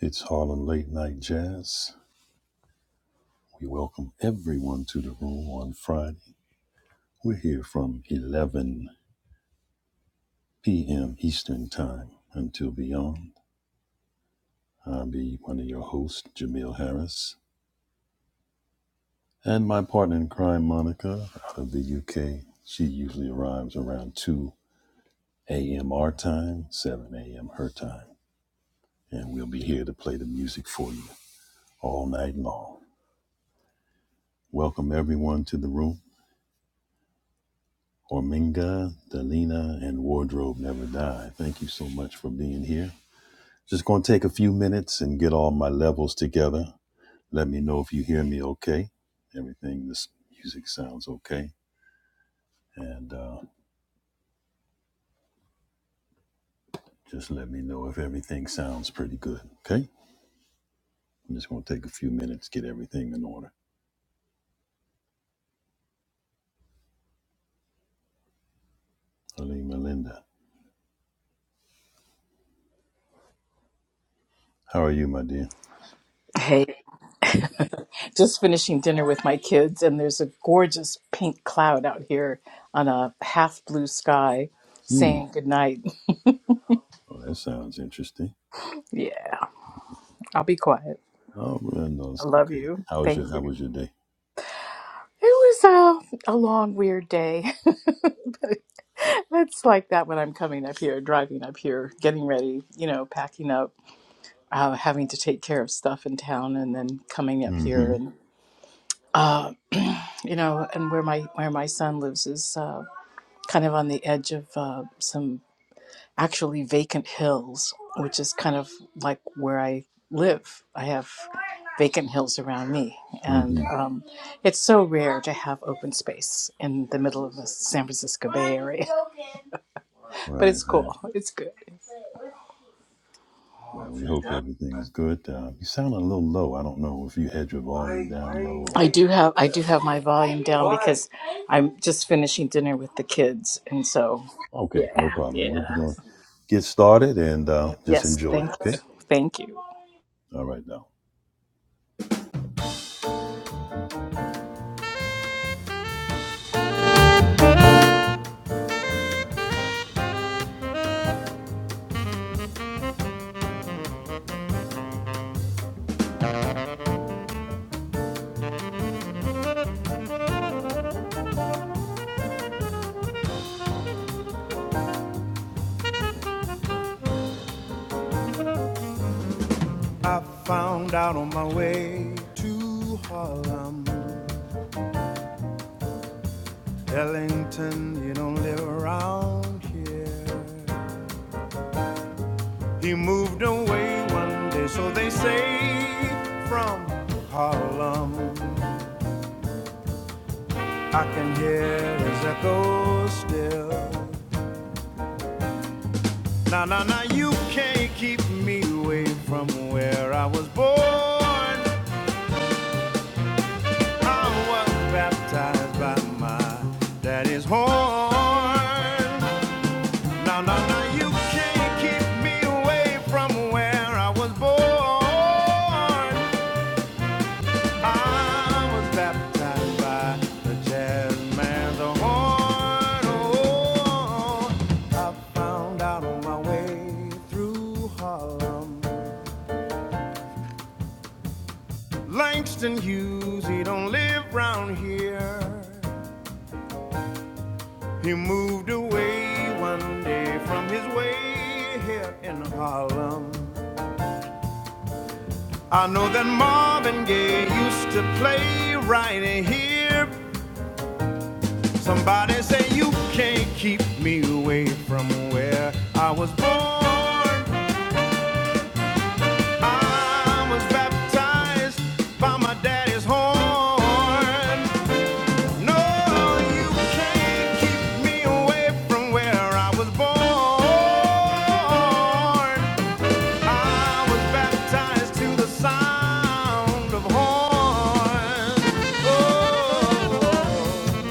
It's Harlem Late Night Jazz. We welcome everyone to the room on Friday. We're here from 11 p.m. Eastern Time until beyond. I'll be one of your hosts, Jamil Harris, and my partner in crime, Monica, out of the UK. She usually arrives around 2 a.m. our time, 7 a.m. her time, and we'll be here to play the music for you all night long. Welcome everyone to the room. Horminga, Delina, and Wardrobe Never Die. Thank you so much for being here. Just going to take a few minutes and get all my levels together. Let me know if you hear me okay. Everything, this music sounds okay. And uh, just let me know if everything sounds pretty good, okay? I'm just going to take a few minutes, get everything in order. Helene Melinda, how are you, my dear? Hey, just finishing dinner with my kids, and there's a gorgeous pink cloud out here on a half blue sky Hmm. saying goodnight. Oh, that sounds interesting. Yeah, I'll be quiet. Oh, well, no, I it's love okay. you. How was Thank your you. How was your day? It was a, a long, weird day. but it's like that when I'm coming up here, driving up here, getting ready, you know, packing up, uh, having to take care of stuff in town, and then coming up here Mm-hmm. and. Uh, you know, and where my where my son lives is Uh, kind of on the edge of uh, some actually vacant hills, which is kind of like where I live. I have vacant hills around me, and Mm-hmm. um, it's so rare to have open space in the middle of the San Francisco Bay Area. But Right, it's right. cool. It's good. Well, we hope everything's good. Uh, you sound a little low. I don't know if you had your volume down low or I what. do have I do have my volume down because I'm just finishing dinner with the kids, and so Okay, no yeah, problem. yeah. We'll be going to get started and uh, just Yes, enjoy, thank you, okay? thank you. All right, now. I found out on my way to Harlem, Ellington, you don't live around here. He moved away one day, so they say, from Harlem. I can hear his echo still. Now, now, now, you can't keep me away from where I was born. I was baptized by my daddy's horn. Now, now, now, you can't keep me away from where I was born. I was baptized by the jazz man's horn. Oh, I found out on my way through Harlem. Langston Hughes, he don't live round here. He moved away one day from his way here in Harlem. I know that Marvin Gaye used to play right here. Somebody say you can't keep me away from where I was born. I was baptized by my daddy's horn. No, you can't keep me away from where I was born. I was baptized to the sound of horns. Oh,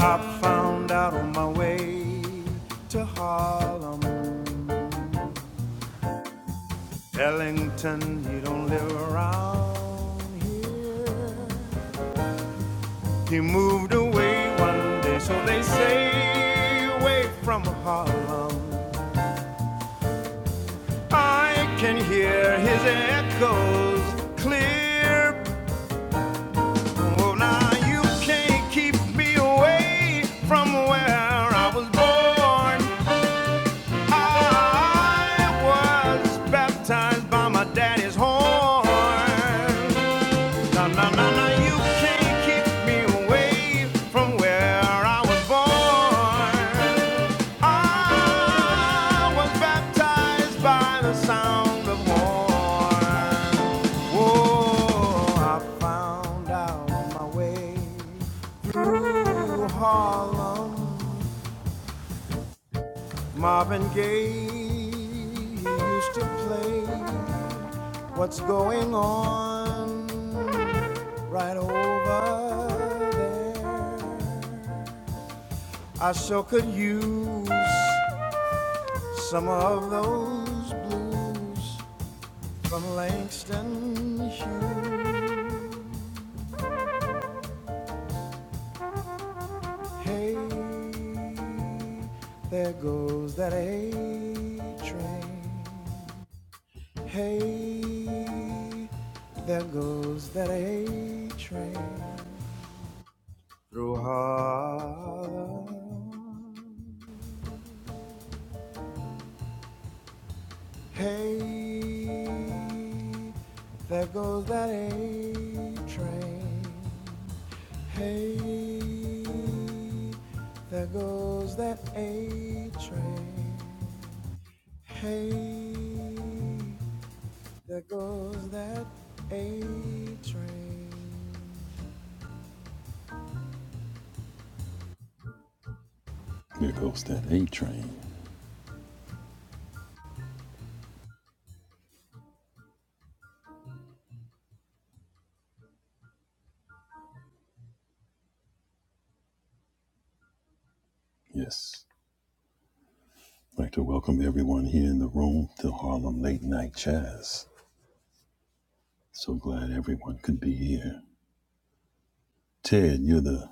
I found out on my way to Harlem. Ellington, you don't live around here. He moved away one day, so they say, away from Harlem. I can hear his echoes clear. Oh, now you can't keep me away from where I was born. I was baptized by my daddy's horn. Na na na na, you can't keep me away from where I was born. I was baptized by the sound of horn. Oh, I found out my way through Harlem. Marvin Gaye used to play What's Going On right over there. I sure could use some of those blues from Langston Hughes. Hey, there goes that A train. Hey, there goes that A train through Harlem. Hey, there goes that A train. Hey, there goes that A train. Hey, there goes that A train. There goes that A train. Yes. I'd like to welcome everyone here in the room to Harlem Late Night Jazz. So glad everyone could be here. Ted, you're the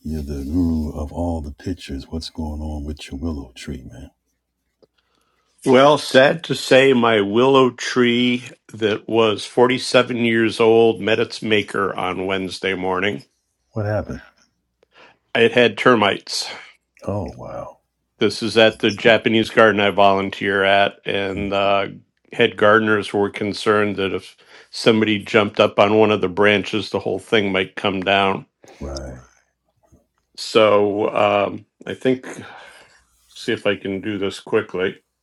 you're the guru of all the pictures. What's going on with your willow tree, man? Well, sad to say, my willow tree that was 47 years old met its maker on Wednesday morning. What happened? It had termites. Oh wow. This is at the Japanese garden I volunteer at, Hmm, and uh, head gardeners were concerned that if somebody jumped up on one of the branches, the whole thing might come down. Right. So um, I think, see if I can do this quickly. If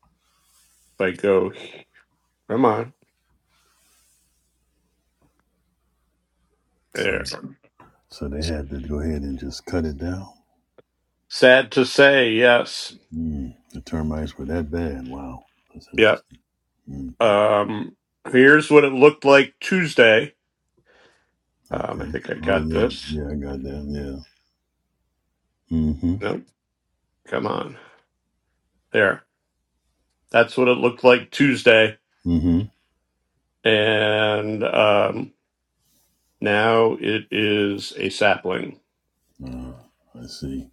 I go, come on, So there. the, so they had to go ahead and just cut it down. Sad to say, yes. Mm, the termites were that bad. Wow. That's Yeah. interesting. Mm, Um, here's what it looked like Tuesday. Um, I okay. think I Oh got yeah. this. Yeah, I got that. Yeah. Mm-hmm. No, come on. There. That's what it looked like Tuesday. Mm-hmm. And um, now it is a sapling. Uh, I see.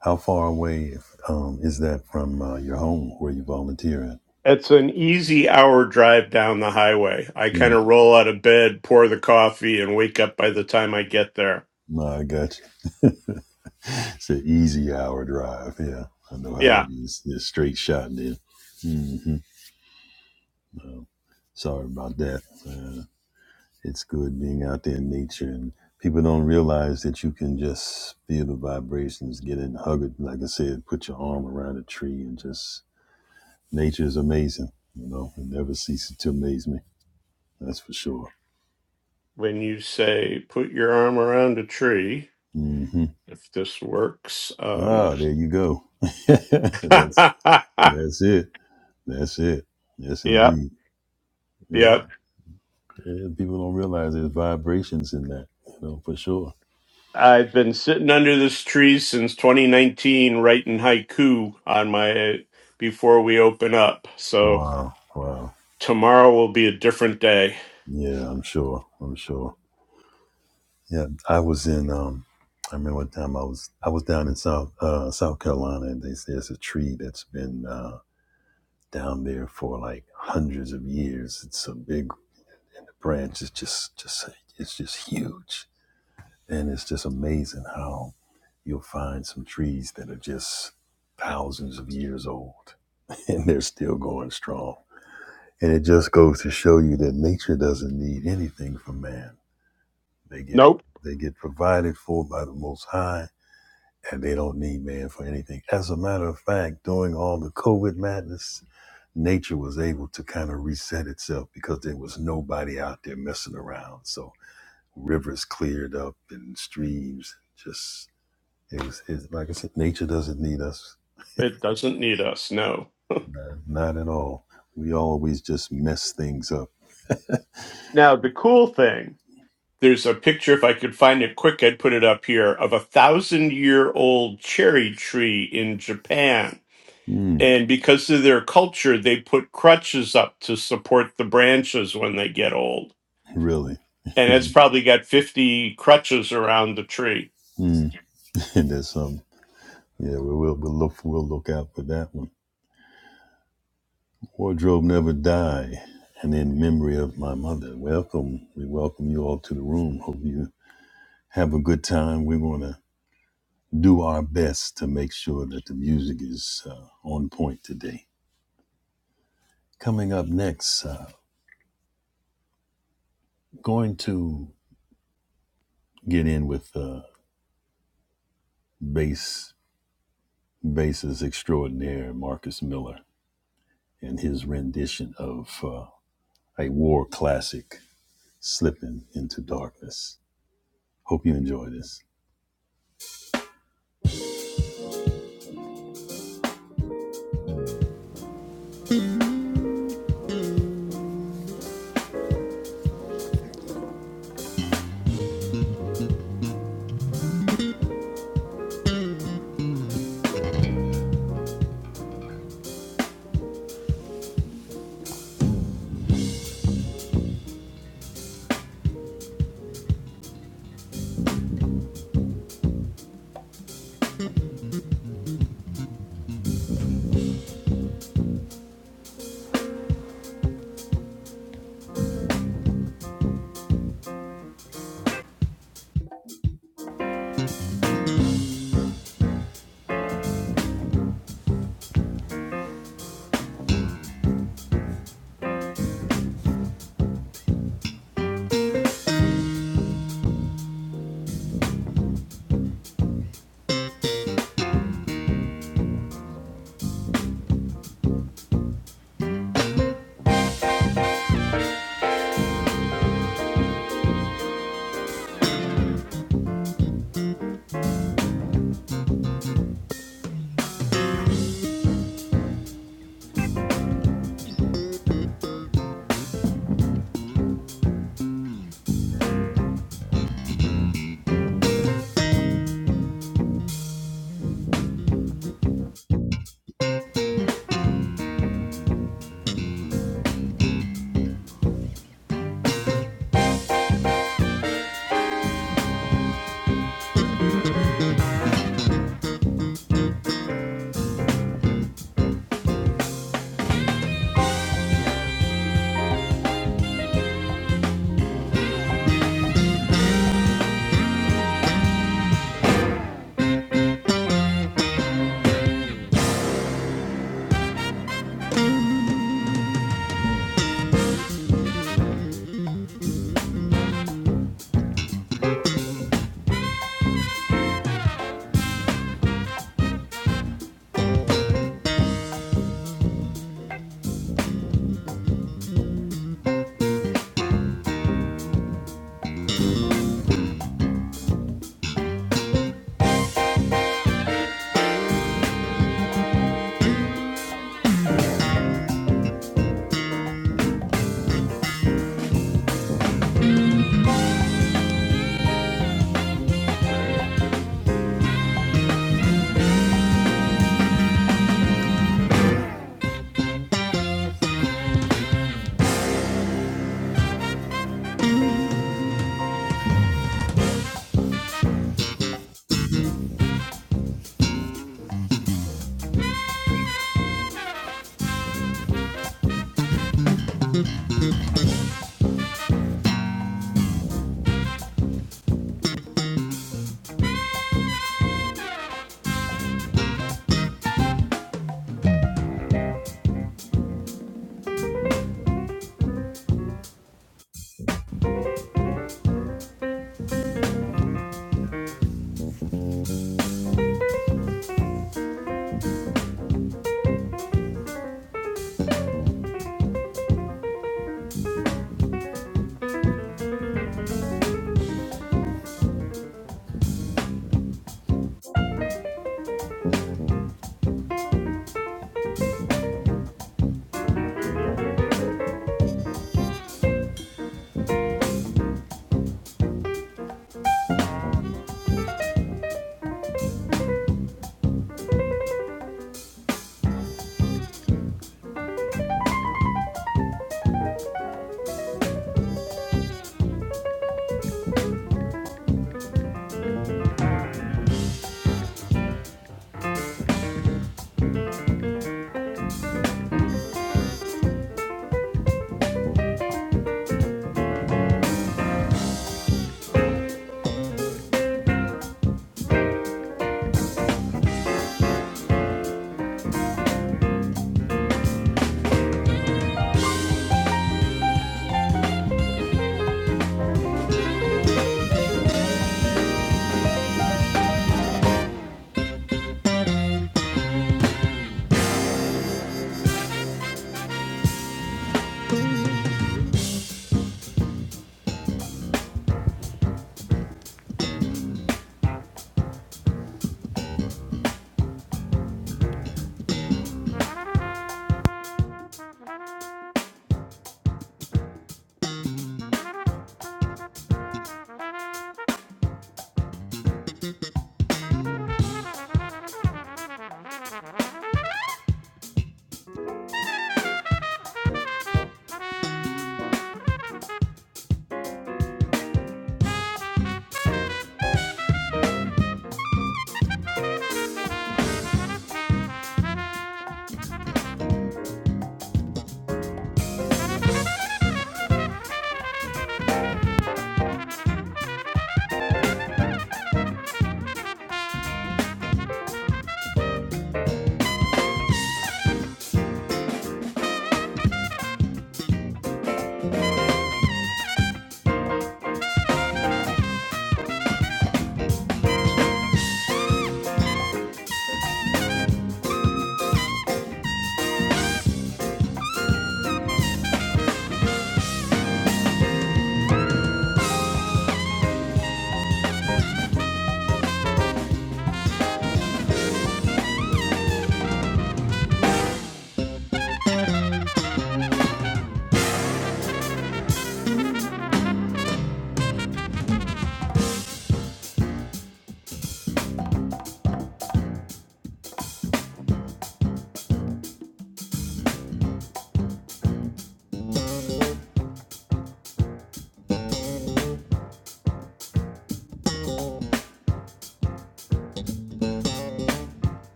How far away if, um, is that from uh, your home where you volunteer at? It's an easy hour drive down the highway. I kind Hmm. of roll out of bed, pour the coffee, and wake up by the time I get there. No, I got you. it's an easy hour drive. Yeah, I know how that Yeah. is. It's a straight shot then. hmm Um, sorry about that. Uh, it's good being out there in nature, and people don't realize that you can just feel the vibrations, get in, hug it. Like I said, put your arm around a tree, and just nature is amazing. You know, it never ceases to amaze me. That's for sure. When you say put your arm around a tree, Mm-hmm. if this works, um, Ah, there you go. that's that's it. That's it. Yes, yep, indeed. Yeah, yep. yeah. People don't realize there's vibrations in that. You know, for sure. I've been sitting under this tree since 2019 writing haiku on my before we open up. So Wow, wow. tomorrow will be a different day. Yeah, I'm sure. I'm sure. Yeah, I was in. Um, I remember one time I was I was down in South uh, South Carolina, and they there's a tree that's been uh, down there for like hundreds of years. It's a big branch. It's just just it's just huge And it's just amazing how you'll find some trees that are just thousands of years old and they're still going strong. And it just goes to show you that nature doesn't need anything from man. They get Nope, they get provided for by the most high and they don't need man for anything. As a matter of fact, during all the COVID madness, nature was able to kind of reset itself because there was nobody out there messing around. So rivers cleared up and streams just it's, it's like I said, nature doesn't need us. it doesn't need us. No. No, Not at all. We always just mess things up. Now, the cool thing there's a picture, if I could find it quick, I'd put it up here, of a thousand year old cherry tree in Japan. Mm, And because of their culture, they put crutches up to support the branches when they get old. really. And it's mm. probably got 50 crutches around the tree. And there's some. Yeah, we will. We'll look. We'll look out for that one. Wardrobe never die. And in memory of my mother, welcome. We welcome you all to the room. Hope you have a good time. We're going to do our best to make sure that the music is uh, on point today. Coming up next, uh, going to get in with. Uh, bass bassist extraordinaire Marcus Miller and his rendition of uh, a war classic, "Slipping into Darkness." Hope you enjoy this.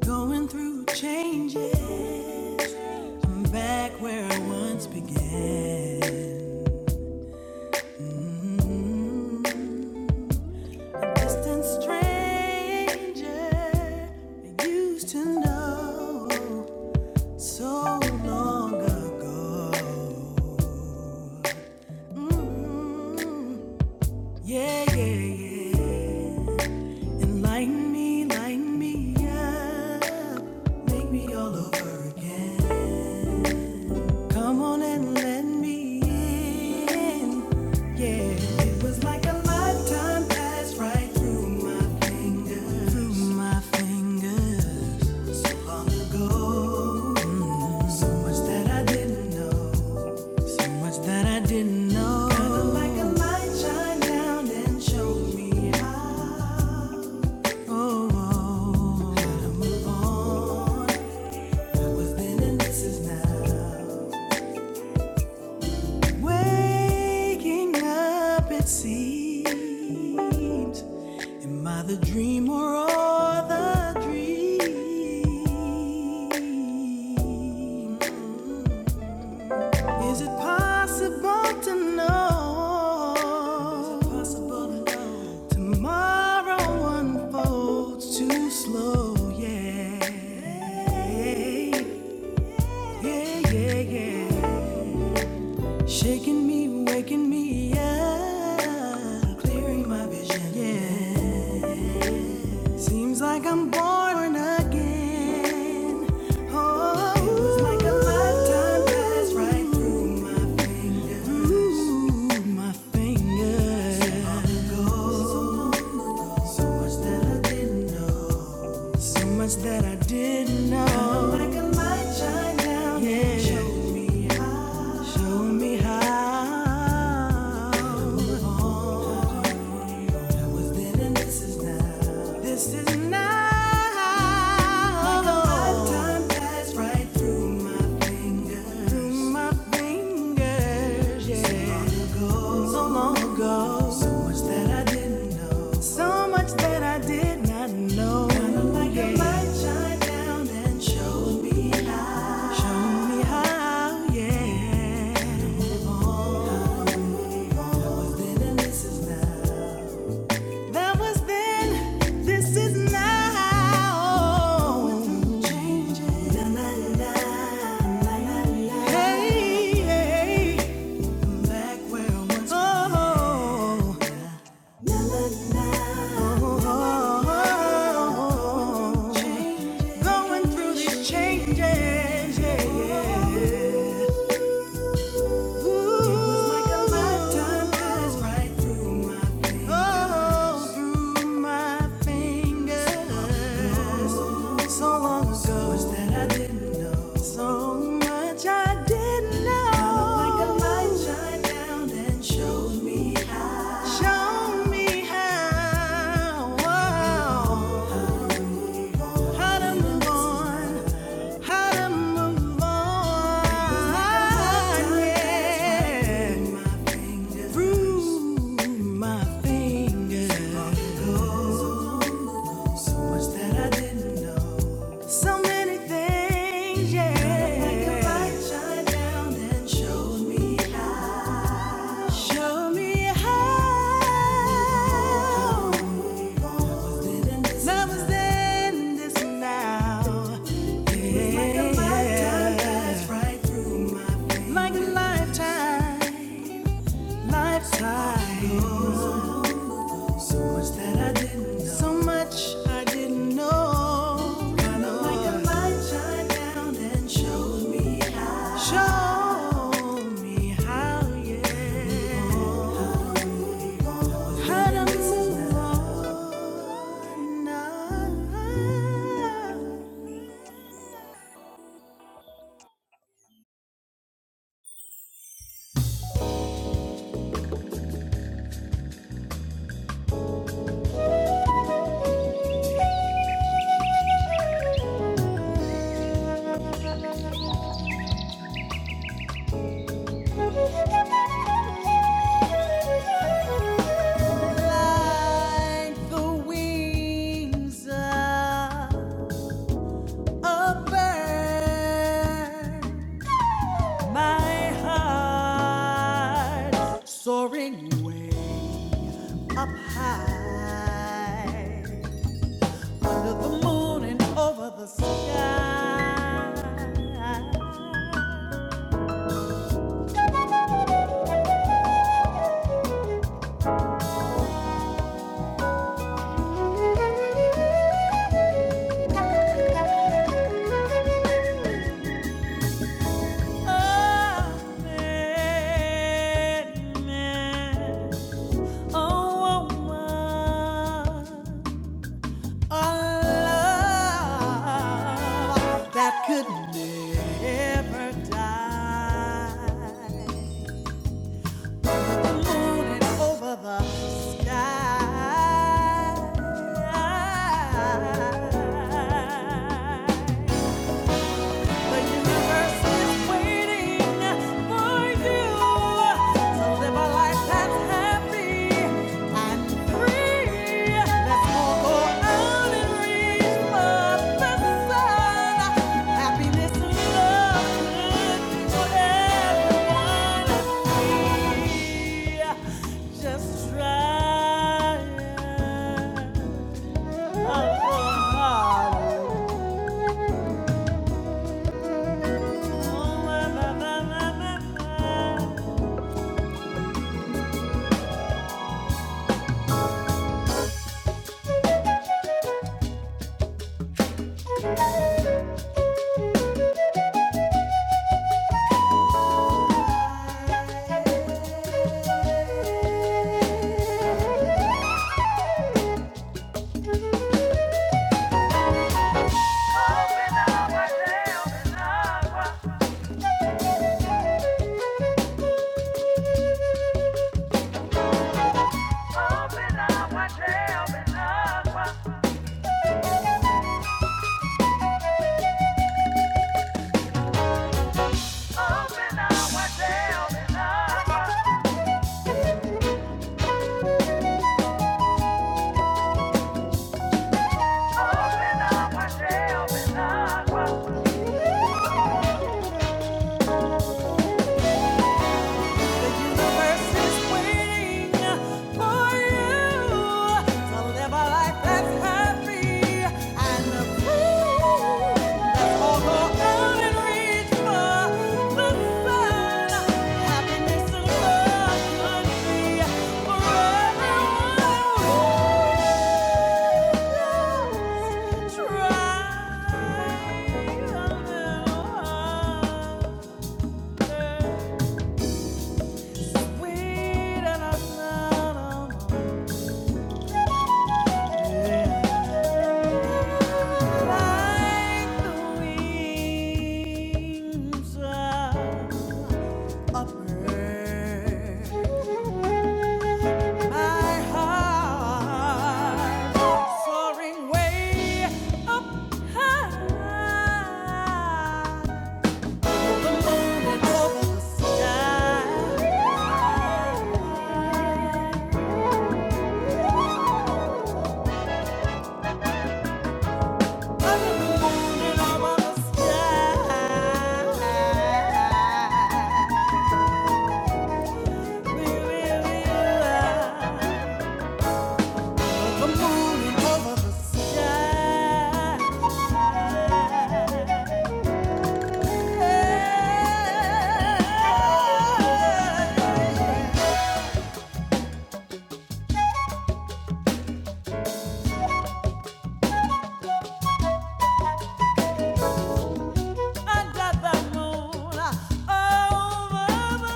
Going through changes. I'm back where I once began. Mm, A distant stranger I used to know so long ago. Mm, Yeah, yeah, yeah. And lighten me, lighten me up. Make me all over again. Come on and let me in. Yeah, it was like a lifetime passed right through my fingers. Through my fingers. So long ago. Mm, So much that I didn't know. So much that I didn't know. Kinda like a light shine down and showed me how. Oh, oh, oh. oh. That was then and this is now. Waking up, it seems. Am I the dream or all the dream? Is it possible to know? Is it possible to know? Tomorrow unfolds too slow, yeah. Yeah, yeah, yeah. yeah. Shaking me, waking me up, clearing my vision. Yeah, seems like I'm born again. Oh, it was like a lifetime passed right through my fingers. Ooh, my fingers. So long ago, so much that I didn't know. So much that I didn't know. Come like a light shine down. Yeah. Show me how. Show me how. Oh, That was then and this is now. This is now. Like a lifetime passed right through my fingers. Through my fingers. Yeah so long ago. So much that I didn't know. So much that I did not know. Kinda like a light shine down and show me how. Show me how, yeah. Then and this is that was then. This is now. Changes. Hey, hey, oh. Going through these changes, yeah, yeah. Ooh, So like a right through me. Oh, through my fingers. So long ago, so that I didn't know. So much I didn't know. Now, like me how. Show me how. Whoa. How to move on, how to move on, yeah. Through my fingers, so much that I didn't. So many things, yeah. Like a light shine down and shows me how. Show me how. Love is in this now. Yeah. Like a lifetime that's right. Like a lifetime, lifetime. So much that I didn't know. So much I didn't know. Kind of like a light shine down and showed me how. Showed me how, yeah. How to move on. Like the wings of a bird. My heart soaring way up high under the moon and over the sky. Oh, man, man, oh, woman, a love that could never die. sky. The universe is waiting for you to live a life that's happy and free. Let's all go out and reach for the sun. Happiness and love good for everyone. We just try. Oh, so hard. Open up, open up, open up, open up. The universe is waiting for you to live a life that's happy and free. Let's all go out and reach for the sun. Happiness and love should be for try a little harder. Thank you. Over the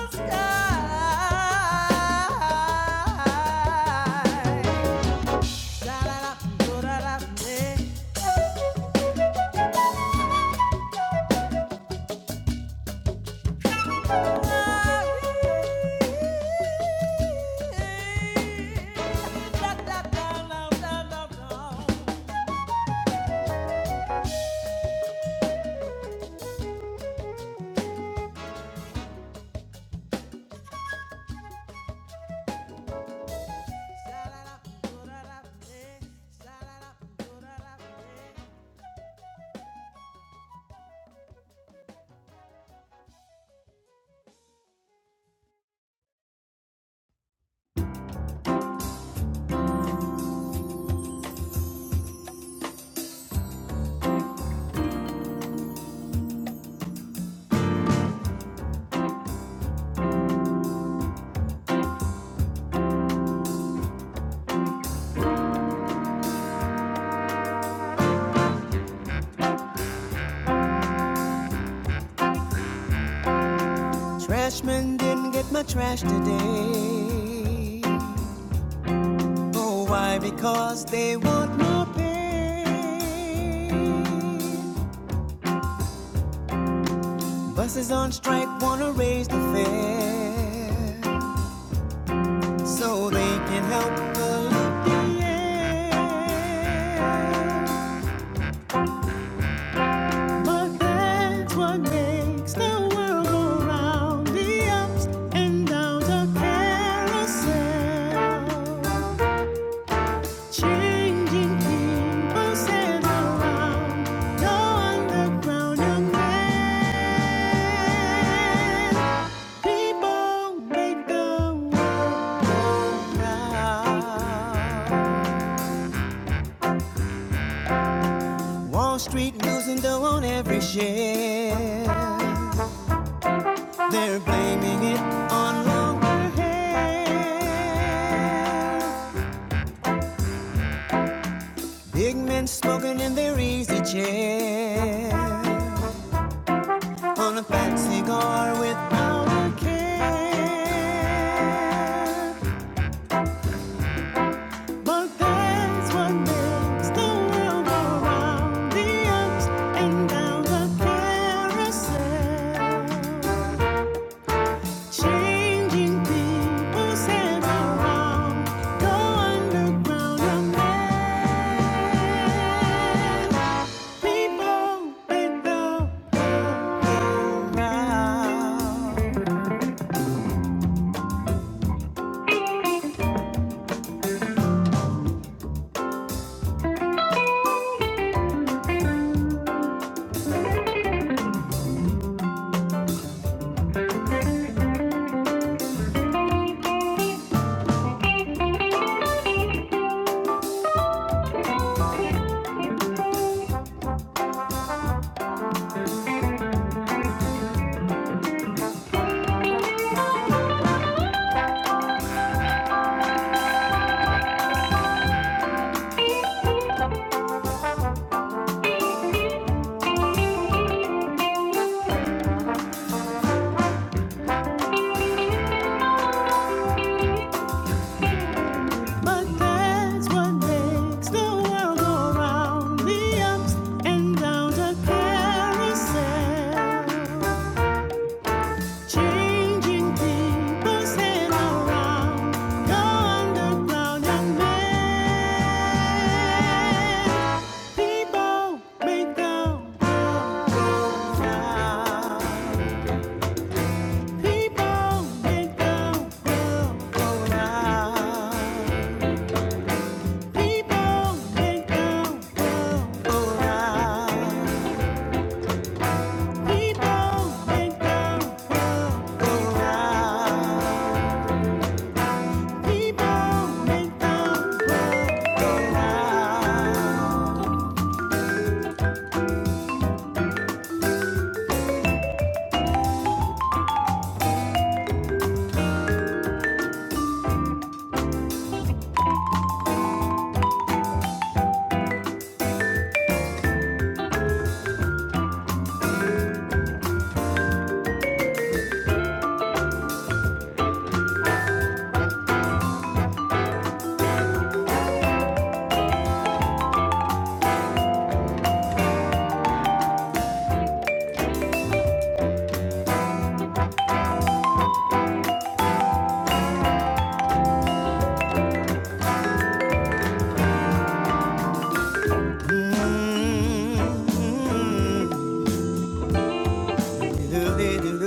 sky. Trashman didn't get my trash today. Oh, why? Because they want more pay. Buses on strike wanna raise the fare. so they can help pollute the alleviate. But that's what makes the world go round, the ups and downs of carousel. Changing people stand around, no underground young man. People make the world go round. Wall Street losing dough on every share. They're blaming it on longer hair. Big men smoking in their easy chair. On a fat cigar without a care. But that's what makes the world go round. The ups and downs of carousel. Changing people's hands around. Go underground and let people make the world round. But that's what makes the world go round. The ups and downs are carousel. Changing people's hands around. Go underground and let People make them go, go down. People make them go, go down. People make them go, go down. People make them go, go down. People make them go, go down. Mm, mm. Thank you.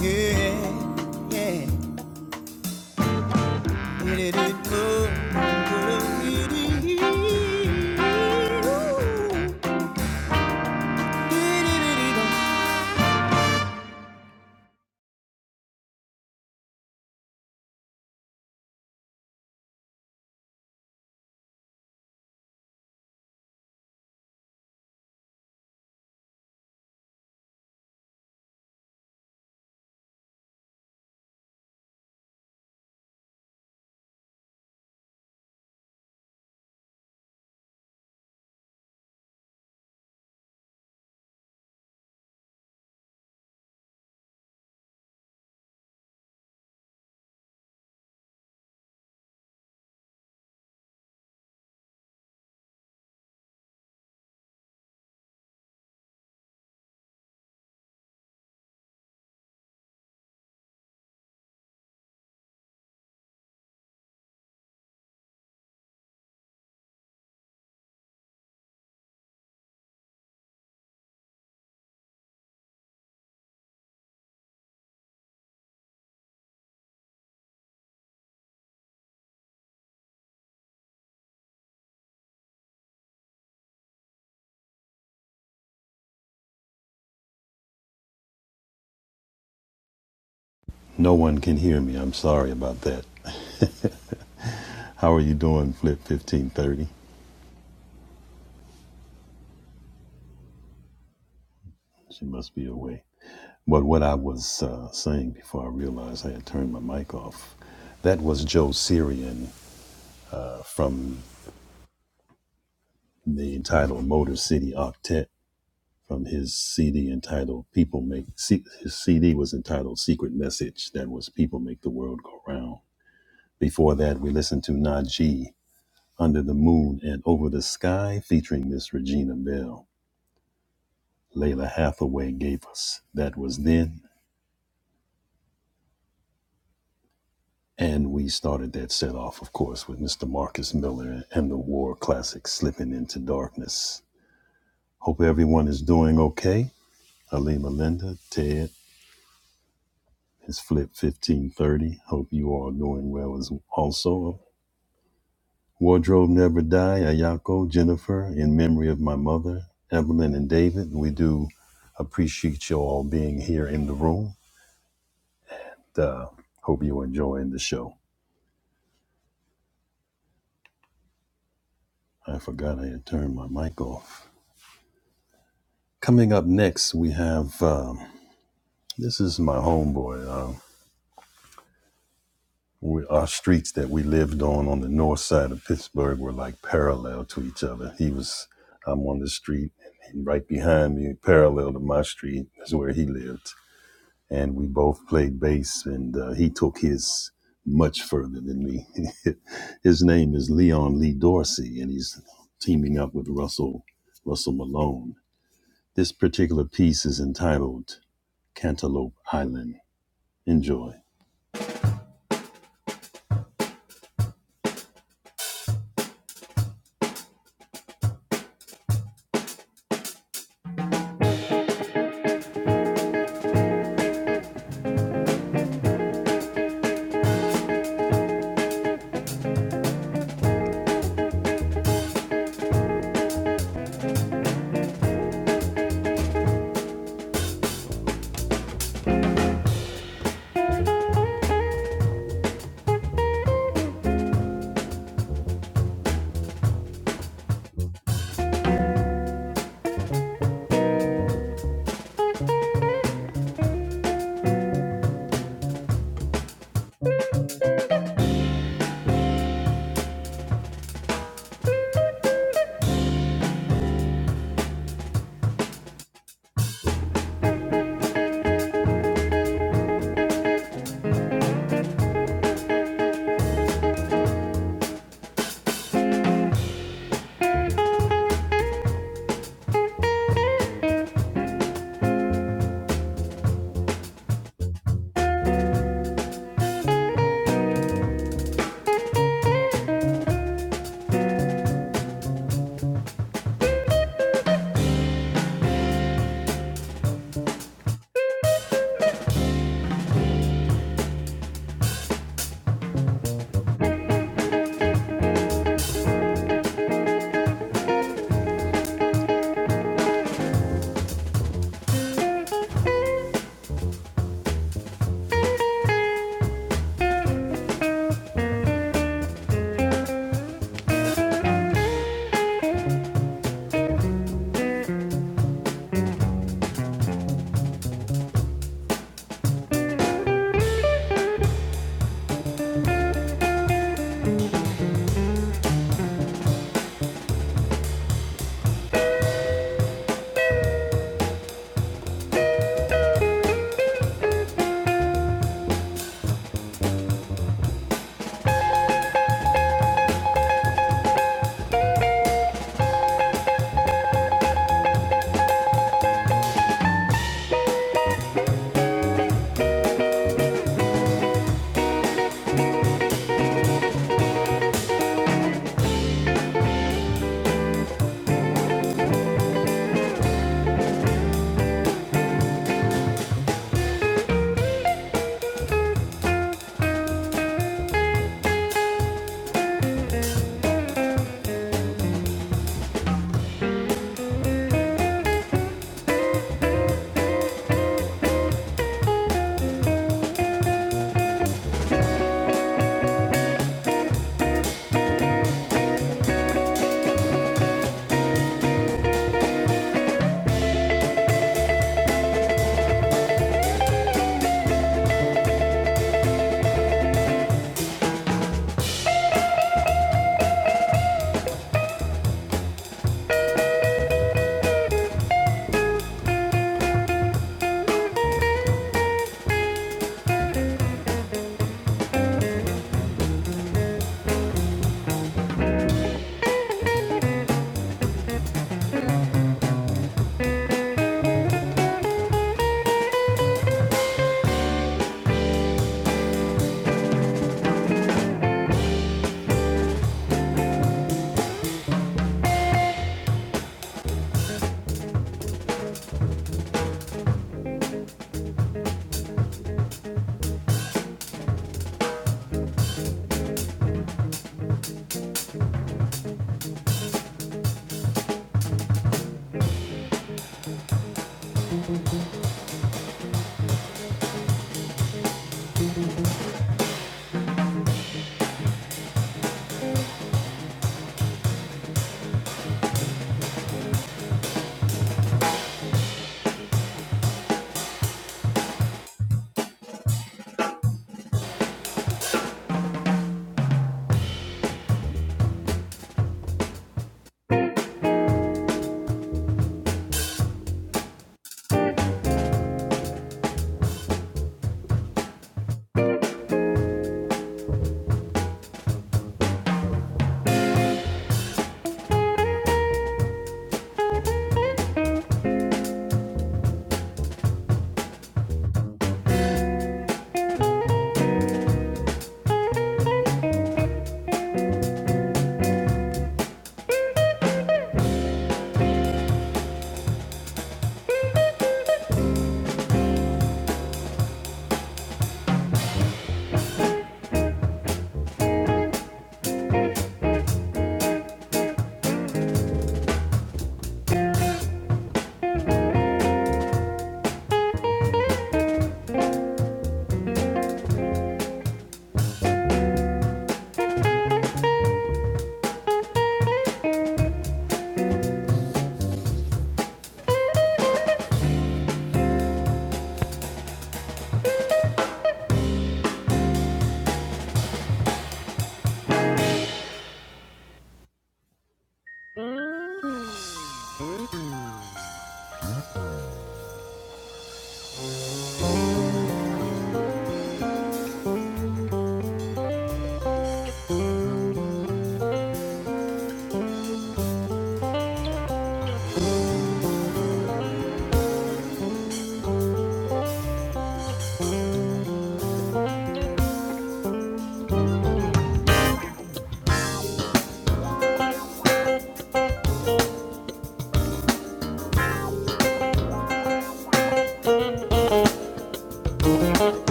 Yeah, yeah. No one can hear me. I'm sorry about that. How are you doing, Flip 1530? She must be away. But what I was uh, saying before I realized I had turned my mic off, that was Joe Sirian uh, from the title Motor City Octet. from his CD entitled "People Make." C, his CD was entitled "Secret Message." That was "People Make the World Go Round." Before that, we listened to Najee "Under the Moon and Over the Sky," featuring Miss Regina Bell. Layla Hathaway gave us that was then, and we started that set off, of course, with Mr. Marcus Miller and the war classic "Slipping into Darkness." Hope everyone is doing okay. Halima Linda, Ted, It's Flip 1530. Hope you all are doing well as also. Wardrobe Never Die, Ayako, Jennifer, in memory of my mother, Evelyn and David. We do appreciate you all being here in the room. Uh, hope you're enjoying the show. I forgot I had turned my mic off. Coming up next, we have um, this is my homeboy. uh, we, our streets that we lived on on the north side of Pittsburgh were like parallel to each other. He was, I'm on the street, and right behind me, parallel to my street, is where he lived. And we both played bass, and uh, he took his much further than me. his name is Leon Lee Dorsey, and he's teaming up with Russell Russell Malone. This particular piece is entitled Cantaloupe Island. Enjoy.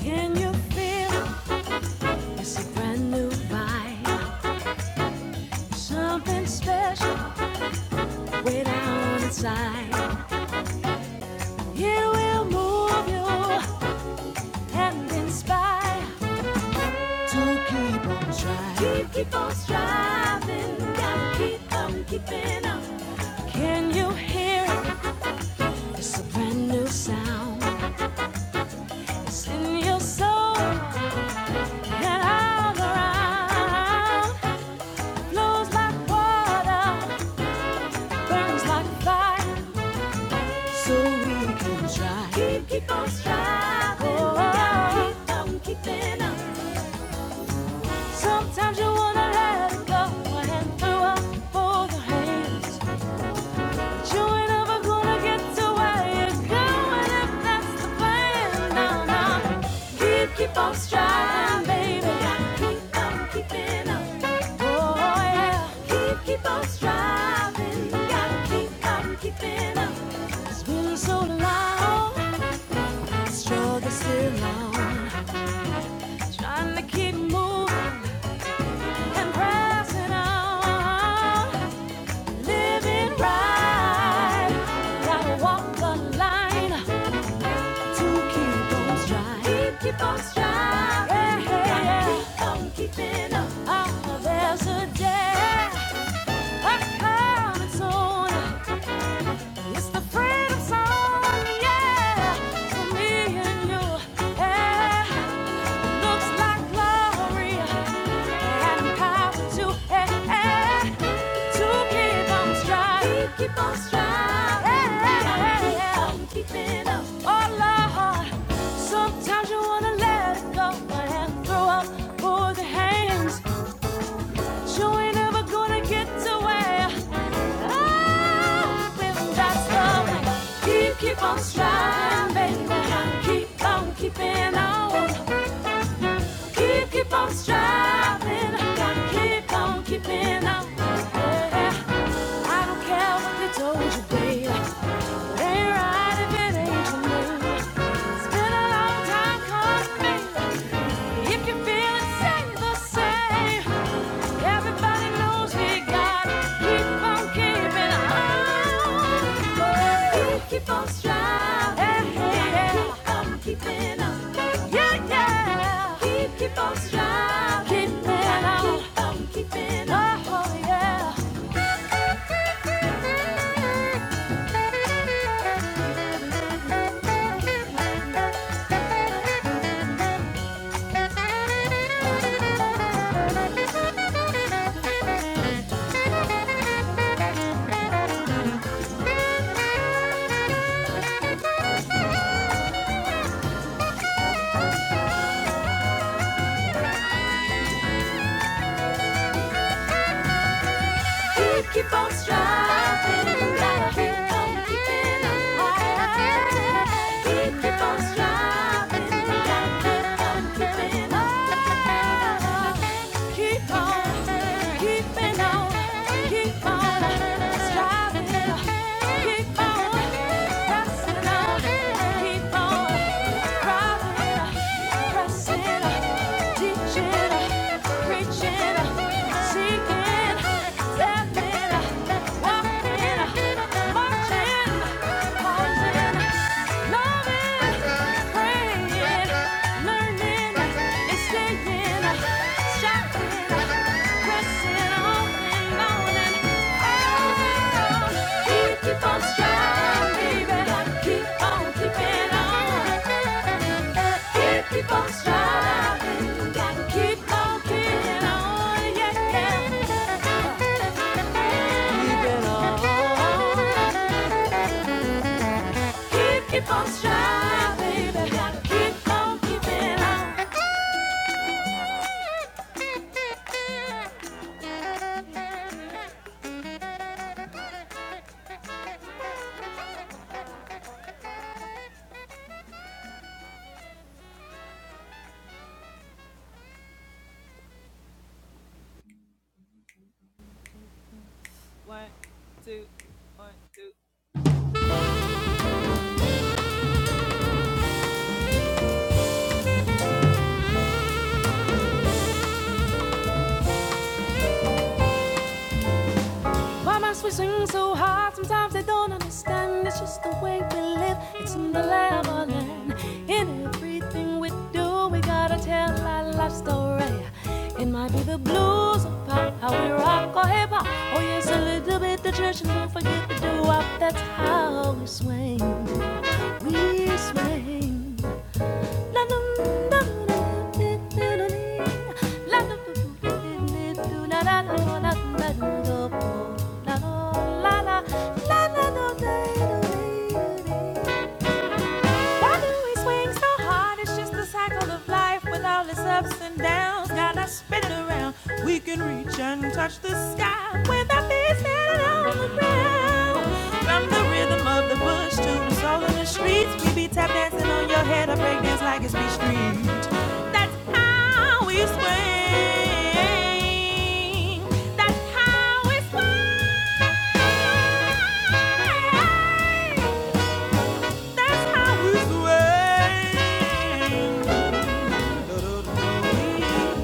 Can you feel It's a brand new vibe, something special way down inside. It will move you and inspire to keep on striving. Keep, keep on striving, gotta keep on keeping on. Can you hear it? It's a brand new sound. It's in your soul and all around. Flows like water, burns like fire. So we Keep, keep on striving. Gotta keep on keeping on. Sometimes you wanna let it go and throw up both your hands. But you ain't ever gonna get to where you're going if that's the plan. No, no. Keep, keep on striving, baby. Gotta keep on keeping on. Oh, yeah. Keep, keep on striving. Gotta keep on keeping on. It's been so long, struggle still on. Trying to keep moving and pressing on, living right. Gotta walk the line to keep on striving. Keep, keep on striving. Yeah, yeah, yeah. Gotta Keep on keeping up. Oh, there's a day a coming soon. It's the freedom song, yeah, for me and you. Yeah. Looks like glory and power to to keep on striving. Keep on striving. Oh Lord, sometimes you wanna let it go and throw up, both the hands. You ain't ever gonna get away. Up in that stuff. Keep, keep on striving, baby. Keep on keeping on. Keep, keep on striving. Keep on keeping on. Yeah. I don't care what they told you, baby. It ain't right if it ain't for me. It's been a long time coming. If you feel it, say the same. Everybody knows we gotta keep on keeping on. We keep on striving. Yeah, yeah. Keep on keeping on. Yeah, yeah. We keep on striving. Keeping on. Keep on keeping on. Oh, yeah. Thank you. We keep on striving, gotta keep on keeping on. high. We keep on striving, gotta keep on keeping on. Keep on, keeping on, keep on striving, keep on pressing on keep pressing, teaching, preaching, seeking, stepping, walking, marching, pausing, loving, praying, learning, and staying, shouting pressing Oh, keep on striving, baby. Keep on keeping on. You keep on striving, gotta keep on keeping on. Yeah, keeping on. You keep on striving, baby. Gotta keep on keeping on. Why must we swing so hard? Sometimes I don't understand. It's just the way we live. It's in the lab of land. In everything we do, we gotta tell our life story. It might be the blues or pop, how we rock or hip hop. Oh yes, a little bit the church, and don't forget the do wop. That's how we swing. We swing. La why do we swing so hard, it's just the cycle of life with all its ups and downs. Got us spinning around. We can reach and touch the sky with our feet standing on the ground. From the rhythm of the bush to the soul in the streets, we be tap dancing on your head or break dance like it's Beach Street. That's how we swing. That's how we swing. That's how we sway.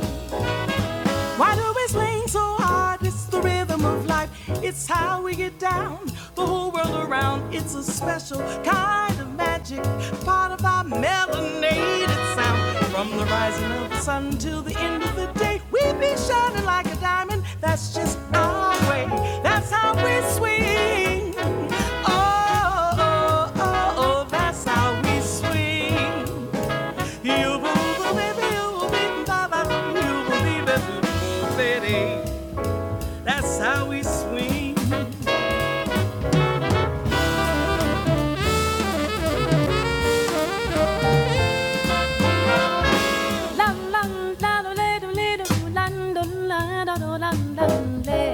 Why do we swing so hard? It's the rhythm of life. It's how we get down. The whole world around. It's a special kind of magic, part of our melanated sound. From the rising of the sun till the end of the day, we be shining like a diamond. That's just our way. That's how we swing. Oh, oh, oh, oh oh, that's how we swing. That's how we swing. Lam lam la do le do le do lan do la da do lam lam le.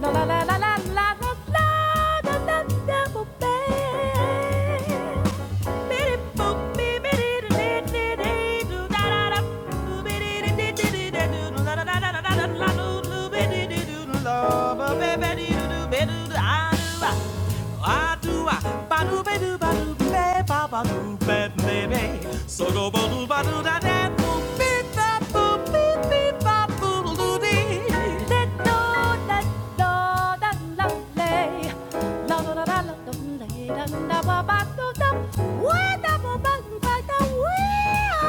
La la la la la la la la la la double bell. Bitty boop, bee, bitty da dee dee dee doo, da da da. Doo bitty dee dee dee dee da doo, doo la la la la la la la doo, doo bitty dee doo, doo la ba ba ba dee doo doo ba doo doo ah doo ah. I do I ba do ba do ba do ba ba do ba baby. So go ba do ba do da da boo beep ba boo beep beep ba boo do dee. Let do let do da la lay. La da da da la dum lay da da ba ba do da. Where da ba ba ba da where?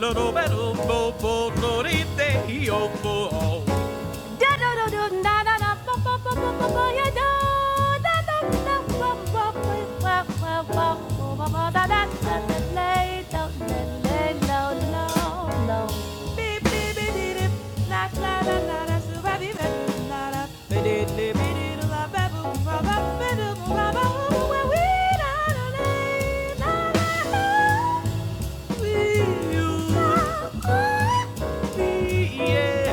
Little bit of bobo, no, they, they, oh, oh. Da da da da da da da ba ba ba ba ba ba ya da da da da ba ba ba ba ba ba ba ba ba da da da da lay down da lay low low low. Beep beep beep beep beep. La la la la la su ba beep beep la la. Be de de be de de la ba boom ba ba be de boom ba ba boom ba we da da lay la la. We you. Be yeah.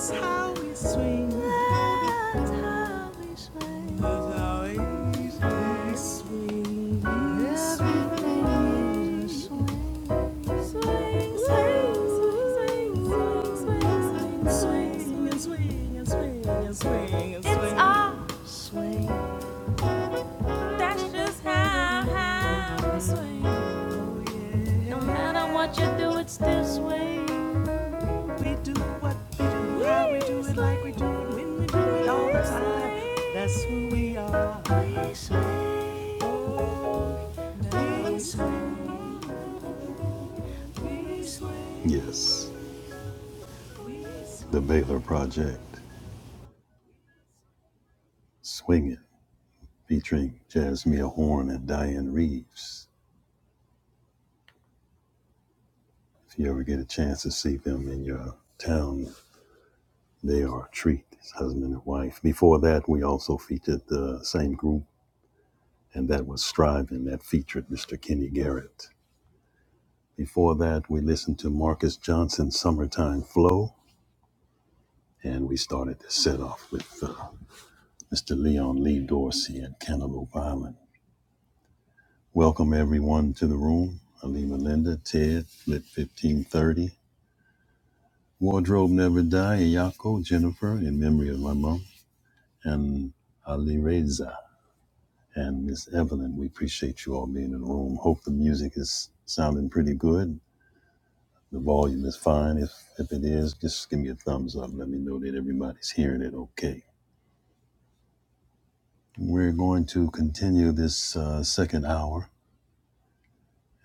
That's how we swing. That's how we swing. That's how we swing. swing. Swing, swing. Swing swing It's swing. that's just how, how we swing. No matter what you do, it's still swing. do what we do, how we do it, like we do it, when we do it all the time. That's when Yes, The Baylor Project, Swingin', featuring Jasmine Horn and Diane Reeves. If you ever get a chance to see them in your town, they are a treat, husband and wife. Before that, we also featured the same group, and that was Striving, that featured Mr. Kenny Garrett. Before that, we listened to Marcus Johnson's Summertime Flow, And we started this set off with uh, Mr. Leon Lee Dorsey and Cantaloupe Island. Welcome everyone to the room. Alima Linda, Ted, Lit 1530, Wardrobe Never Die, Ayako, Jennifer, in memory of my mom, and Ali Reza and Miss Evelyn. We appreciate you all being in the room. Hope the music is sounding pretty good. The volume is fine. If, if it is, just give me a thumbs up. Let me know that everybody's hearing it okay. We're going to continue this uh, second hour,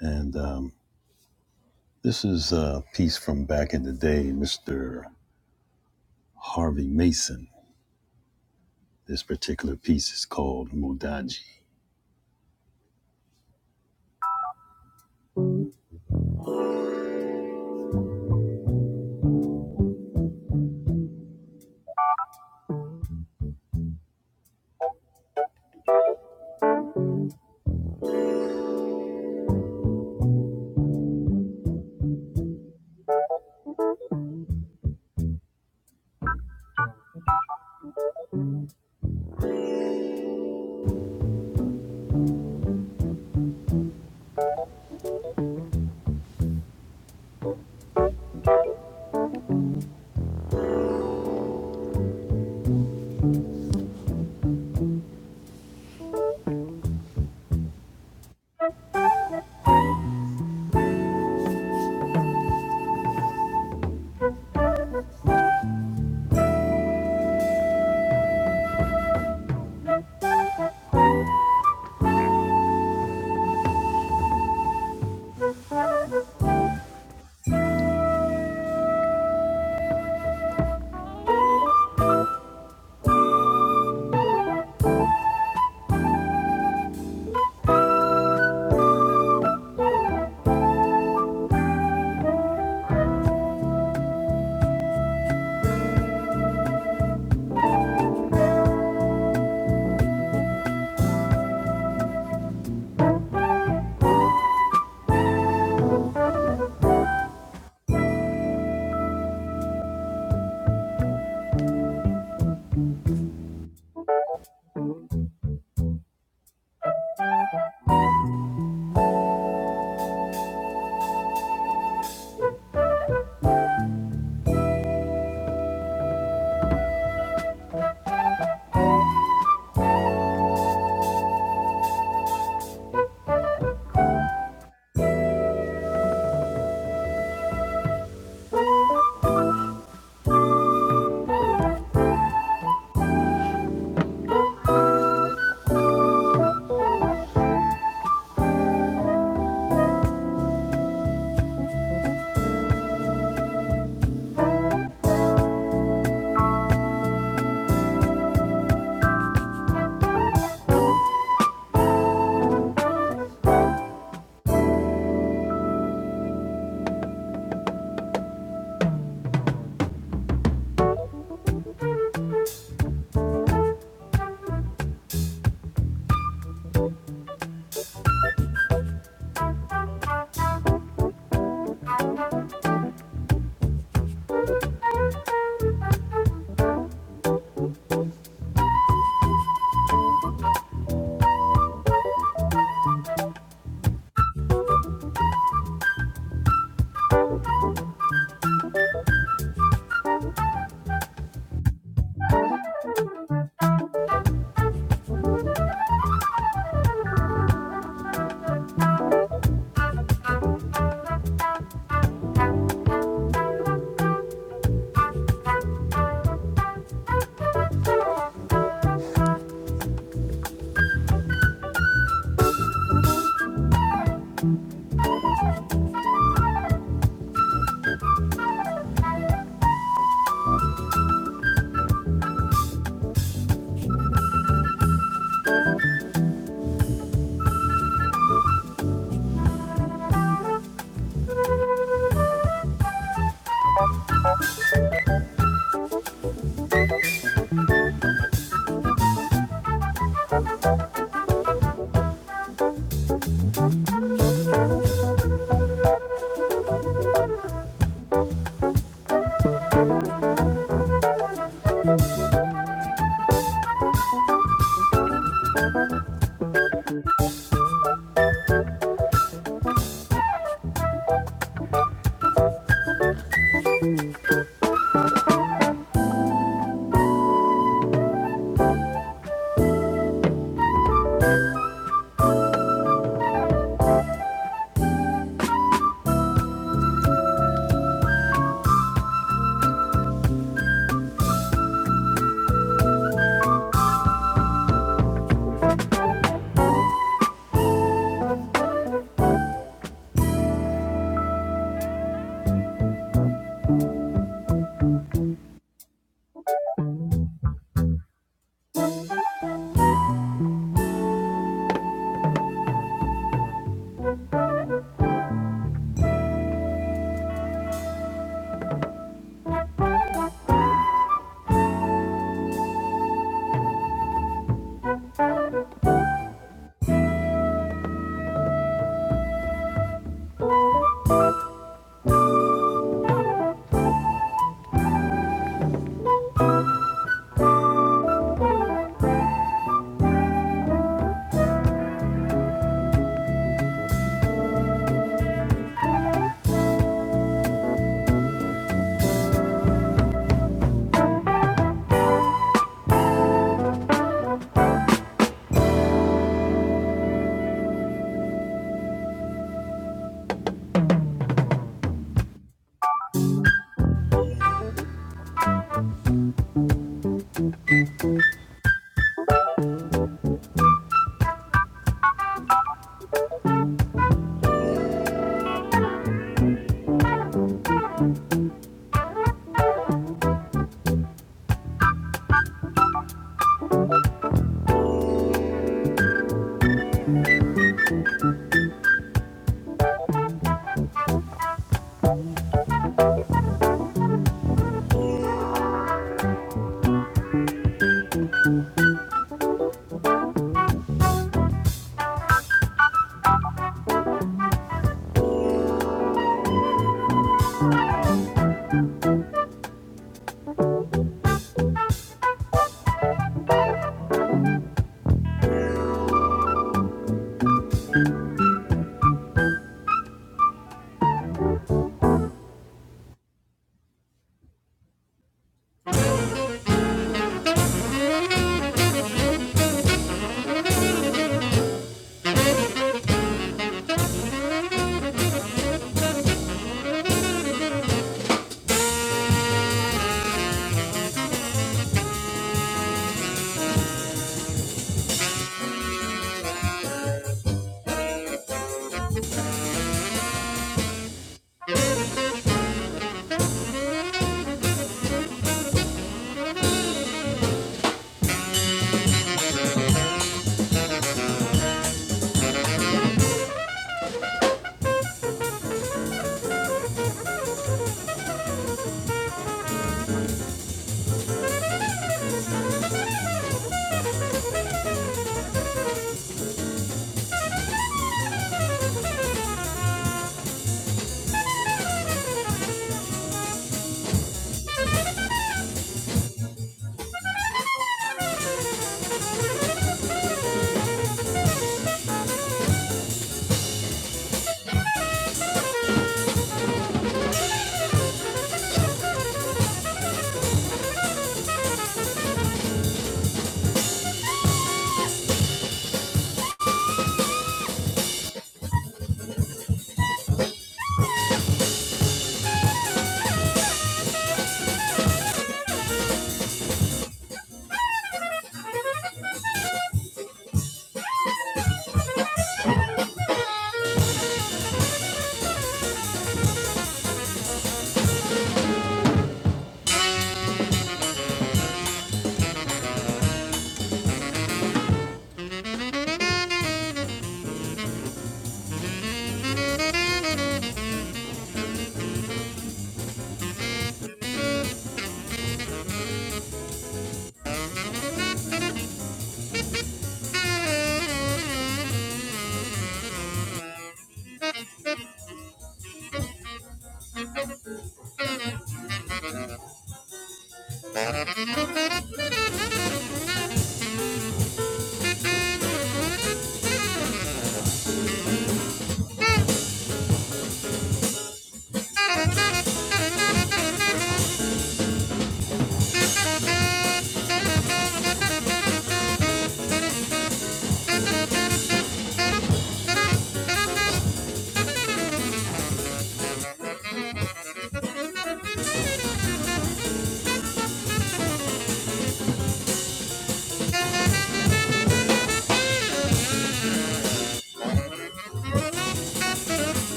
and um, this is a piece from back in the day, Mr. Harvey Mason. This particular piece is called Mudaji.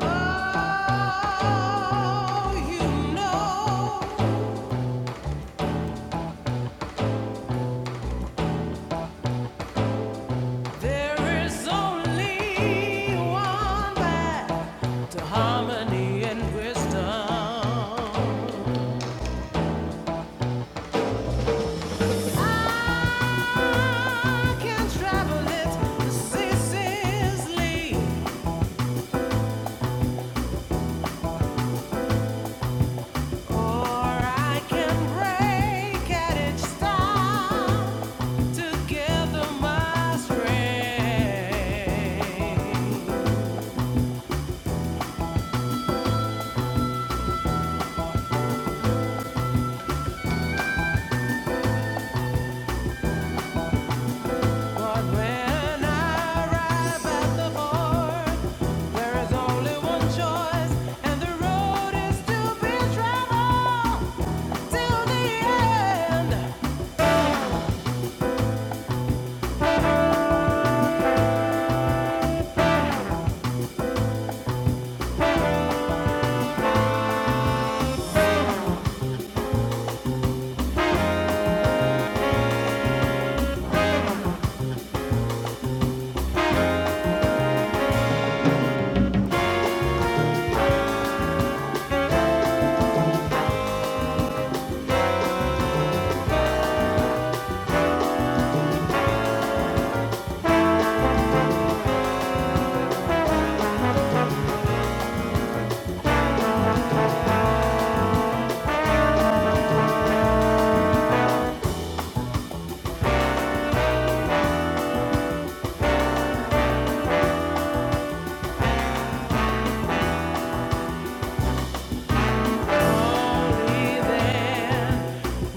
Oh, you know there is only one path to harmony and wisdom. I can travel it ceaselessly.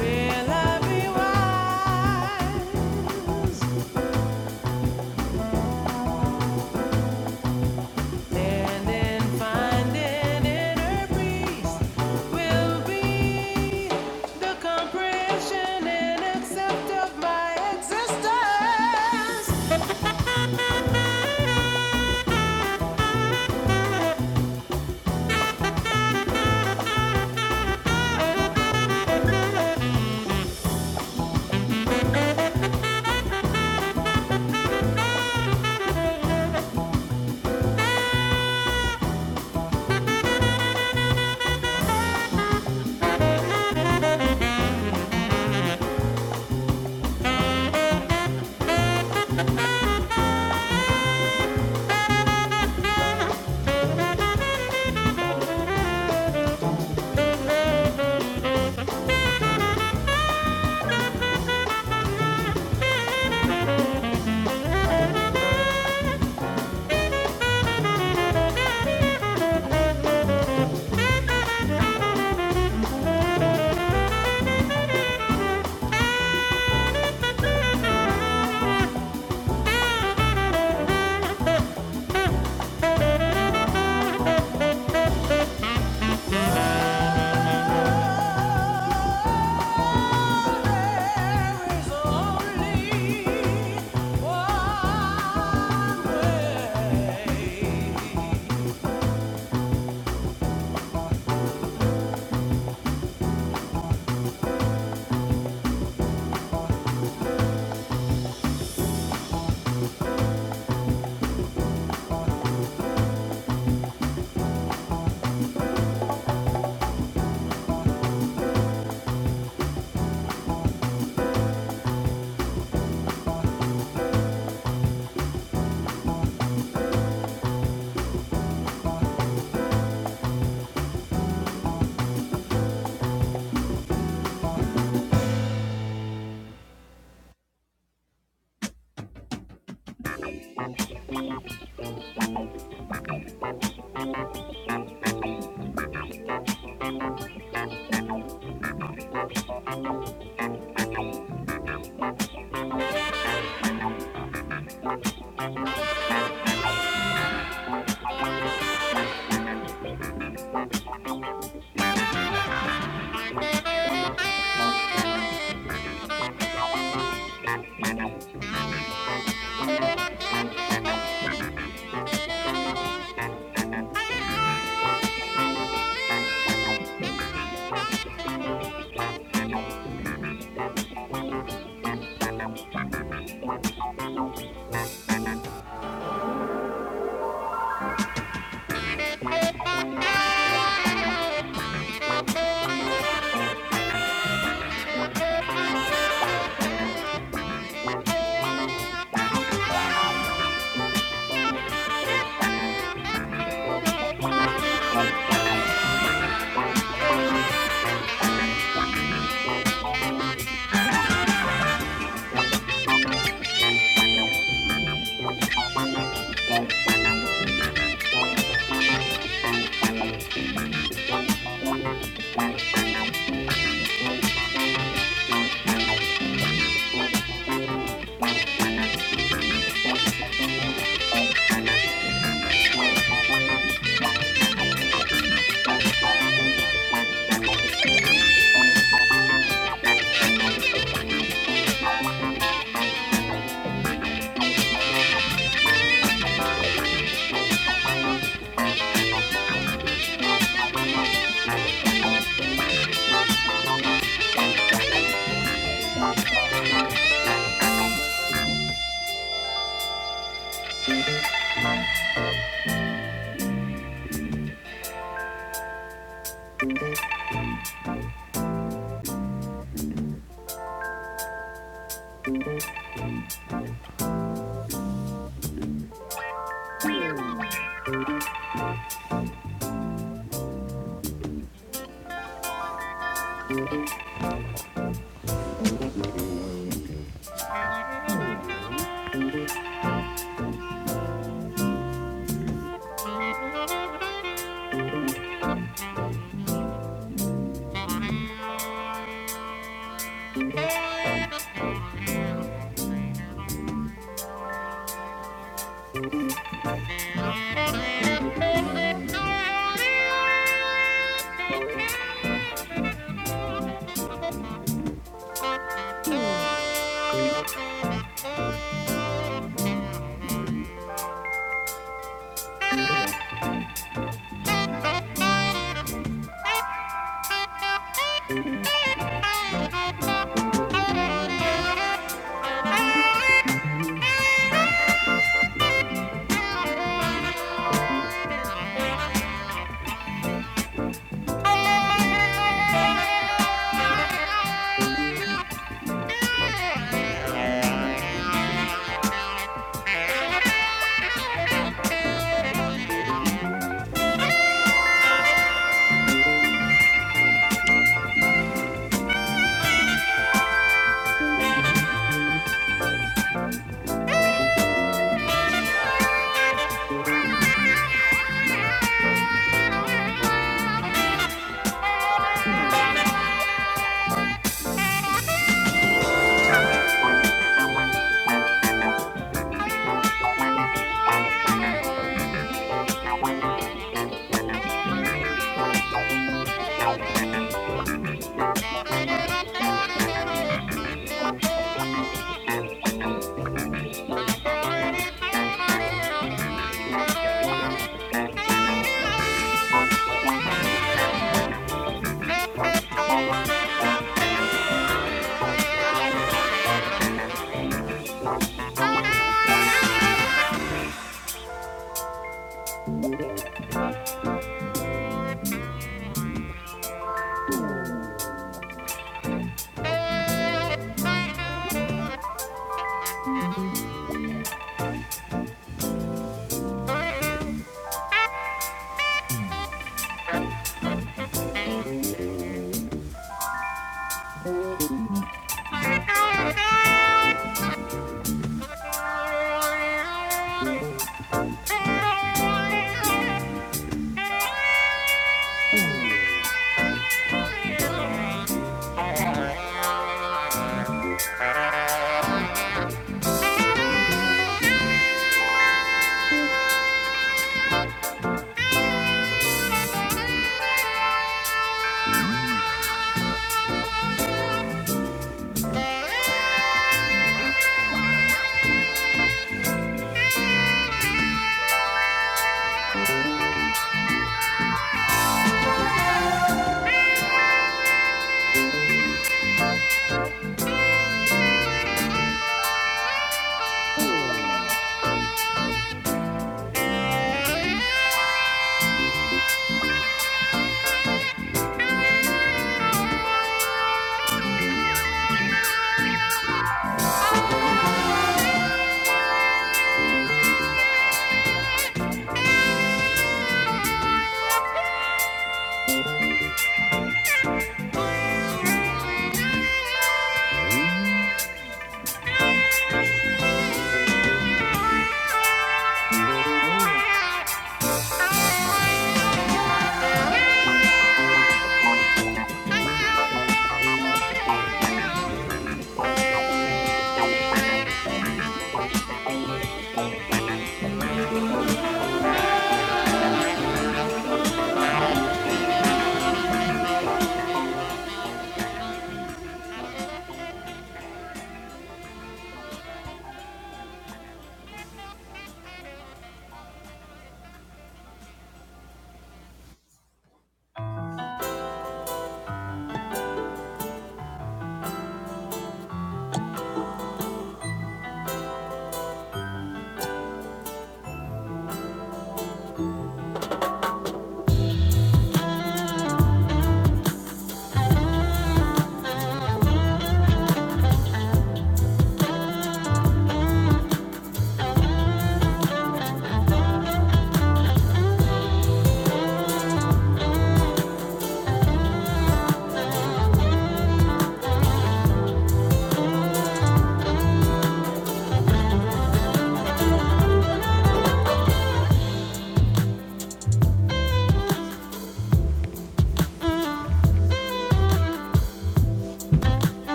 Will I be wise?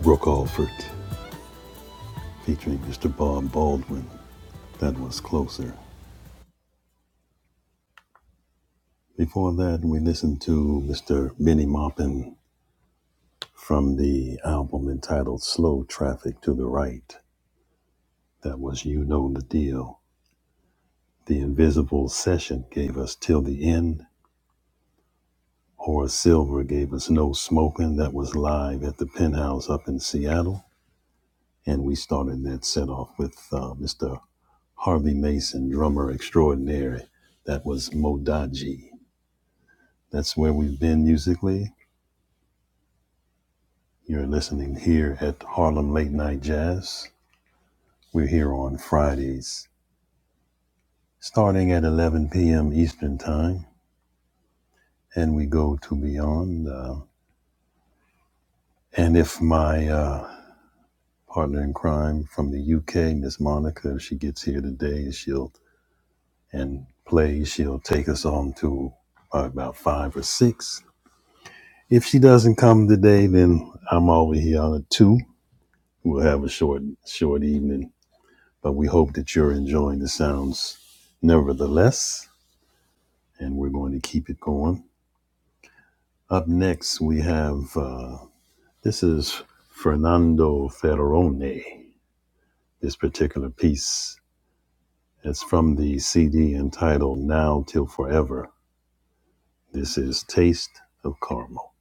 Brooke Alford featuring Mr. Bob Baldwin. That was closer. Before that, we listened to Mr. Benny Maupin from the album entitled Slow Traffic to the Right. That was You Know the Deal. The Invisible Session gave us Till the End. Horace Silver gave us No Smoking. That was live at the penthouse up in Seattle. And we started that set off with uh, Mr. Harvey Mason, drummer extraordinary. That was Modaji. That's where we've been musically. You're listening here at Harlem Late Night Jazz. We're here on Fridays, starting at 11 p.m. Eastern Time, and we go to beyond. Uh, and if my uh, partner in crime from the UK, Miss Monica, if she gets here today, she'll and plays, she'll take us on to probably about five or six. If she doesn't come today, then I'm over here on at two. We'll have a short, short evening, but we hope that you're enjoying the sounds, nevertheless. And we're going to keep it going. Up next, we have uh, this is Fernando Ferrone. This particular piece is from the CD entitled Now Till Forever. This is Taste of Caramel.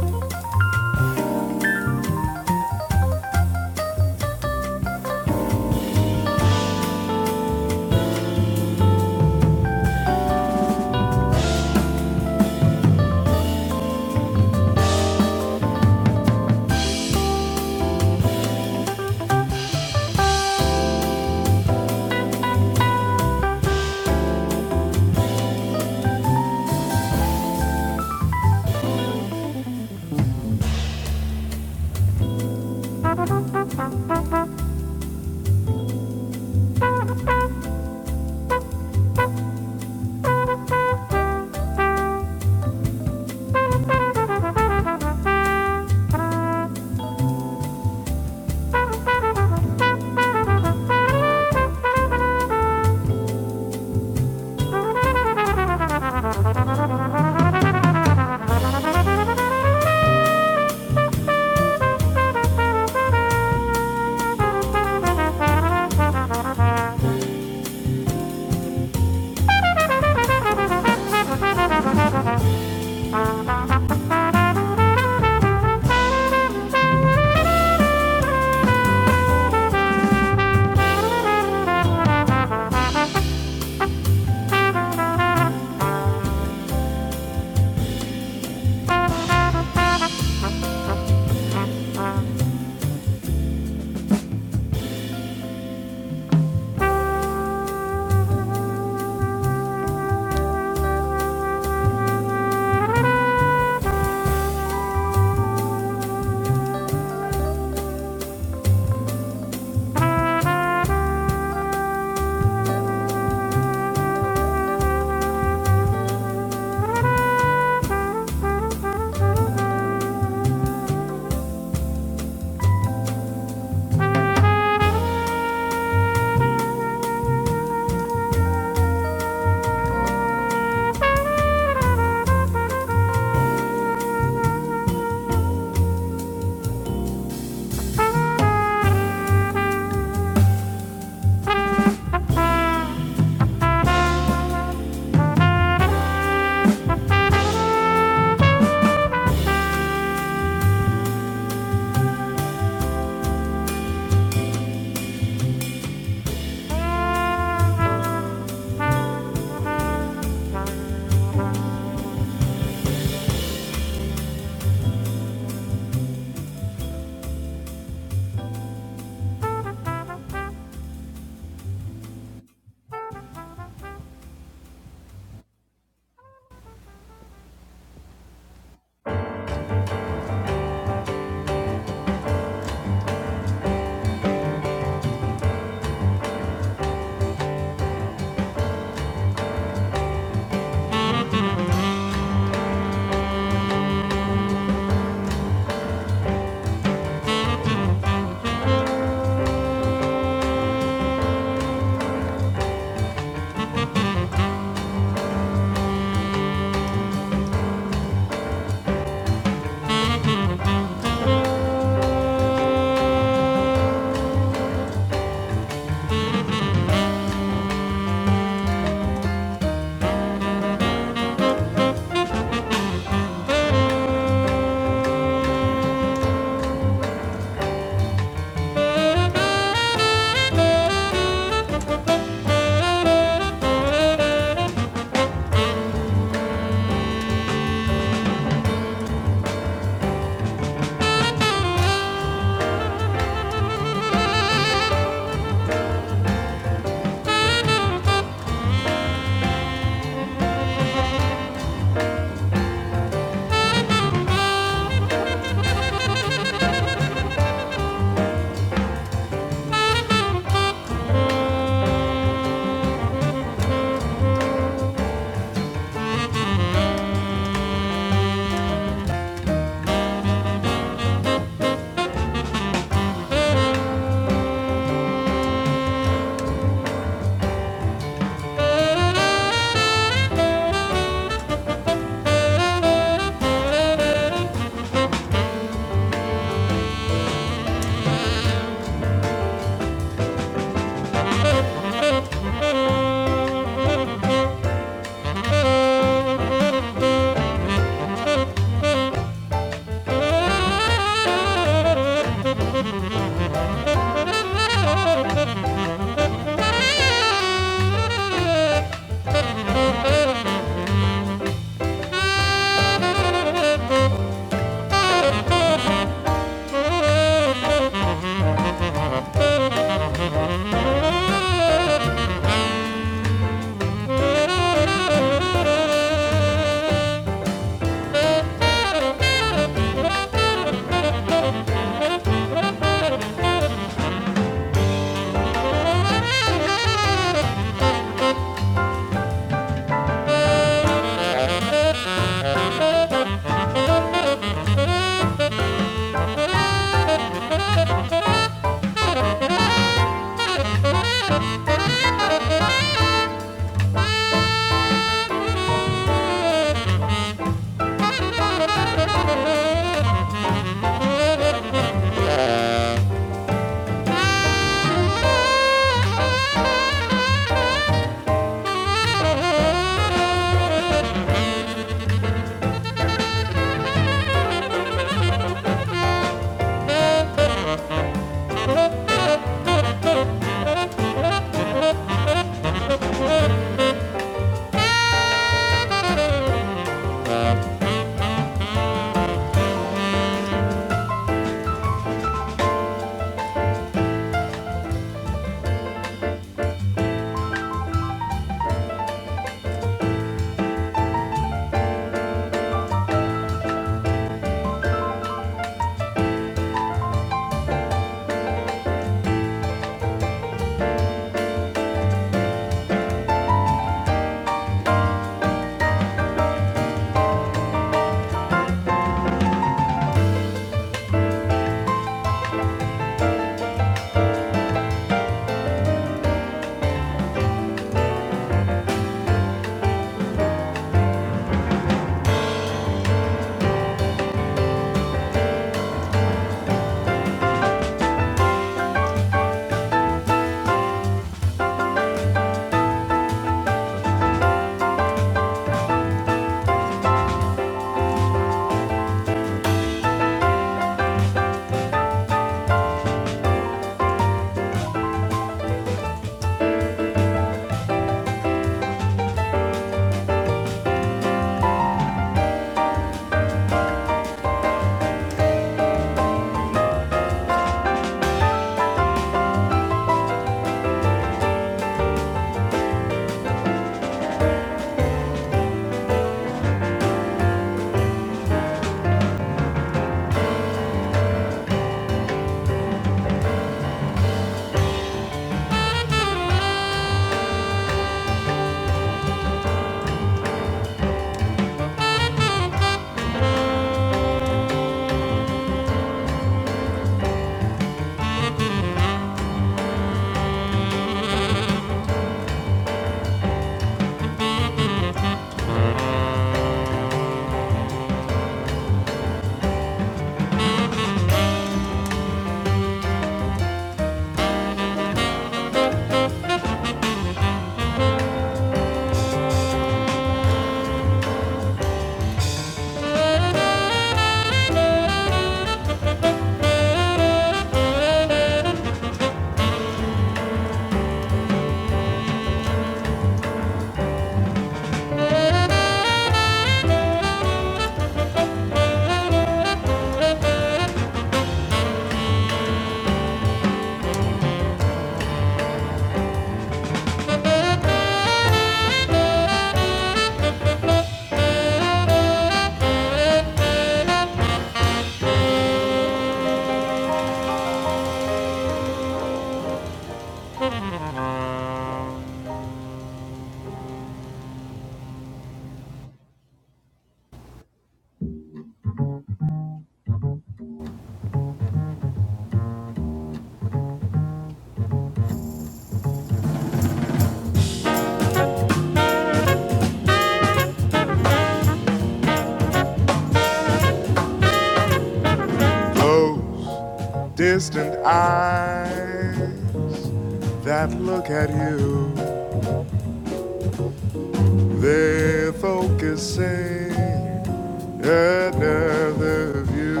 They're focusing another view.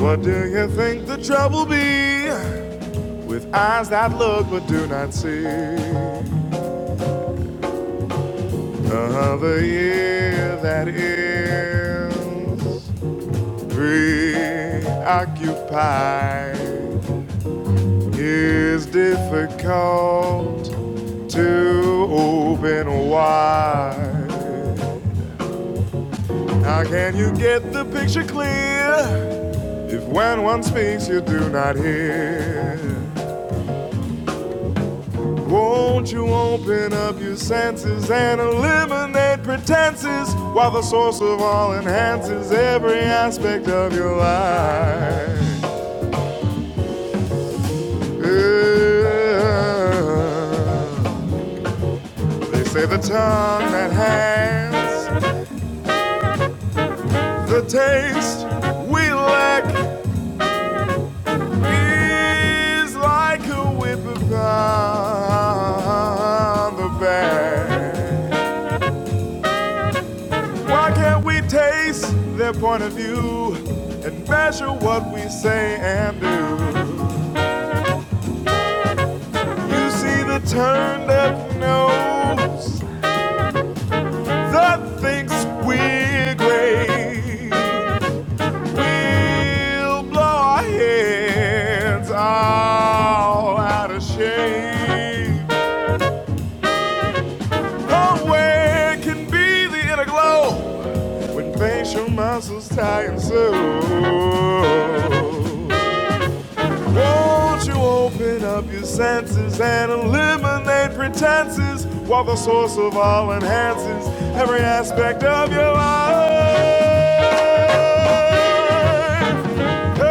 What do you think the trouble be with eyes that look but do not see? Another year that is preoccupied is difficult to open wide. How can you get the picture clear if when one speaks you do not hear? Won't you open up your senses and eliminate pretenses while the source of all enhances every aspect of your life? Yeah. They say the tongue that has the taste we lack is like a whip upon the back. Why can't we taste their point of view and measure what we say and do? You see the turned up nose that thinks we're great. We'll blow our heads all out of shape. Nowhere can be the inner glow when facial muscles tie and sew. Won't you open up your senses and eliminate pretenses while the source of all enhances every aspect of your life? Hey,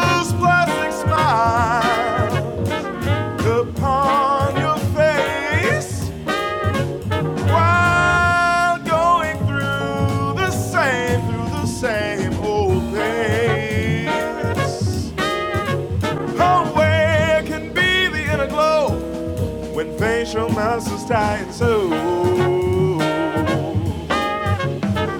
This plastic smile upon your face. While going through the same, through the same old things. where can be the inner glow when facial muscles tie and so.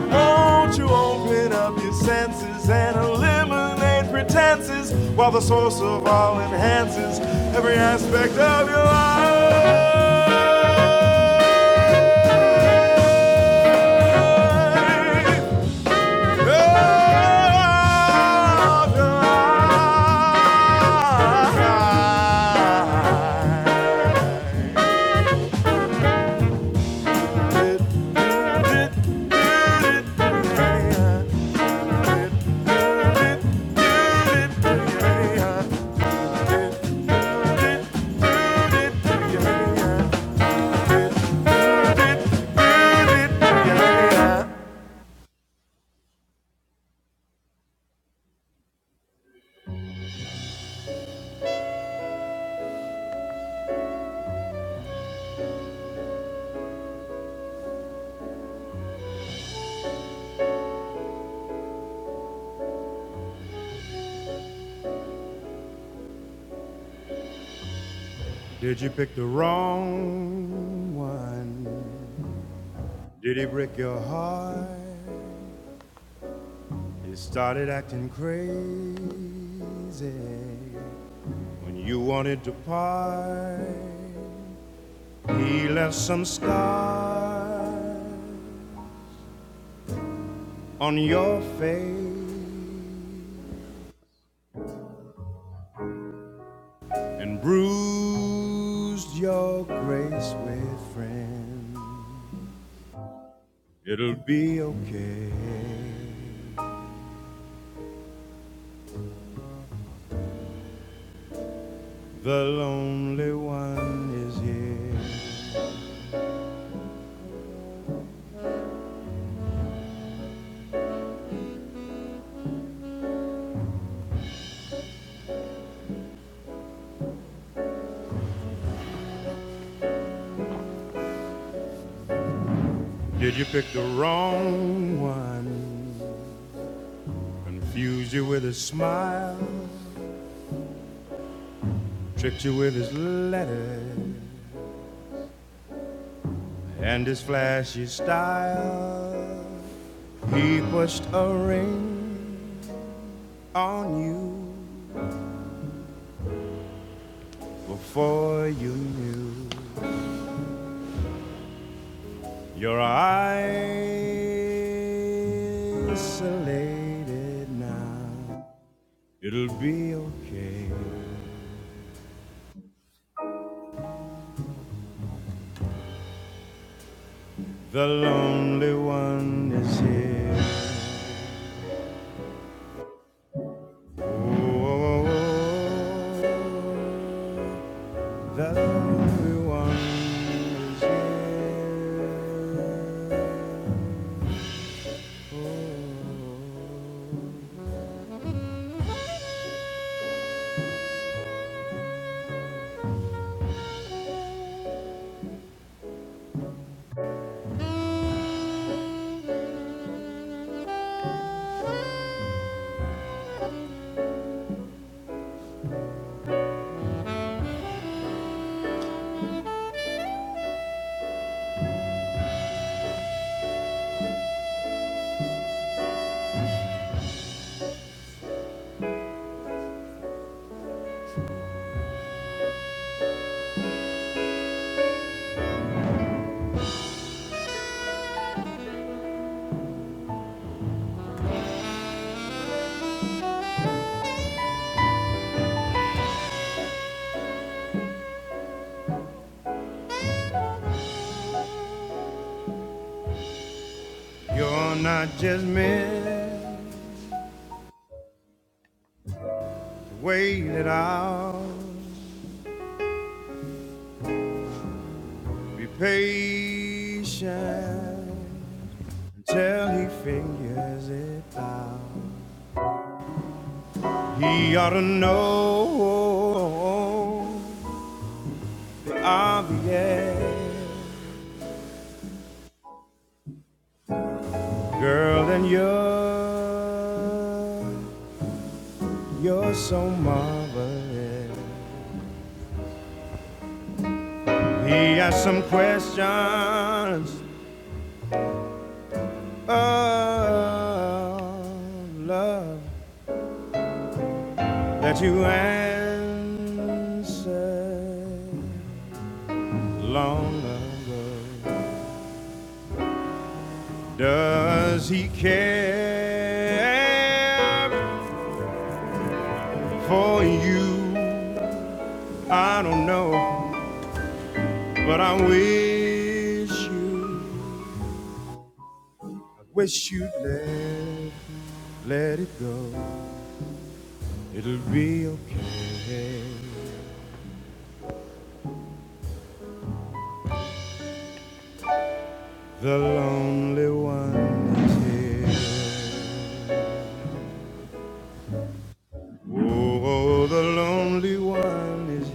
Won't you open up your senses and eliminate pretenses while the source of all enhances every aspect of your life? Hey, Did you pick the wrong one? Did he break your heart? You started acting crazy when you wanted to part. He left some scars on your face. and bruised your grace with friends. It'll be okay. The lonely one is here. Did you pick the wrong one? Confused you with his smile, tricked you with his letters and his flashy style. He pushed a ring on you before you knew. You're isolated now. It'll be okay. The lonely one is here. Oh, oh, oh. the lonely one is here. You're not just meant to wait it out. Be patient. till he figures it out. He ought to know the obvious. Girl, and you're, you're so marvelous. He has some questions of love that you answered long ago. Does he care for you? I don't know, but I wish you, wish you'd let, let it go. It'll be okay. The lonely one is here. Oh, the lonely one is here.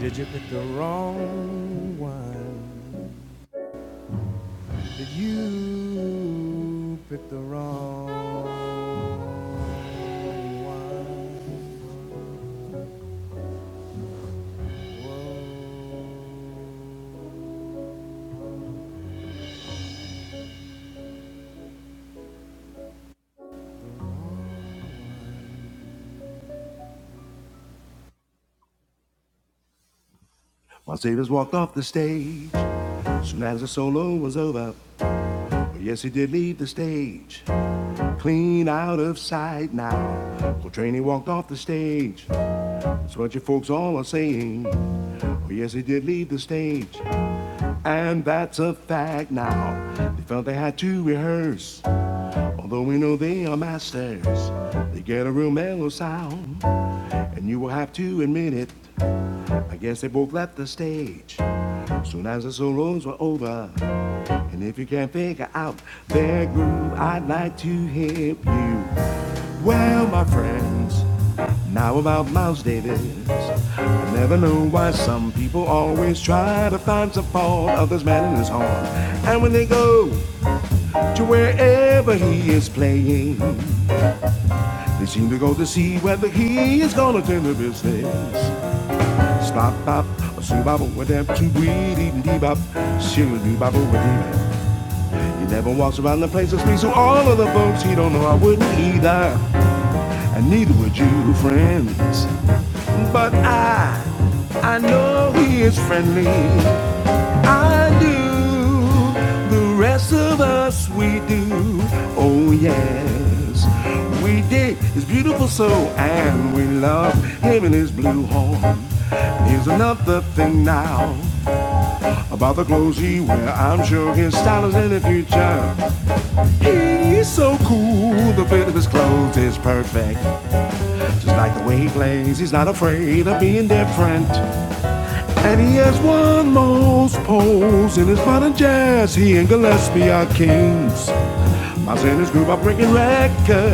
Did you pick the wrong one? Did you pick the wrong one? Whoa. While Davis walked off the stage, soon as the solo was over, well, yes, he did leave the stage, clean out of sight now. Coltrane he walked off the stage. That's what you folks all are saying. Well, yes, he did leave the stage, and that's a fact now. They felt they had to rehearse. Although we know they are masters, they get a real mellow sound, and you will have to admit it. I guess they both left the stage soon as the solos were over. And if you can't figure out their groove, I'd like to help you. Well, my friends, now about Miles Davis. I never know why some people always try to find some fault of this man in his horn. And when they go to wherever he is playing, They seem to go to see whether he is gonna tend the business. Stop, bop, a soo bop, with them two weedy dee bop, shoo doo bop, with him. He never walks around the place and speaks to all of the folks he don't know. I wouldn't either, and neither would you, friends. But I, I know he is friendly. I do. The rest of us, we do. Oh, yes. We did his beautiful soul and we love him and his blue horn. Here's another thing now about the clothes he wear. I'm sure his style is in the future. He's so cool. The fit of his clothes is perfect. Just like the way he plays, he's not afraid of being different. There's one most pose in his modern jazz. He and Gillespie are kings. In his groove, I'm breaking records.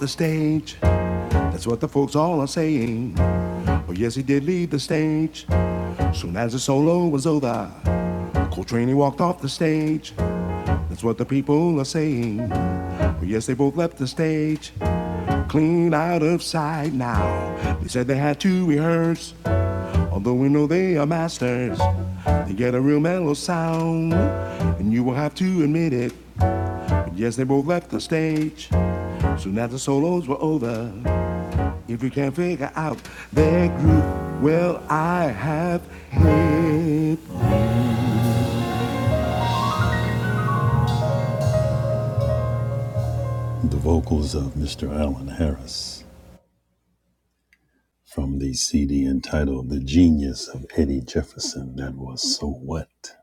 The stage. Oh, yes, he did leave the stage. Soon as the solo was over, Coltrane he walked off the stage. That's what the people are saying. Oh, yes, they both left the stage, clean out of sight now. They said they had to rehearse, although we know they are masters. They get a real mellow sound, and you will have to admit it. But yes, they both left the stage. Soon as the solos were over, If you can't figure out their groove, well, I have hit. The vocals of Mr. Allen Harris from the CD entitled The Genius of Eddie Jefferson That Was So What.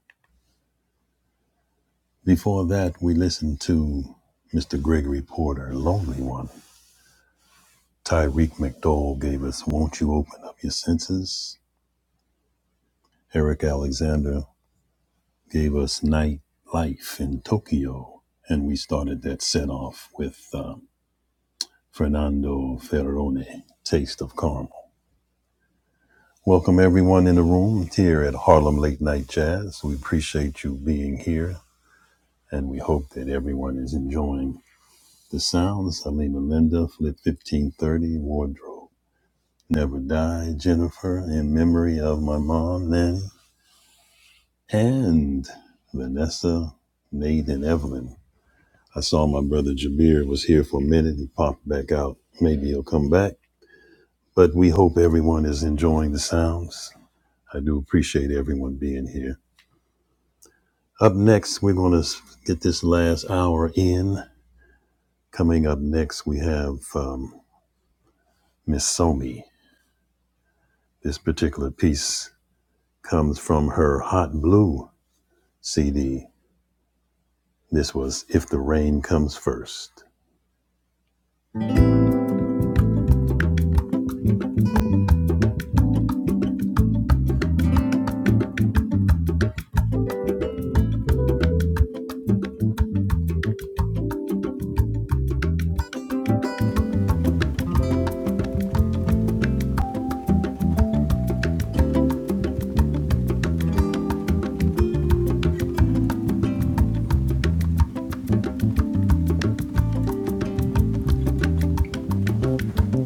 Before that, we listened to Mr. Gregory Porter, Lonely One. Tyreek McDowell gave us Won't You Open Up Your Senses? Eric Alexander gave us Night Life in Tokyo. And we started that set off with um, Fernando Ferrone, Taste of Caramel. Welcome everyone in the room here at Harlem Late Night Jazz. We appreciate you being here and we hope that everyone is enjoying the sounds. Alima Linda, Flip 1530, Wardrobe, Never Die, Jennifer, in memory of my mom, Nanny, and Vanessa, Nate, and Evelyn. I saw my brother Jameer was here for a minute. He popped back out. Maybe he'll come back. But we hope everyone is enjoying the sounds. I do appreciate everyone being here. Up next, we're going to get this last hour in. Coming up next, we have um, Miss Somi. This particular piece comes from her Hot Blue CD. This was If the Rain Comes First.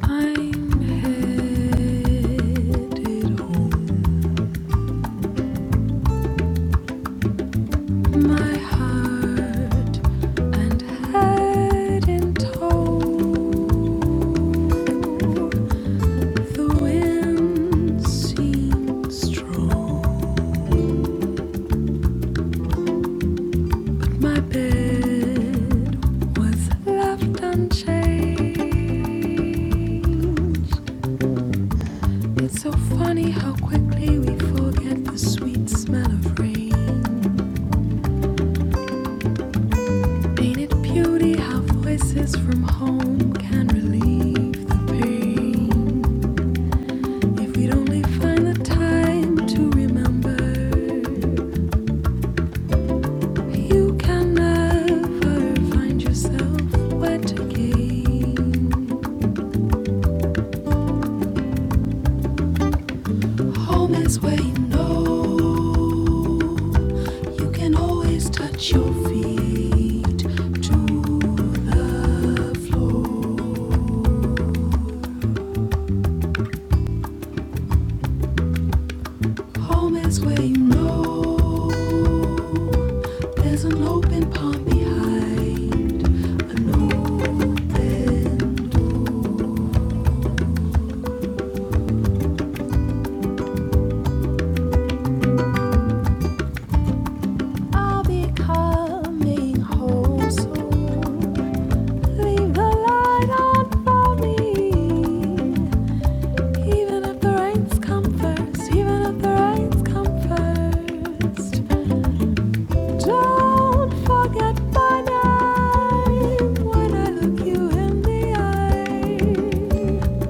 I'm headed home, my heart, and head in tow. The wind seems strong. My bed was left unchanged. It's so funny how quickly we forget the sweet smell of rain. Painted beauty, how voices from home can relieve the pain. If we'd only find the time to remember, you can never find yourself wet again. Home is where you know you can always touch your feet to the floor. Home is where you know there's an open palm behind an open. I'll be coming home soon. Leave the light on for me. Even if the rains come first, even if the rains come first, don't forget my name when I look you in the eye.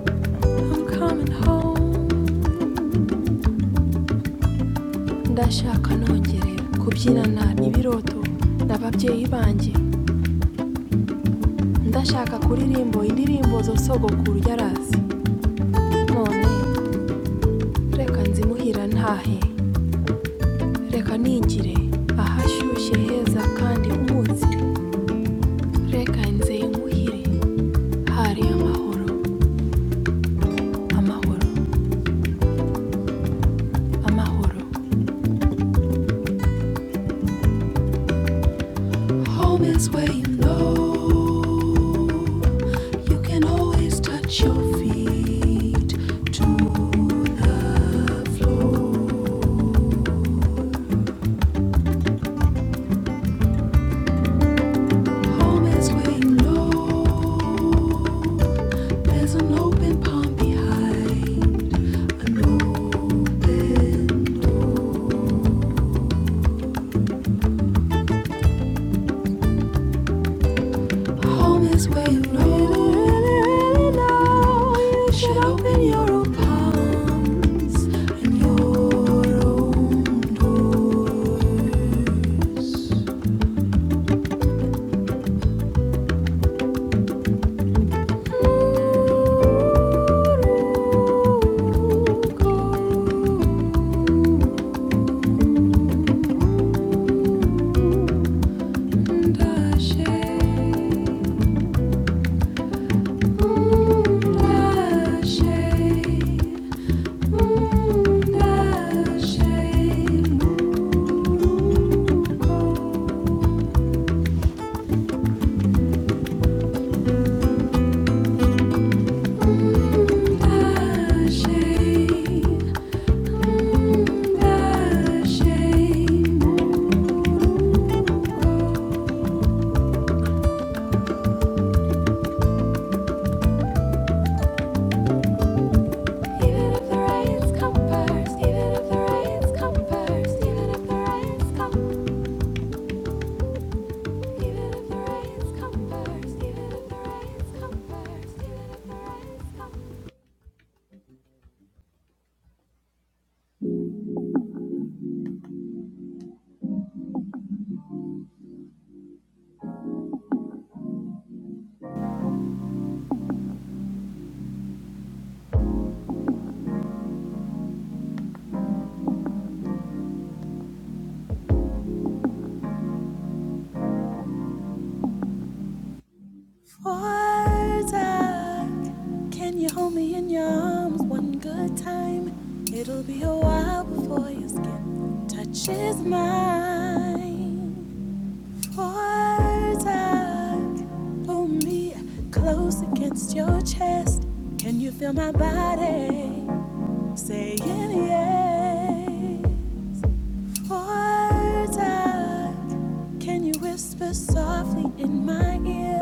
I'm coming home. Ndashaka nongere kubyinana ibiroto n'ababyeyi banjye. Ndashaka kuririmbo indirimbo zo sogokuru yarazi. None reka nzimuhira ntahe. reka ningire ahashyushye heza kandi umutsi reka nze nkuhire hari amahoro amahoro amahoro home is where you know you can always touch your feet to the floor home is where you know there's an open palm behind an open Home is where you know, really, really know. You should open your own palms and your own doors. Dashe, dashe, dashe, dashe, dashe. Even can you hold me in your arms one good time? It'll be a while before your skin touches mine. Water, hold me close against your chest. Can you feel my body? Saying yeah, voice in my ear.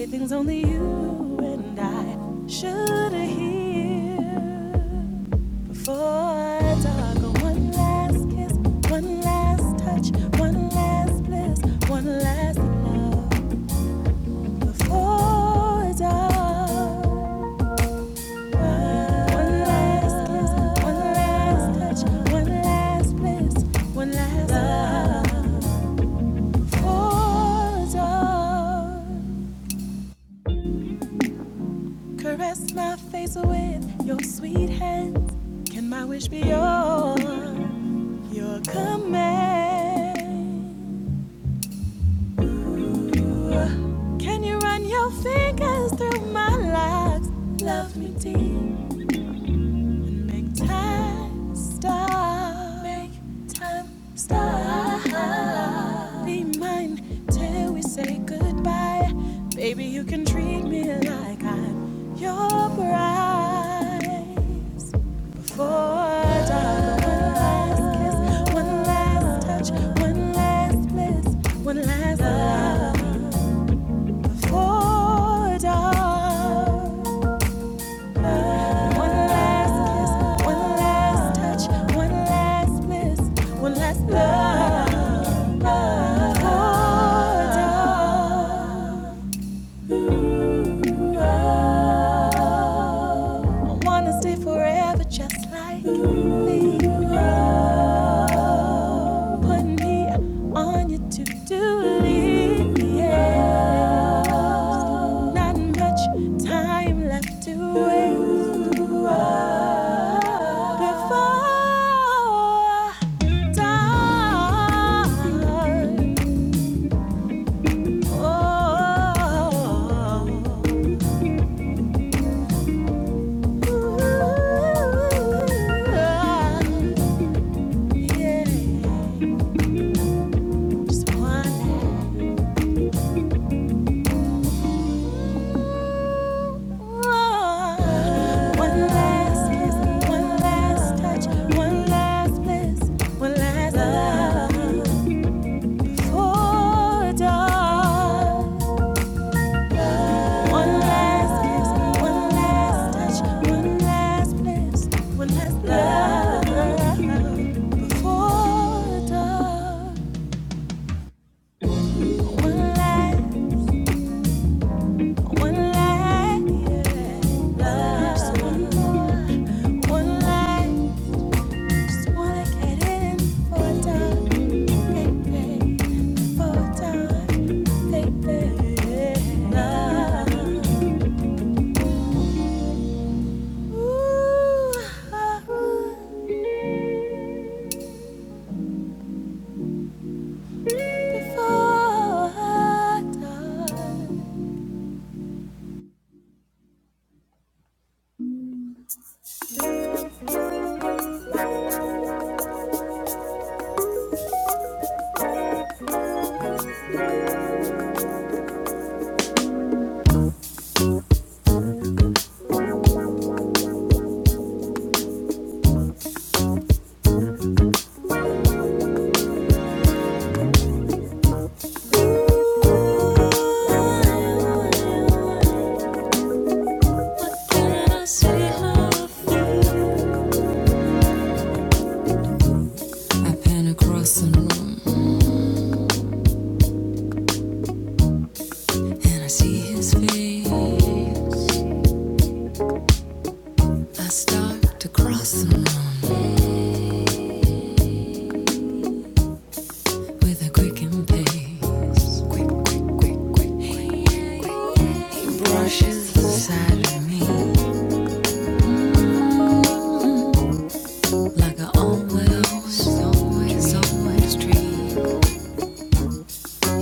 Everything's on his touch. Just one last kiss, one last touch, one last bliss, one last love. Hold on, caress my face with your sweet hands. Can my wish be your your command? Can you run your fingers through my lifestyle? time started as black One kiss, one touch, this one accord. I wanna stay forever just like me. Put me on your to-do list. Not much time left to waste. Before I yeah, just One last kiss, one last touch, one last bliss, one last love. Oh, darling. One last kiss, one last touch, one last. Ooh, ah, before I die. And I see his face. I start to cross the line. with a quickened pace. Quick, quick, quick, quick, quick. Yeah, yeah. He brushes the side of me like a almost, always, always dream.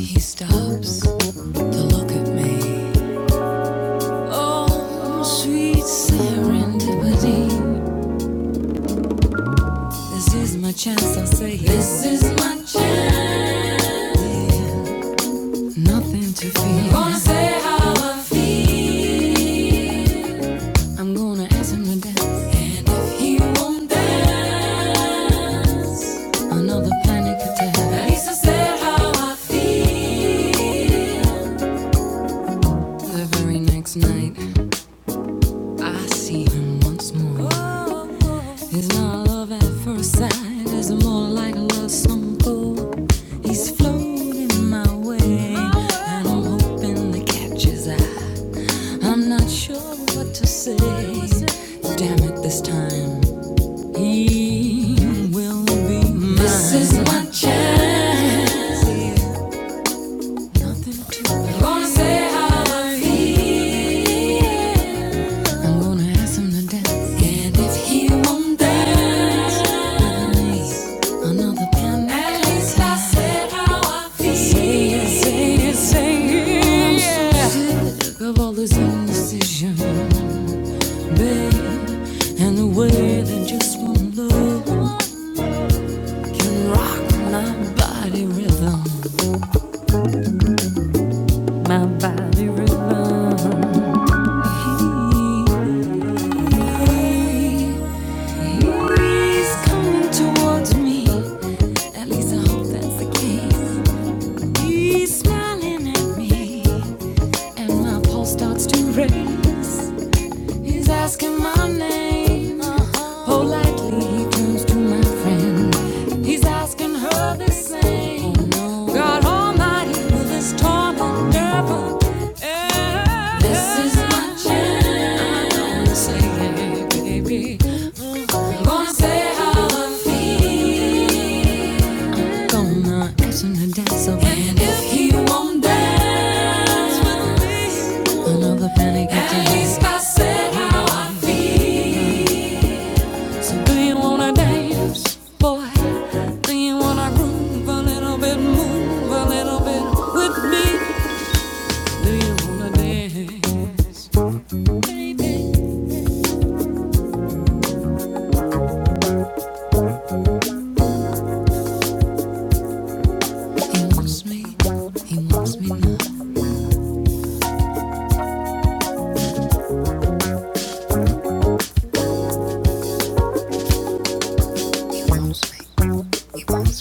He stops to look at me. Oh, sweet serendipity. This is my chance, I say. This is my chance. Yeah. Nothing to fear. Gonna say how I feel. I'm gonna ask him to dance. And if he won't dance, another panic attack. At least I said how I feel. The very next night, I see him once more. It's not love at first sight, it's more like a love song cold. He's floating my way, and I'm hoping to catch his eye. I'm not sure what to say. Damn it, this time. He will be mine. This is my chance. Nothing to I'm gonna say how I feel. I'm gonna ask him to dance. And if he won't dance, then another man. At least I said how I feel. Say it, say it, say it. I'm so sick of all this indecision, babe, and the way that just won't look. can rock my body rhythm, my body rhythm. He, he's coming towards me. At least I hope that's the case. He's smiling at me, and my pulse starts to race. He's asking my name. Uh-huh. Politely, he turns to my friend. He's asking her the same. Oh no, God Almighty, will this torment ever end? This is my chance. I'm saying, baby. Gonna say how I feel. Gonna ask him to dance over And if he won't dance with me, at least I said how I feel. So do you wanna dance, boy? Do you wanna groove a little bit, move a little bit with me? Do you wanna dance, He wants me, he wants me now. He wants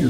me.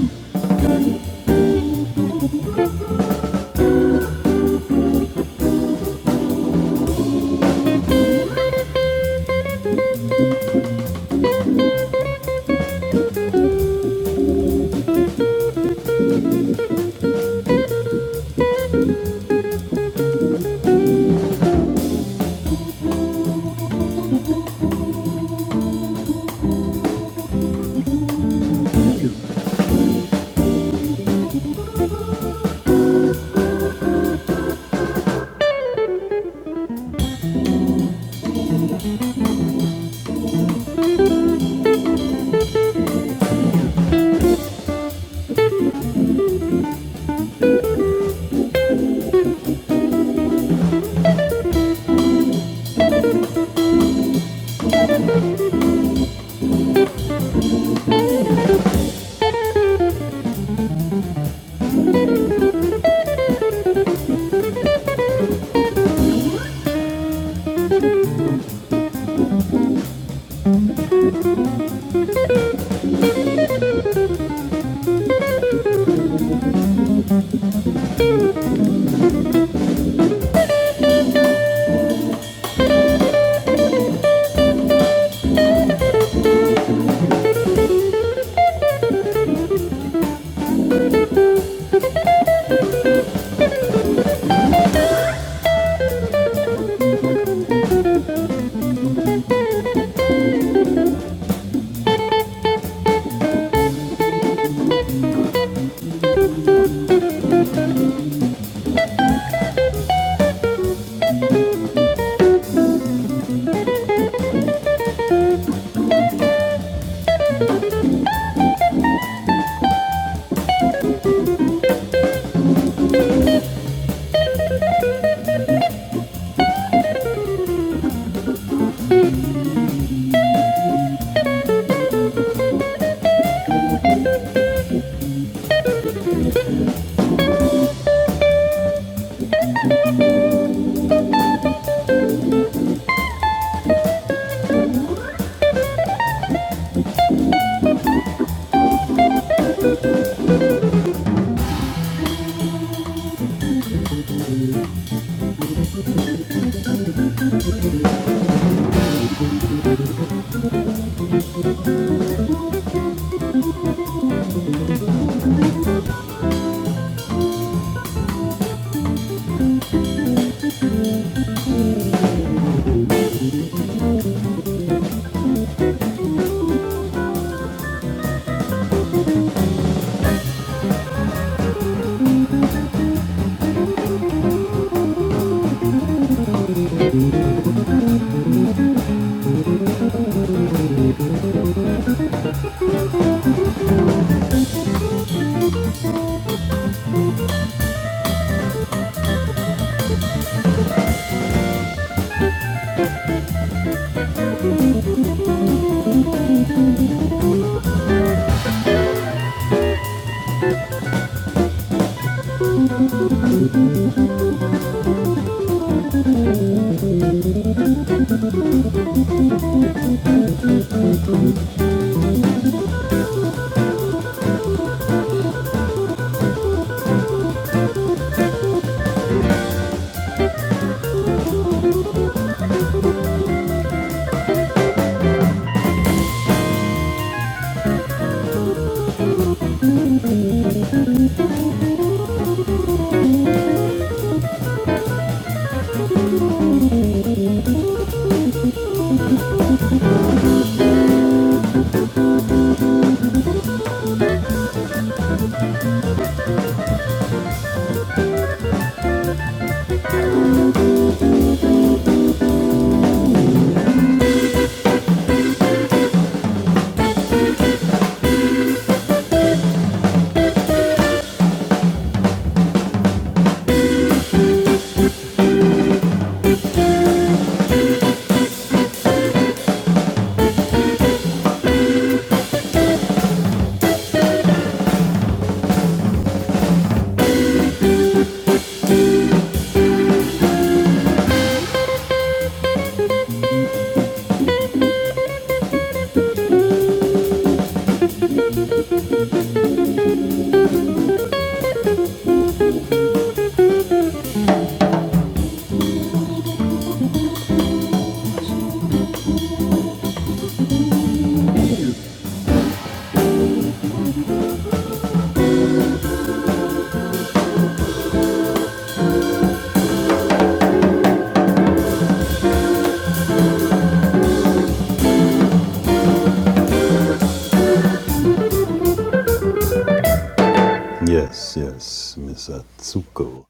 Yes, yes, Miss Atsuko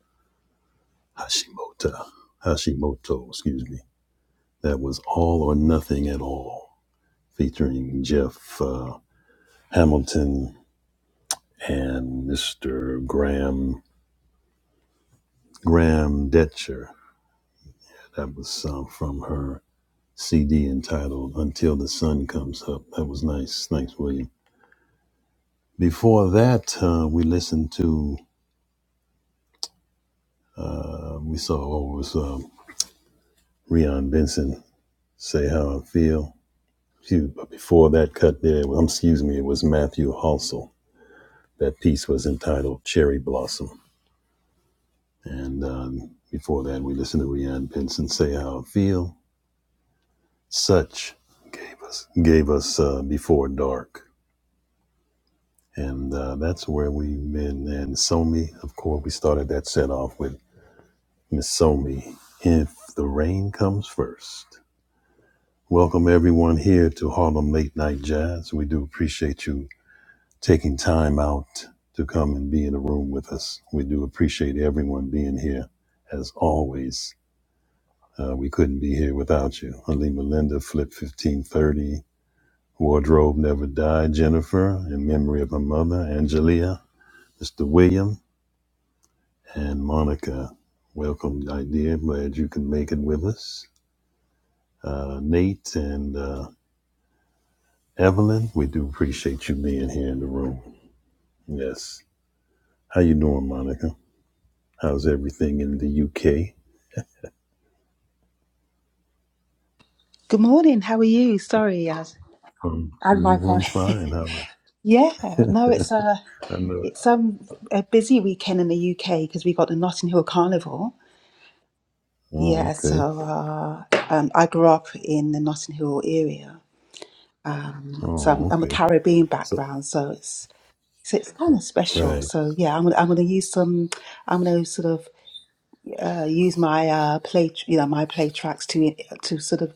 Hashimoto. Hashimoto, excuse me. That was All or Nothing at All, featuring Jeff uh, Hamilton and Mr. Graham Graham Detcher. That was uh, from her CD entitled Until the Sun Comes Up. That was nice. Thanks, William. Before that, uh, we listened to, uh, we saw, oh, it was um, Rion Benson, Say How I Feel. Phew, but before that cut there, well, um, excuse me, it was Matthew Halsell. That piece was entitled Cherry Blossom. And um, before that, we listened to Rian Benson say how I feel. Such gave us gave us uh, Before Dark. And uh, that's where we've been. And Somi, of course, we started that set off with Miss Somi, If the Rain Comes First. Welcome everyone here to Harlem Late Night Jazz. We do appreciate you taking time out to come and be in the room with us. We do appreciate everyone being here as always. Uh, we couldn't be here without you. Halima Linda, Flip 1530, Wardrobe Never Die, Jennifer, in memory of my mother, Angelia, Mr. William, and Monica. Welcome, idea. Glad you can make it with us. Uh, Nate and uh, Evelyn, we do appreciate you being here in the room. Yes. How you doing, Monica? How's everything in the UK? Good morning. How are you? Sorry, I I'm, And my I'm voice. fine. How are yeah, no, it's a I know it. it's um a busy weekend in the UK because we got the Notting Hill Carnival. Oh, Yeah, okay. so uh, um, I grew up in the Notting Hill area, um, so I'm, Oh, I'm a okay. Caribbean So, background, so it's so it's kind of special. right. So yeah, I'm gonna I'm gonna use some I'm gonna sort of uh, use my uh, play tr- you know my play tracks to to sort of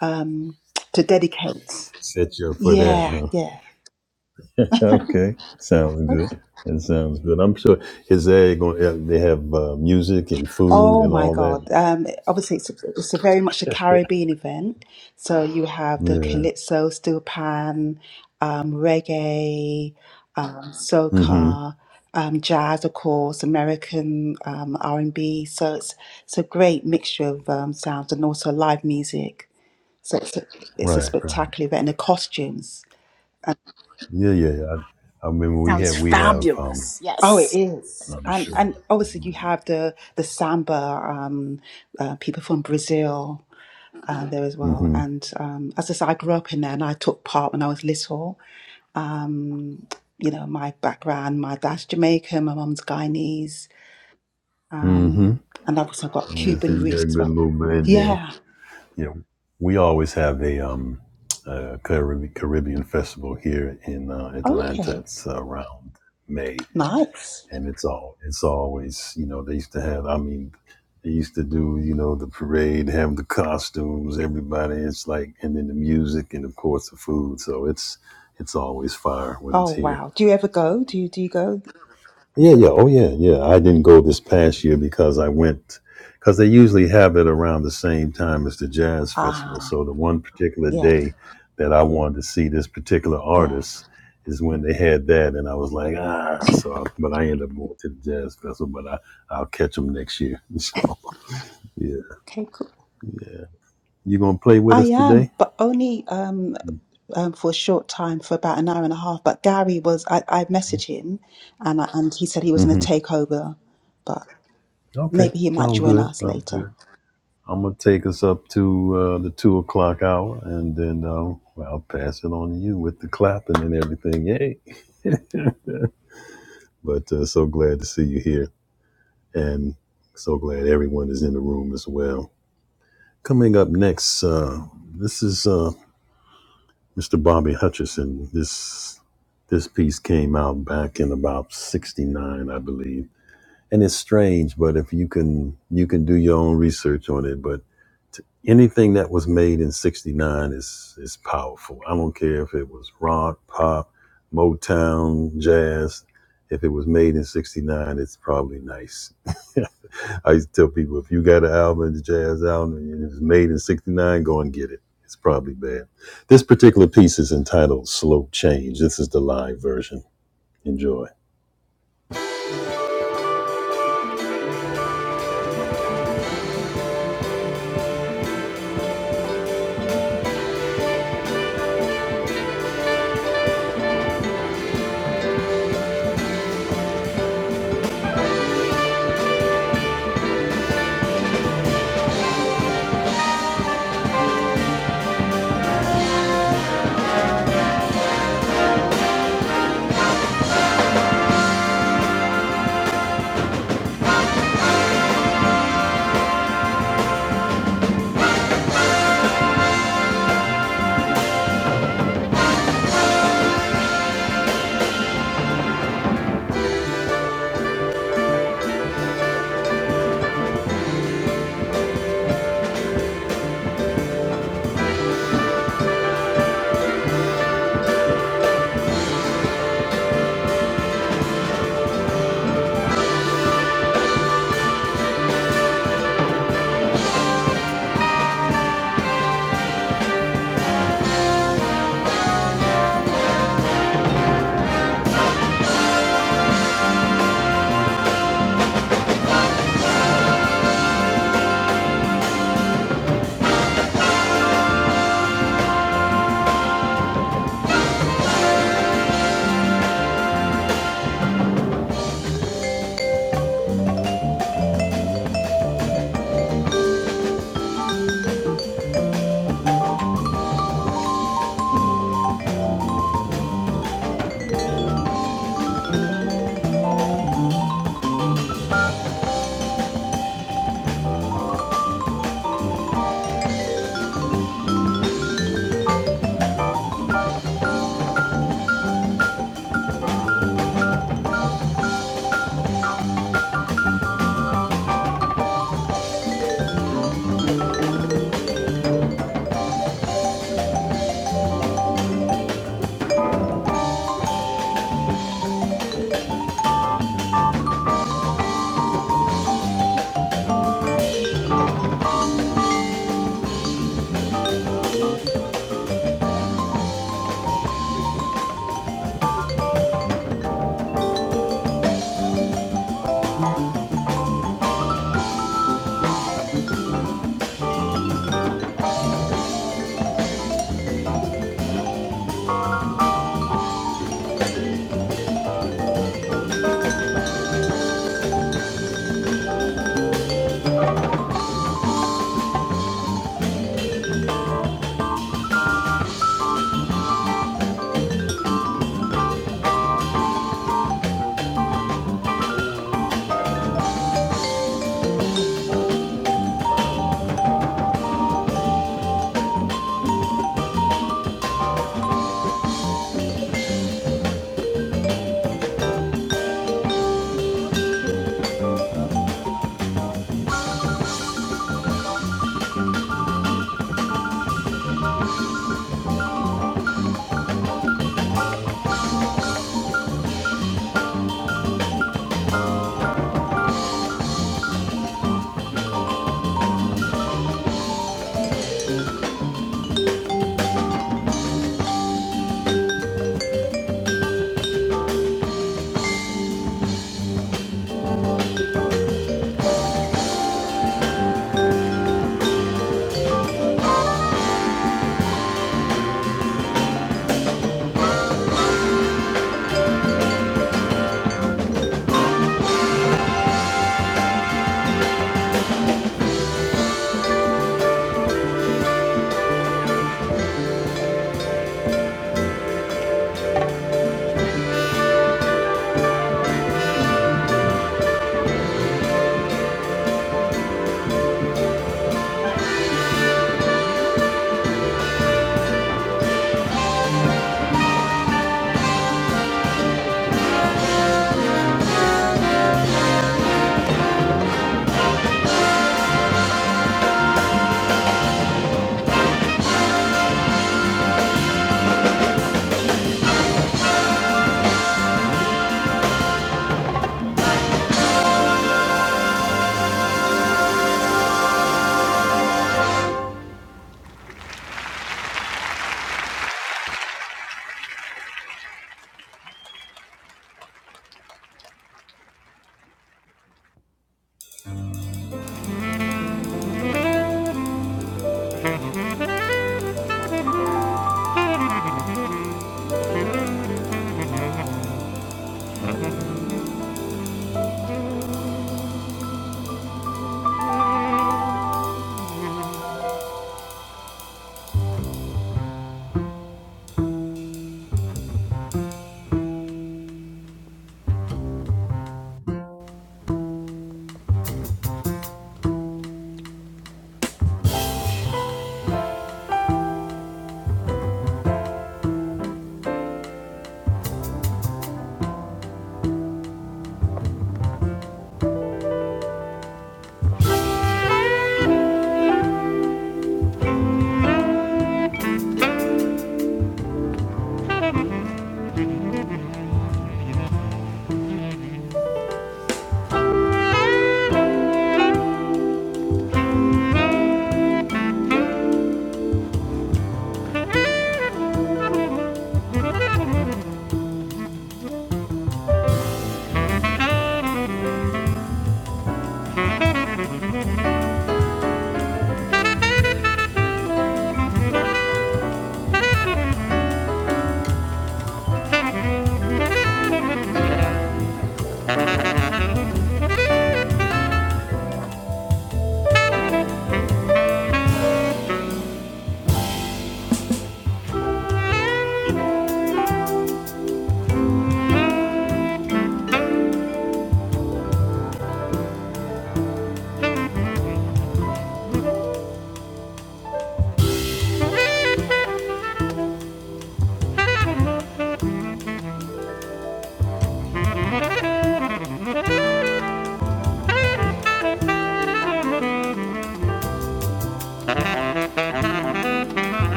um to dedicate. Set you up for that, Yeah, huh? yeah. Okay. Sounds good. That sounds good. I'm sure. Is they going? They have uh, music and food Oh and my all God. that. Um, obviously, it's, it's a very much a Caribbean event. So you have the Yeah. calypso, steel pan, um, reggae, um, Mm-hmm. soca, um, jazz, of course, American um, R&B. So it's it's a great mixture of um, sounds and also live music. So it's a, it's a Right. Right. spectacular event and the costumes. Yeah. Yeah. yeah. I, I remember we Sounds have. We have. Um. fabulous. Oh, it Yes. is. I'm And sure. and obviously you have the the samba, um, uh, people from Brazil. uh, there as well. Mm-hmm. And um, as I said, I grew up in there and I took part when I was little. Um, you know, my background, my dad's Jamaican, my mum's Guyanese, Mm-hmm. um, and I've also got Yeah. So Cuban you got roots a as good well. little band there. Yeah, you know, we always have a um, uh, Carib- Caribbean festival here in uh, Atlanta. Okay. It's uh, around May, nice. and it's all it's always you know they used to have. I mean, they used to do you know the parade, have the costumes, everybody. It's like and then the music and of course the food. So it's it's always fire when Oh it's here. wow. Do you ever So go? Do you do you go? yeah, yeah, oh yeah, yeah. I didn't go this past year because I went because they usually have it around the same time as the jazz festival. Ah, So the one particular yeah, day that I wanted to see this particular yeah. artist is when they had that, and I was like, ah. So, I, but I ended up going to the jazz festival, but I I'll catch them next year. So yeah, Okay, cool. yeah. You gonna play with I us am, today? but only um, um for a short time, for about an hour and a half. But Gary was, I, I messaged him, and I, and he said he was going to hmm take over, but. Okay, Maybe he might sound join good. us I'm later. good. I'm gonna take us up to uh, the two o'clock hour, and then um, I'll pass it on to you with the clapping and everything. Yay! But uh, so glad to see you here, and so glad everyone is in the room as well. Coming up next, uh, this is uh, Mr. Bobby Hutcherson. This this piece came out back in about '69, I believe and it's strange but if you can you can do your own research on it but t- anything that was made in 69 is is powerful i don't care if it was rock pop motown jazz if it was made in 69 it's probably nice i used to tell people if you got an album a jazz album and it was made in 69 go and get it it's probably bad this particular piece is entitled slow change this is the live version enjoy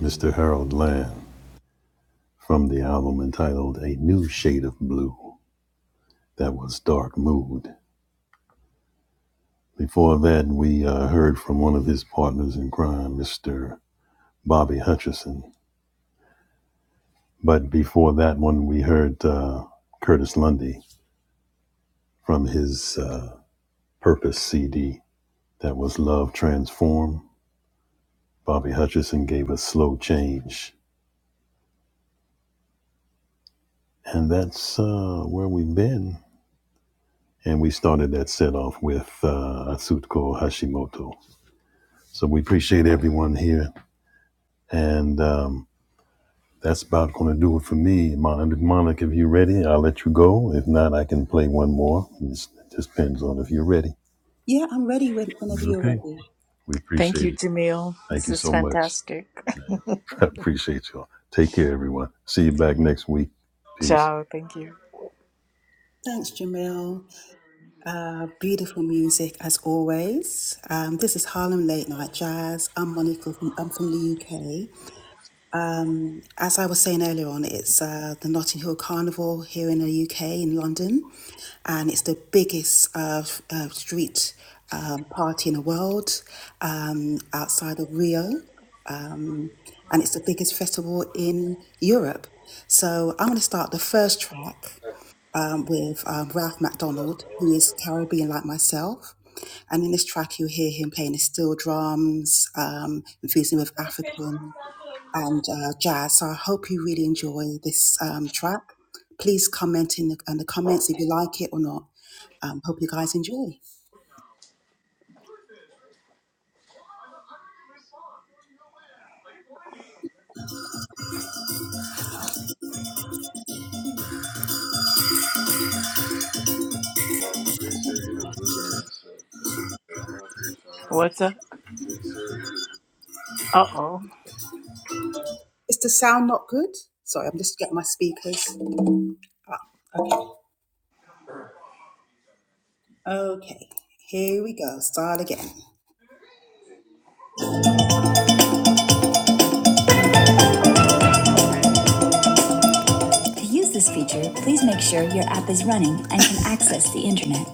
mr harold land from the album entitled A New Shade of Blue. That was Dark Mood. Before that, we uh, heard from one of his partners in crime, Mr. Bobby Hutcherson. But before that one, we heard uh, Curtis Lundy from his uh, Purpose CD. That was Love Transform. Bobby Hutcherson gave us Slow Change. And that's uh, where we've been. And we started that set off with uh, Atsuko Hashimoto. So we appreciate everyone here And um, that's about going to do it for me. Monica, Monica, if you're ready, I'll let you go. If not, I can play one more. It's- It just depends on if you're ready. Yeah, I'm ready when, whenever you're Okay. ready. We Thank appreciate you, it. Jamil. Thank This you is so much. fantastic. I appreciate y'all. Take care, everyone. See you back next week. Peace. Ciao. Thank you. Thanks, Jamil. Uh, beautiful music as always. Um, this is Harlem Late Night Jazz. I'm Monica. From, I'm from the UK. Um, as I was saying earlier on, it's uh, the Notting Hill Carnival here in the UK in London, and it's the biggest uh, f- uh, street um, party in the world um, outside of Rio. and it's the biggest festival in Europe. So I'm going to start the first track um, with um, Ralph MacDonald, who is Caribbean like myself. And in this track, you hear him playing the steel drums, um, infusing with African and uh, jazz. So I hope you really enjoy this um, track. Please comment in the, in the comments if you like it or not. Um, hope you guys enjoy. Mom, Reese, you're eating blueberries. So just enjoy. I'm gonna be fine. What's up? Reese, you're eating Uh oh. Is the sound not good? Sorry, I'm just getting my speakers. Okay, here we go. Start again. To use this feature, please make sure your app is running and can access the internet.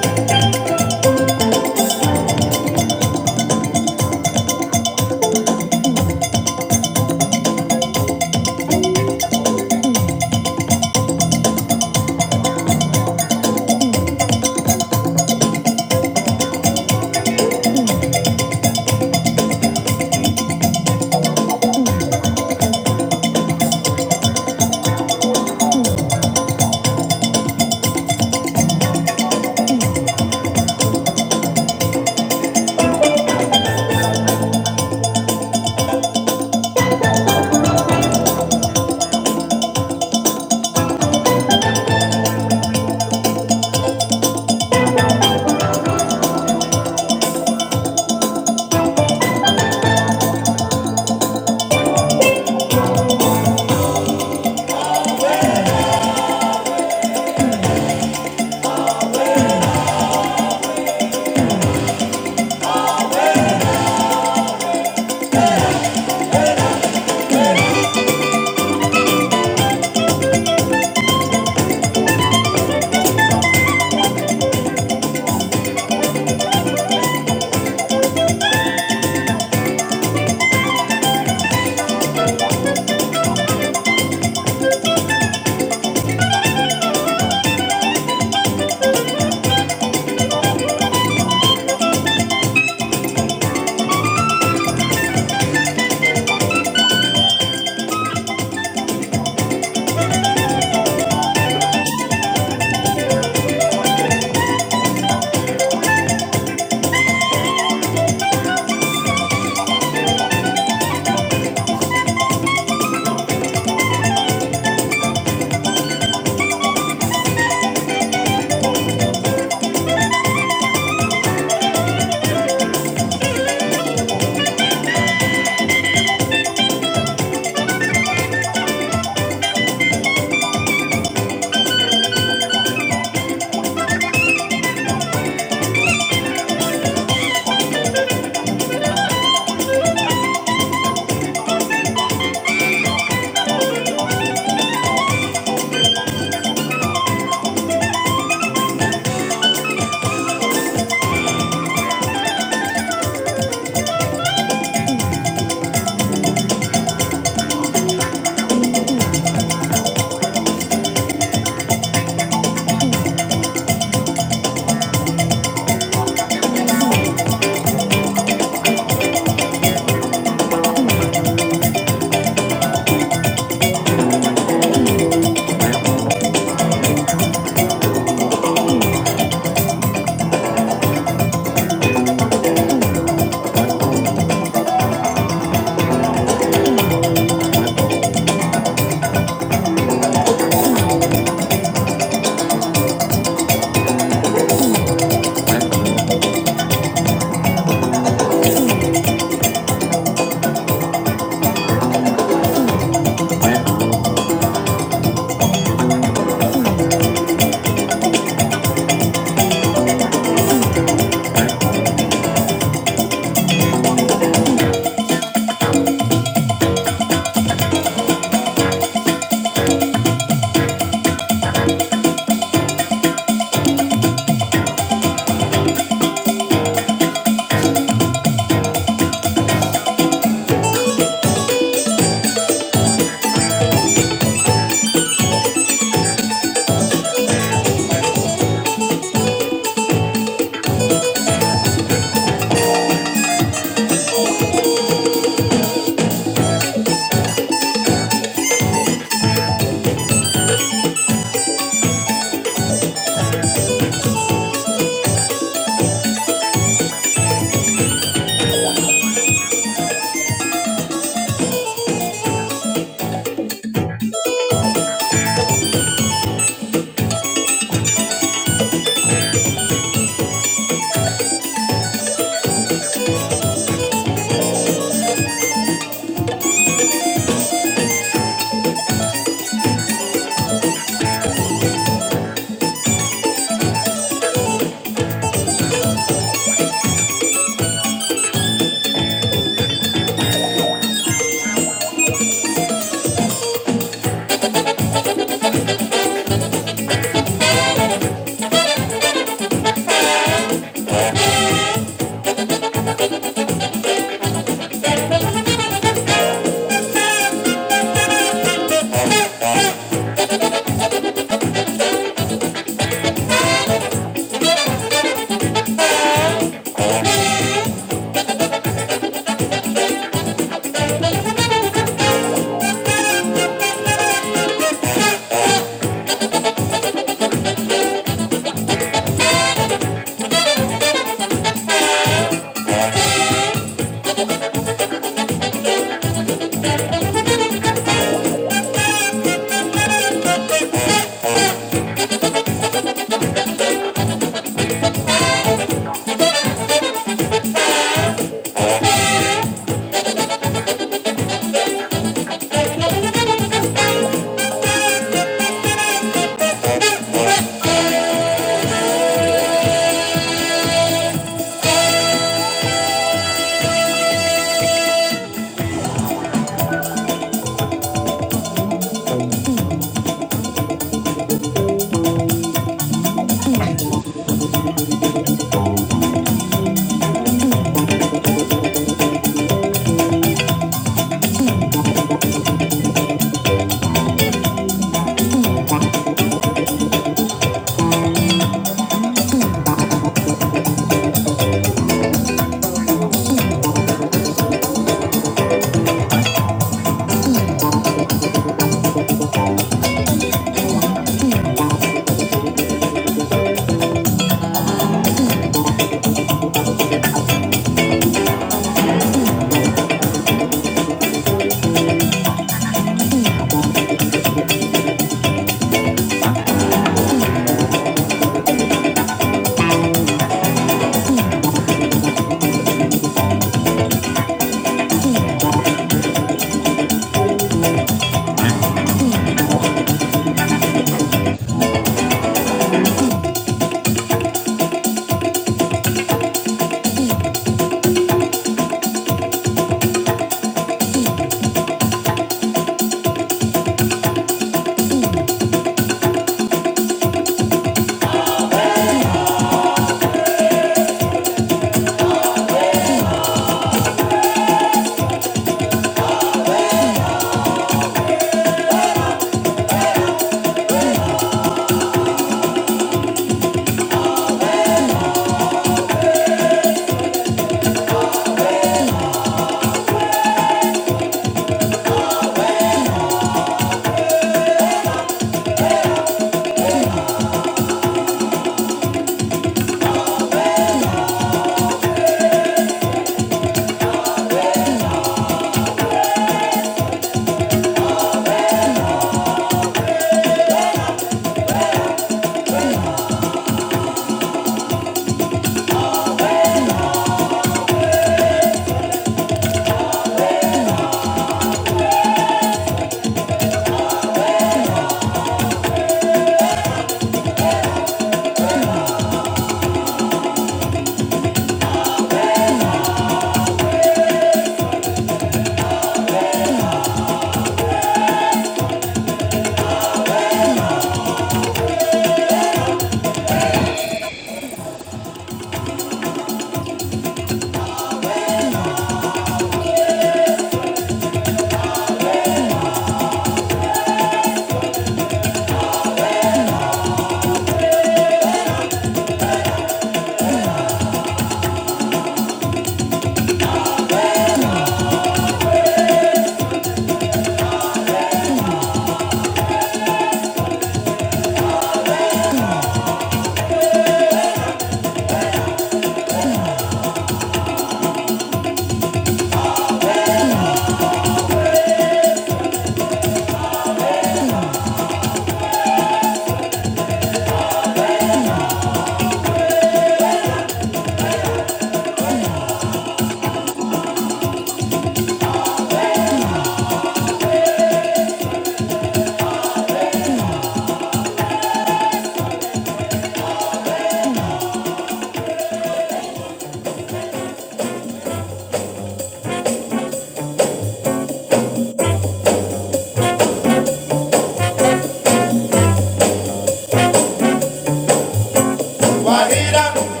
Guajira,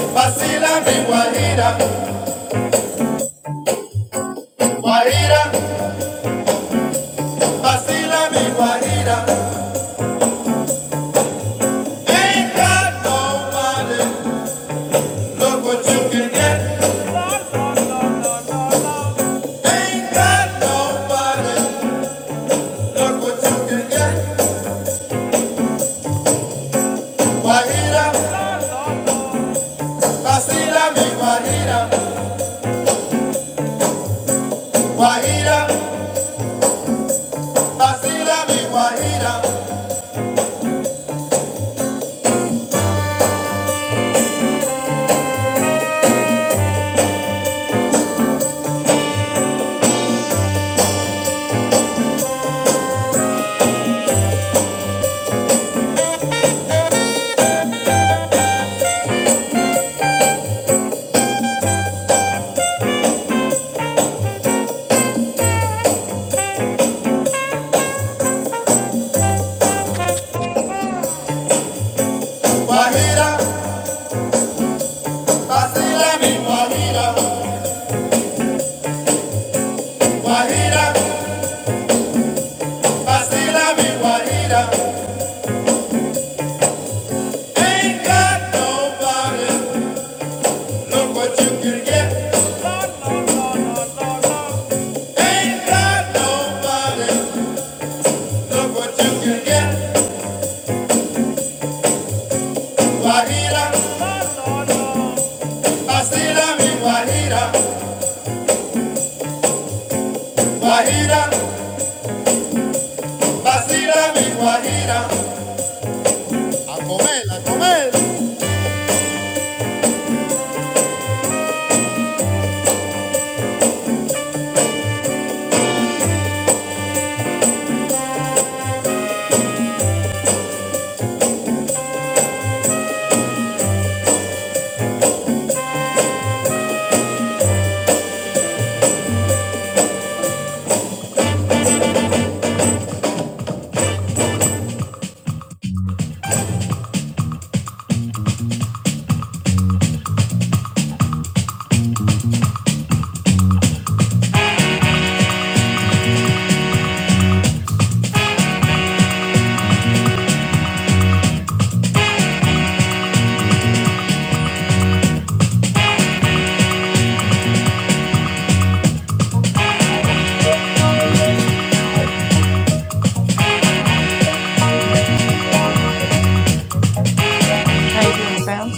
vacila mi guajira, guajira, vacila mi guajira. Ain't got nobody, look what you can get. Ain't got nobody, look what you can get. Guajira, vacila mi guajira, guajira. Wasila mi Wahira, Wahira, Wasila mi guajira, Wahira, Wasila mi Wahira. Ain't got nobody, look what you can get. Ain't got nobody, look what you can get. Wahira, Wasila mi Wahira, Wahira, Wasila mi Wahira. A comer, a comer. How you doing, Sam?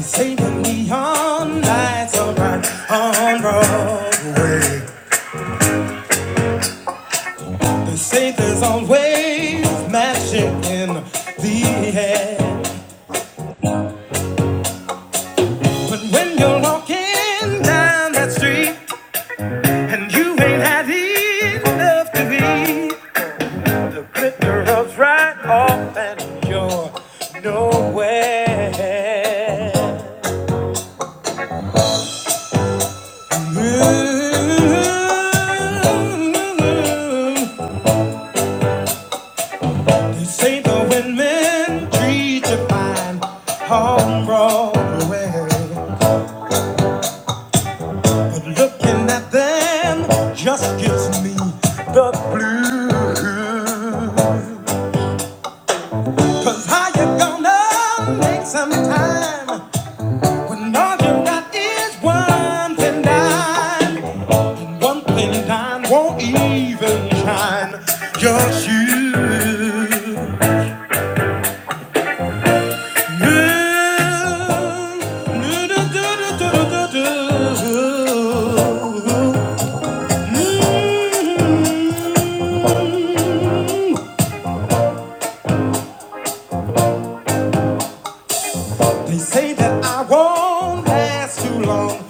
Say the neon lights are bright on Broadway. They say there's always magic in the air. But when you're walking down that street and you ain't had enough to be, the glitter rubs right off and you're nowhere. Ooh, Say the women treat you fine on Broadway. But looking at them just gives me the blues. Cause how you gonna make some time when all you got is one thin dime? One thin dime won't even shine your shoes. They say that I won't last too long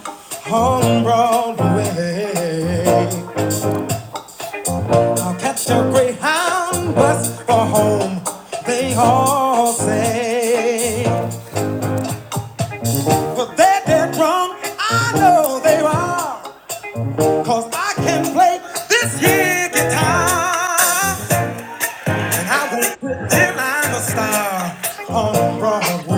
on Broadway. I'll catch a Greyhound bus for home, they all say. But they're dead wrong, I know they are. Cause I can play this here guitar and I won't quit till I'm a star on Broadway.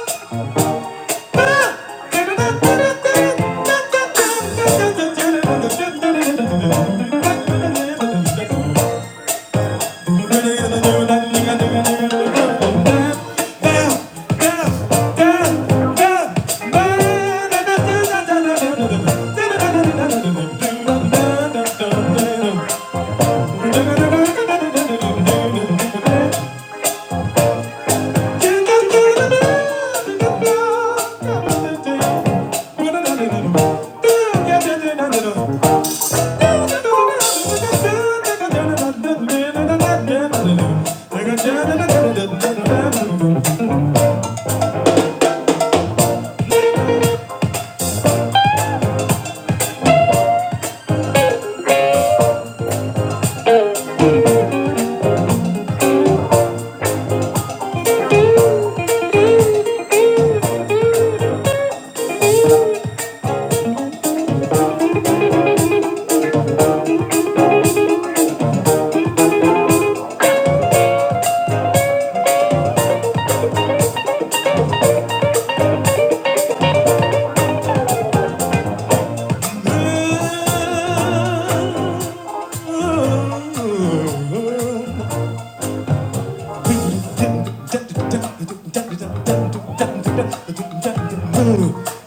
Thank you.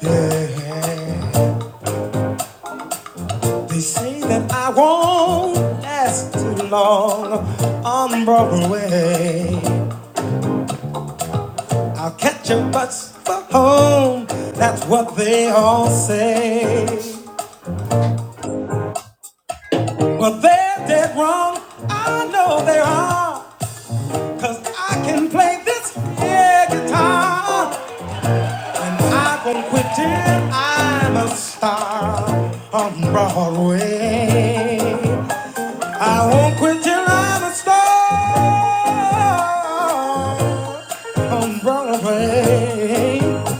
Yeah. They say that I won't last too long on Broadway. I'll catch a bus for home. That's what they all say. Well, they're dead wrong. I know they are, 'cause I can play this here guitar. I won't quit till I'm a star on Broadway. I won't quit till I'm a star on Broadway.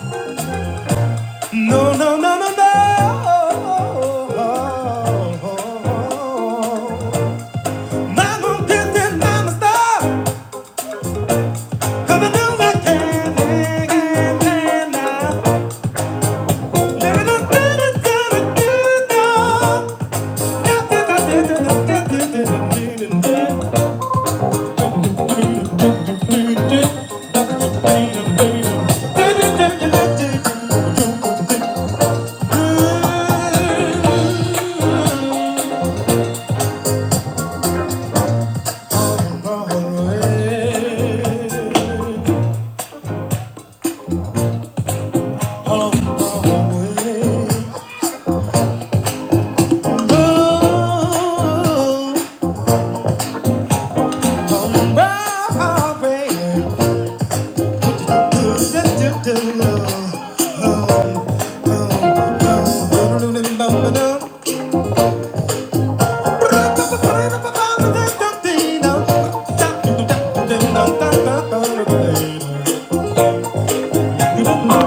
No, no, no, no, no. Mama did it, mama star. 'Cause I know I can, can, can, can now. Living on better, gonna do it now. Do Thank you. Thank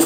you.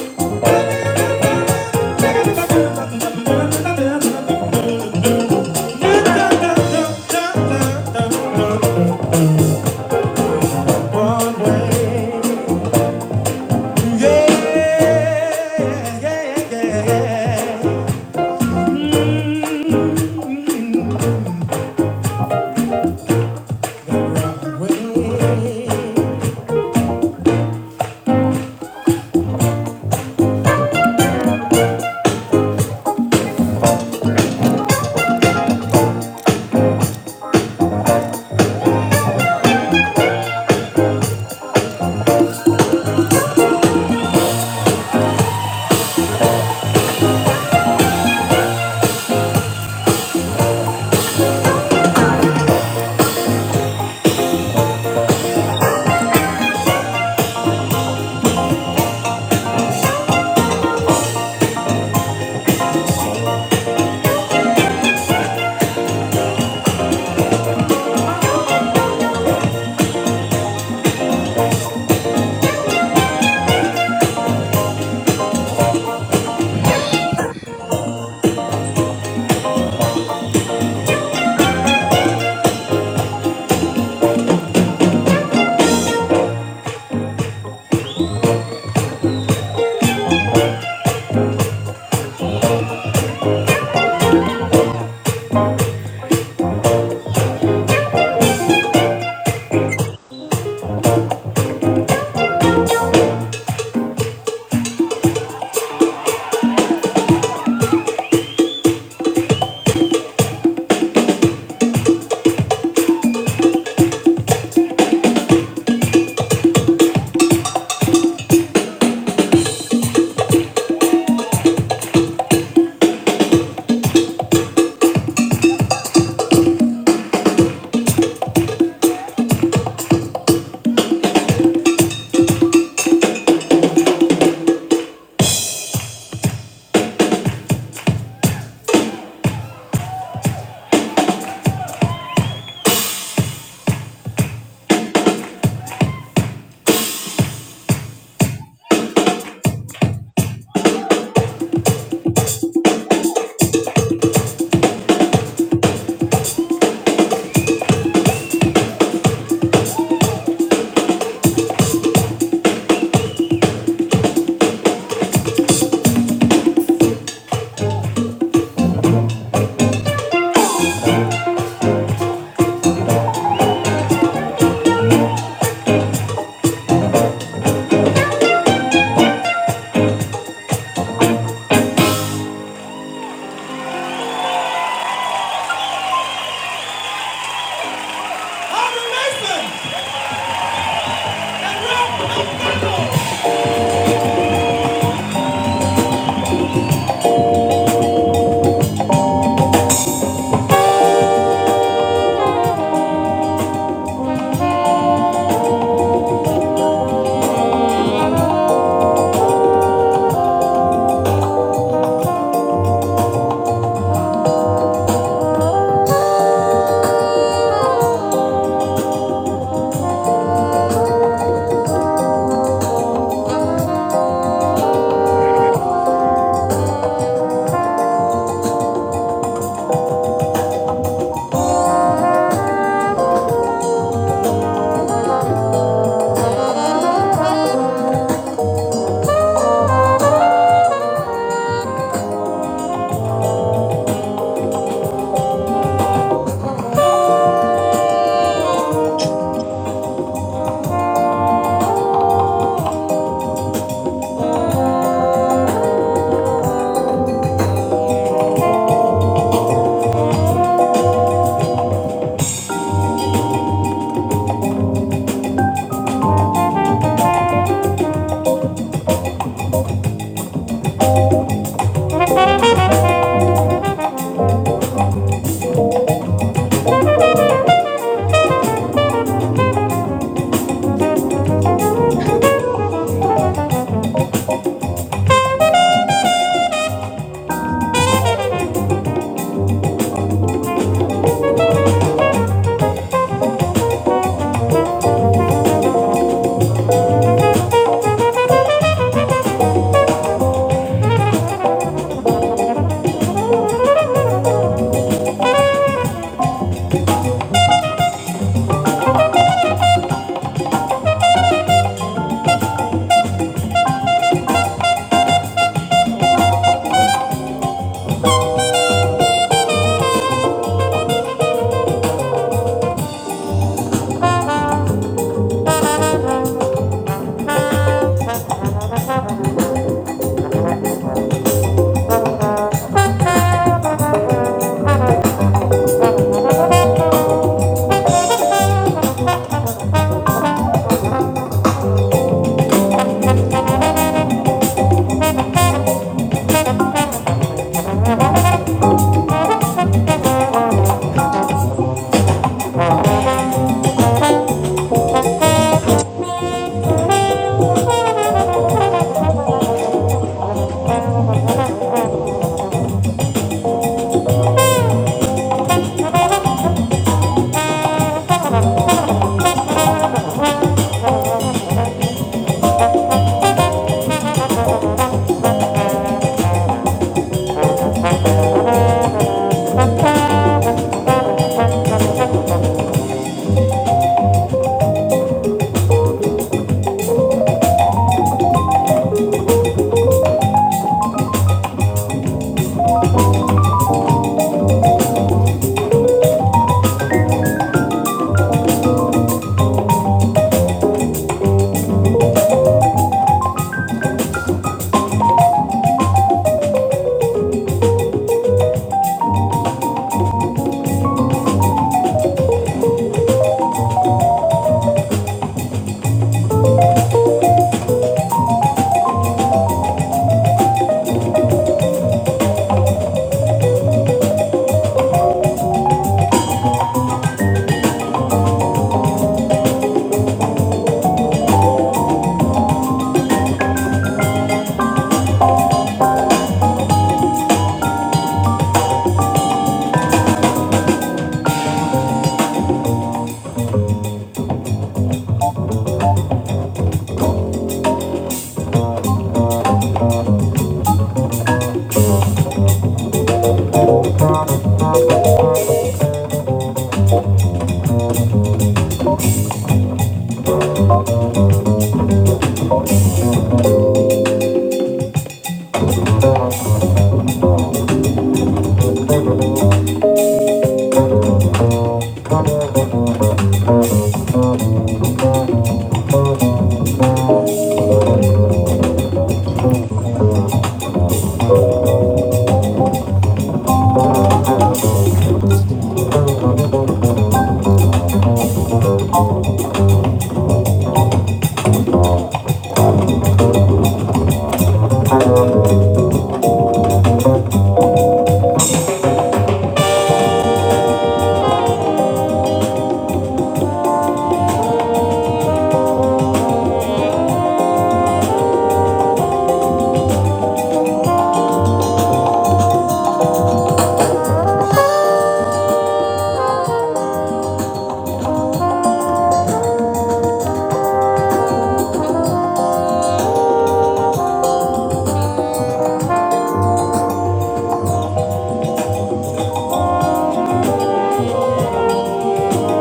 blueberries.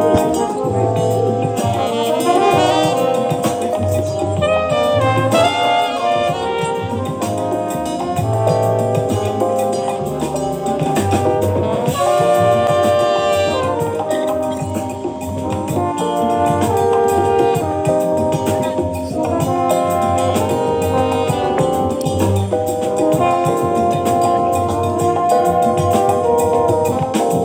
Mhm.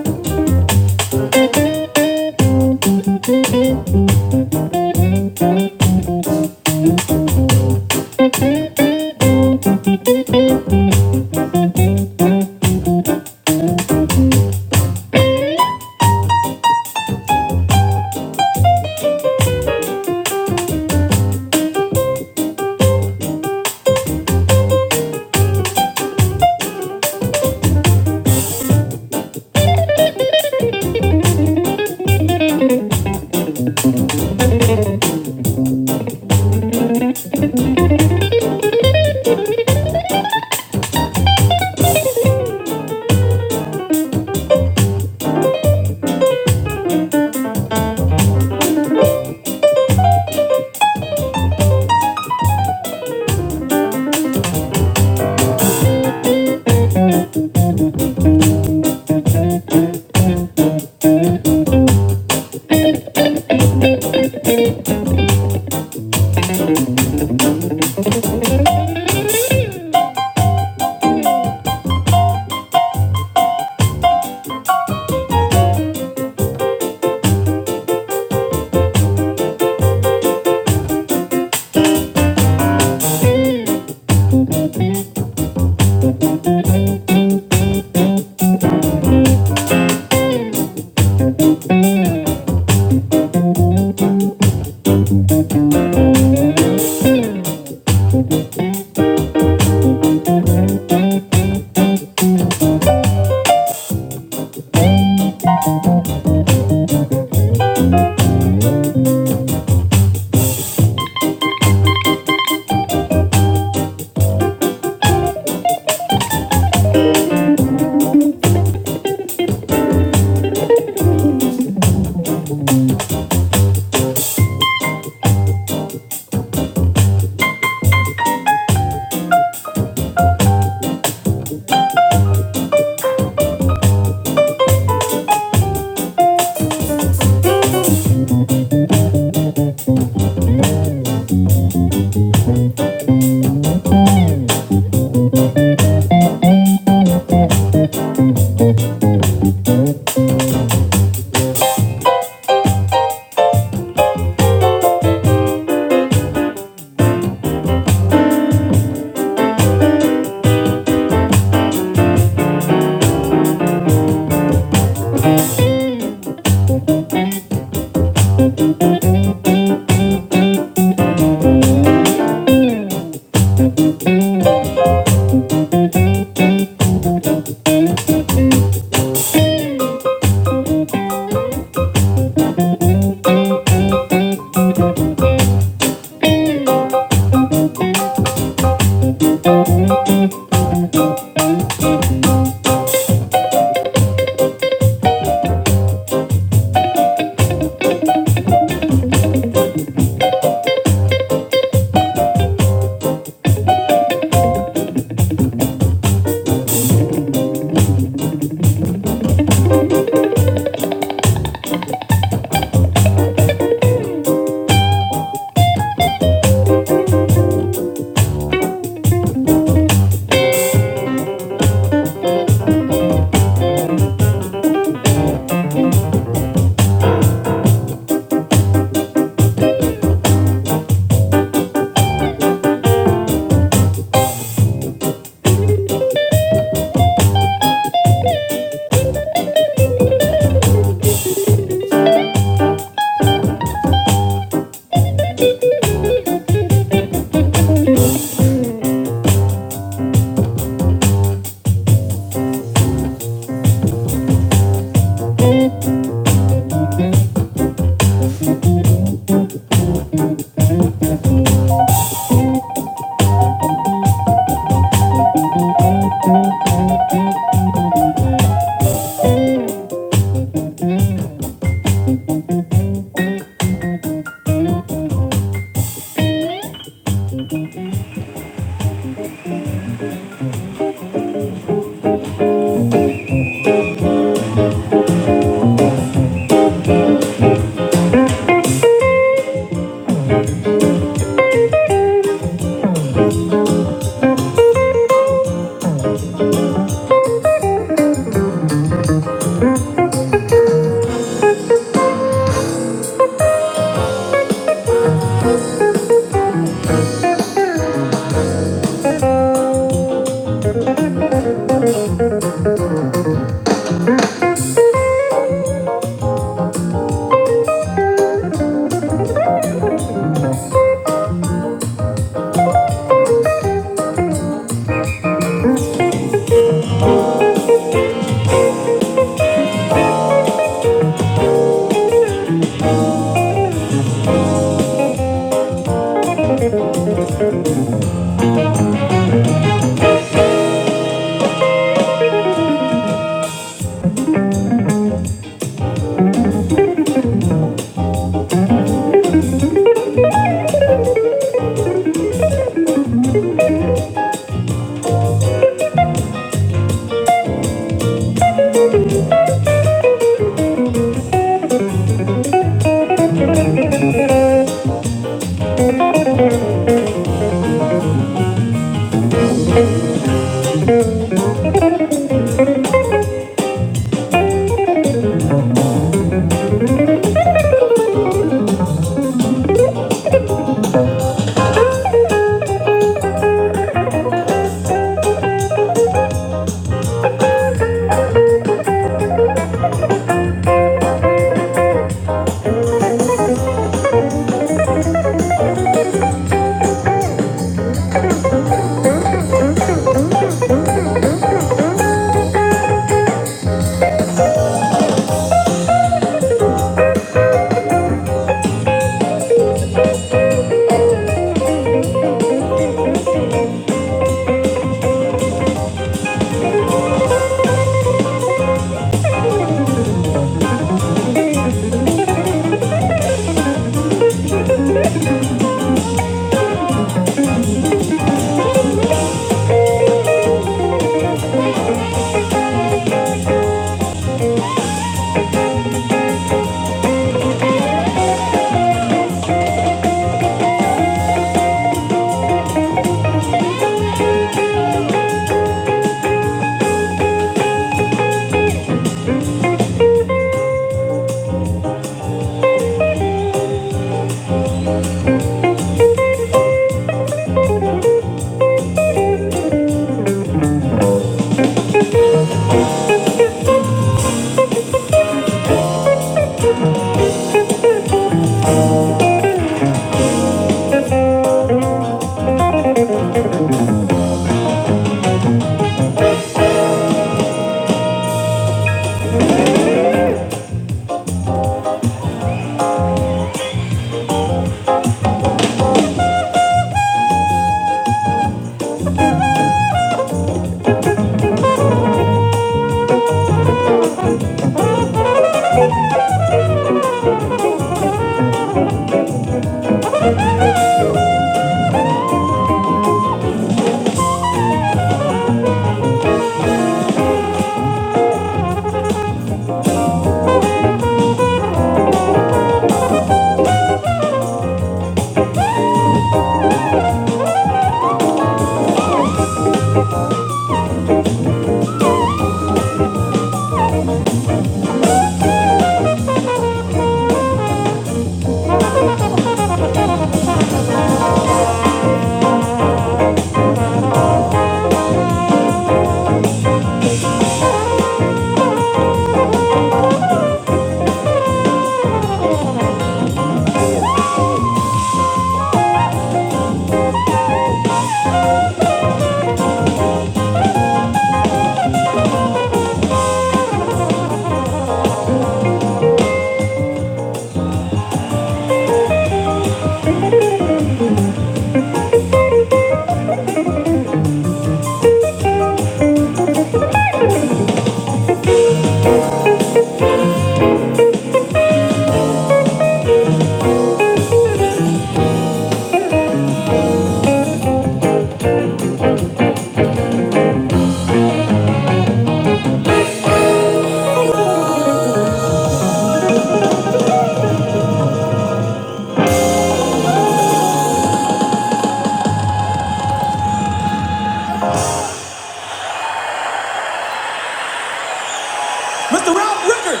Mr. Ralph Rickard!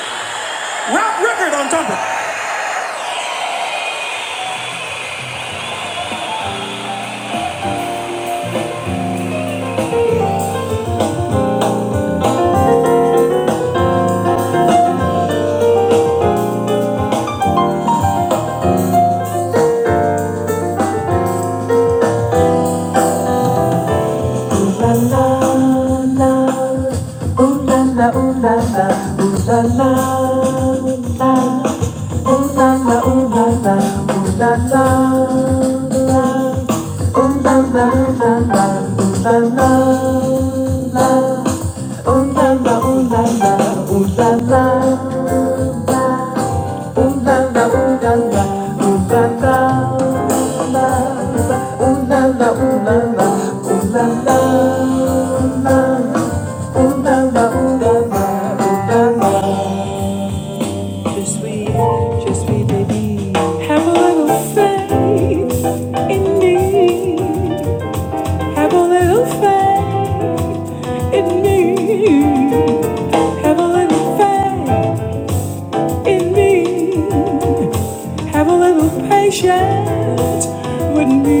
Ralph Rickard on trumpet! Have a little patience with me.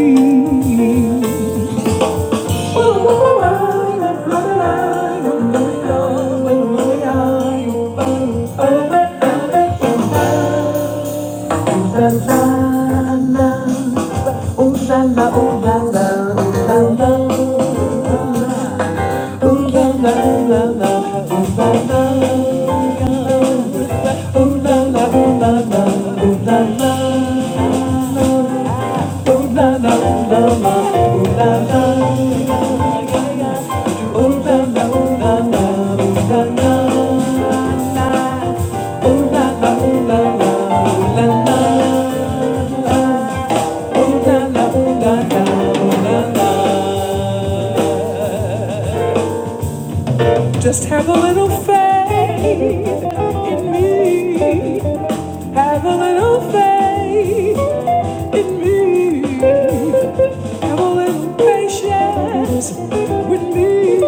Just have a little faith in me. Have a little faith in me. Have a little patience with me.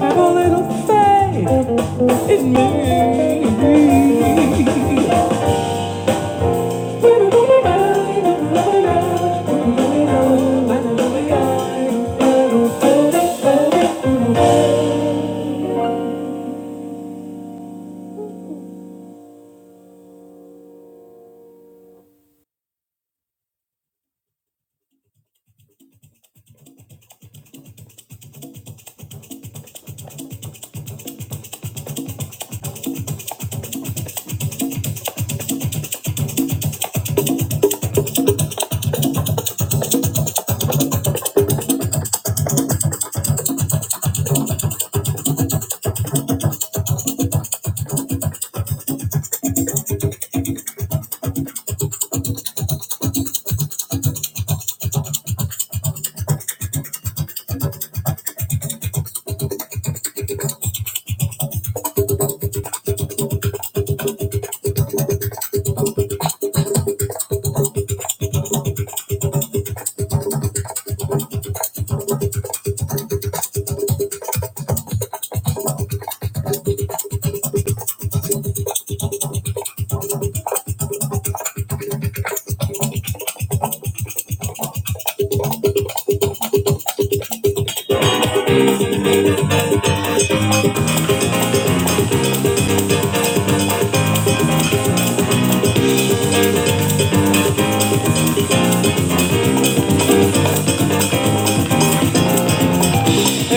Have a little faith in me.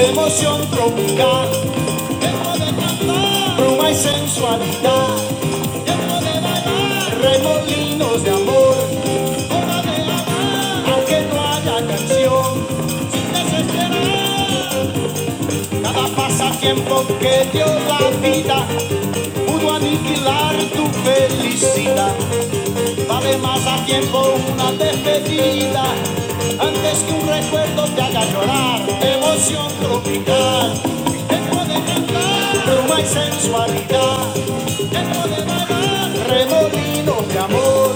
Emoción tropical. Bruma y sensualidad, remolinos de amor, aunque no haya canción. Cada pasatiempo que dio la vida pudo aniquilar tu felicidad. Vale más a tiempo una despedida antes que un recuerdo te haga llorar. Emoción tropical, tiempo de cantar, bruma y sensualidad. Remolinos de amor,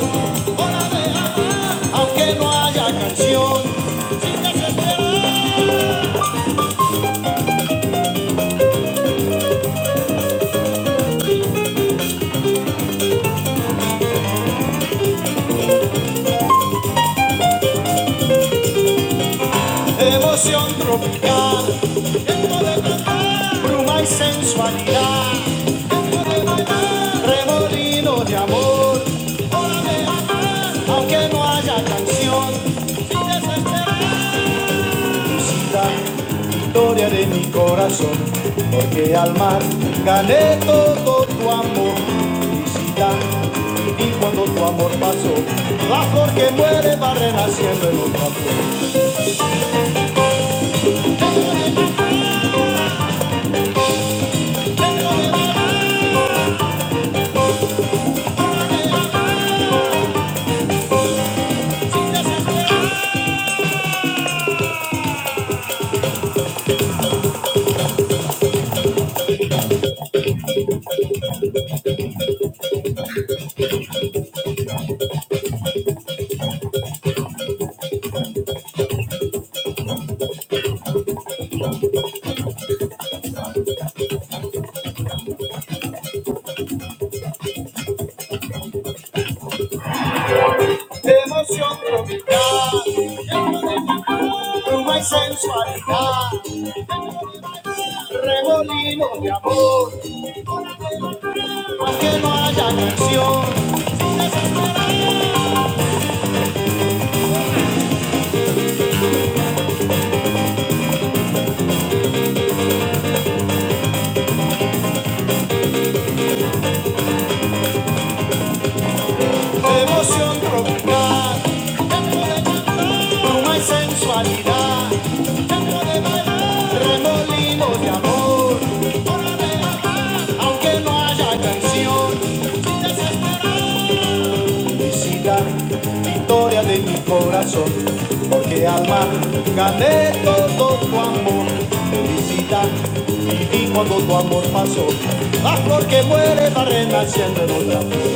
aunque no haya canción, emoción tropical, bruma y sensualidad. Remolinos de amor, aunque no haya canción, sin desesperar. Historia de mi corazón, porque al mar gané todo tu amor, felicidad. Y cuando tu amor pasó, la flor que muere va renaciendo en otra flor. emoción tropical, llama pluma y sensualidad, remolino de amor. Aunque no haya canción, Emoción tropical, tiempo de cantar, bruma y sensualidad, tiempo de bailar, remolino de amor, hora de amar, aunque no haya canción, sin desesperar. Felicidad, victoria de mi corazón, porque al mar gané todo tu amor. Felicidad, viví cuando tu amor pasó, la flor que muere va renaciendo en otra flor.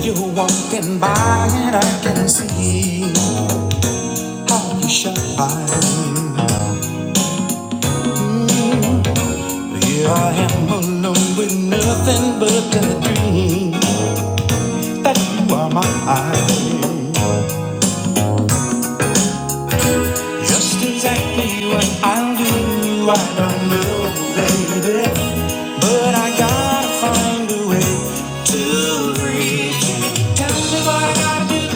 You're walking by and I can see how you shine. Here I am alone with nothing but a dream that you are mine. Just exactly what I'll do, I don't know, baby. But I gotta find a way to reach you. Tell me what I gotta do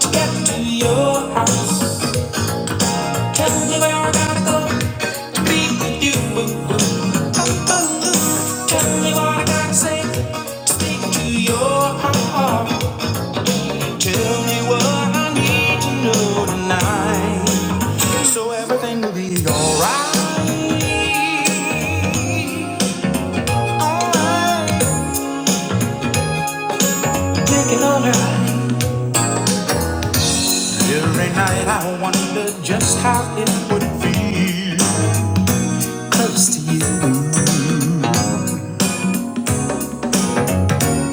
to get to your house. Tell me where I gotta go to be with you. Tell me what I gotta say to speak to your heart. Every night I wonder just how it would feel close to you.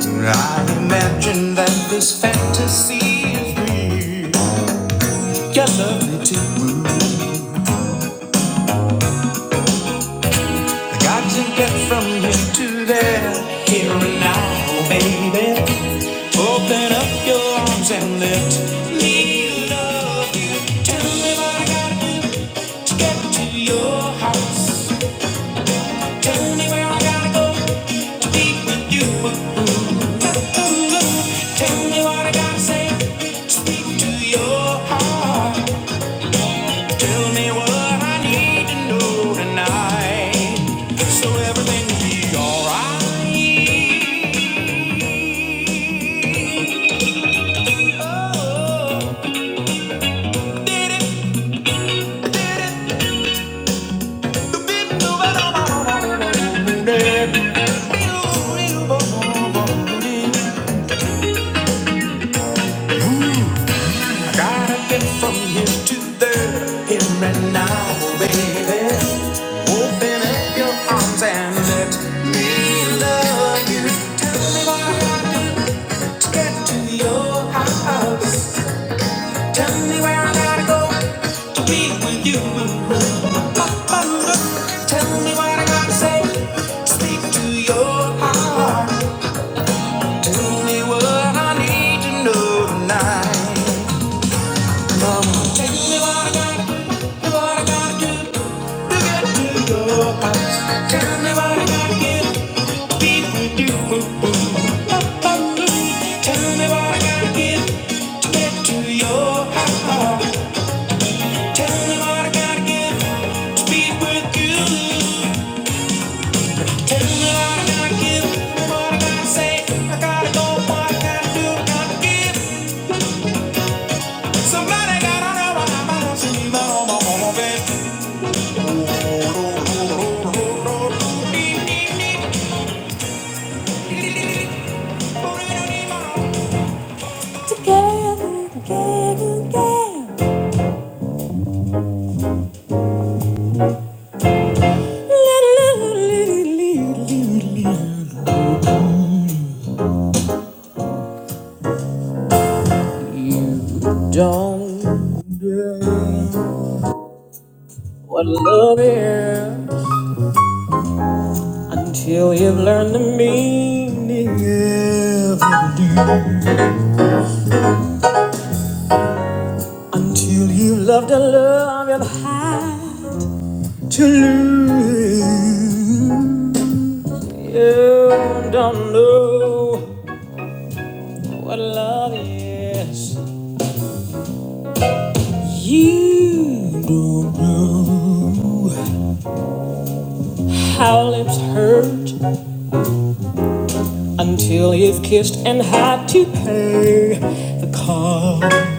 I imagine that this fantasy is real. Your love me too. I got to get from here to there, here and now, baby. Open up your arms and let me love you. Tell me Where I got to go to your house. Tell me where I gotta go with you. Tell me what I gotta say to your heart. Tell me what I need to know tonight, so everything will be alright. Oh, I did it, I did it, you didn't do it all. I gotta get from here to there, here and now, baby. Open up your arms and let me love you. Get to your house. Tell me where I gotta go to be with you. Tell me what I gotta say. Speak to your heart. Tell me what I need to know tonight. tell me what I gotta do. What I gotta do to get to your house. Tell me what I gotta get. Be with you. Tell me what I gotta give to get to your heart. Tell me what I gotta give to be with you. Tell me what I gotta give, what I gotta say. I gotta go, what I gotta do, gotta give. Somebody You don't what love is. Until you've learned the meaning of the Until you have loved the love you've had to lose. You don't know what love is. You don't know how lips hurt until you've kissed and had to pay the cost.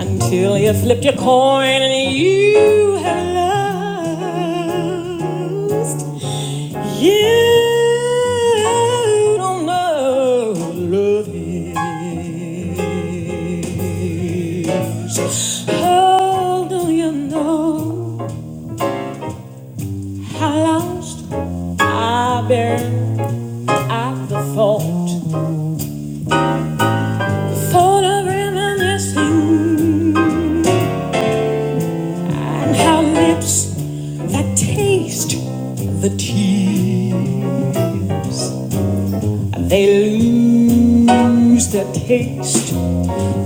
Until you flipped your coin and you have lost. You don't know what love is. Oh, do you know how lost I've been at the thought? The thought of reminiscing and how lips that taste the tears. They lose their taste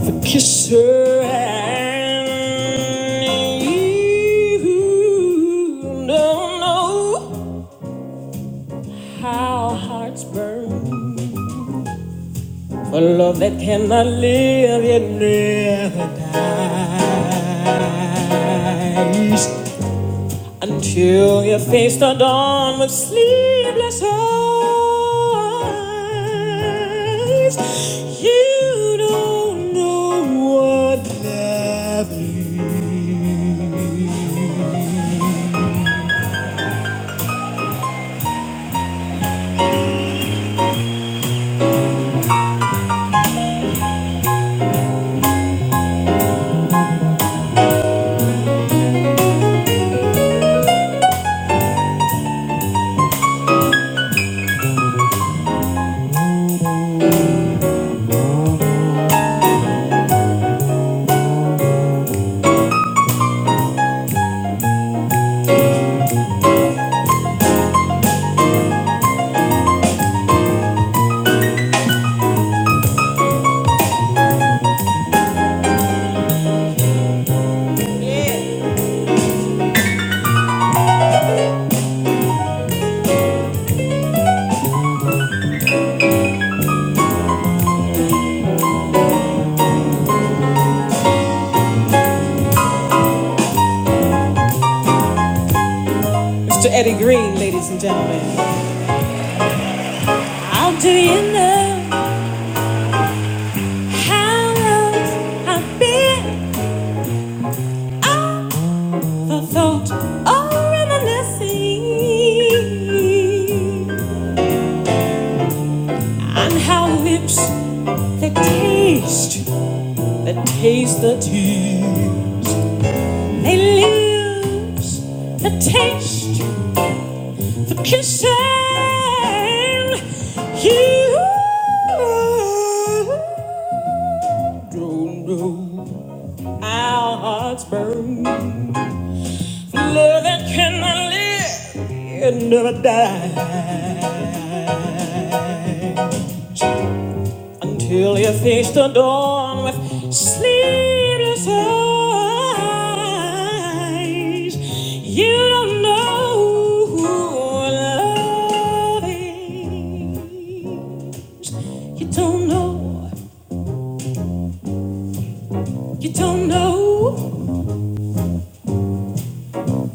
for kisser. And you don't know how hearts burn for love that cannot live yet never dies. Until you face the dawn with sleepless eyes, you don't know what love is. Mr. Eddie Green, ladies and gentlemen. How do you know how long I've been off the or reminiscing? And how lips that taste that taste the tea. They lose the taste for kissing you. Don't know our hearts burn. Love that cannot live and never die. until you face the dawn with sleepless eyes. You don't know who love is. You don't know. You don't know.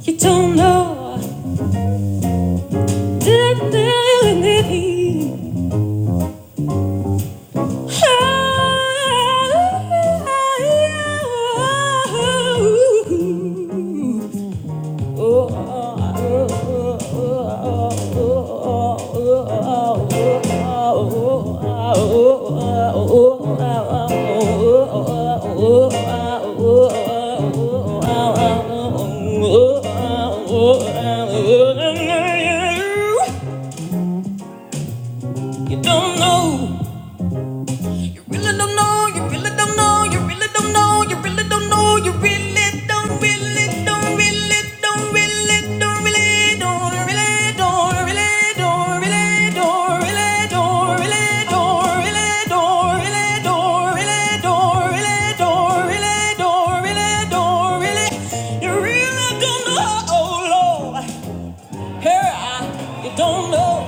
You don't know. You don't know Really don't know, you really don't know, you really don't know, you really don't know, you really don't, really don't, really don't, really don't, really don't, really don't, really don't, really don't, really don't, really don't, really don't, really don't, really don't, really don't, really don't, really don't, really. You really don't know, oh Lord, here I, you don't know.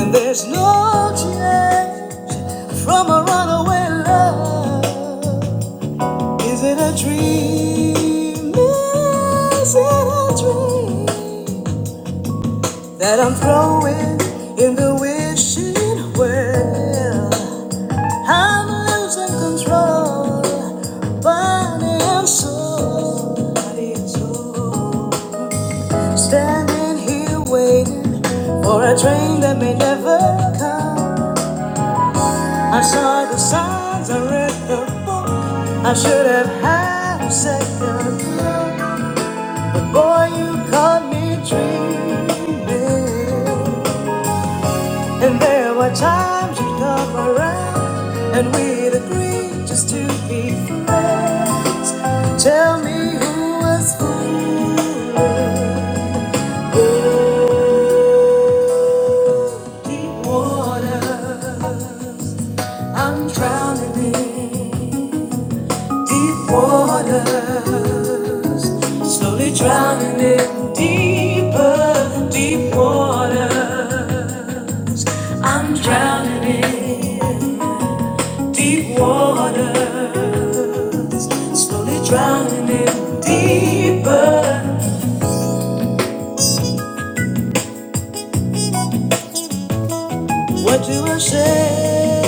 And there's no change from a runaway love. Is it a dream? Is it a dream that I'm throwing in the wishing well? I'm losing control, body and soul. Body Could have had, so you caught me dreaming. There were times you took my Tell me who was fooling. Ooh, deep water. I'm drowning in deep waters. Slowly drowning in deeper, deep water. I'm drowning in deep waters. Slowly drowning in deeper. What do I say?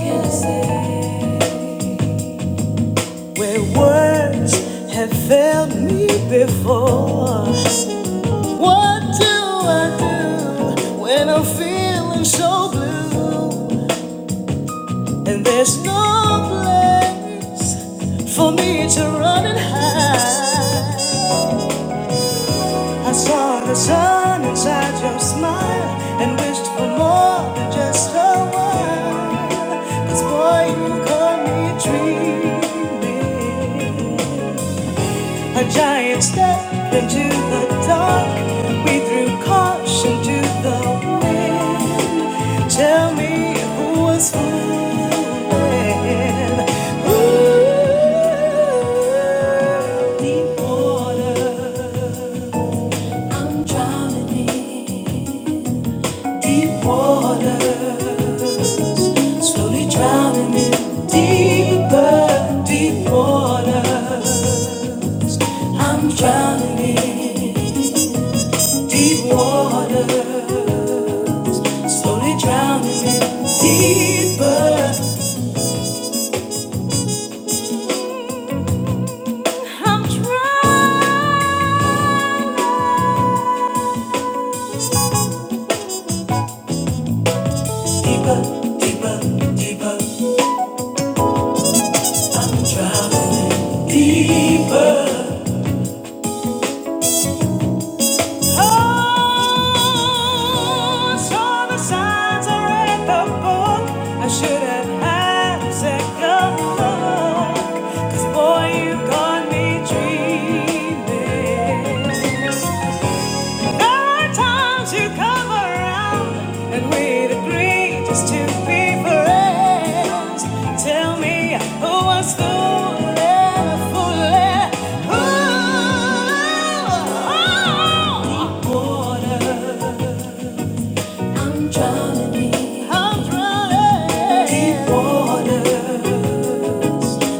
Can I say? Where words have failed me before. What do I do when I'm feeling so blue? And there's no place I, I saw under your smile and wished for more than just a while. 'Cause boy, you got me dreaming. A giant step into the dark. We threw caution to the wind. Tell me who was fooling. Ooh, deep water. I'm drowning in. Deep waters, slowly drowning in deeper, deep waters. I'm drowning in deep waters, slowly drowning in deeper. I'm drowning deeper, deeper, deeper. I'm drowning in deep. Oh, saw the signs, I read the book. I should have had a second look. 'Cause boy, you got me dreaming. There are times you come around and we agree just to be friends. Tell me who was fooling, fooling, Deep water, I'm drowning in. Deep water,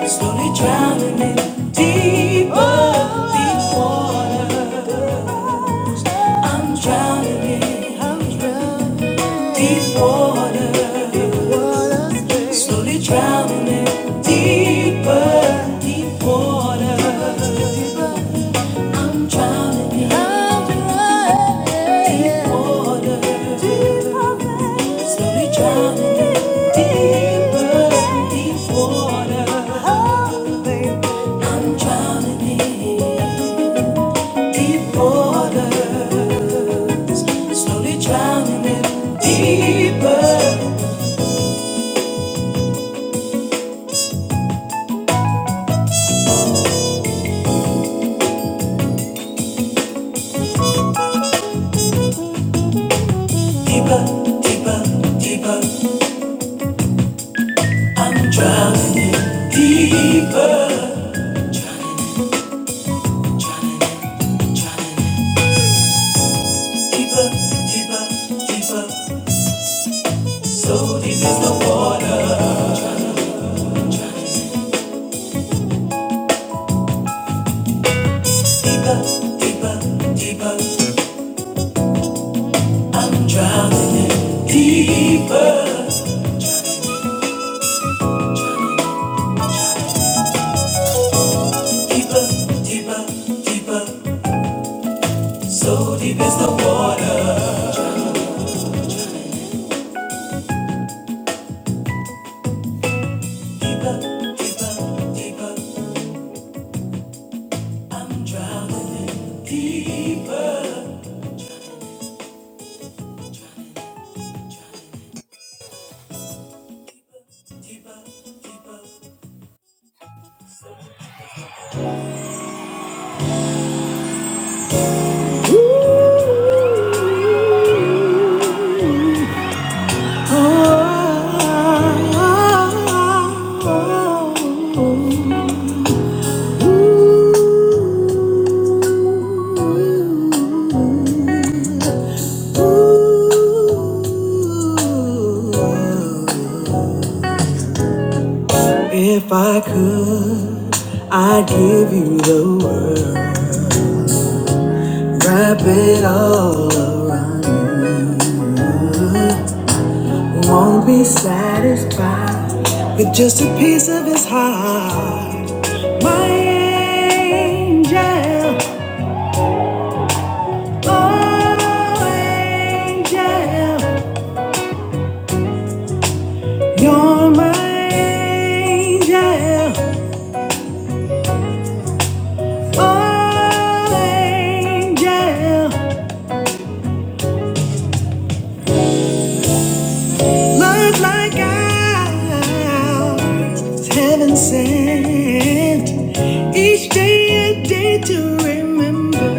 slowly drowning in. Deep, oh, deep water. I'm drowning in deep water, slowly drowning deeper, deep water. I'm drowning in deep water, slowly drowning deeper, deep water. I'm drowning in. Deep waters, slowly drowning in deeper, deeper, deeper, deeper. I'm drowning in deeper, drowning, in, drowning, in, drowning in deeper, deeper, deeper. So deep is the water, I'm drowning, in deeper, deeper, deeper. I'm drowning in deeper. Drowning in, drowning in, drowning in. Deeper, deeper, deeper, so deep is the water. If I could, I'd give you the world. Wrap it all around. Won't be satisfied with just a piece of his heart. My angel, oh angel, You're my angel, oh angel. Love like ours, heaven sent. Each day a day to remember.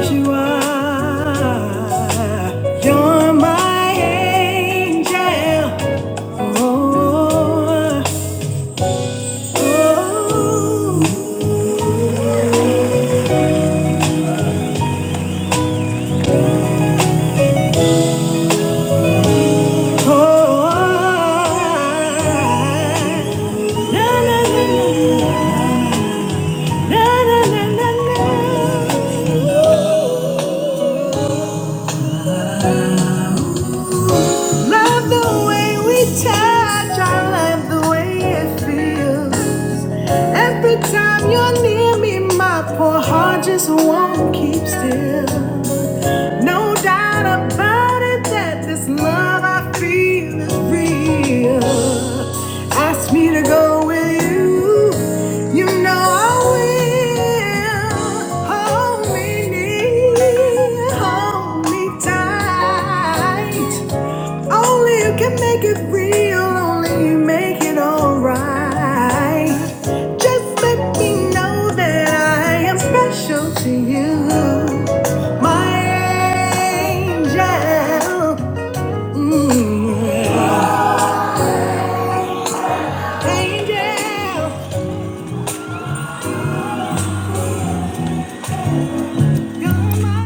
You are. Oh, la la la la la la la la. la. Love the way we touch. I love the way it feels. Every time you're near me, my poor heart just won't keep still. No doubt about it that this love I feel is real. Ask me to go with you. You know I will. Hold me near, hold me tight. Only you can make it real, only you make it alright. Just let me know that I am special to you, my angel. Mm, yeah. angel, you're my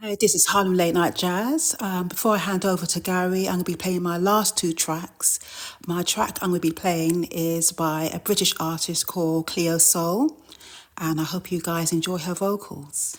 Hey, this is Harlem Late Night Jazz. Um, before I hand over to Gary, I'm going to be playing my last two tracks. My track I'm going to be playing is by a British artist called Cleo Soul, and I hope you guys enjoy her vocals.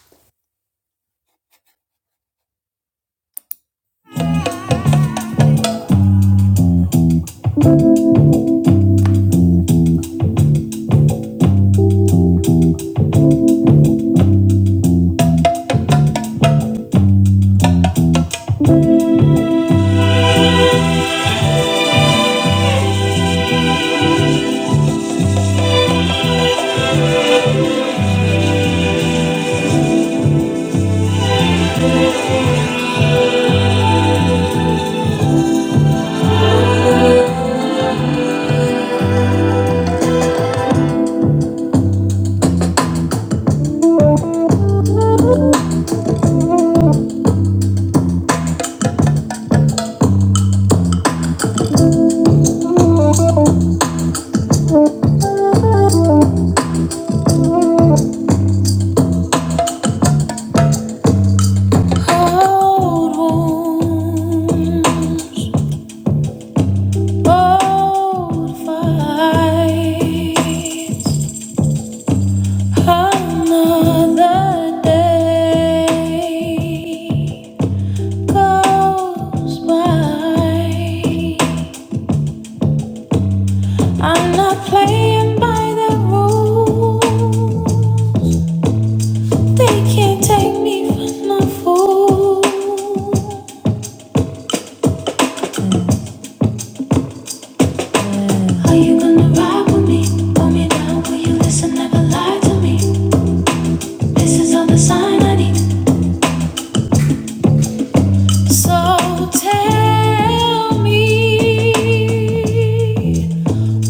Cold wounds, old fights, another day goes by. I'm not playing by the rules. They can't take me for no fool. Are you gonna ride with me? Pull me down, will you listen? Never lie to me. This is all the sign I need. So tell me,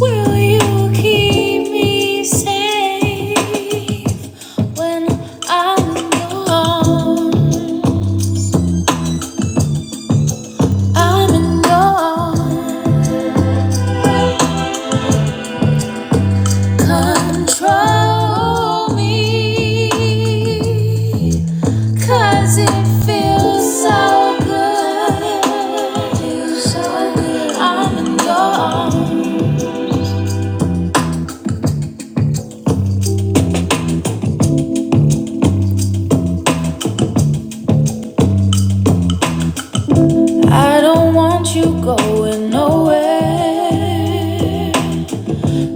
will you keep me safe when I'm gone? I'm in your arms. Control me, 'cause it feels so good. so I'm in your arms. I don't want you going nowhere.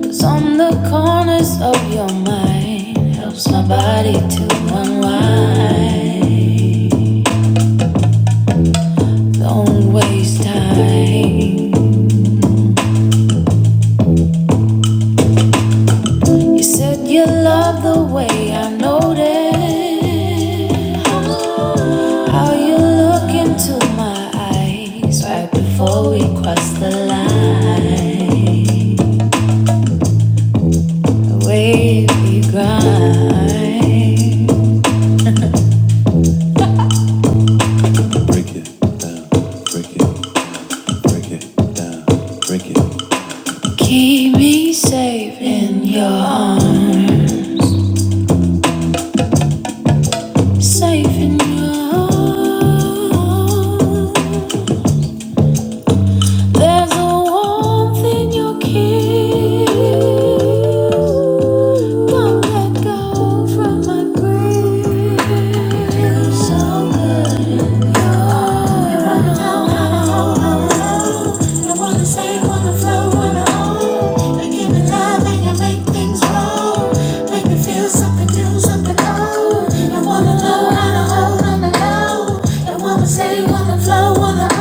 'Cause on the corners of your mind helps my body to unwind. Don't waste time. You said you love the way I noticed how you look into my eyes right before we cross the line. The way we grind, break it down, break it, break it down, break it. Keep me safe in your arms, safe in your arms. There's a warmth in your kiss. Don't let go from my grip. Feel so good in your arms. I wanna stay, wanna flow, wanna own. You're giving love and you make things grow. Make me feel something new, something old. I wanna know how to hold on to go. I wanna say, wanna flow, wanna own.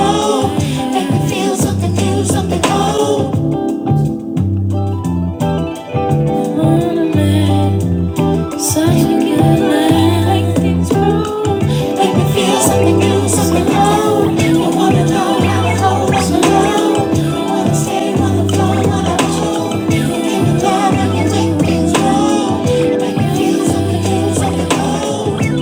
Make me feel something new, something old. Wanna make Such a good night. Make things wrong. Make me feel something new, something old. I wanna know how it all was alone. I wanna stay, wanna flow, wanna chill. In the dark, I can take things wrong. Make me feel something new, something old.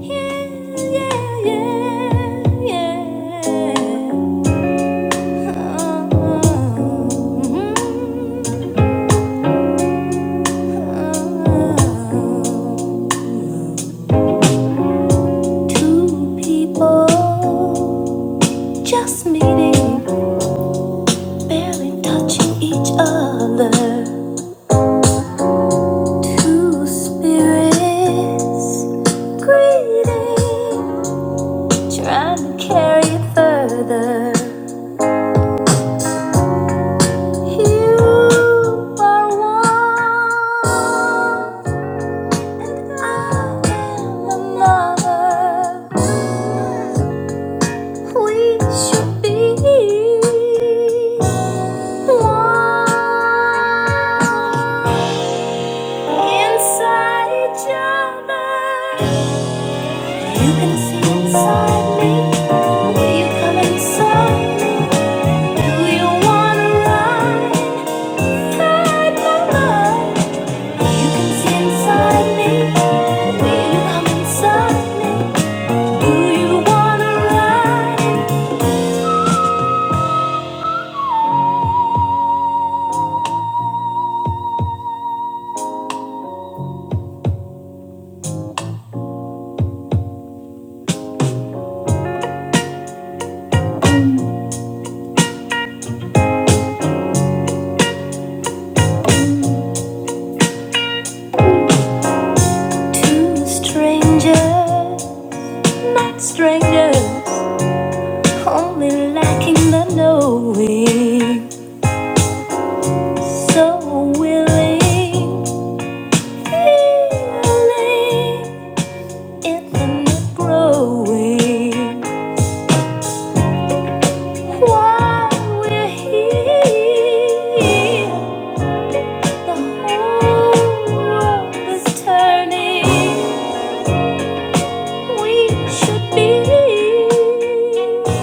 Yeah, yeah, yeah, yeah. yeah. oh, oh, oh. oh. Two people just meeting, barely touching each other. Two spirits greeting, trying to carry it further. You are one, and I am another. we should be one inside each other. You can see inside me. Will you come inside? Do you wanna ride? Inside my mind. You can see inside me. Will you come inside me? Do you wanna ride? Two strangers, not strangers. Only lacking the knowing, so willing, feeling infinite growing. While we're here, the whole world is turning. We should be.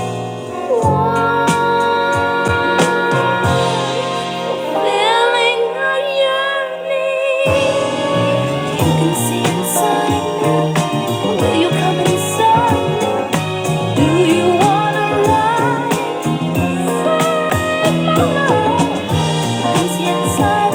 Inside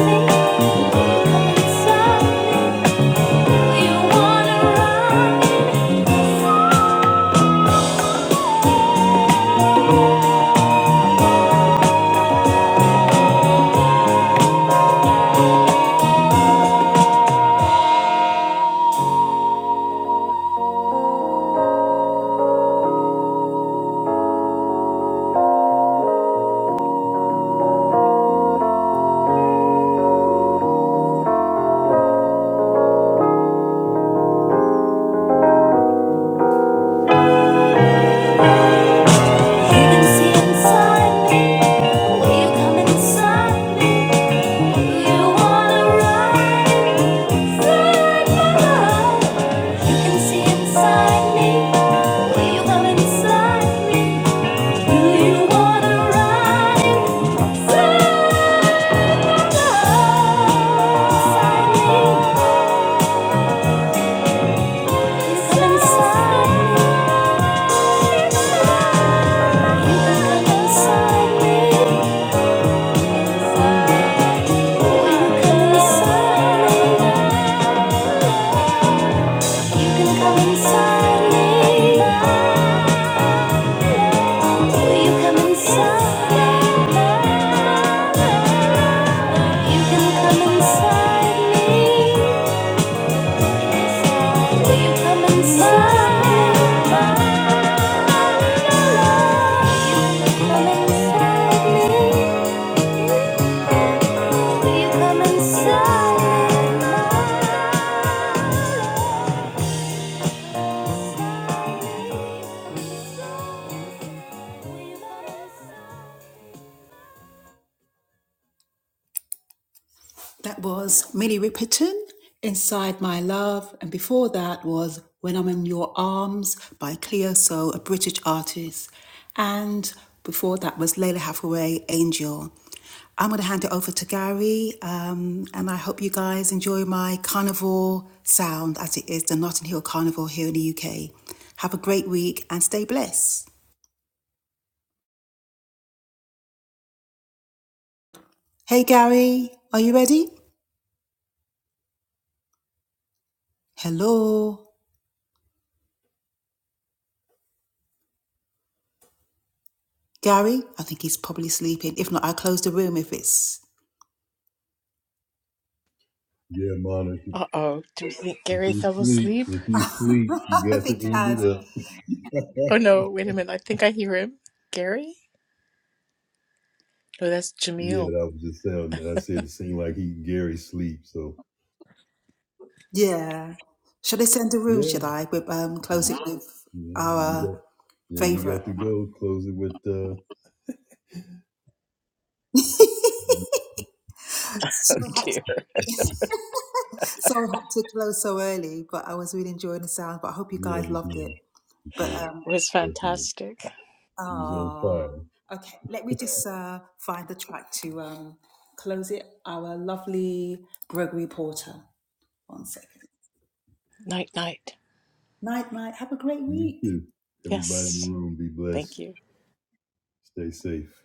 me, will you come inside? Inside me, will you come inside me? You can come inside me. Will you come inside me? You can come inside me. Will you come inside me? Will you come inside me? That was Minnie Riperton, Inside My Love, and before that was When I'm in Your Arms by Cleo So, a British artist. And before that was Layla Hathaway, Angel. I'm going to hand it over to Gary, um, and I hope you guys enjoy my carnival sound as it is the Notting Hill Carnival here in the UK. Have a great week and stay blessed. Hey Gary, are you ready? Hello. Gary, I think he's probably sleeping. If not, I'll close the room if it's. Yeah, Monica. Uh oh. Do we think If Gary he fell sleep, asleep? if he sleep, you I got to think he end it has. up. Oh no, wait a minute. I think I hear him. Gary? Oh, that's yeah, Jamil. that was just sounding. I said it seemed like he Gary sleep. So Yeah. Should I send the room, yeah, should I? With, um, close yeah, it with yeah, you our got, yeah, you favourite. got to go. Close it with. uh So Oh I had dear. so I had to close so early, but I was really enjoying the sound. But I hope you Yeah, it guys was loved it. nice. It But, was good, um, It was Definitely. fantastic. He was on oh, fire. okay. Let me just uh, find the track to um, close it. Our lovely Gregory Porter. One second. Night, night. Night, night. Have a great You week. too. Everybody in the Yes. room, be Thank blessed. you. Stay safe.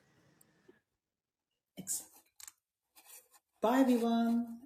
Ex- Bye, everyone.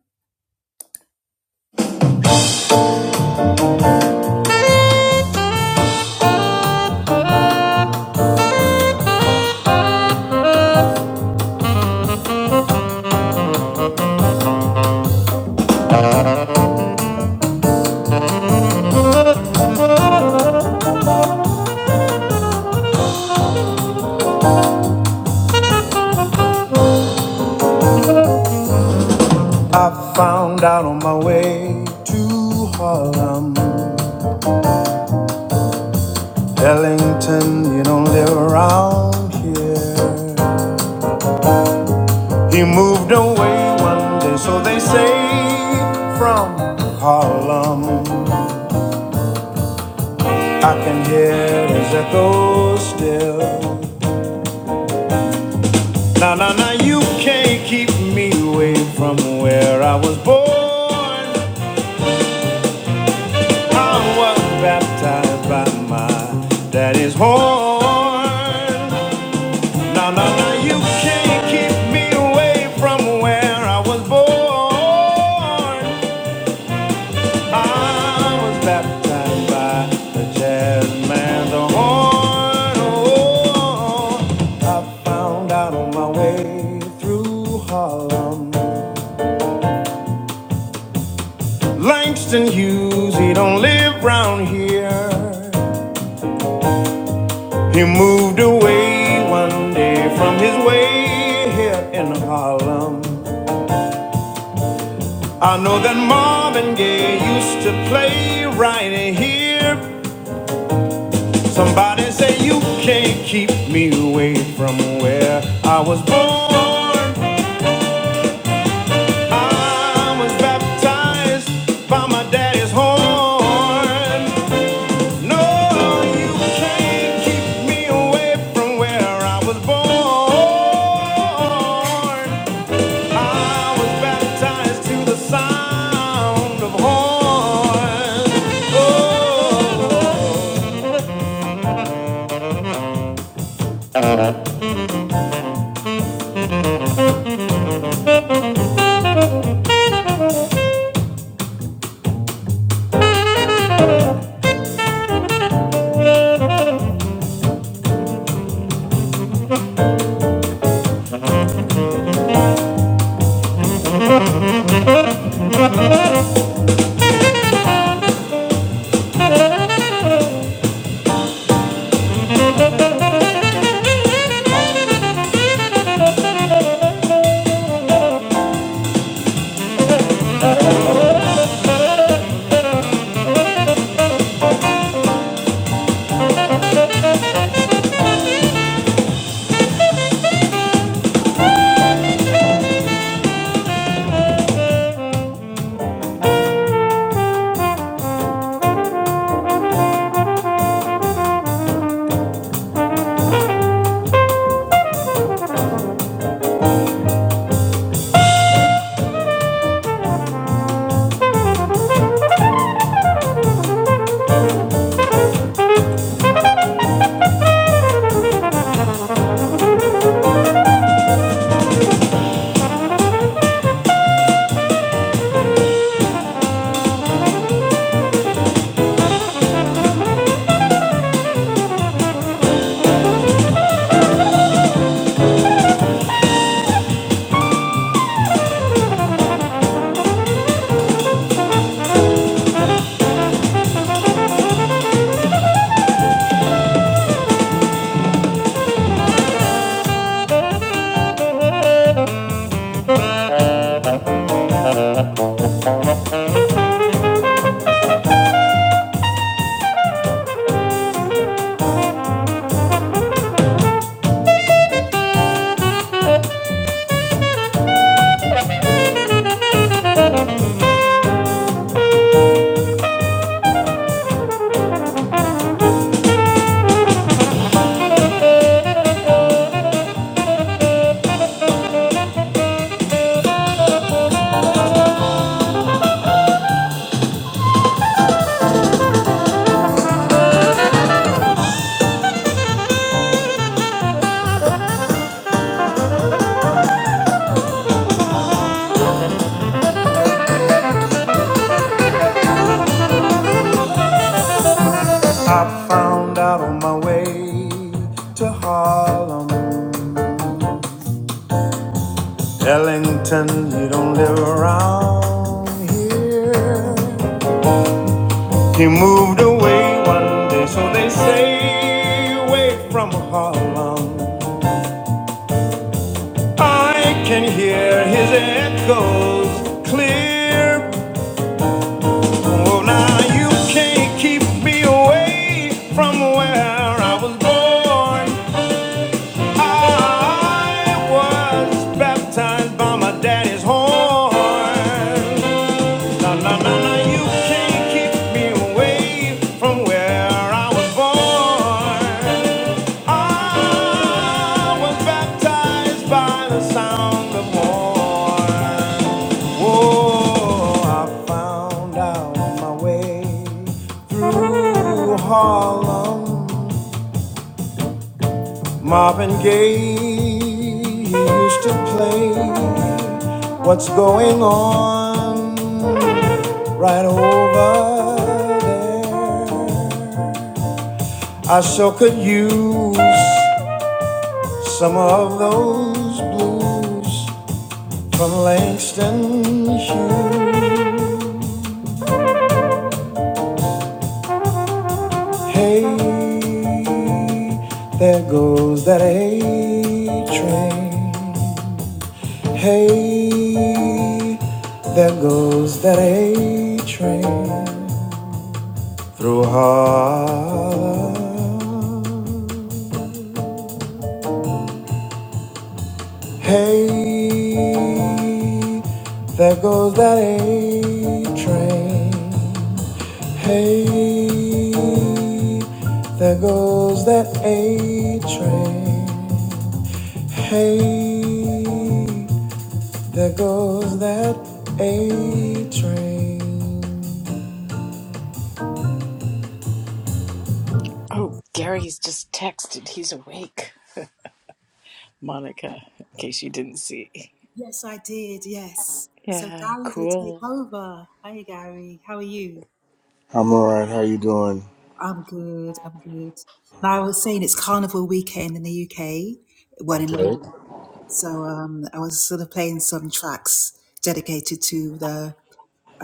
to Harlem, live around here. He moved away one day, so they say, from Harlem. I can hear his echo still. Now, now, now, you can't keep me away from where I was born. I was baptized by my daddy's horn. No, no, no, you can't keep me away from where I was born. I was baptized by the jazz man's horn. Oh, I found out on my way through Harlem. Langston Hughes, he don't live round here. He moved away one day from his way here in Harlem. I know that Marvin Gaye used to play right here. Somebody say you can't keep me away from where I was born. I was baptized by my daddy's horn. No, you can't keep me away from where I was born. I was baptized to the sound of horns. Oh, I found out on my way to Harlem. Ellington, you don't live around here. He moved away one day, so they say, away from Harlem. I can hear his echoes clear Oh, now you can't keep me away from where I was born. I was baptized by my daddy's horn. No, no, no, no, you can't keep me away from where I was born. I was baptized by the sound of horn. Oh, I found out on my way. Ooh, Harlem, Marvin Gaye he used to play. What's going on right over there? I sure could use some of those blues from Langston Hughes. Hey, there goes that A train. Hey, there goes that A train through Harlem. Hey, there goes that A train. Hey, there goes that A train. Hey, there goes that A train. Oh, Gary's just texted. He's awake. Monica, in case you didn't see. Yes, I did. Yes. So Yeah, Gary's going to take cool. over. Hi, Gary. How are you? I'm all right. How you doing? I'm good. I'm good. Now, I was saying it's Carnival weekend in the UK, one in Okay. London. So um, I was sort of playing some tracks dedicated to the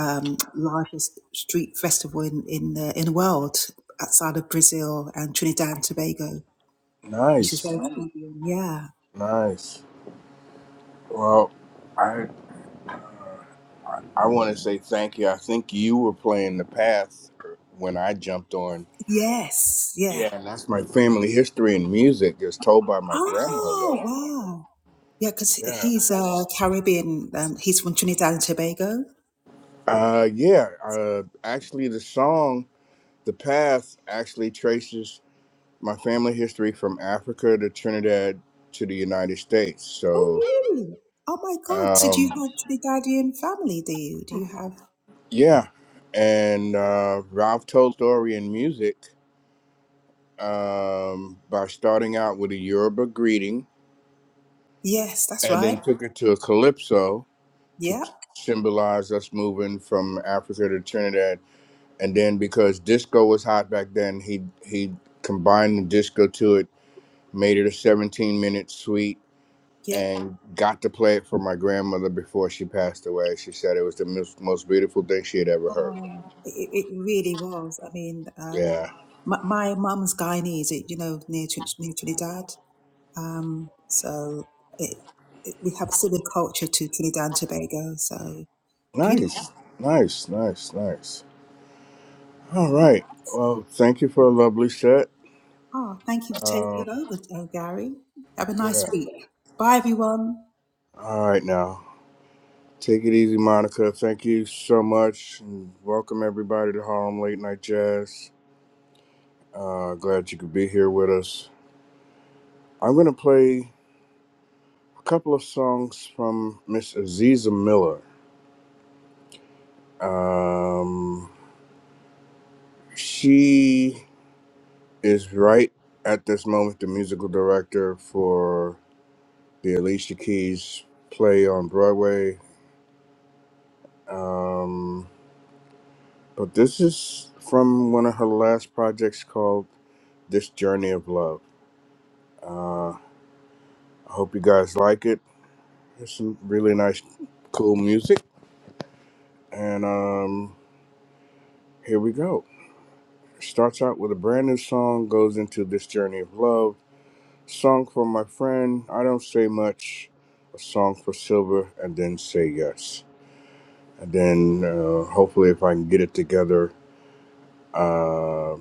um, largest street festival in, in, the, in the world outside of Brazil and Trinidad and Tobago, which is very, Nice. Oh. yeah. Nice. Well, I I want to say thank you. I think you were playing the path when I jumped on. Yes. Yeah. Yeah, and that's my family history and music is told by my Oh, grandmother. wow. Yeah, because Yeah. he's uh, Caribbean. Um, he's from Trinidad and Tobago. Uh, yeah. Uh, actually, the song "The Path" actually traces my family history from Africa to Trinidad to the United States. Oh, So, really? Oh my God! So do you um, have Trinidadian family? Do you? Do you have? Yeah, and uh, Ralph told story in music um, by starting out with a Yoruba greeting, Yes, that's and then right. took it to a calypso to Yeah, t- symbolize us moving from Africa to Trinidad. And then because disco was hot back then, he he combined the disco to it, made it a 17 minute suite. yeah. And got to play it for my grandmother before she passed away. She said it was the most, most beautiful thing she had ever heard. It, it it really was. I mean, um, Yeah. my my mum's Guyanese. It, you know, near Trin- near Trinidad. Um, so it, it, we have similar culture to Trinidad and Tobago. So beautiful. Nice, nice, nice, nice. All right. Well, thank you for a lovely set. Oh, thank you for Um, taking over, uh, Gary. Have a nice yeah. week. Bye, everyone. All right now. Take it easy, Monica. Thank you so much. And welcome everybody to Harlem Late Night Jazz. Uh, glad you could be here with us. I'm going to play a couple of songs from Miss Aziza Miller. Um, she is right at this moment the musical director for the Alicia Keys play on Broadway. Um, but this is from one of her last projects called This Journey of Love. Uh, I hope you guys like it. There's some really nice, cool music. And um, here we go. Starts out with a brand new song, goes into This Journey of Love. Song for my friend, I Don't Say Much. A song for Silver, and then Say Yes. And then uh, hopefully, if I can get it together uh,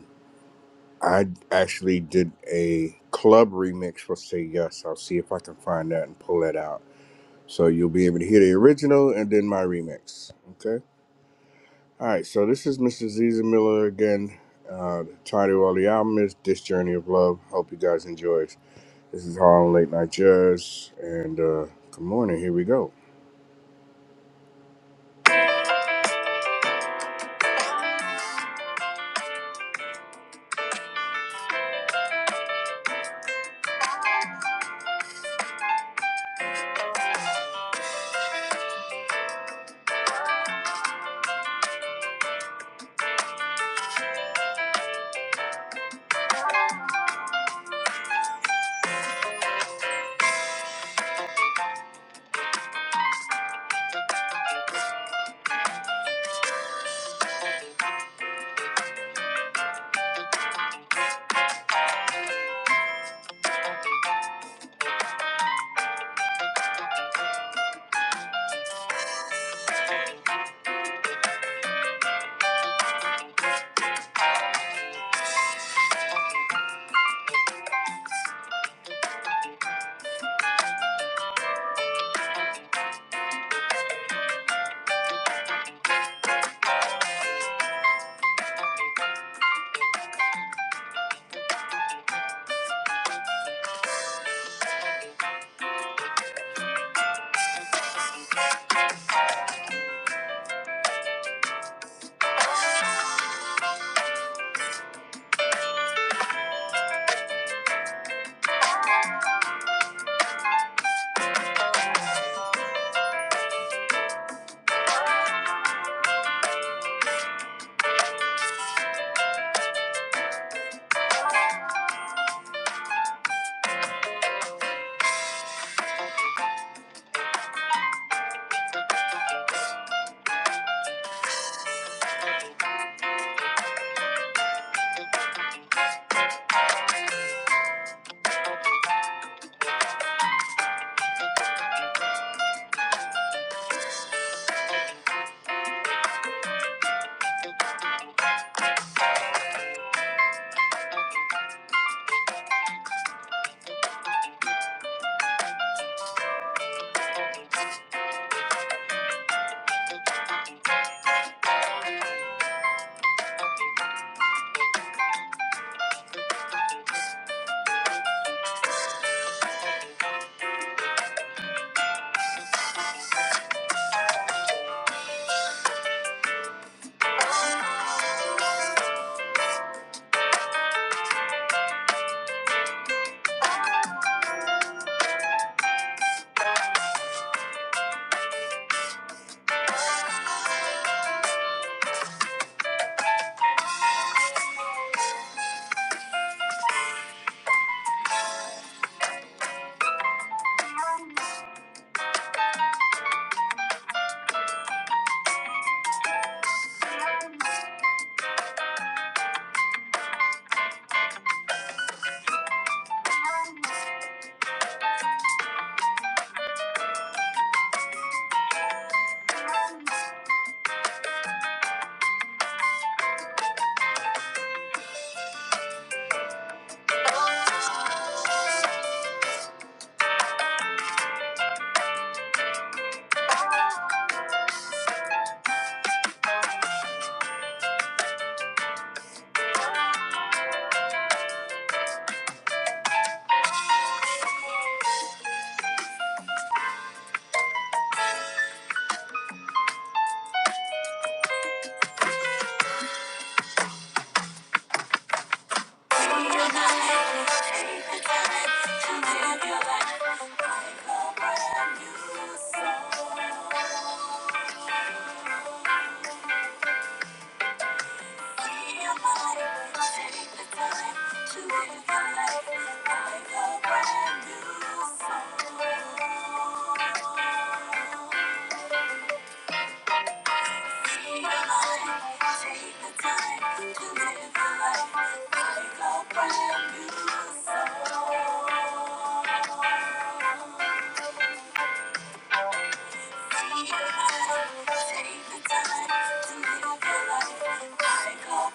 I actually did a club remix for Say Yes. I'll see if I can find that and pull that out. So you'll be able to hear the original and then my remix. Okay. All right. So this is Mr. Ziza Miller again. Uh, the title of the album is This Journey of Love. Hope you guys enjoy it. This is Harlem Late Night Jazz. And uh, good morning. Here we go.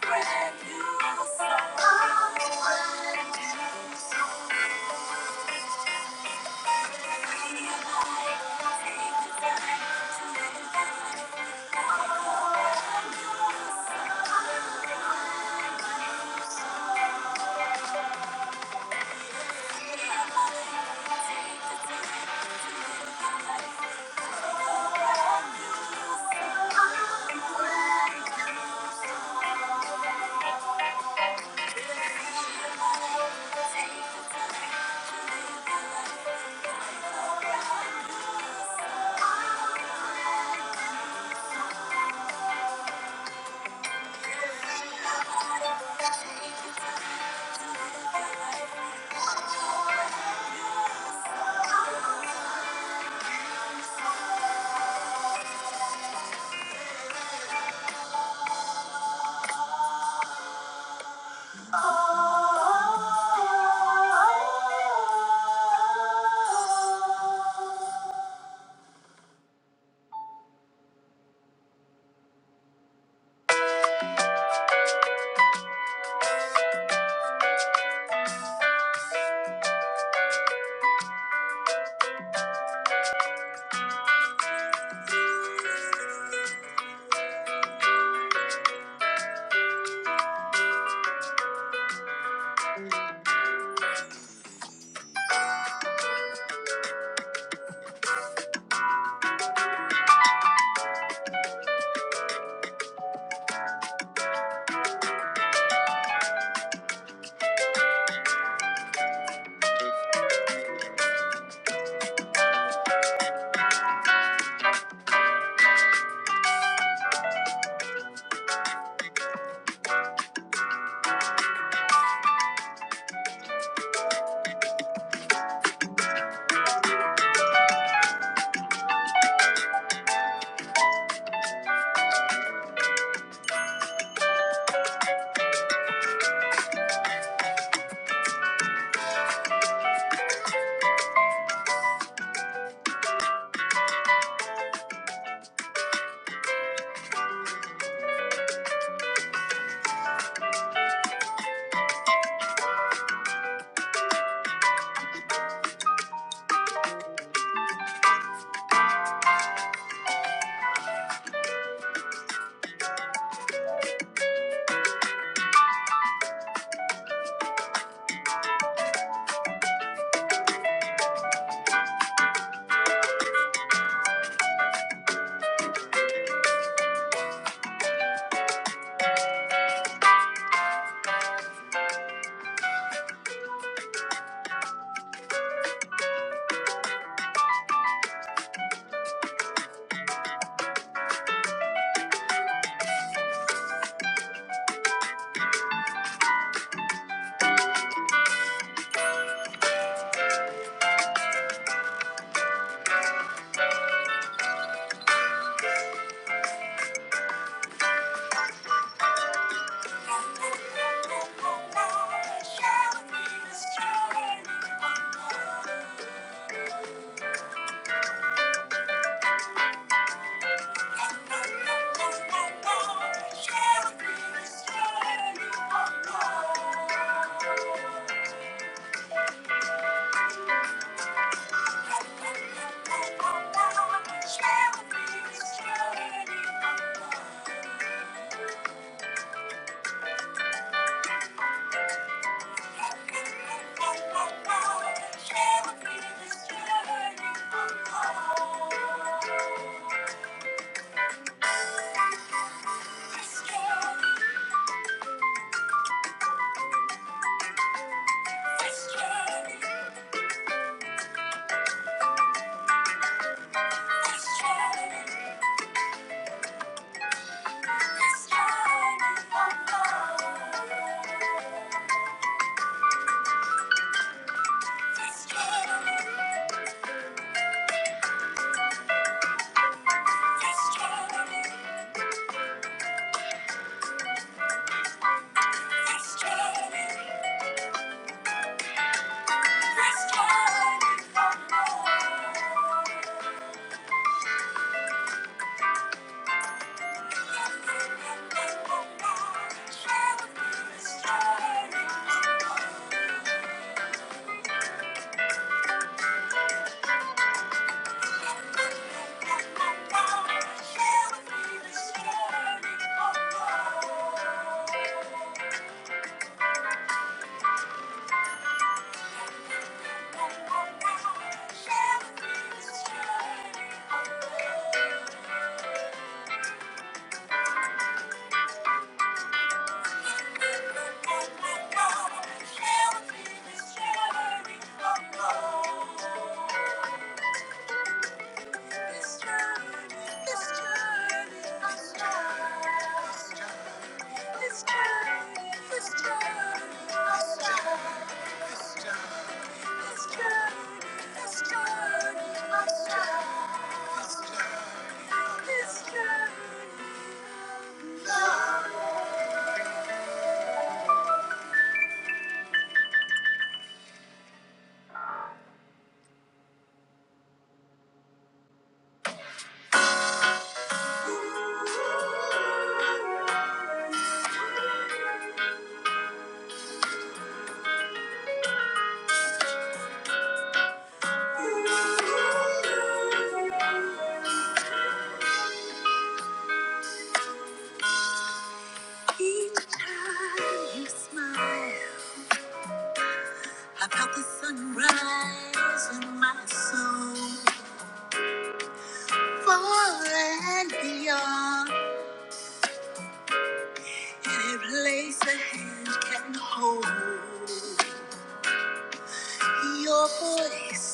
Brand new song. Thank you. this journey, This Thank you. Shall be this Oh, This journey, this journey, this journey, this journey, this journey, this journey, this journey, this journey, this journey. Love. Each time you smile, I felt the sunrise in my soul. Far and beyond, any place a hand can hold. Your voice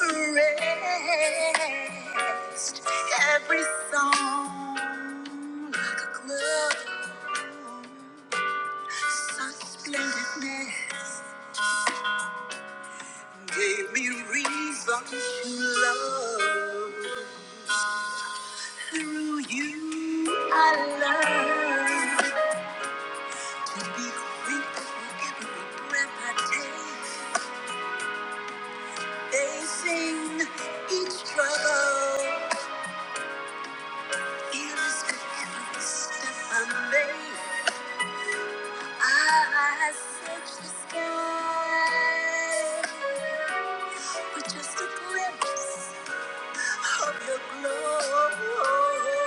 caressed every song like a glove. Such splendidness. Gave me reason to love. Through you, I learned to be grateful every breath I take. Facing each struggle, fearless with every step I make. I search the sky with just a glimpse. of your glory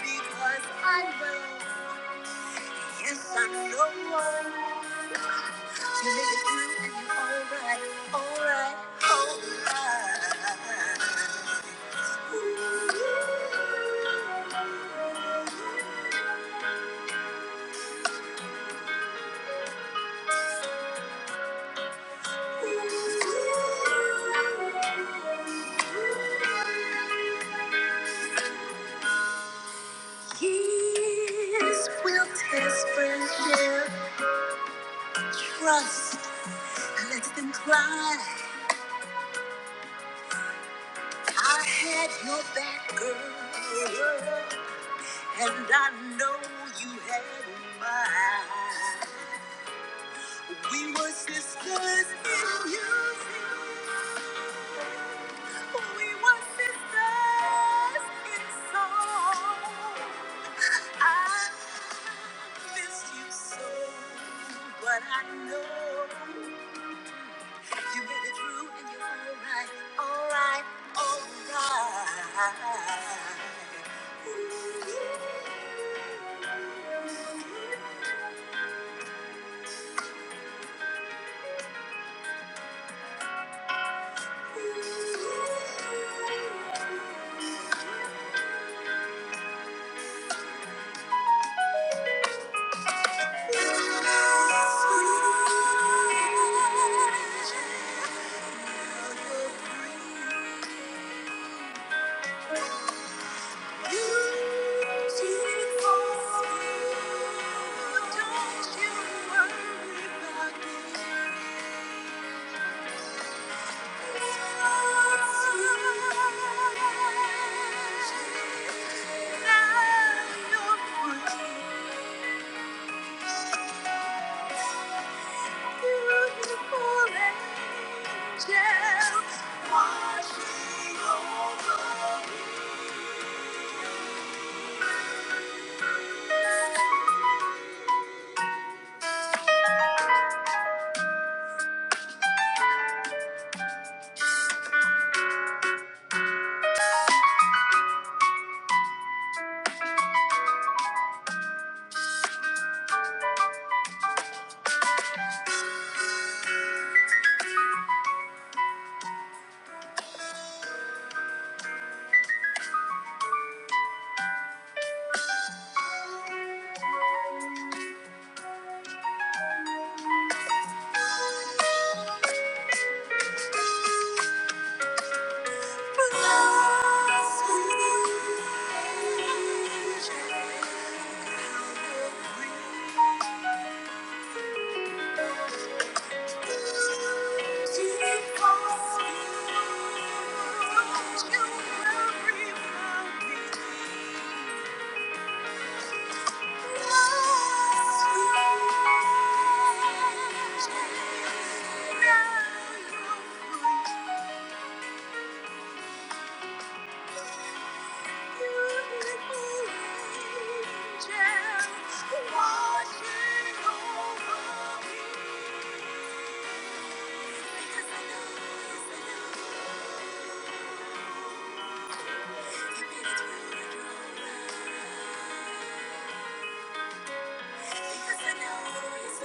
because I know yes I know you made it through and you're alright, alright, alright. Years will test friendship, trust, let them cry. I had your back, girl, and I know you had mine. We were sisters in music. We were sisters in song. I miss you so, but I know. You made it through and you're alright, alright, alright. ooh Watching over me. Now you. are Because I know You made Because I know, it's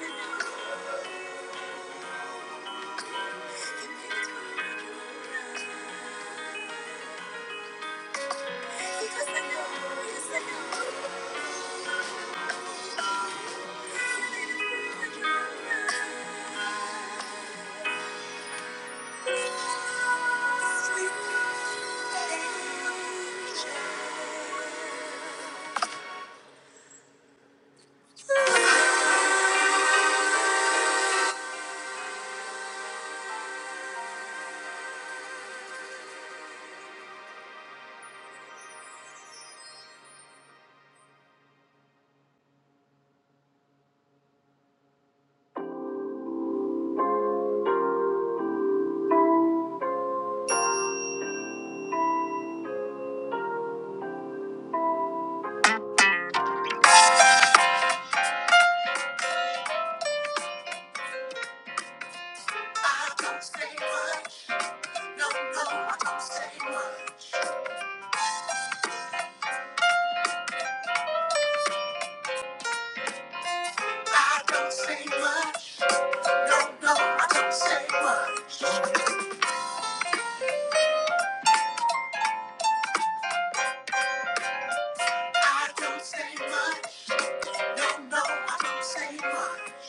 a no. I don't say much. No, no, I don't say much. I don't say much. No, no, I don't say much. No, no, I don't say much. No, no, I don't say much.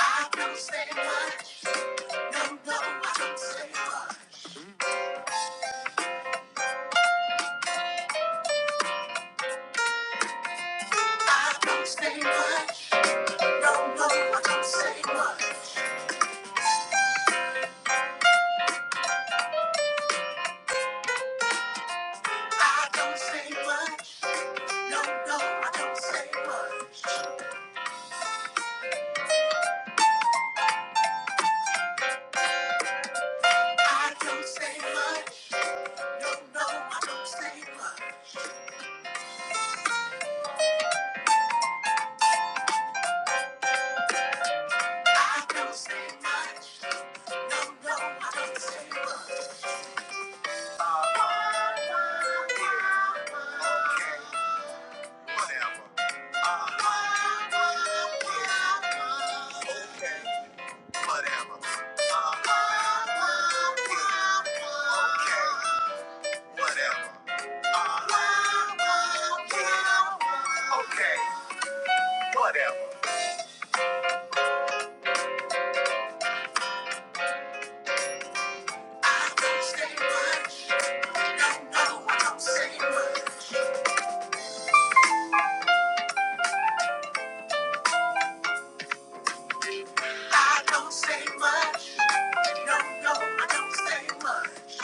I don't say much. No, no, I don't say much. I don't say much. No, no, I don't say much. I don't say much. No, no, I don't say much. I don't say much. No, no, I don't say much. I don't say much. No, no, I don't say much. Oh, okay. Whatever. Okay. Whatever. Okay. Whatever. Okay. Whatever. I don't say much. No, no, I don't say much. I don't say much. No, no, I don't say much.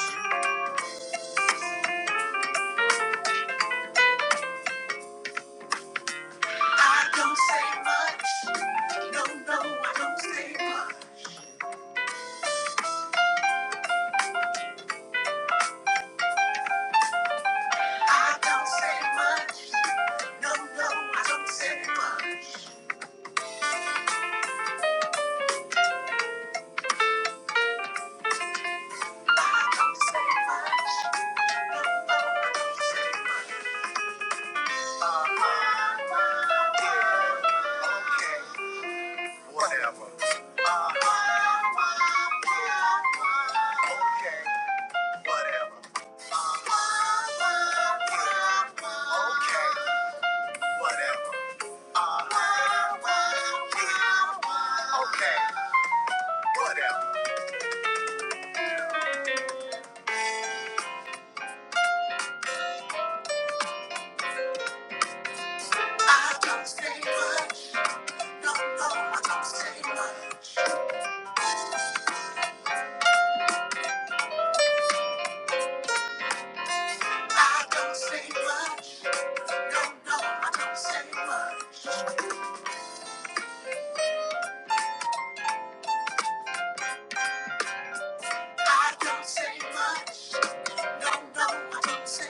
I don't say much. No, no, I don't say much. I don't say much. No, no, I don't say much. I don't say much. No, no, I don't say much. Uh-huh. Yeah, okay. Whatever. Uh-huh. Yeah, okay. Whatever. Uh-huh. Yeah, okay. Whatever. Okay, whatever. I don't say much. No, no, I don't say much. I don't say much. No, no, I don't say much. I don't say much. No, no, I don't say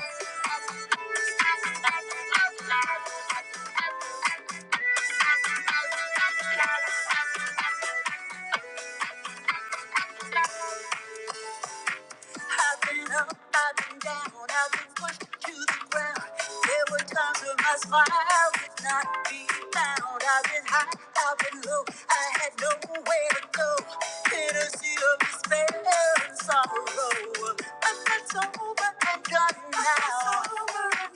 much. I've been up, I've been down, I've been pushed to the ground. There were times when my smile would not be found. I've been high, I've been low, I had nowhere to go. In a sea of despair and sorrow. I'm not sober, and done done now. I've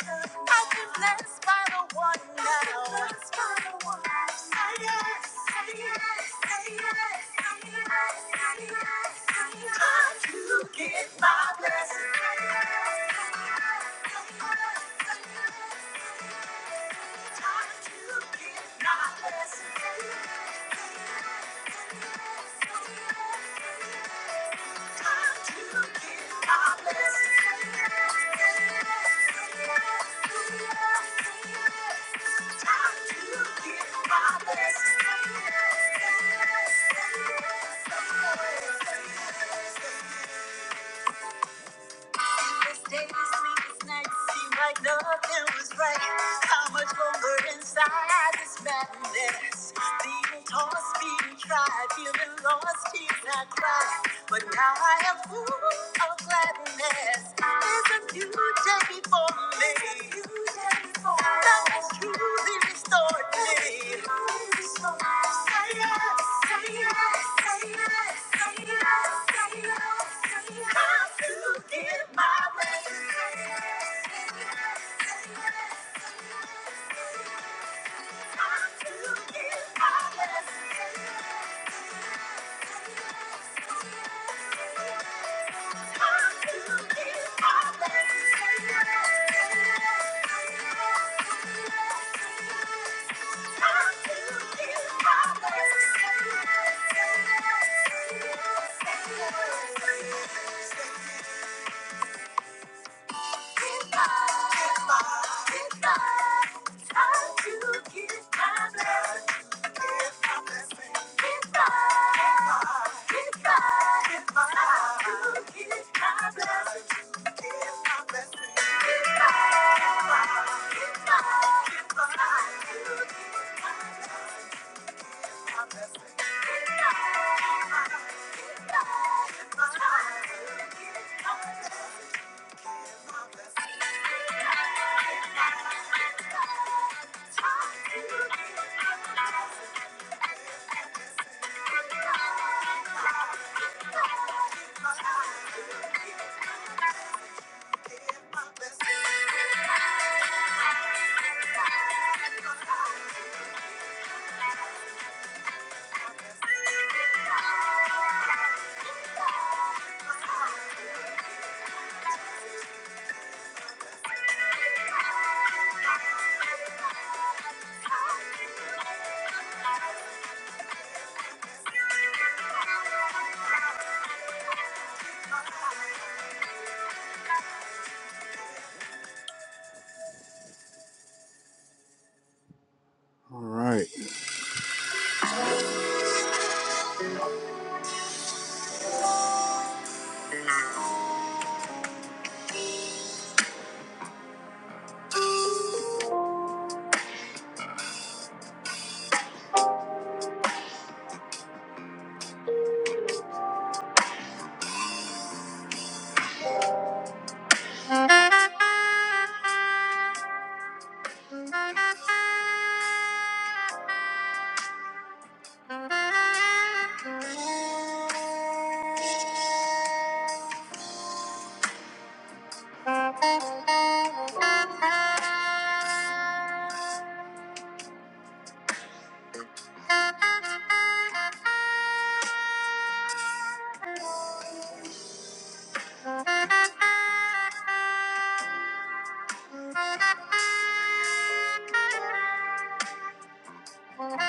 been blessed by the one now. Blessed by the one. Say yes, say yes, say yes, say yes, say yes, say yes. Come to get my blessing. Say yes, say yes, say yes, say yes. Come to get my blessing. Say yes, say yes, say yes, say yes. say yes. Days, sleepless nights, seem Like nothing was right. How much longer inside this madness? Being tossed, yes. is a My way. Thank you. All right. Thank you. Thank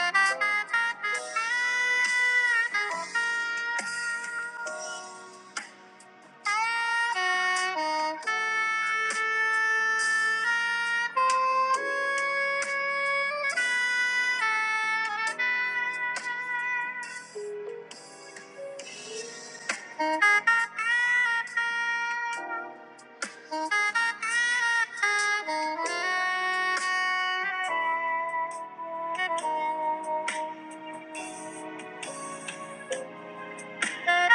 you. Thank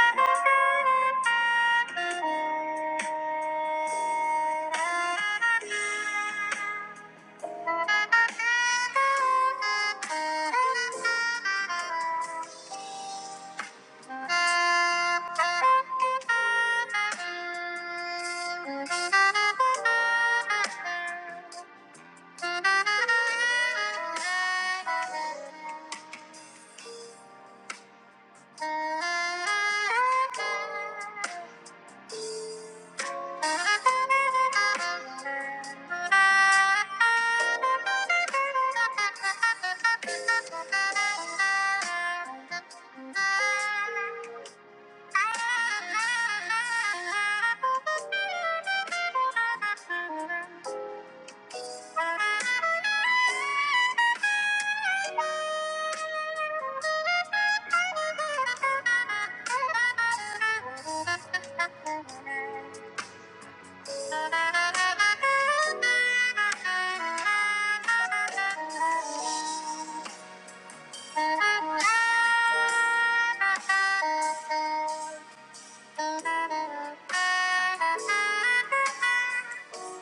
you. Thank you. Thank you.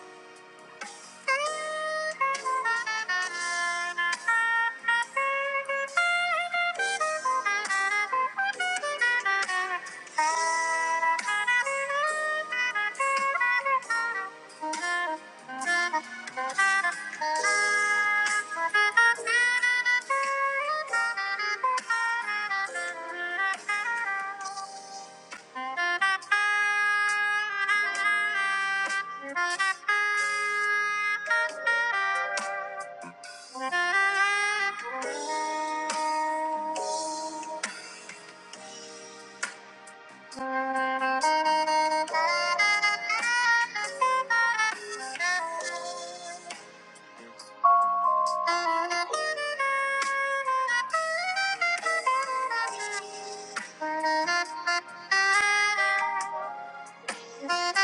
Thank you. Thank you. Thank you.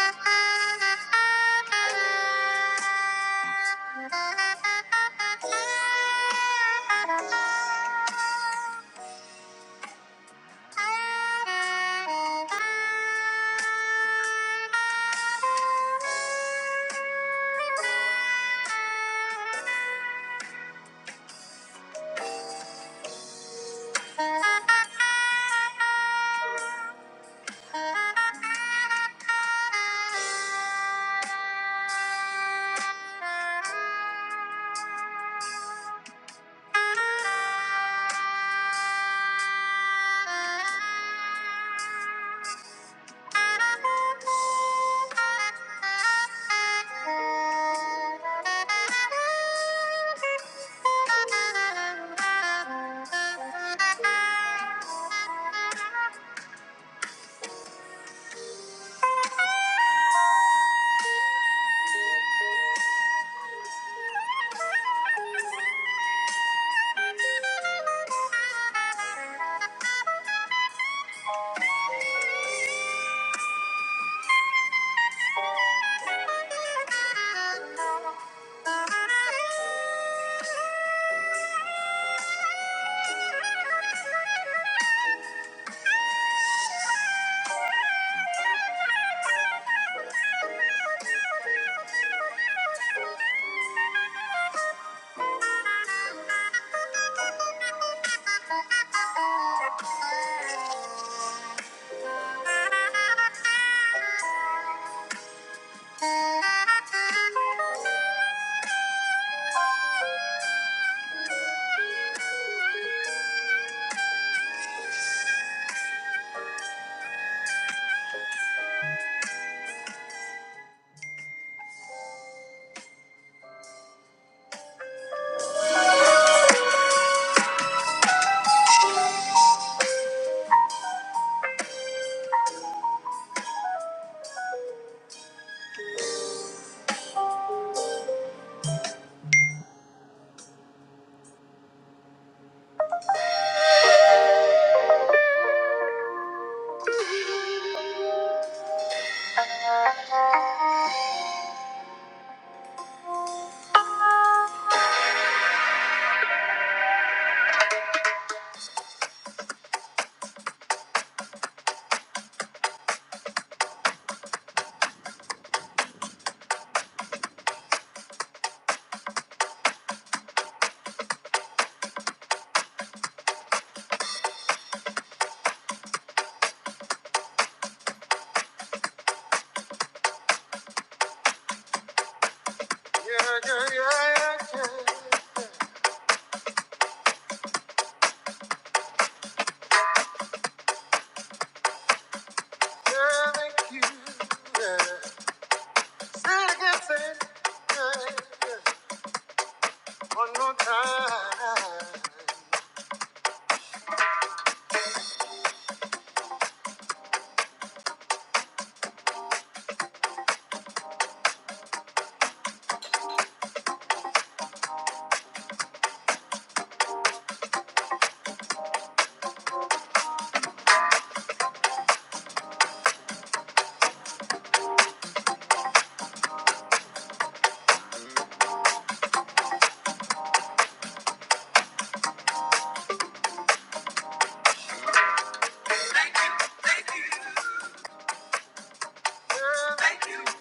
Thank you. Thank you. Thank you,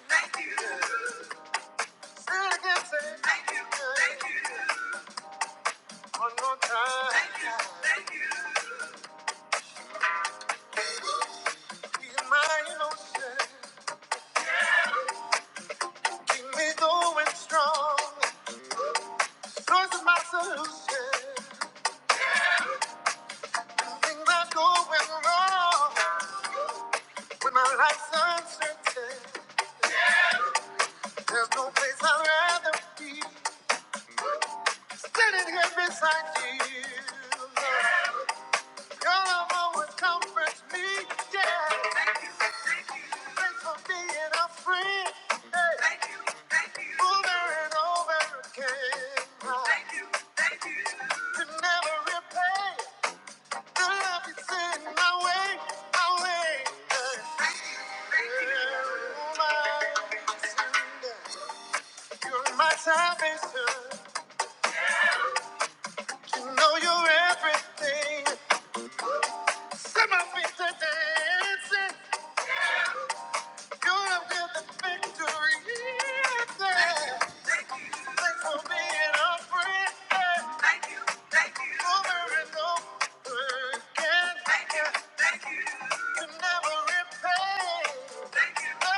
thank you. Thank you, thank you. One more time. Thank my emotion. Keep me going strong. Source of my solution. Things are going wrong. When my life's uncertain. There's no place I'd rather be standing here beside you. Lord. Your love always comforts me. Yeah, thanks for being a friend. Hey, over and over again. Lord. Thank you, thank you. Could never repay the love you send my way, my way. Thank you, thank you. Yeah, oh, my Savior. You're my salvation. You know you're everything. Set my feet to dancing. Gonna win the victory. Thanks for being a friend. Over and over again. You never repay. Oh,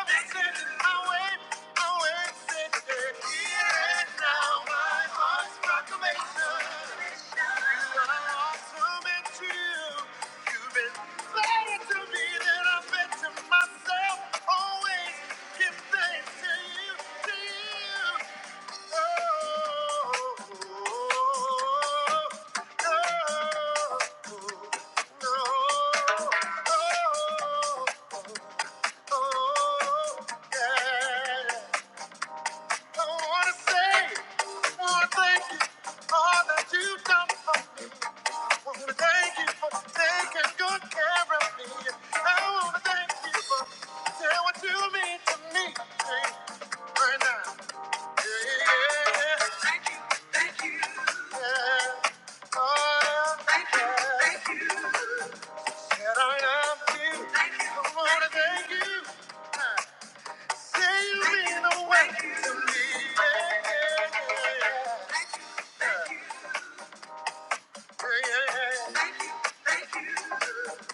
oh, oh. Oh, yeah. I wanna say, oh, thank you. for All that you've done for me. I wanna thank you for taking good care of me. I wanna thank you for saying what you mean to me. Hey, right now. Yeah, yeah, yeah. Oh, yeah. Thank you, thank you. And I love you. Thank you. I wanna thank you. Sailing away to me.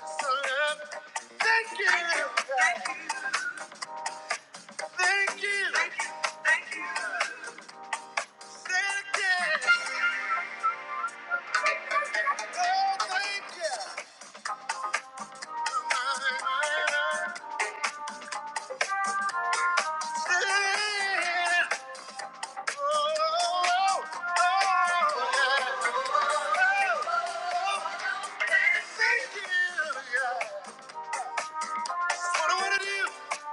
So love, Thank you. thank thank thank thank you, you. you. you. Oh, Oh, oh, oh, Yeah, what I wanna do.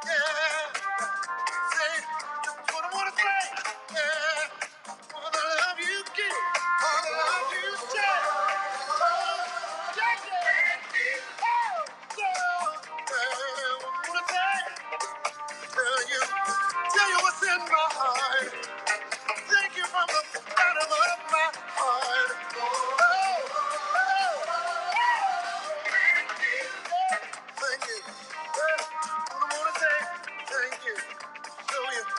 Yeah. Thank you from the bottom of my heart. Oh, thank you. I wanna say thank you.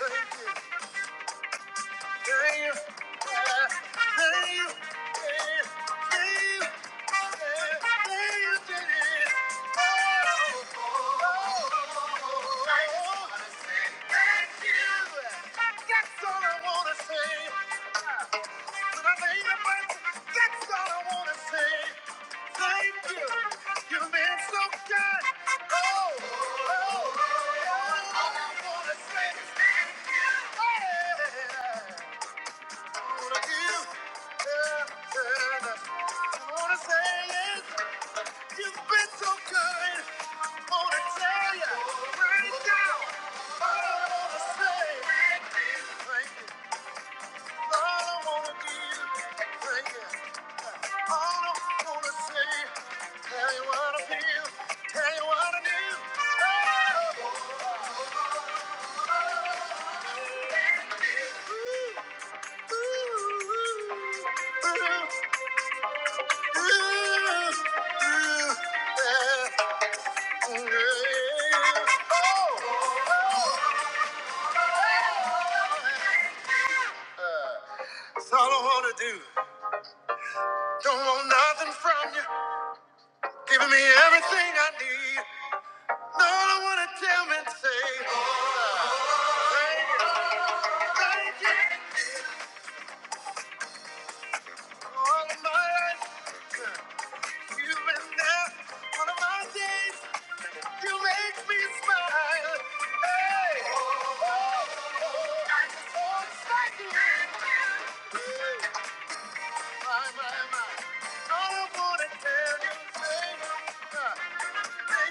Thank you. Thank you. You've been so good. Oh, oh, oh. All I wanna say thank you yeah. yeah. Oh, that's all I wanna do. Don't want nothing from you. Giving me everything I need. No, I don't want to tell me to say. Thank you. All of my life, you've been there. One of my days, you make me smile. Hey, oh, I just want to thank you. My, my, my. I don't want to tell you, baby. Thank you for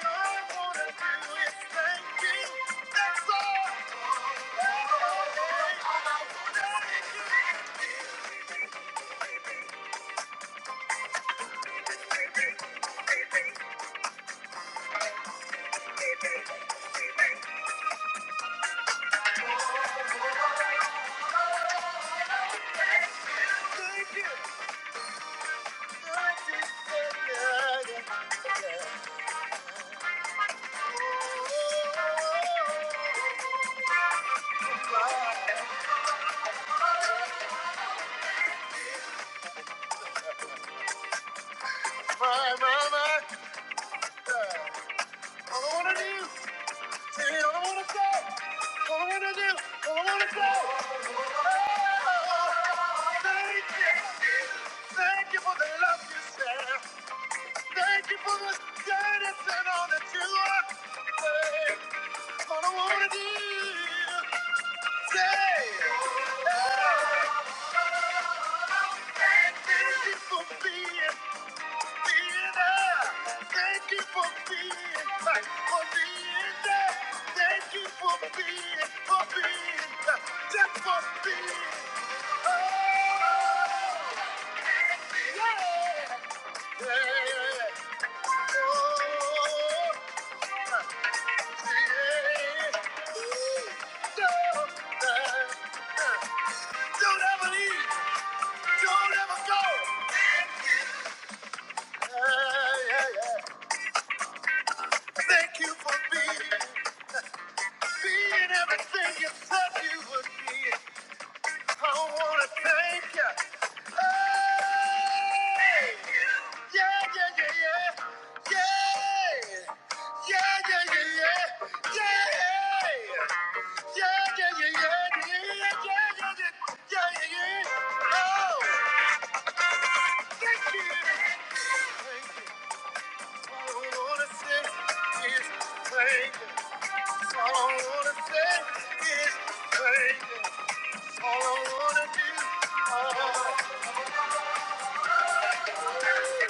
the love you share. Thank you for the kindness all that you are. Hey, all I don't wanna do. Don't ever leave! Don't ever go! Yeah, yeah, yeah. Thank you for being, being everything you said you would be. I wanna thank you. Hey! Yeah, yeah, yeah, yeah. Yeah! Yeah, yeah, yeah, yeah. Yeah! Yeah, yeah, yeah, yeah, yeah, yeah, yeah, yeah, yeah, yeah, yeah, yeah. Oh, thank you. Thank you. All I wanna say is thank you. All I wanna say is thank All I wanna do, all I wanna do.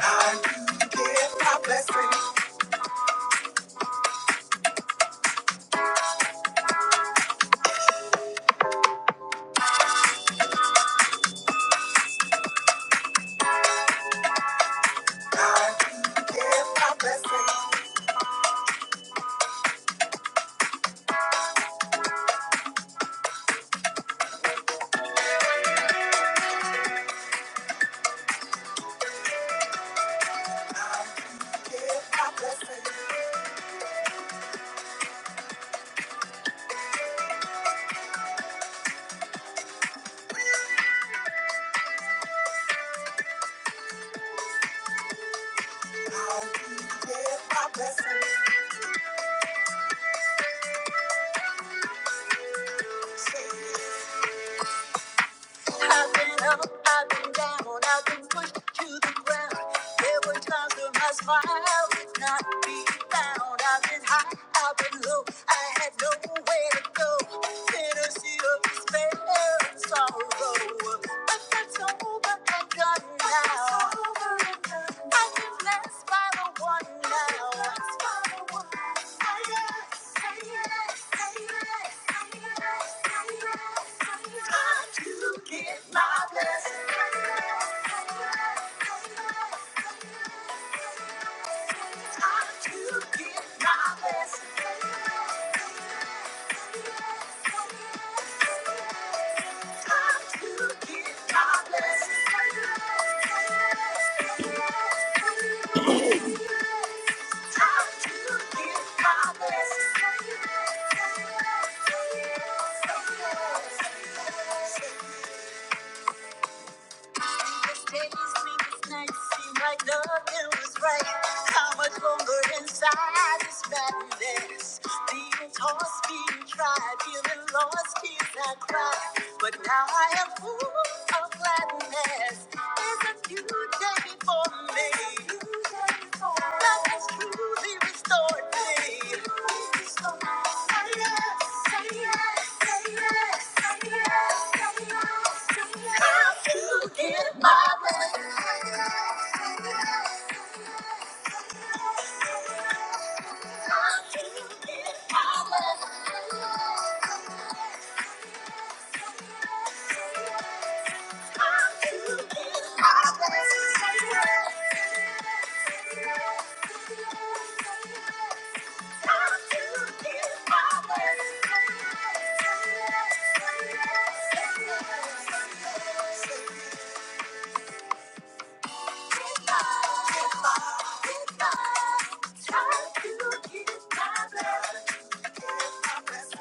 I do give my blessing. I do give my blessing. Give my blessing. I do give my blessing. Say it. ground. There were times when my smile would not be found. I've been high, I've been low, I had nowhere to go. In a sea of despair and sorrow. I felt so over and done now. I am blessed by the one now. yes, yes, yes, yes, yes, yes. Time to get my blessing. yes, yes, yes, yes. Time to get my blessing. yes, yes, yes, yes. Sleepless days, sleepless nights, seem like nothing was right. How much longer inside this madness? Being tossed, being tried, feeling lost, tears I cried. But now I am full of gladness. There's a new day for me. Love has truly restored me. How Thank you. get power? try to give my you. Thank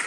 you.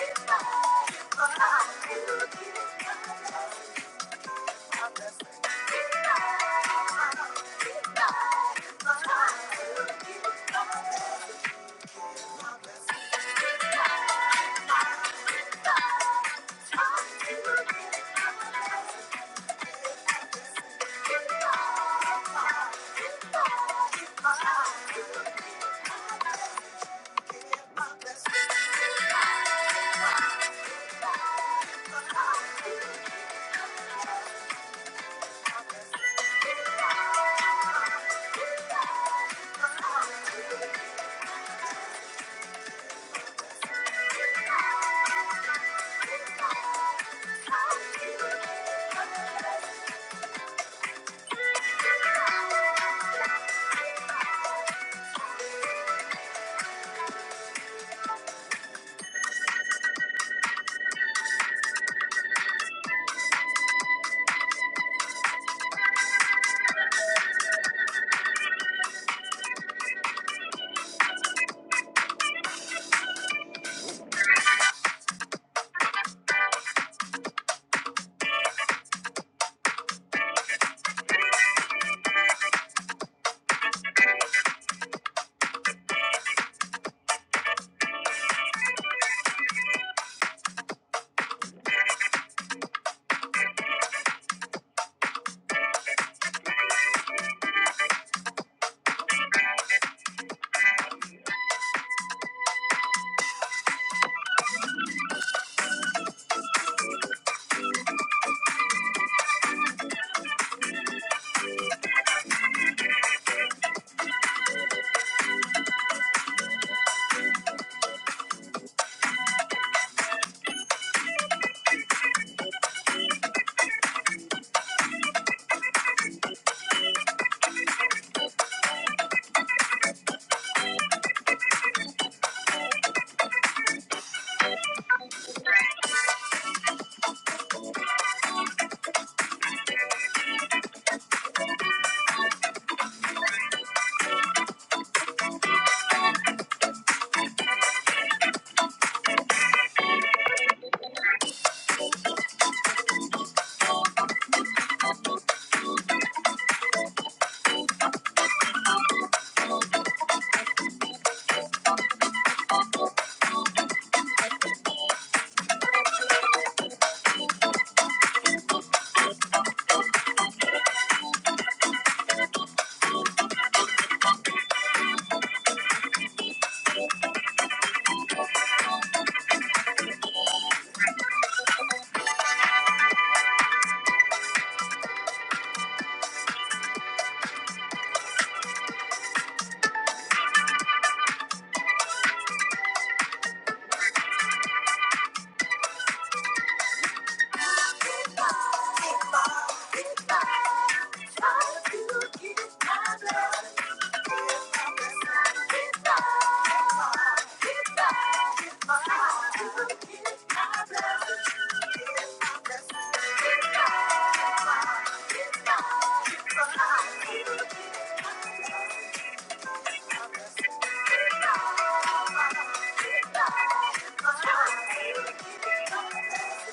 Thank you.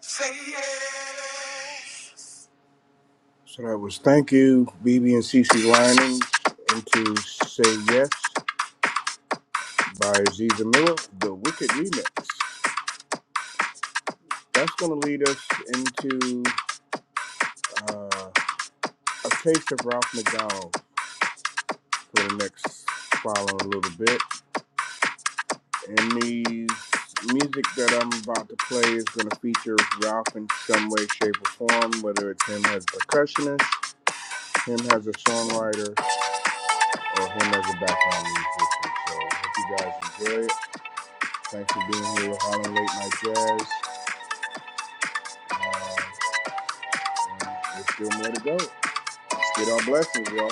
Say yes. So that was Thank You, BB and CC Lining, into Say Yes by Aziza Miller, the Wicked Remix. That's going to lead us into uh, a case of Ralph McDonald for the next following a little bit. And the music that I'm about to play is going to feature Ralph in some way, shape, or form, whether it's him as a percussionist, him as a songwriter, or him as a background musician. So I hope you guys enjoy it. Thanks for being here with Harlem Late Night Jazz. Uh, and there's still more to go. Let's get our blessings, y'all.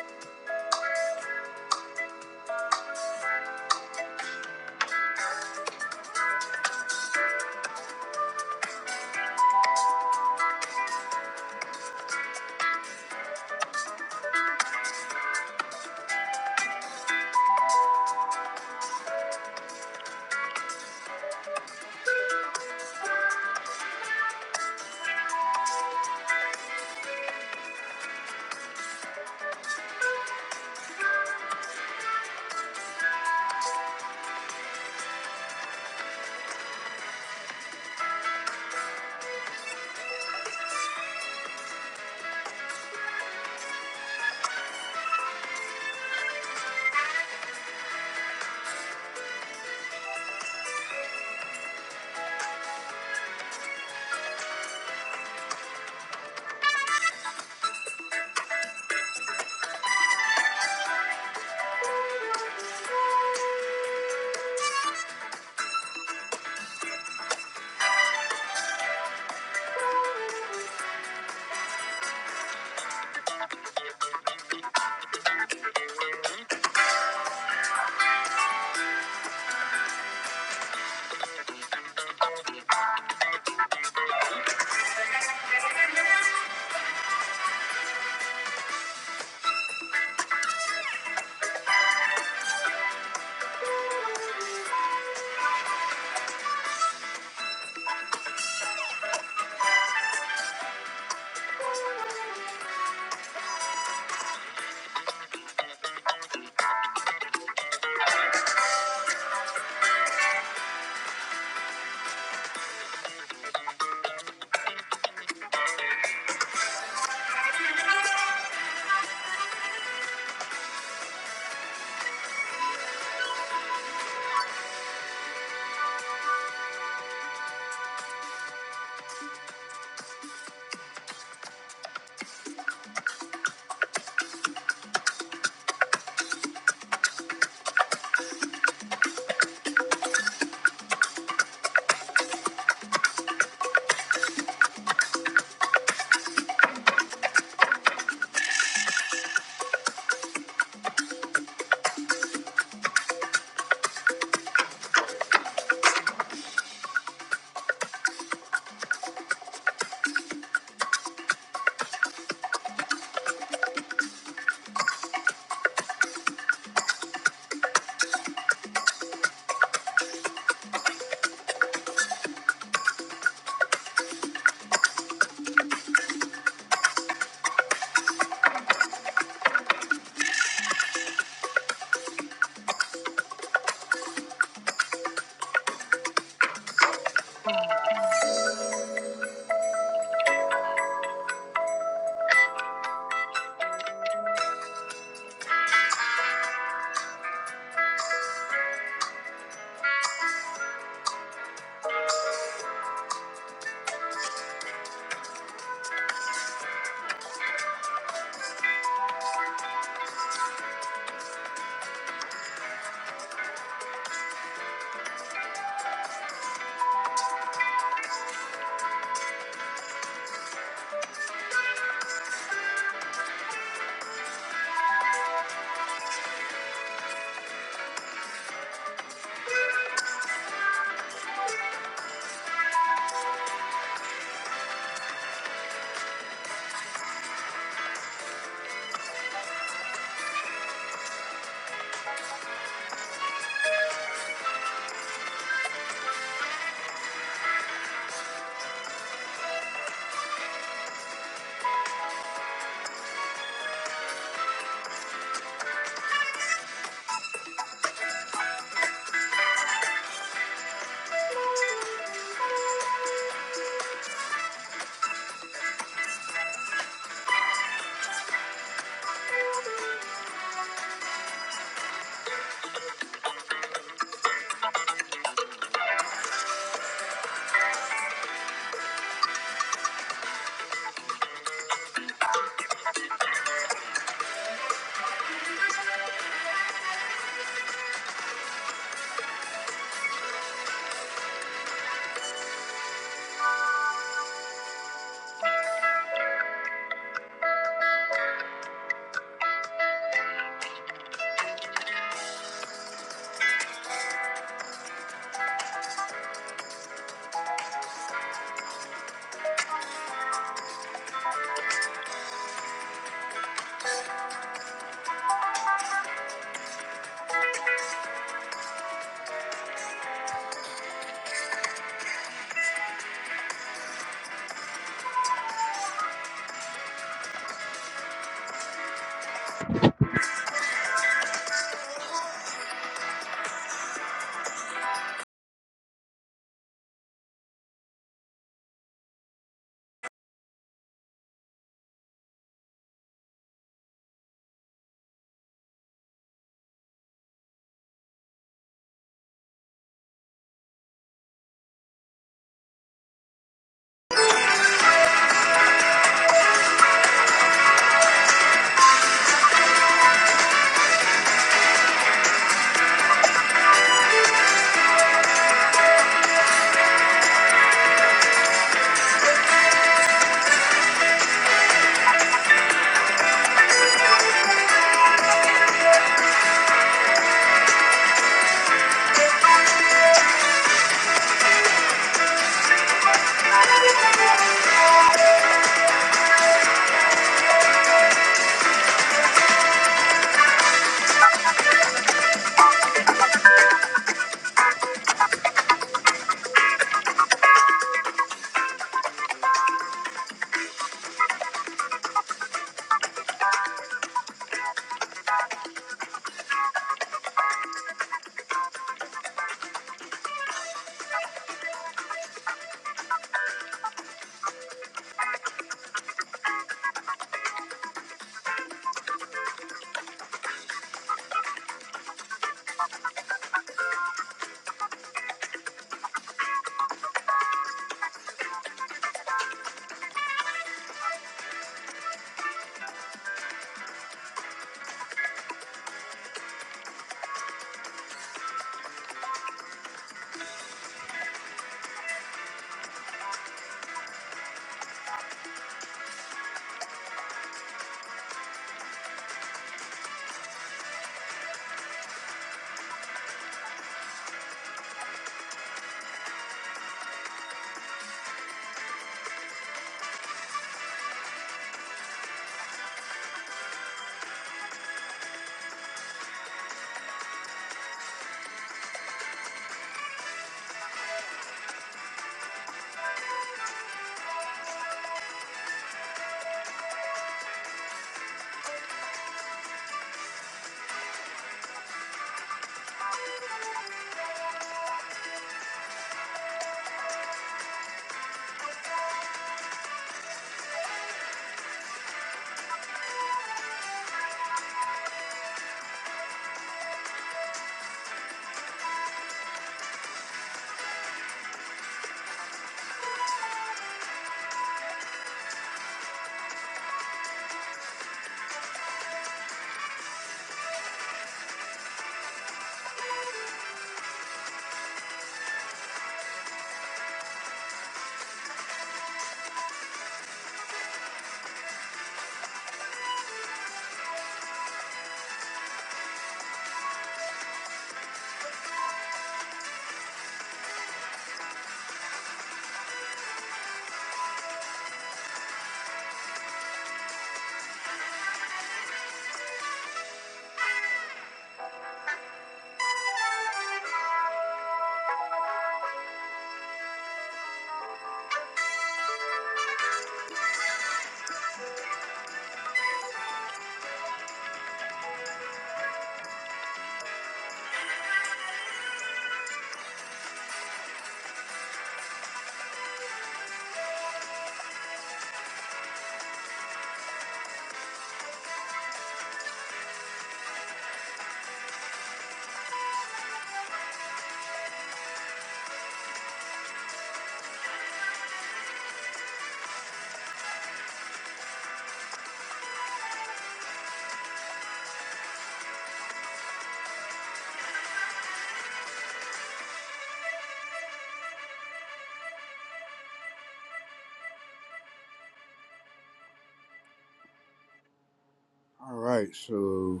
All right, so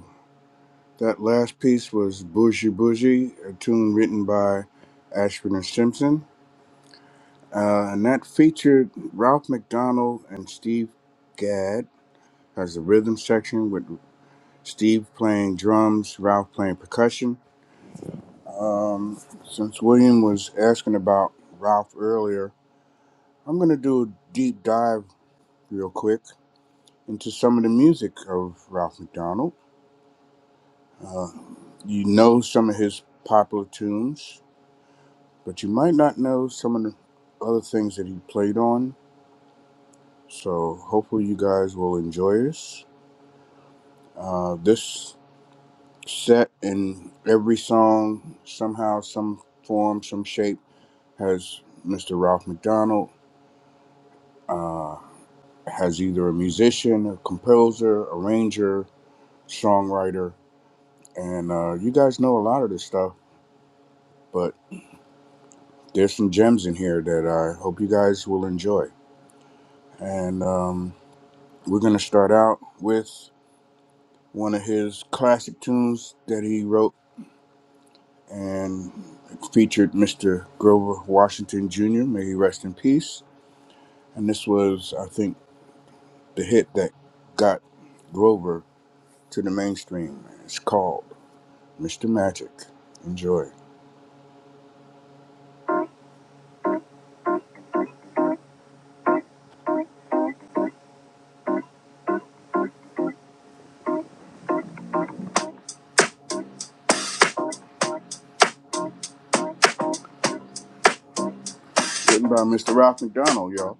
That last piece was Bougie Bougie, a tune written by Ashford and Simpson. Uh, and that featured Ralph McDonald and Steve Gadd as a rhythm section with Steve playing drums, Ralph playing percussion. Um, since William was asking about Ralph earlier, I'm going to do a deep dive real quick into some of the music of Ralph McDonald. Uh, you know some of his popular tunes. but you might not know some of the other things that he played on. So hopefully you guys will enjoy this. Uh, this set In every song, somehow, some form, some shape, has Mr. Ralph McDonald uh, has either a musician, a composer, arranger, songwriter, and uh, you guys know a lot of this stuff, but there's some gems in here that I hope you guys will enjoy. And um, we're gonna start out with. one of his classic tunes that he wrote and it featured Mr. Grover Washington Jr. May he rest in peace. And this was, I think, the hit that got Grover to the mainstream. It's called Mr. Magic. Enjoy. Written by Mr. Ralph McDonald, y'all.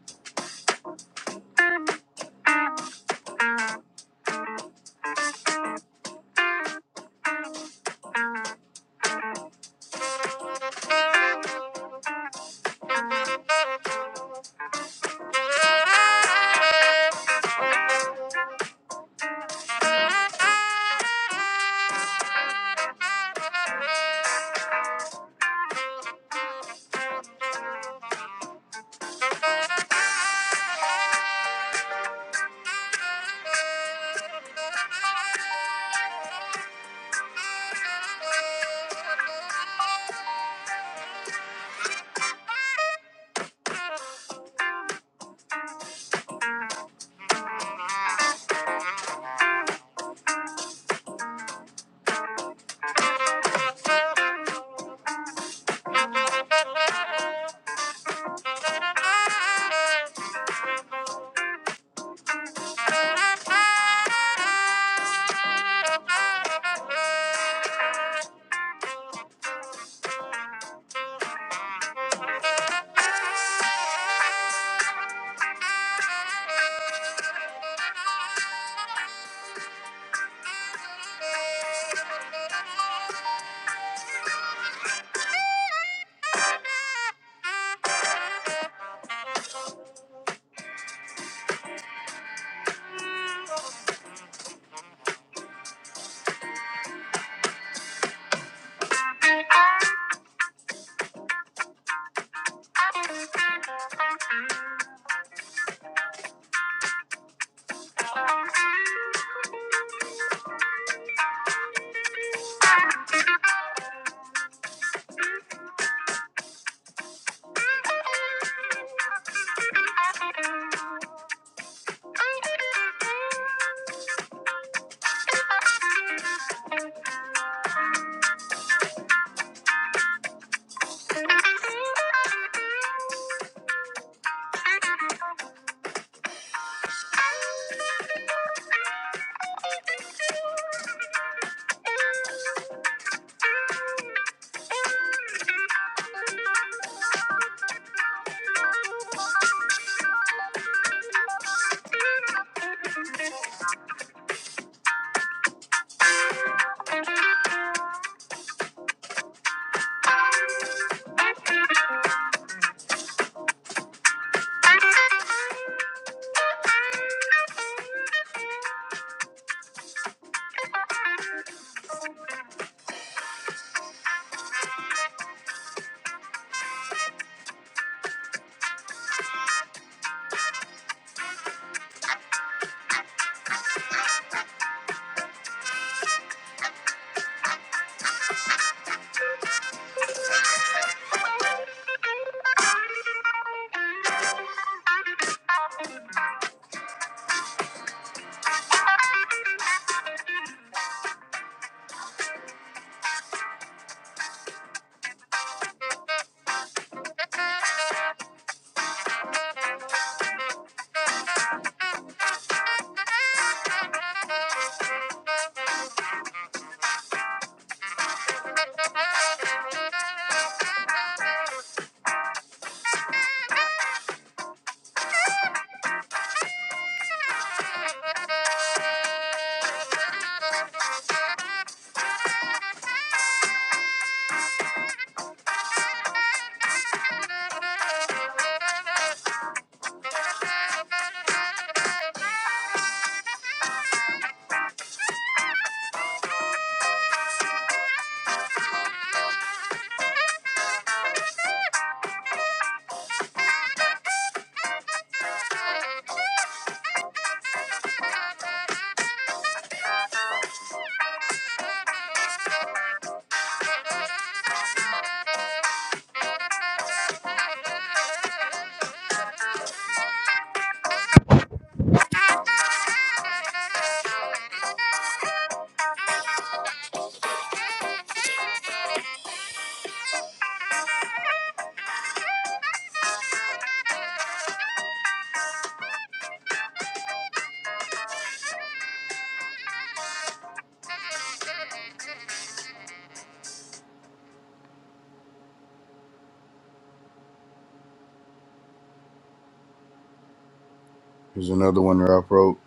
Here's another one Ralph wrote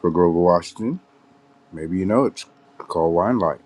for Grover Washington. Maybe you know it's called Wine Light.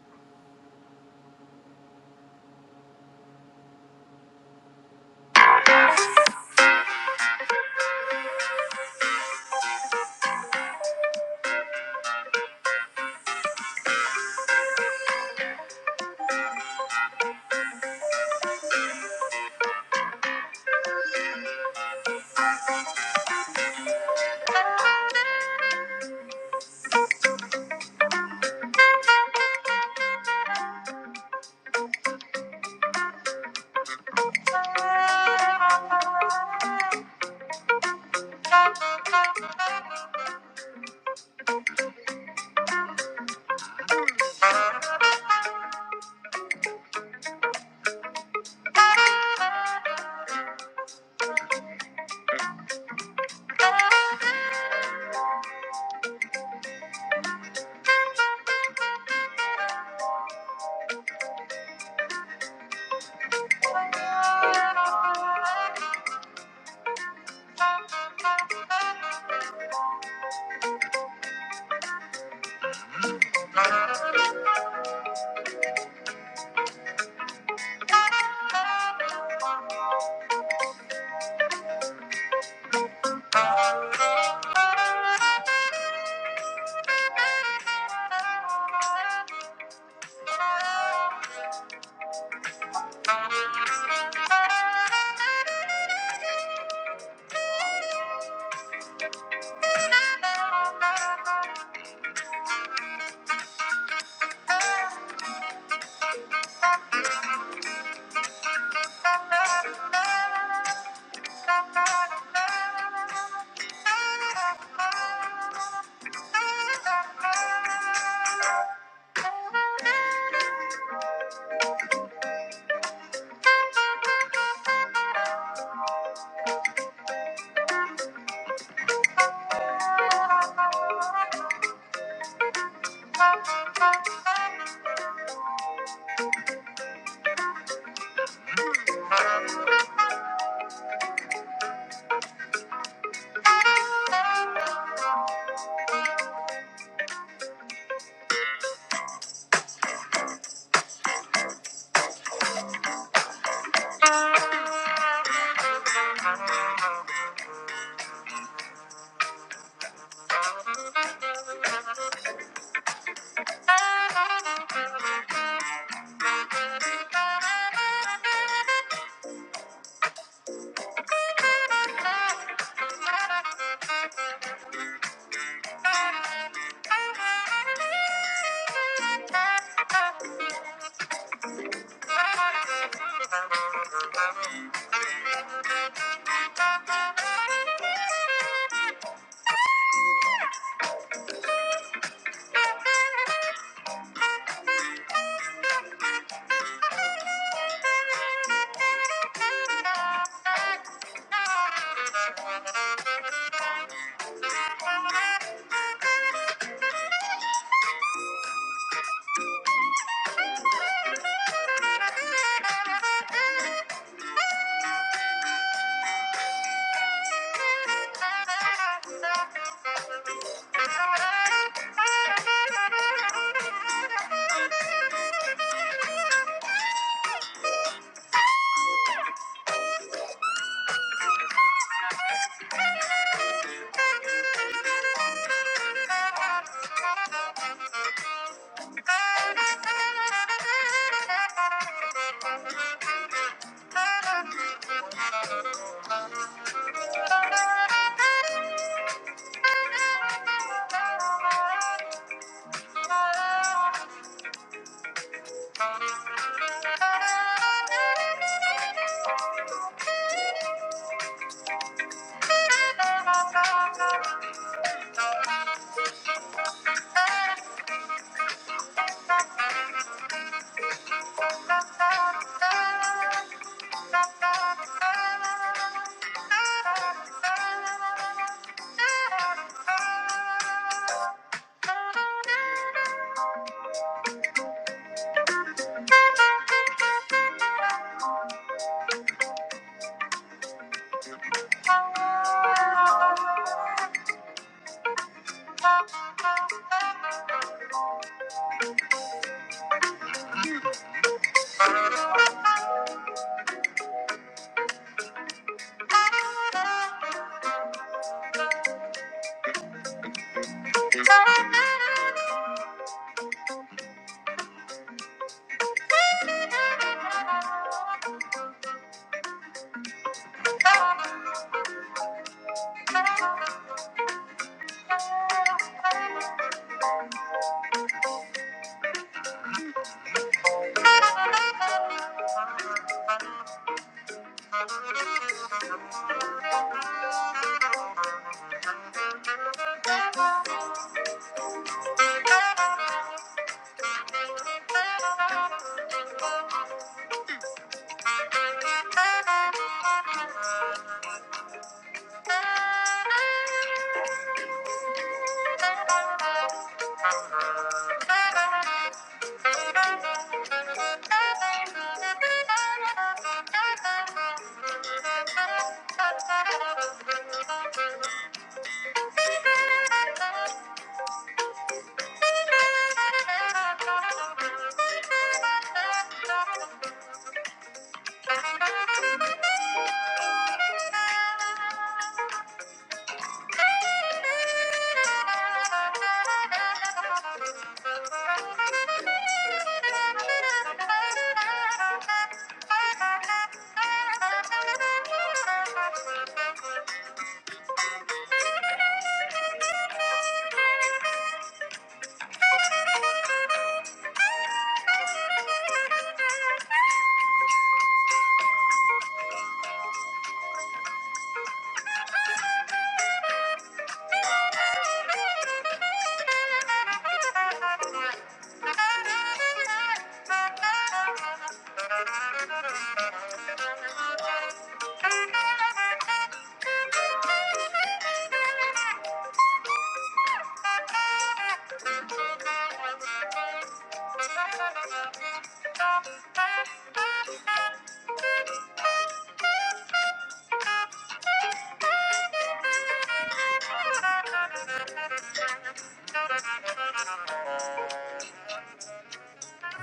Thank you. Thank you. Thank you.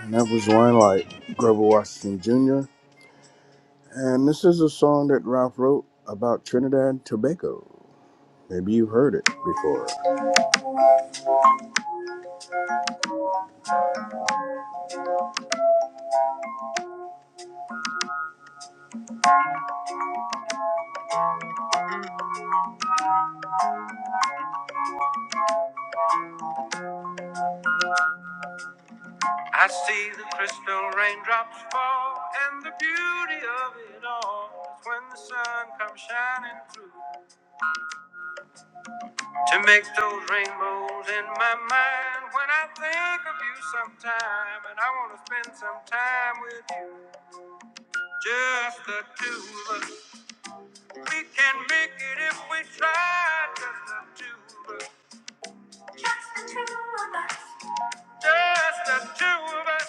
And that was one like Grover Washington Jr. And this is a song that Ralph wrote about Trinidad and Tobago. Maybe you've heard it before. I see the crystal raindrops fall, and the beauty of it all is when the sun comes shining through. To make those rainbows in my mind when I think of you sometime, and I want to spend some time with you. Just the two of us. We can make it if we try. Just the two of us. Just the two of us. Just the two of us.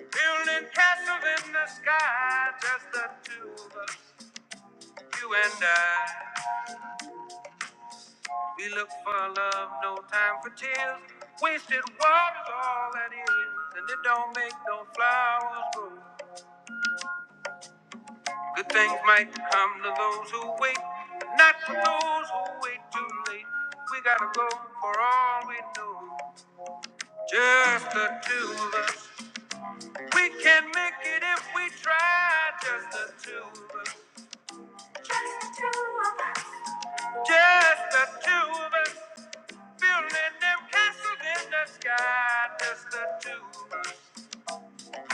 Building castles in the sky. Just the two of us. You and I. We look for love, no time for tears. Wasted water's all that is, and it don't make no flowers grow. Good things might come to those who wait, but not for those who wait too late. We gotta go for all we know, just the two of us. We can make it if we try, just the two of us. Just the two of us. Just the two of us. Building them castles in the sky, just the two of us,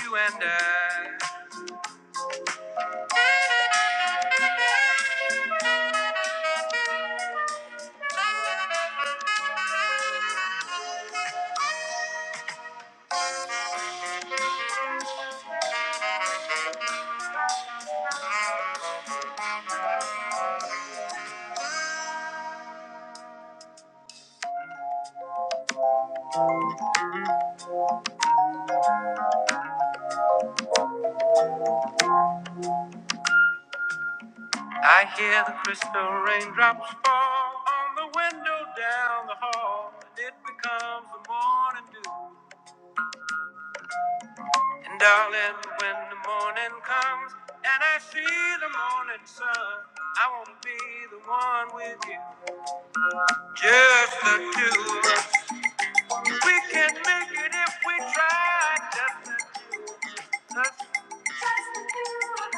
you and I. I hear the crystal raindrops fall on the window down the hall, and it becomes the morning dew. And darling, when the morning comes and I see the morning sun, I won't be the one with you, just the two of us. We can make it if we try, just the two of us.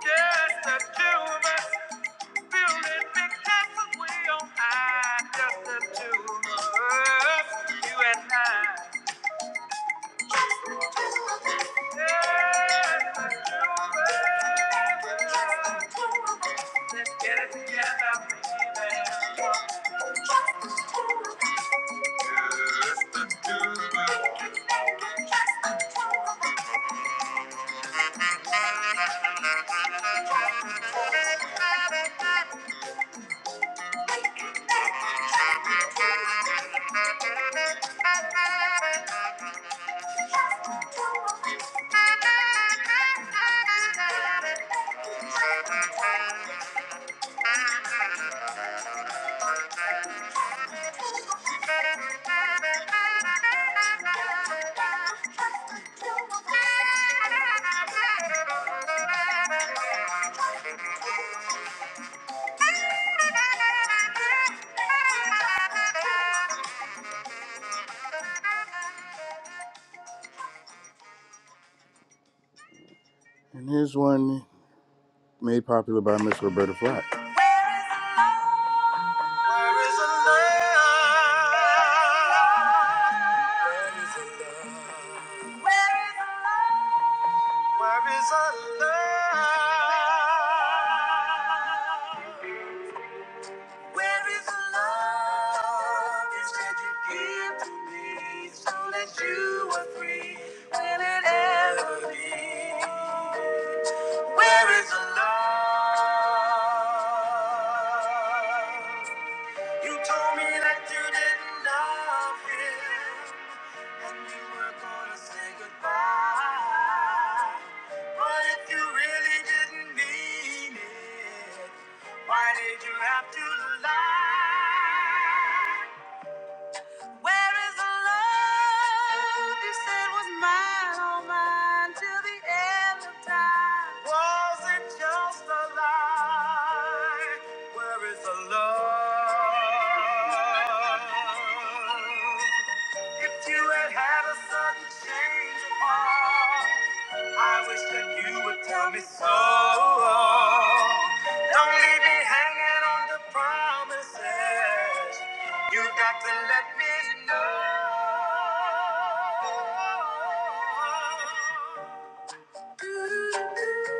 Just the two of us, building big houses we on high. Just the two of us, you and I. Just the two of us. Let's get it together, baby. And here's one made popular by Miss Roberta Flack. There is a Where is our love? Where is the love is that you give to me so that you are free? Will it ever be? Where is the love? You told me that you didn't love him. And we were gonna say goodbye. But if you really didn't mean it, why did you have to lie? Where is the love you said was mine, all mine, till the end of time? Was it just a lie? Where is the love?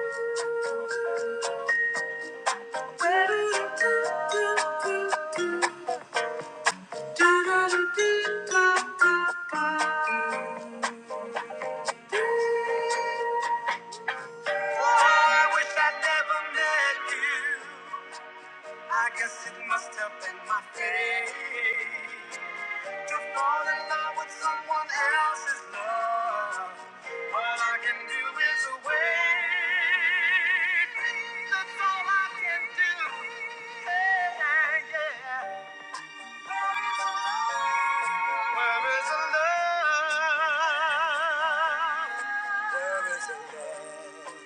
I wish I never met you. I guess it must have been my fate to fall in love with someone else's love. All I can do is wait. That's all I. Where is the love? Where is the love?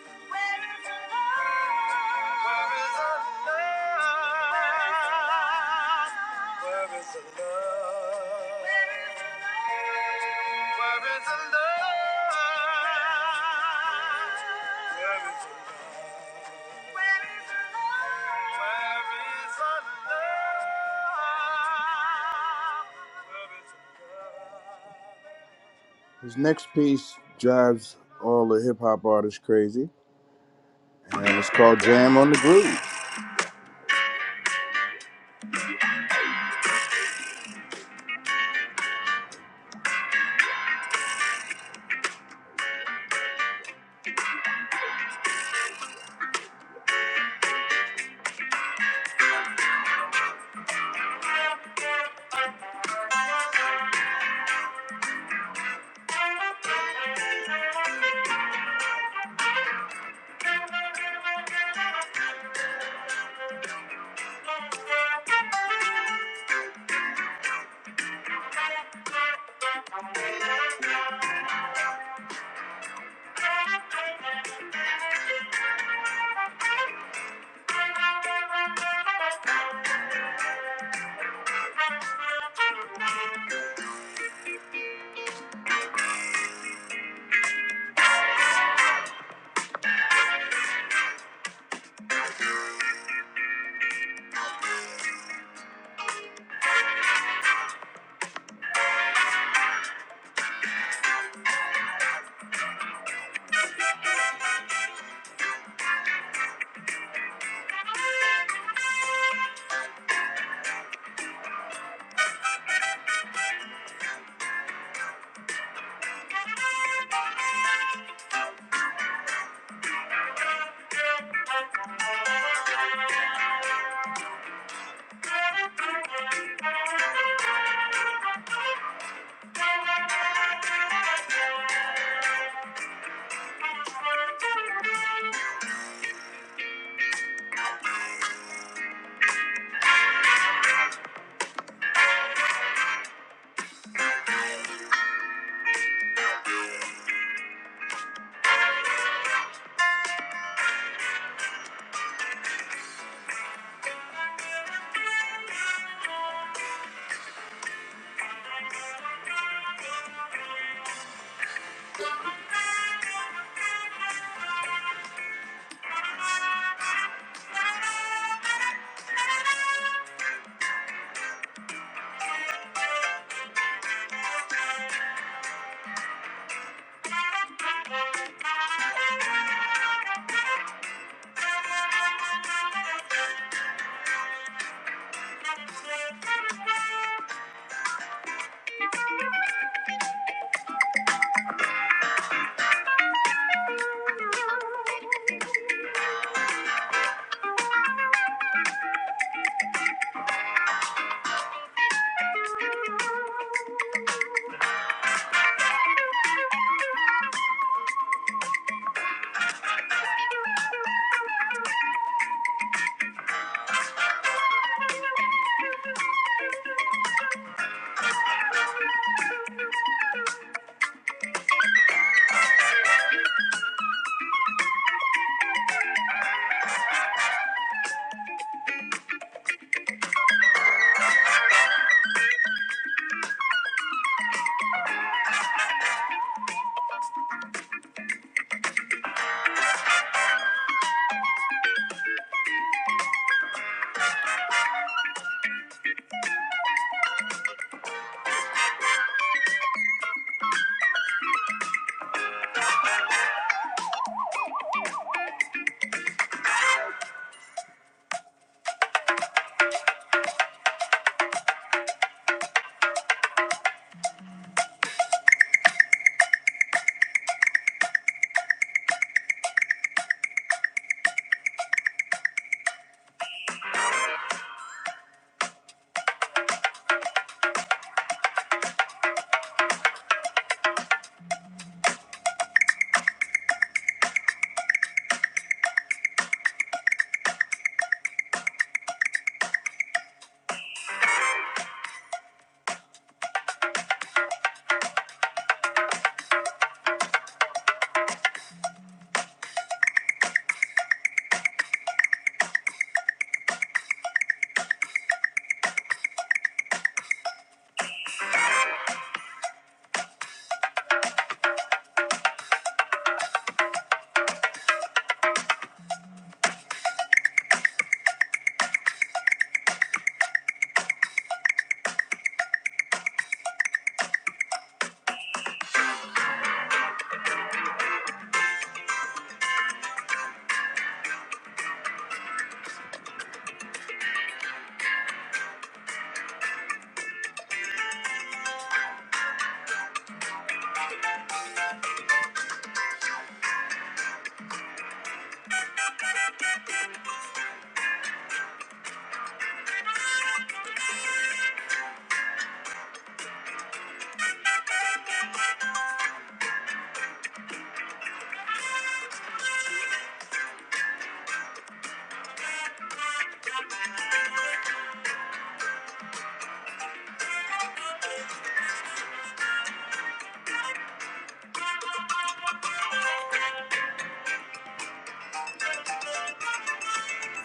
Where is the love? Where is the love? Where is the love? His next piece drives all the hip hop artists crazy, and it's called Jam on the Groove.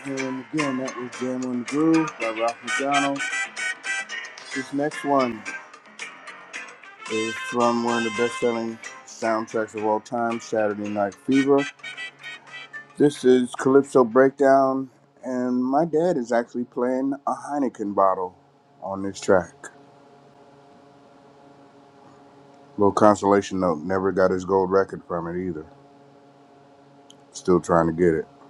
And again, that was Jam on the Groove by Ralph McDonald. This next one is from one of the best selling soundtracks of all time, Saturday Night Fever. This is Calypso Breakdown, and my dad is actually playing a Heineken bottle on this track. Little consolation note, never got his gold record from it either. Still trying to get it.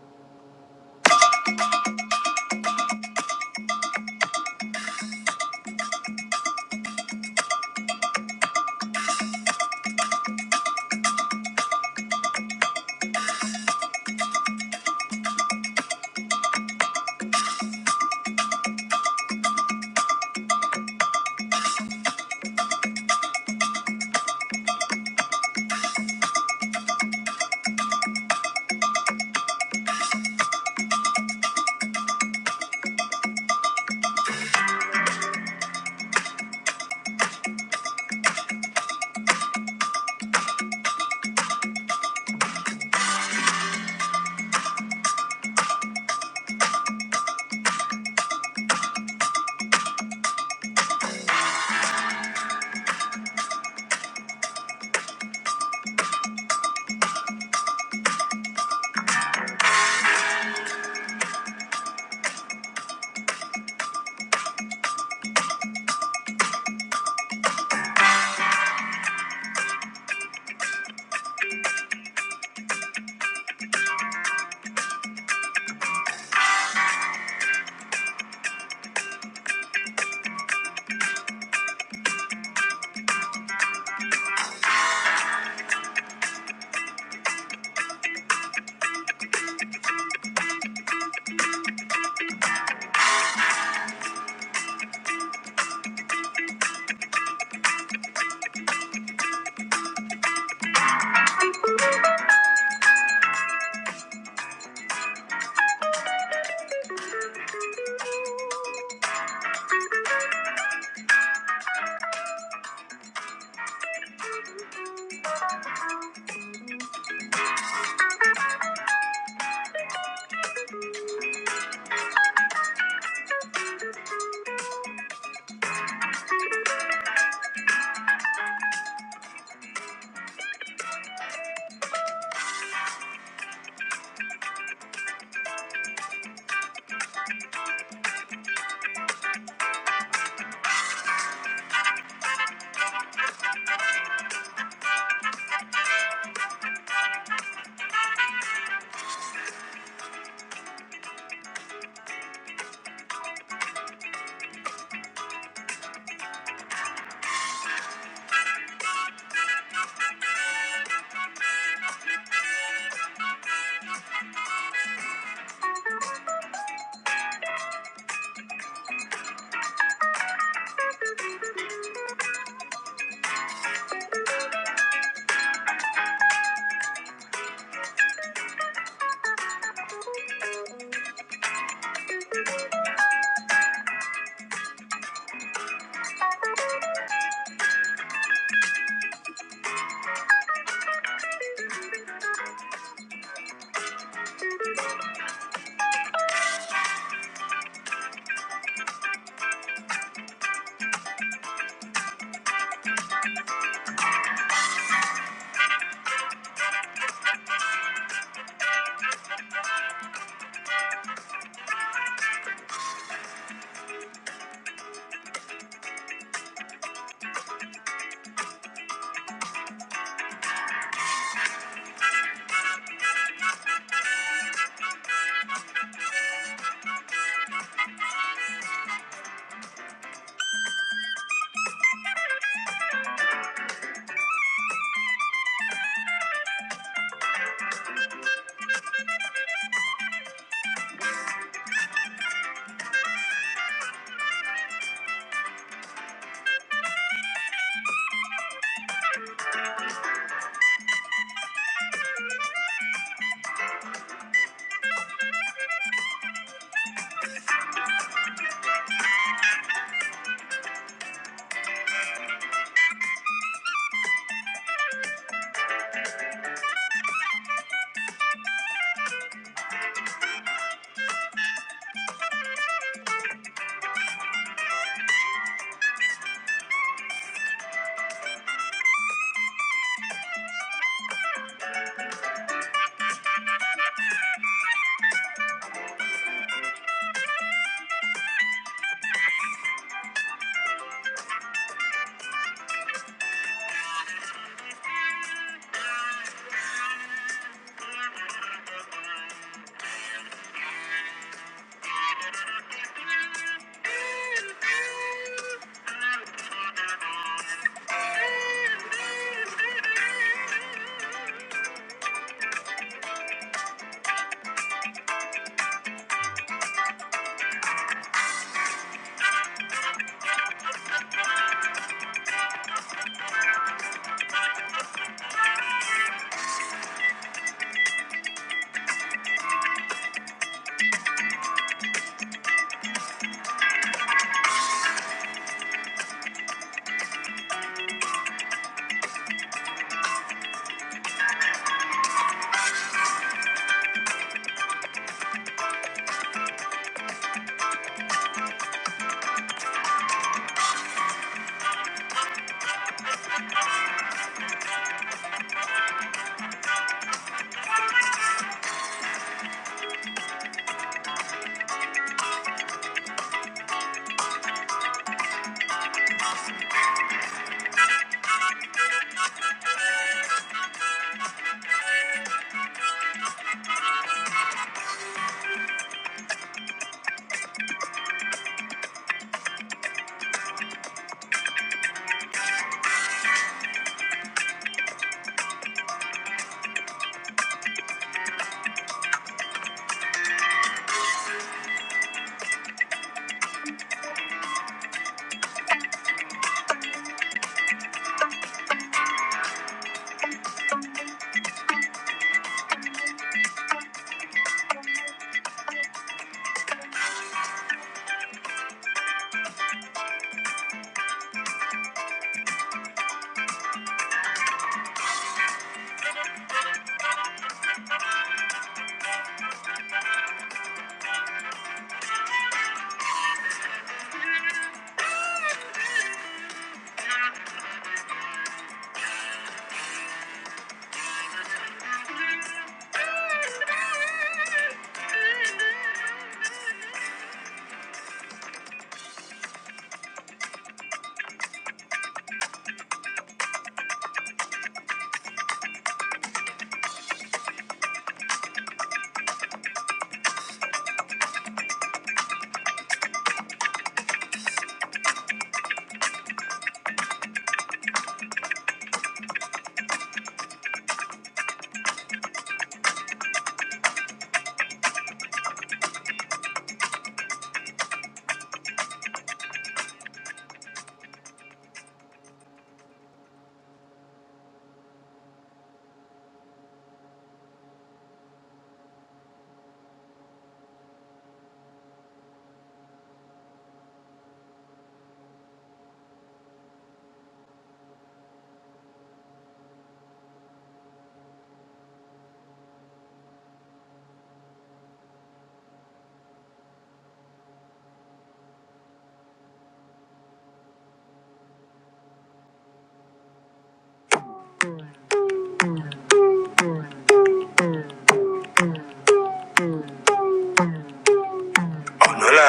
ọ̀nà là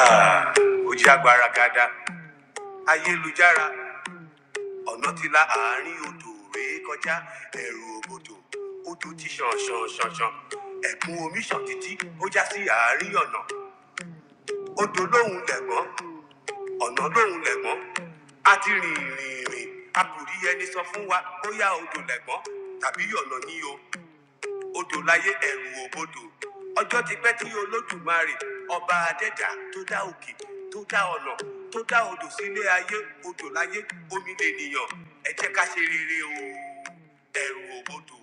ó já gbaragada ayélujára ọ̀nà ti la àárín odò rèé kọjá ẹ̀rù òbòdò odò ti ṣàn ṣàn ṣàn ṣàn ẹ̀kún omi ṣàn títí ó já sí àárín ọ̀nà odò lóhùn lẹ̀gbọ́n ọ̀nà lóhùn lẹ̀gbọ́n a ti rìn rìn rìn a kò rí ẹni sọ fún wa bóyá odò lẹ̀gbọ́n tàbí ọ̀nà ní o odò láyé ẹ̀rù òbodò ọjọ́ ti pẹ́ tí olódùmarè ọba adẹ́dà tó dá òkè tó dá ọ̀nà tó dá odò sílé ayé odò láyé omi lènìyàn ẹ jẹ́ ká ṣe rere o ẹ̀rù òbodò.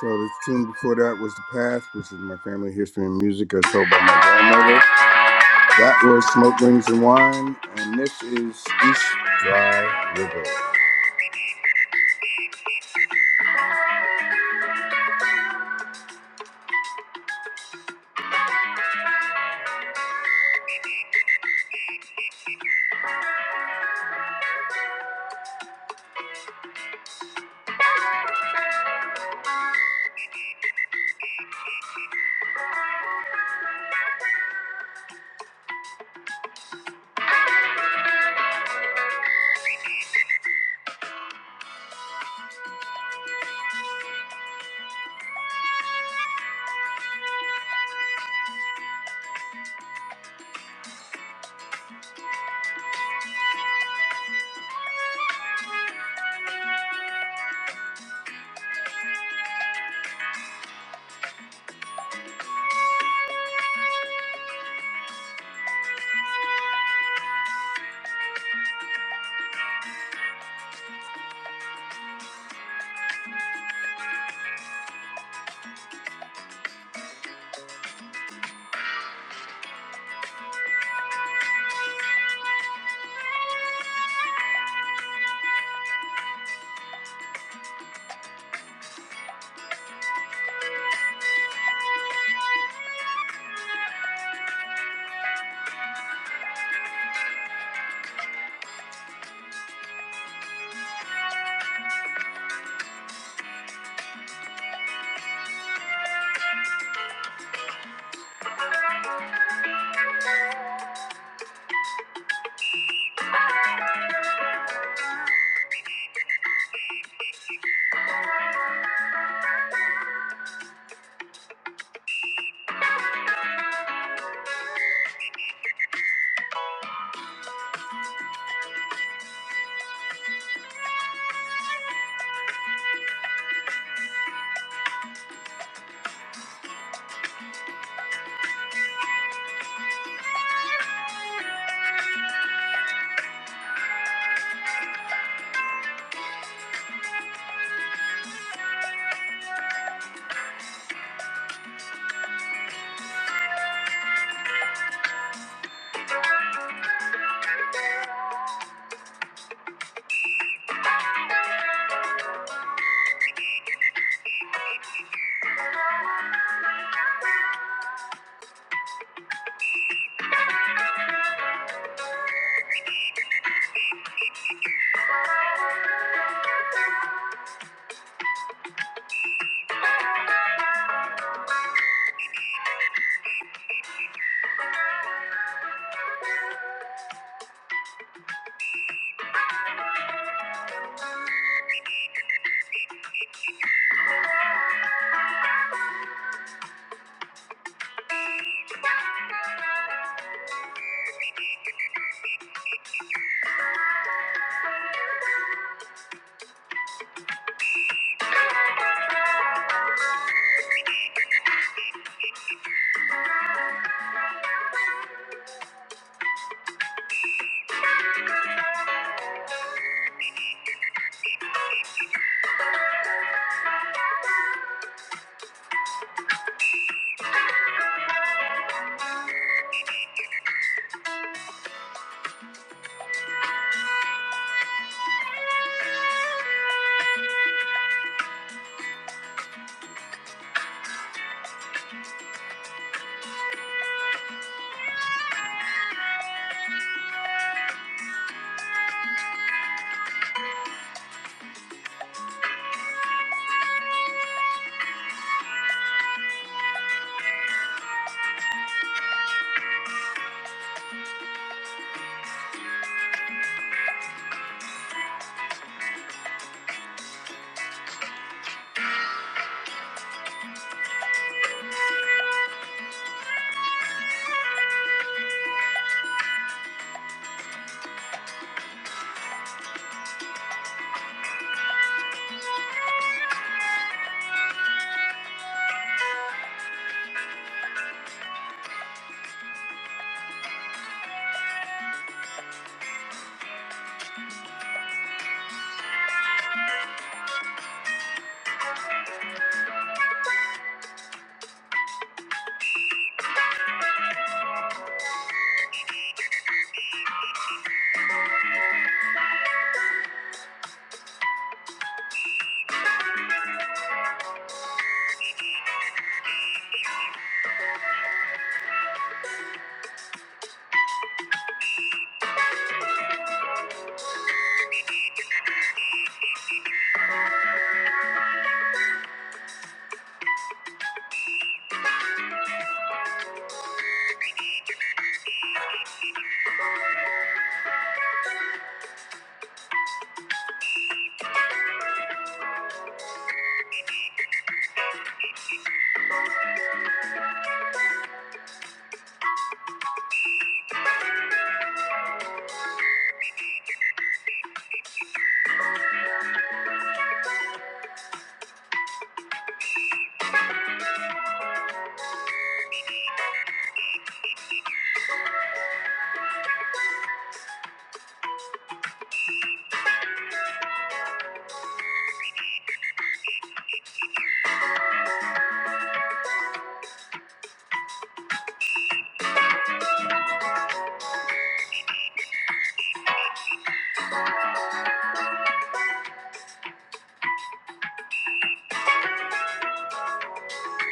So the tune before that was The Past, which is my family history and music as told by my grandmother. That was Smoke Rings and Wine, and this is East Dry River.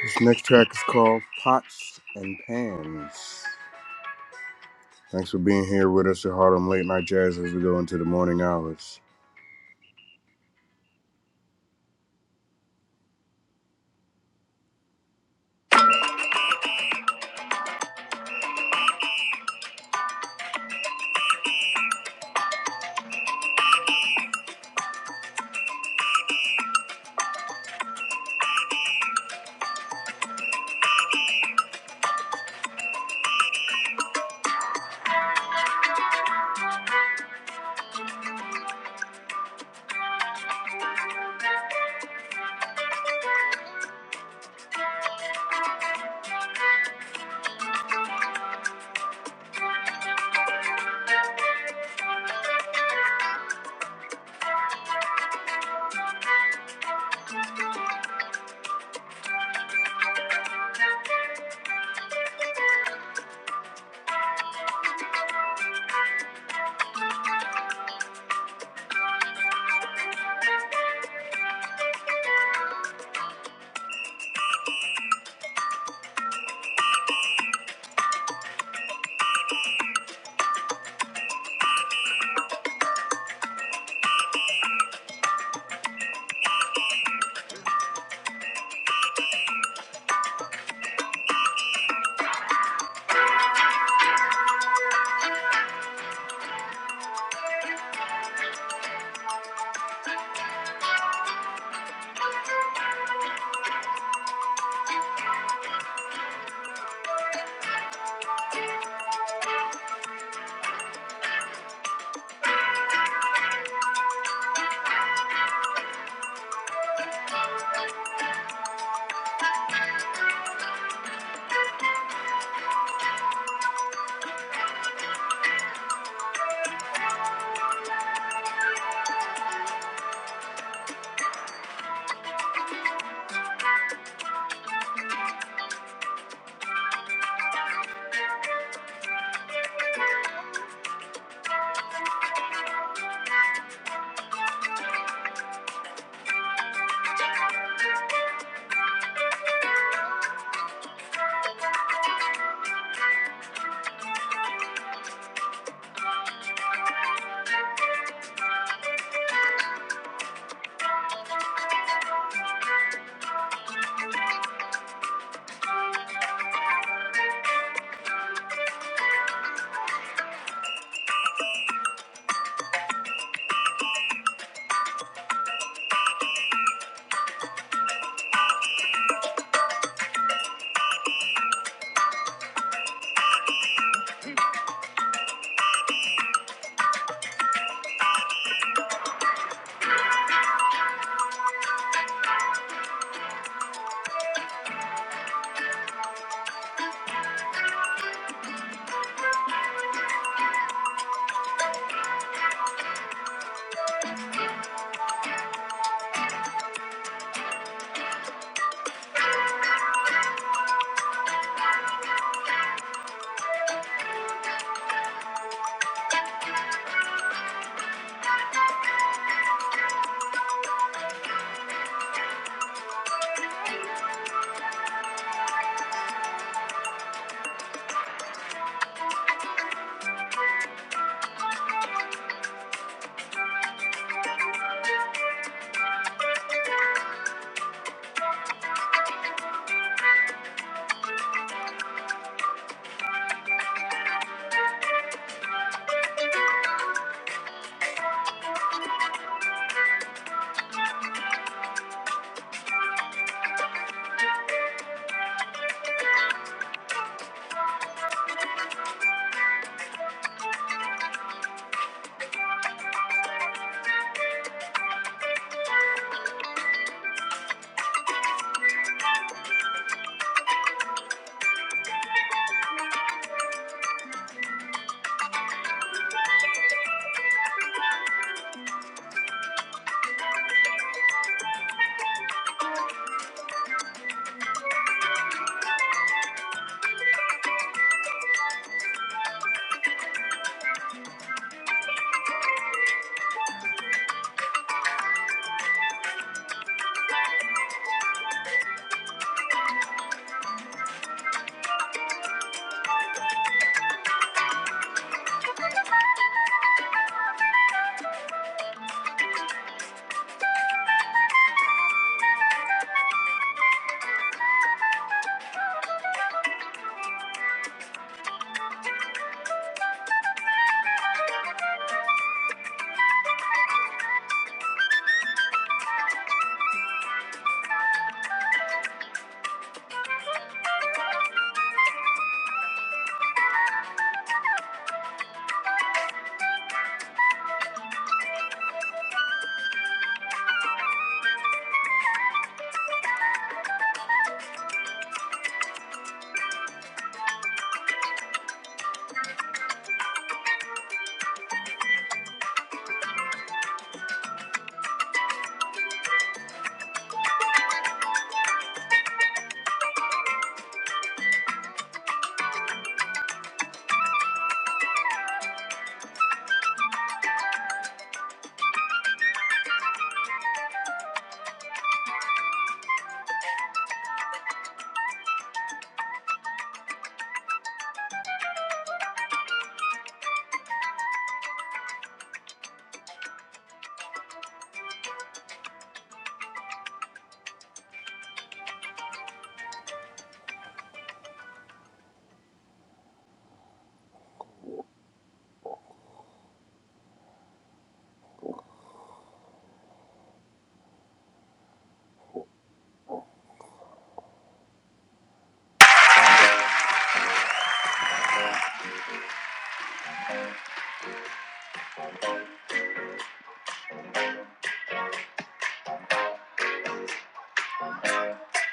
This next track is called Pots and Pans. Thanks for being here with us at Harlem Late Night Jazz as we go into the morning hours.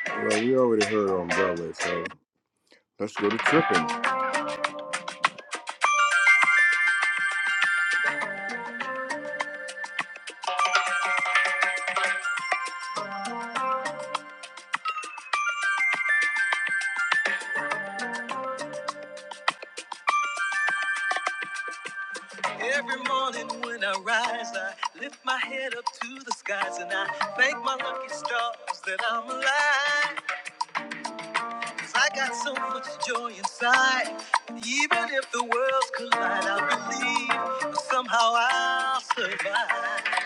Well, we already heard on Broadway, so let's go to tripping. Even if the worlds collide, I believe somehow I'll survive.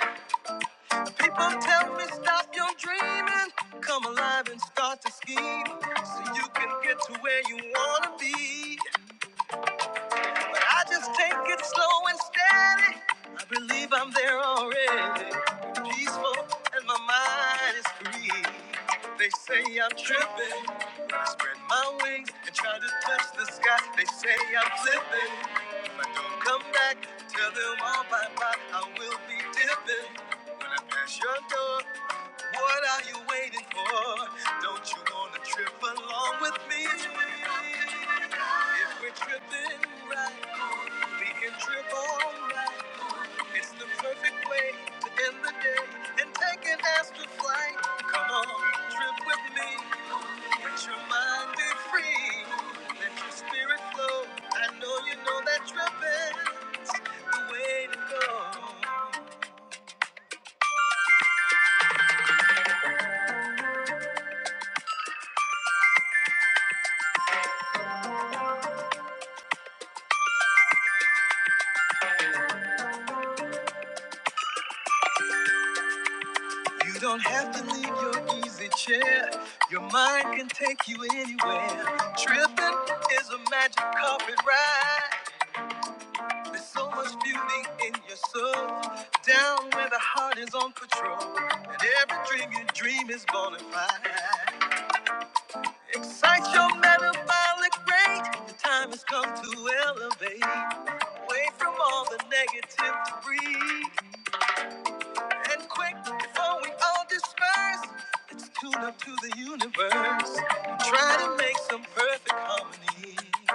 People tell me stop your dreaming, come alive and start to scheme, so you can get to where you wanna be. I just take it slow and steady. I believe I'm there already. Peaceful and my mind is free. They say I'm tripping. I spread my wings and try to touch the sky. They say I'm flipping. If I don't come back, tell them all bye bye. I will be dipping. When I pass your door, what are you waiting for? Don't you wanna trip along with me? If we're tripping right. We can trip all night. It's the perfect way to end the day and take an astral flight. Come on, trip with me. Let your mind be free. Let your spirit flow. I know you know that tripping the way to go. You don't have to leave your easy chair. Your mind can take you anywhere. Tripping is a magic carpet ride. There's so much beauty in your soul, down where the heart is on patrol, and every dream you dream is bonafide. Excite your metabolic rate. The time has come to elevate, away from all the negative debris, and quick before we all disperse. Let's tune up to the universe and try to make some perfect harmony.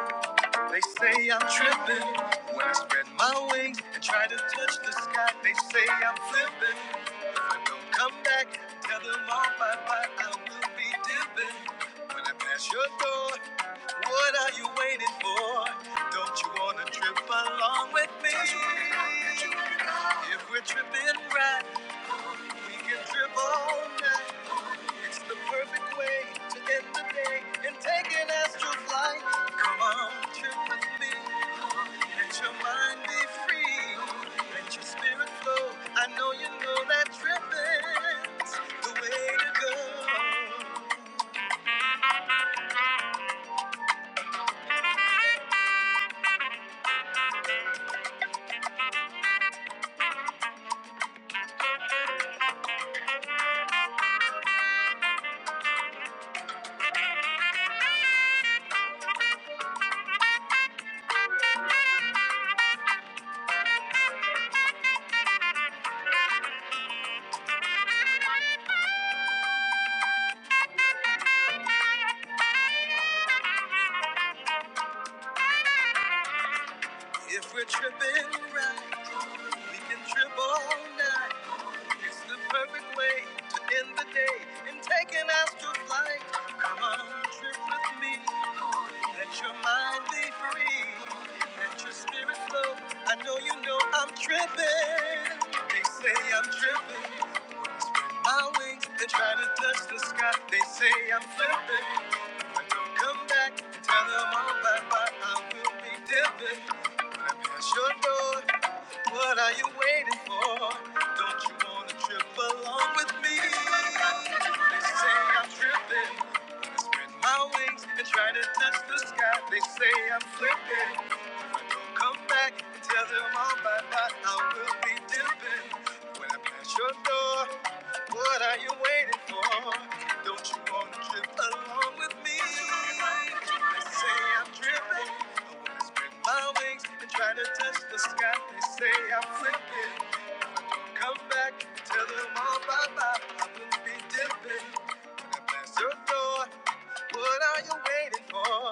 They say I'm tripping when I spread my wings and try to touch the sky. They say I'm flipping. If I don't come back, tell them all bye bye. I will be dipping when I pass your door. What are you waiting for? Don't you wanna trip along with me? If we're tripping right, we can trip all night. It's the perfect way to end the day and take an astral flight. Come on, trip with me. Let your mind be free. Let your spirit flow. I know you know that tripping's the way to go. If we're tripping right, we can trip all night. It's the perfect way to end the day and taking us to flight. Come on, trip with me. Let your mind be free. Let your spirit flow. I know you know I'm tripping. They say I'm tripping. My wings, they try to touch the sky. They say I'm flipping. But don't come back and tell them all bye bye. I will be dipping. When I pass your door, what are you waiting for? Don't you wanna trip along with me? They say I'm tripping. When I spread my wings and try to touch the sky, they say I'm flipping. Come back and tell them all my life I will be dipping. When I pass your door, what are you waiting for? Don't you wanna trip along with me? They say I'm dripping. I wanna spread my wings and try to touch the sky. They say I'm flipping. Come back and tell them all bye bye. I will be dipping. When I pass your door. What are you waiting for?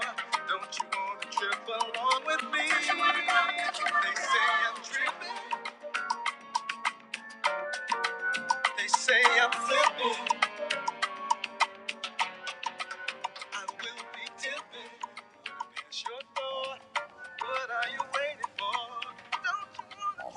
Don't you want to trip along with me? They say I'm tripping. They say I'm flipping. I will be dipping. It's your thought. What are you waiting for? Don't you want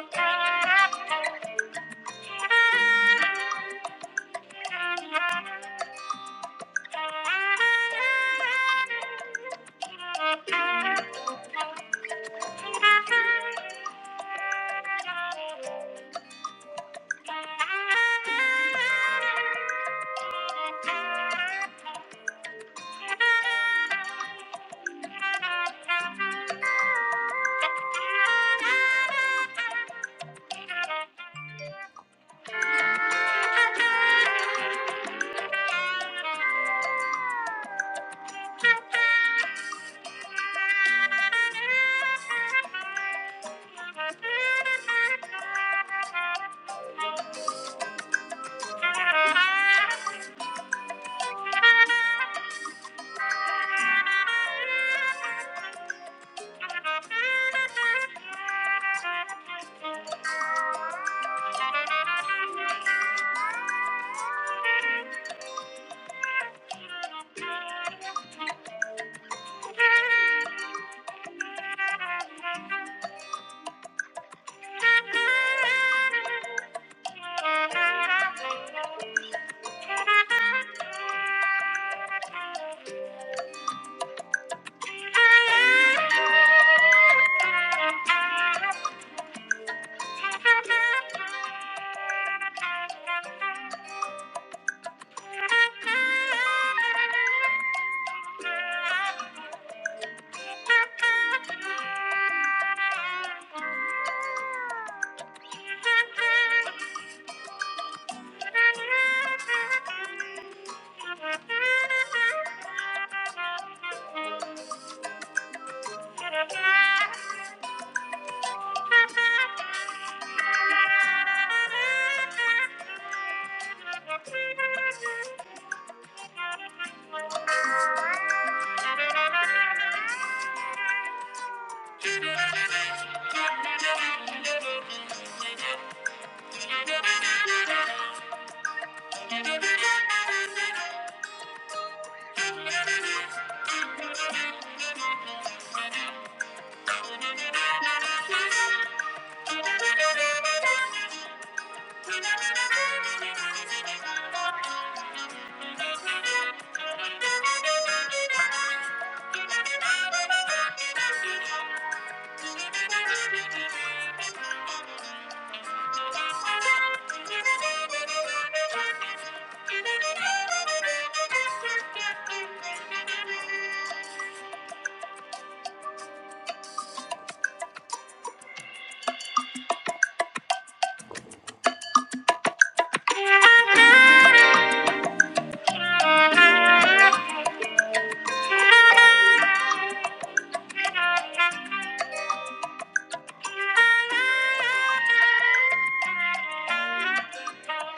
to trip along? Thank you. Thank you. Thank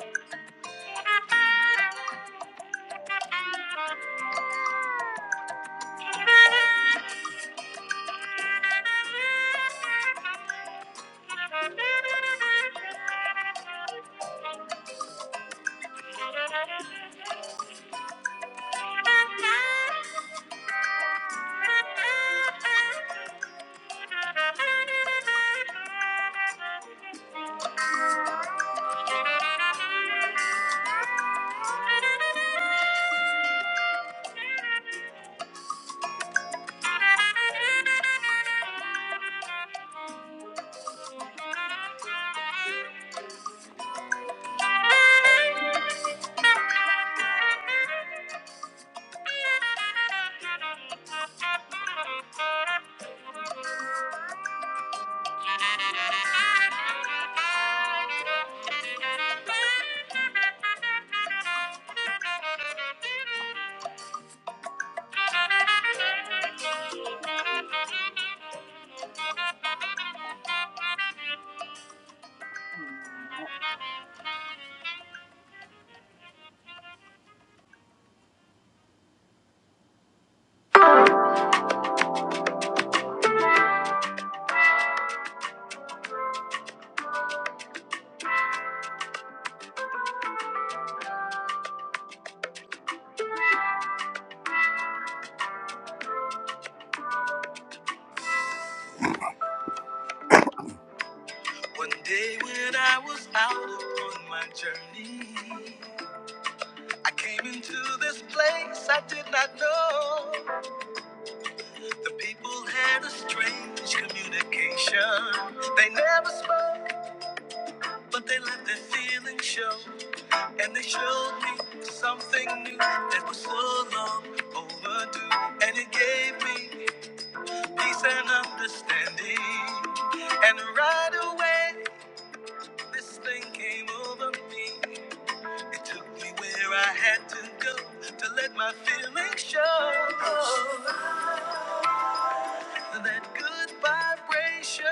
you. Thank you. One day when I was out upon my journey, I came into this place I did not know. The people had a strange communication. They never spoke, but they let their feelings show. And they showed me something new that was so long overdue. And it gave me peace and understanding. And right away, this thing came over me. It took me where I had to go to let my feelings show. That good vibration,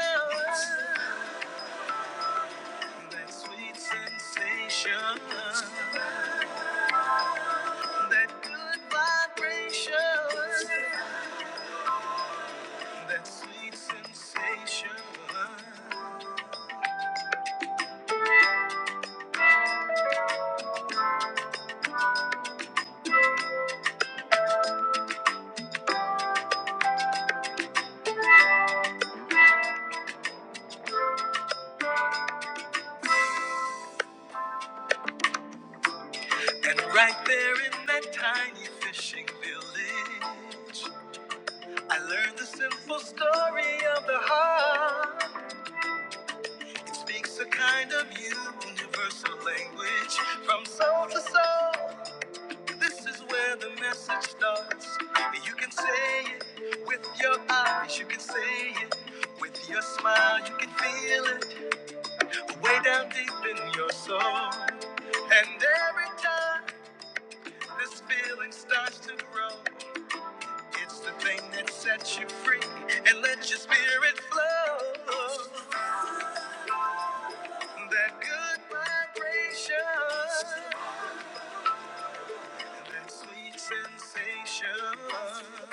that sweet sensation, that good vibration, that sweet sensation. And right there in that tiny fishing village, I learned the simple story of the heart. It speaks a kind of universal language from soul to soul. This is where the message starts. You can say it with your eyes, you can say it with your smile, you can feel it way down deep in your soul. And every time this feeling starts to grow, it's the thing that sets you free and lets your spirit flow. That good vibration, that sweet sensation.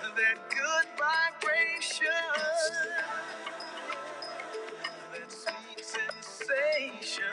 That good vibration, that sweet sensation,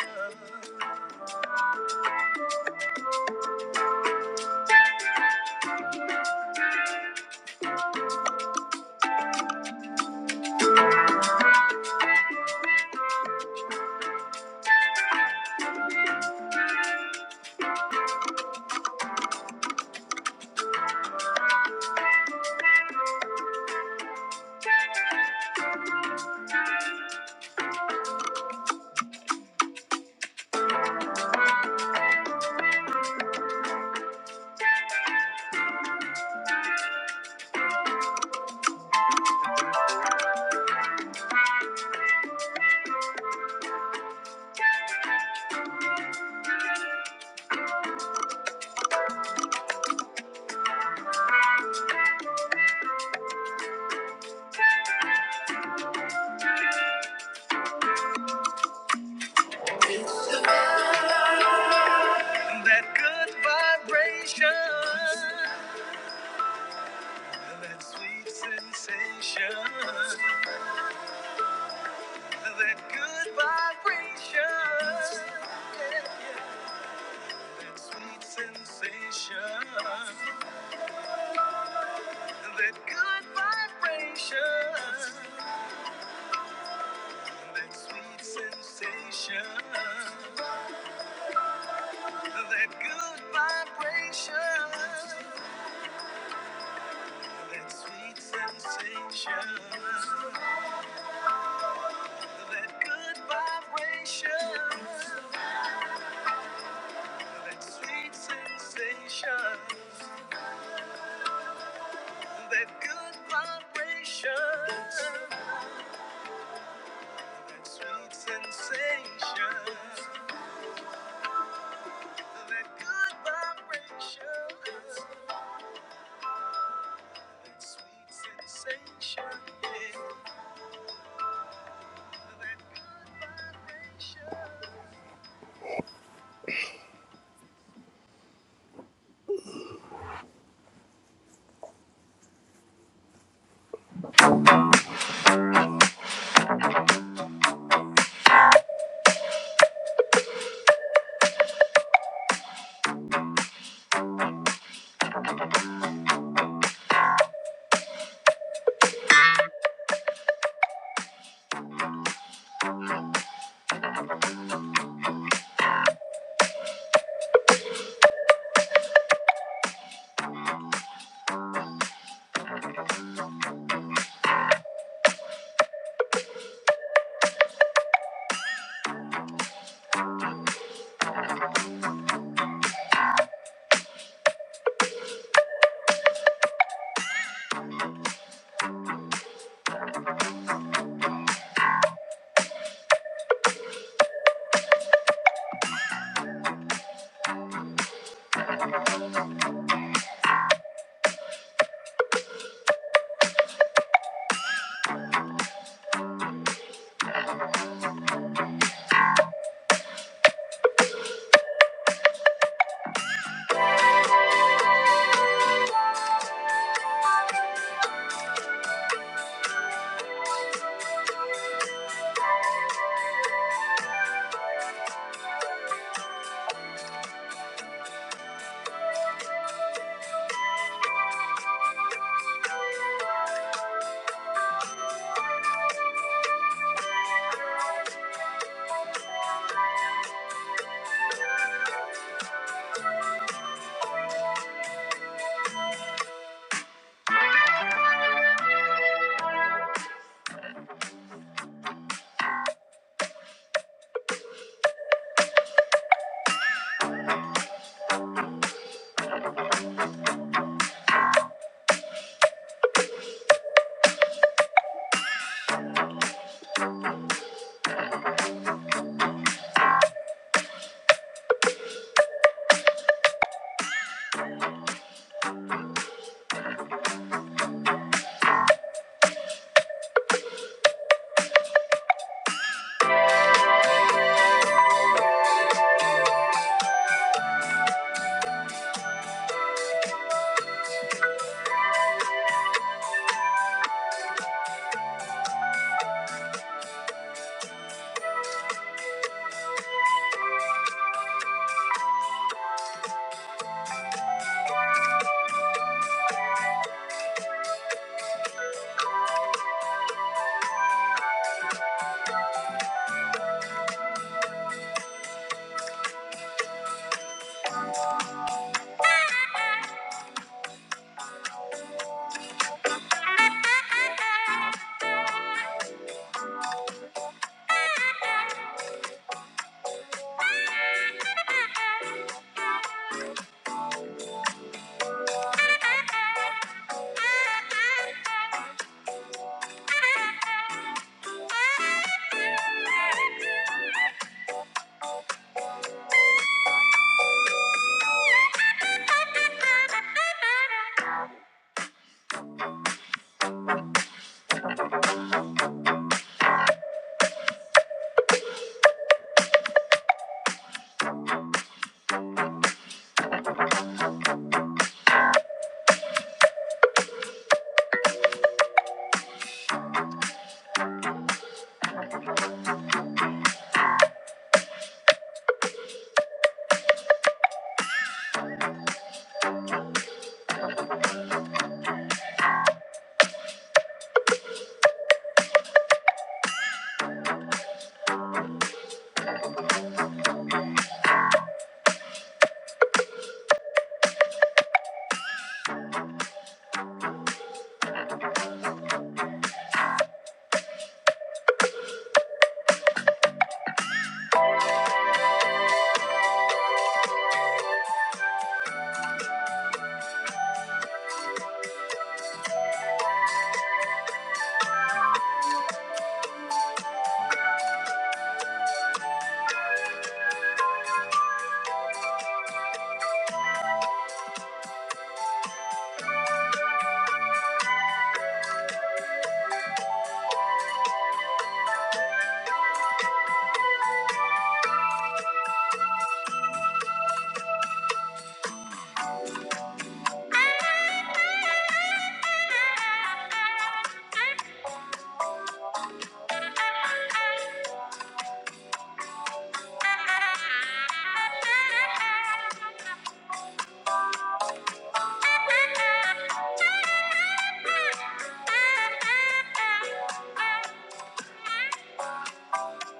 that good vibration, that sweet sensation, that good vibration, yeah, yeah, that sweet sensation, that good vibration, that sweet sensation, that good vibration. That sweet sensation, that good vibration, that sweet sensation, that good vibration, that sweet sensation, that good vibration, that sweet sensation, yeah, that good vibration. Thank you.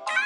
Thank you.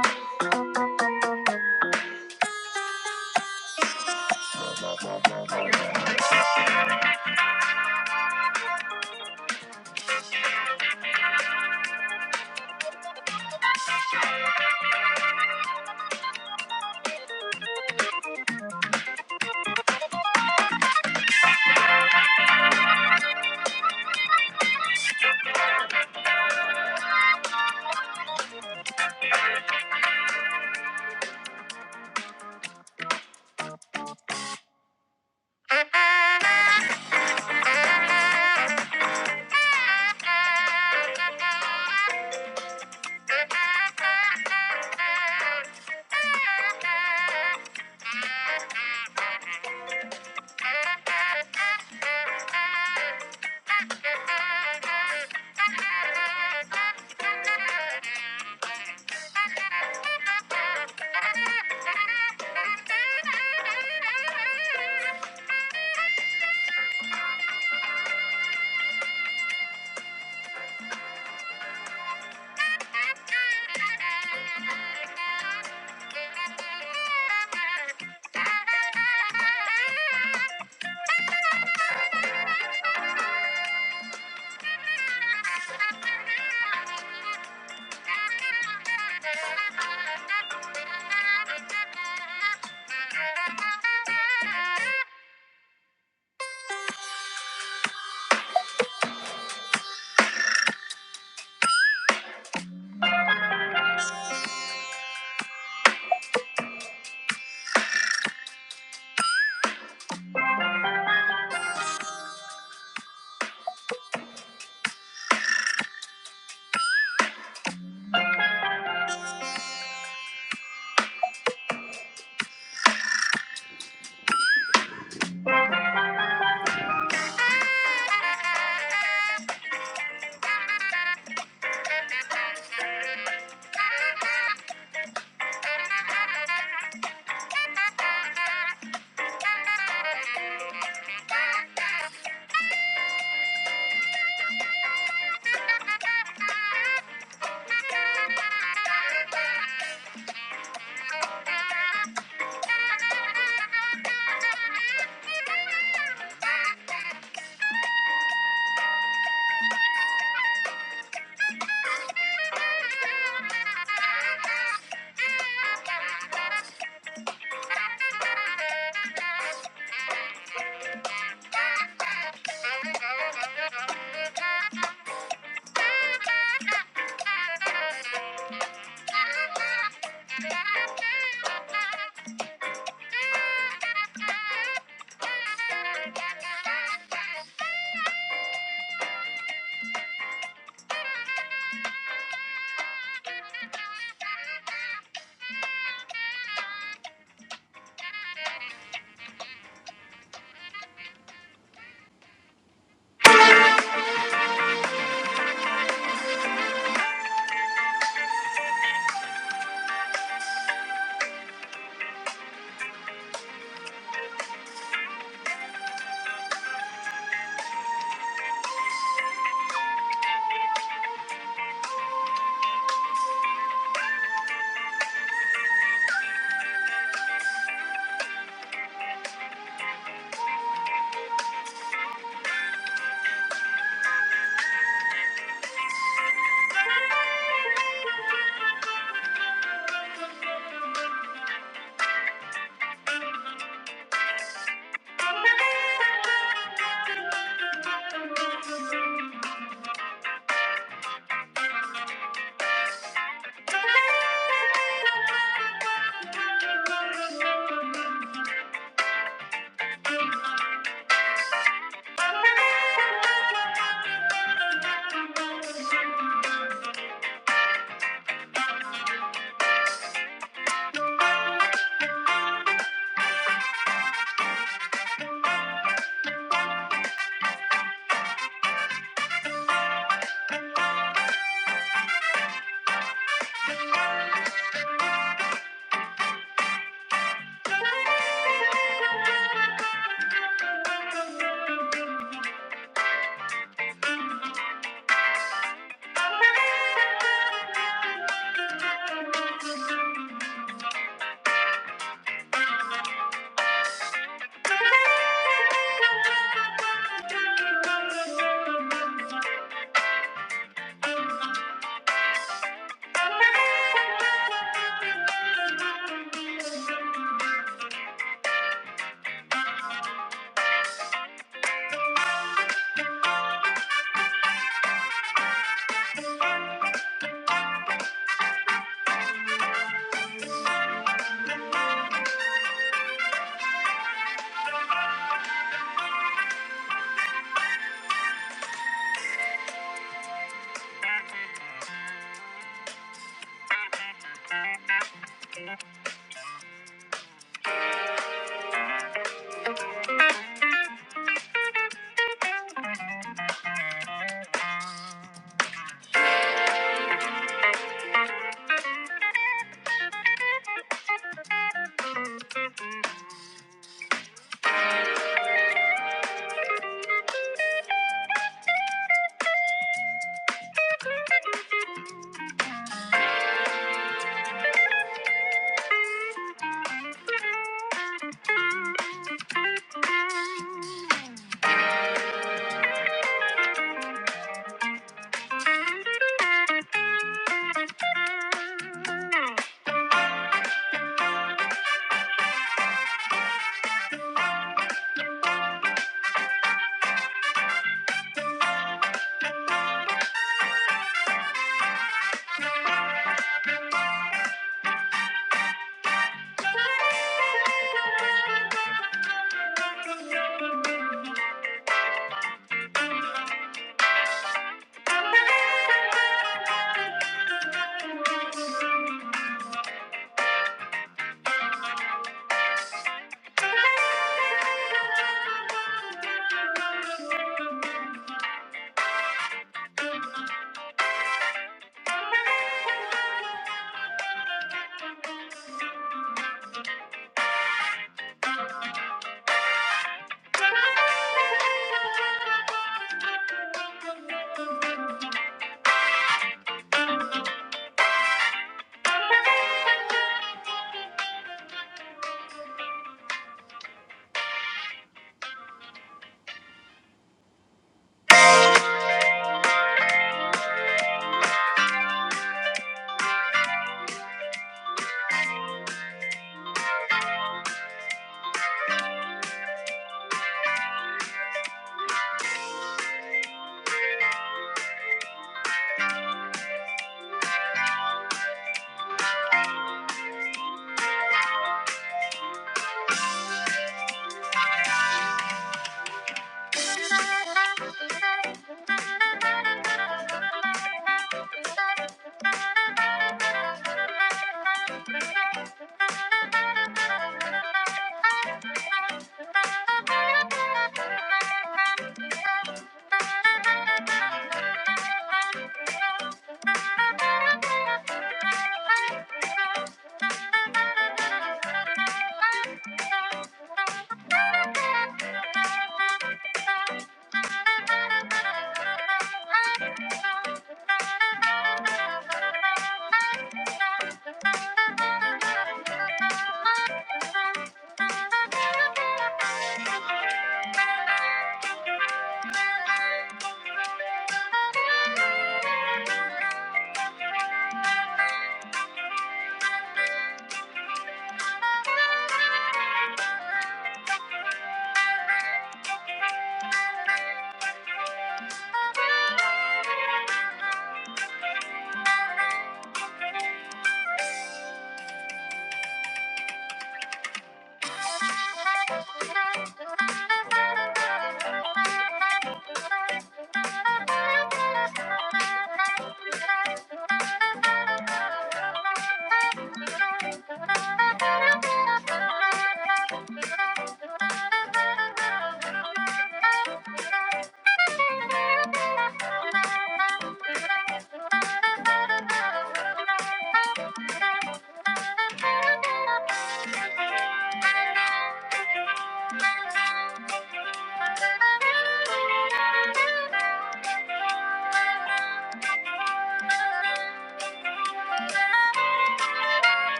Thank you. Thank you.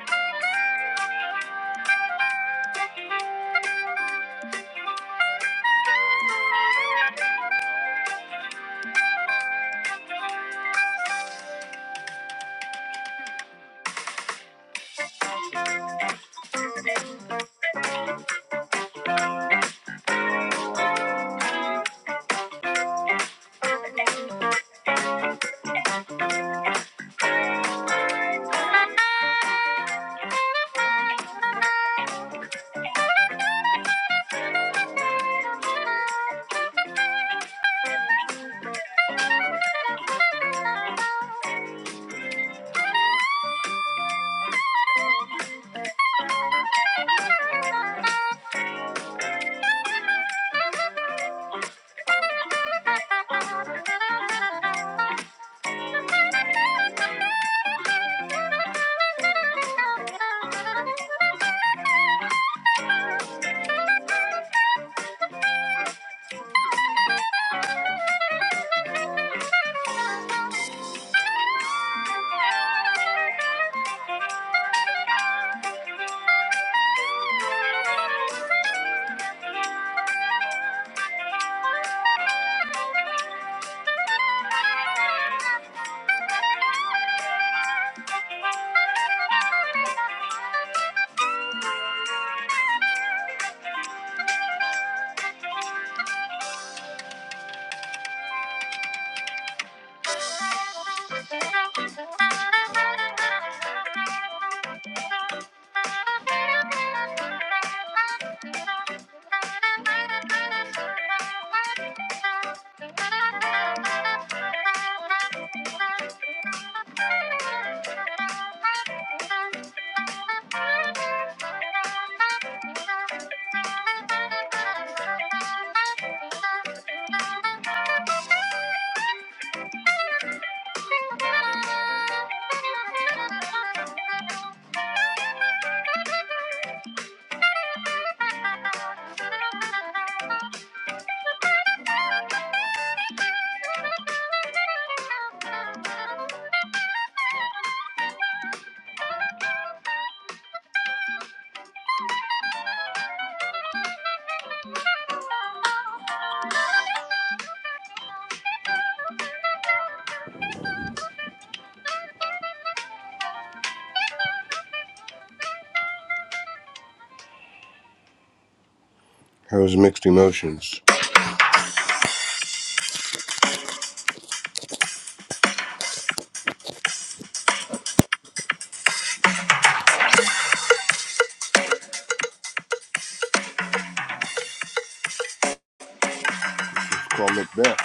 Thank you. Thank you. Thank you. That was Mixed Emotions. It's called Macbeth.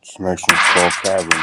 This next one's called Cavern.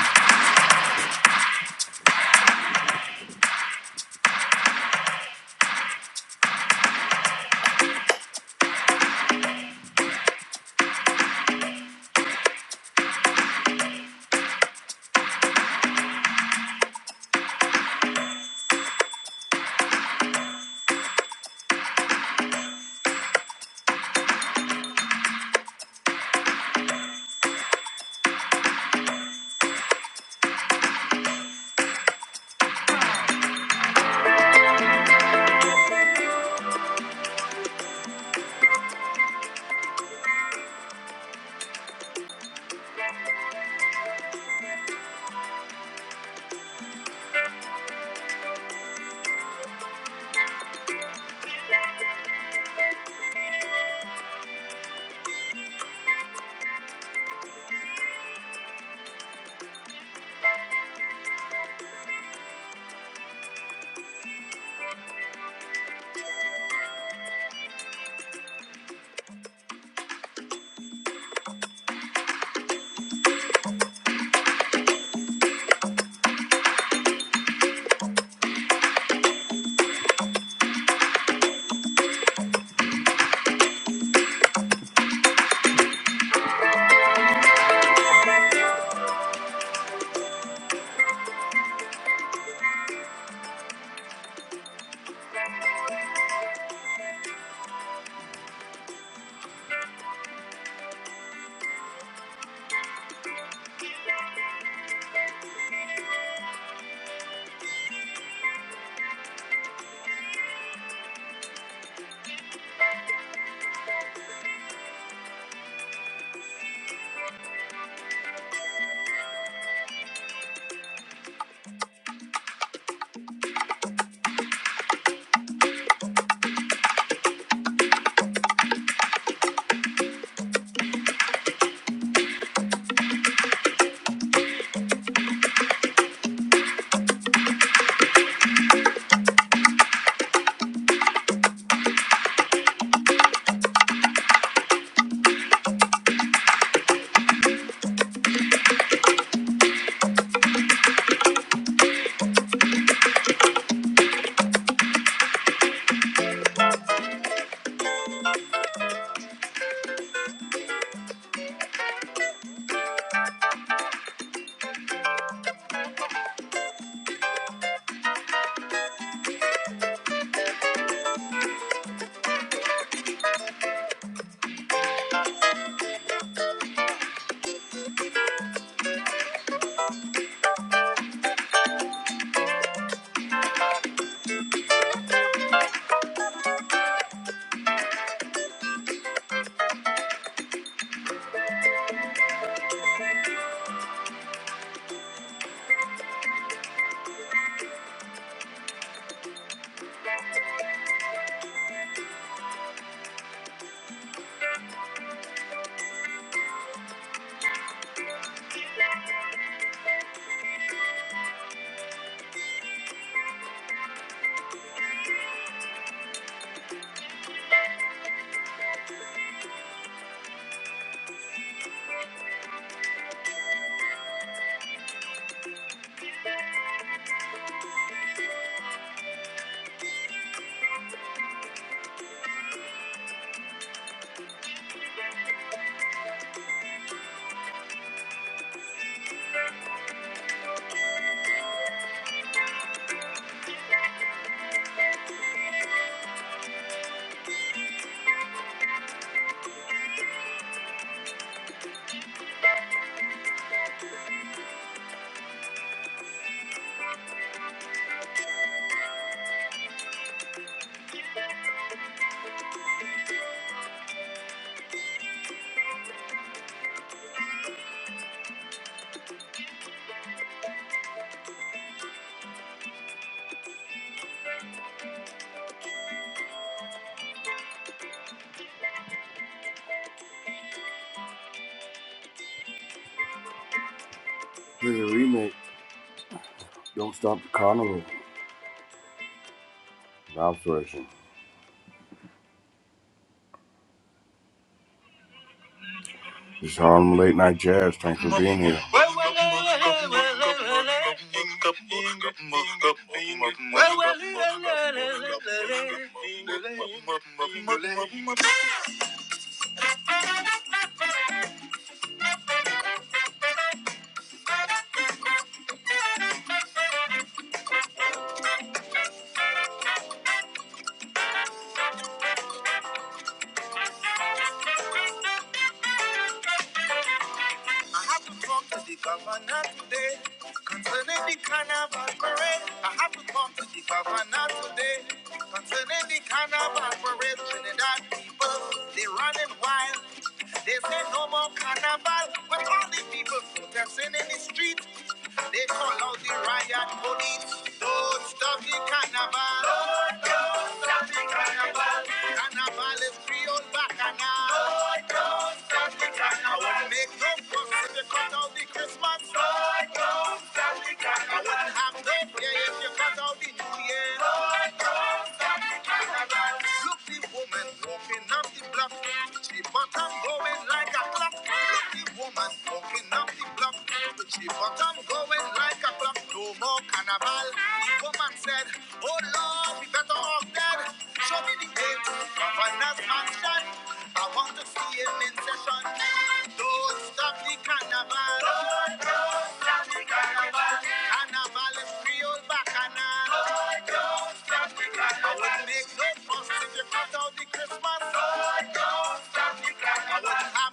This a remake. Don't Stop the Carnival. Ralph's version. It's Harlem Late Night Jazz. Thanks for being here. I have to talk to the governor today concerning the carnival parade. I have to talk to the governor today concerning the carnival parade. Trinidad people, they running wild. They say no more carnival, but all the people protesting in the street. They call out the riot police. Don't stop the carnival. Don't stop the carnival. Carnival is real bacchanal. Don't stop the carnival. I wouldn't make no fuss if you cut out the Christmas. Don't I wouldn't have no fear if you cut out the New Year. Don't Look the woman walking up the block. She bottom going like a clock. Look the woman walking up the block. She bottom going like a clock. No more carnival. The woman said, Oh Lord, we better off dead. Show me the way to governor's mansion. I want to see him in session. Don't stop the carnival. Carnival is real bacchanal. I would make no fuss if you cut out the Christmas. Lord, don't stop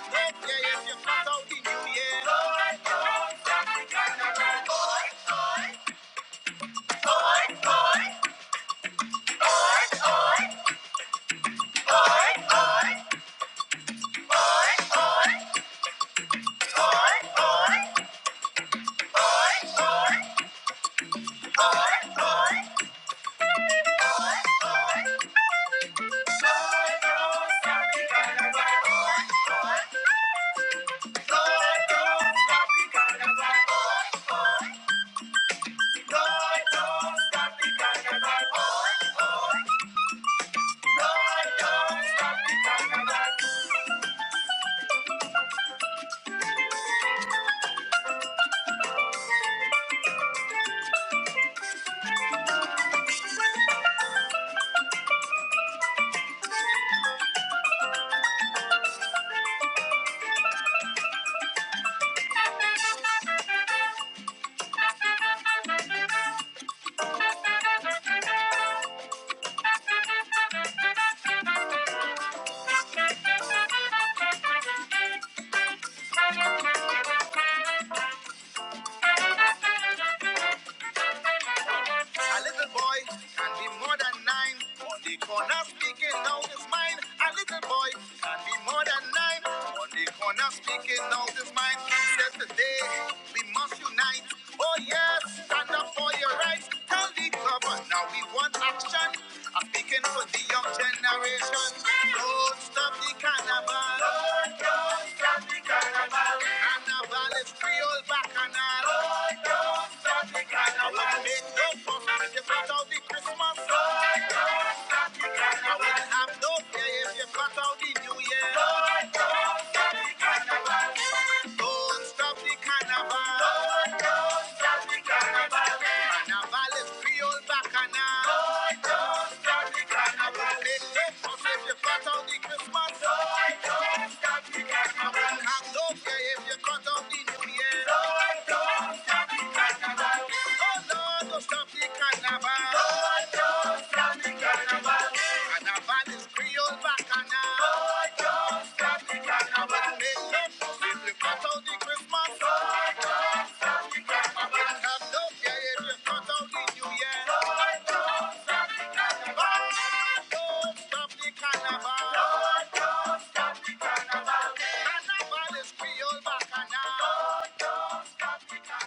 the carnival. Lord, don't A little boy can be more than nine. On the corner speaking out his mind. A little boy can be more than nine. On the corner speaking out his mind. Says today we must unite. Oh yes, stand up for your rights. Tell the government now we want action. I'm speaking for the young generation. Don't stop the carnival. Carnival is Creole bacchanal. Don't stop the carnival. Make no fuss. Just put out the Christmas. I'm no care if you cut out the new year. Don't carnival. Don't stop the carnival. Don't, don't stop the carnival. Carnival is Creole bacchanal. Don't, don't stop the carnival. They take us if you cut out the Christmas. Don't, don't stop the carnival. I'm no care if you cut out the new year. Don't, Oh, no, Oh, Oh, no Oh, no Oh, Oh,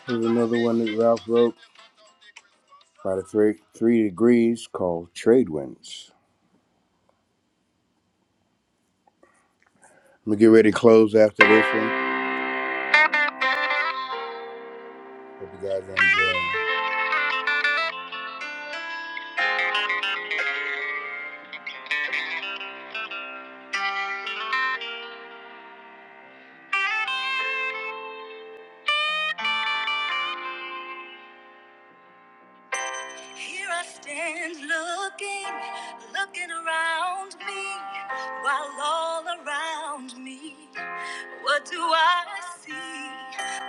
Here's another one that Ralph wrote by the three, three degrees called Trade Winds. I'm gonna get ready to close after this one. Hope you guys are enjoying. Here I stand looking, looking around me, while all around me, what do I see?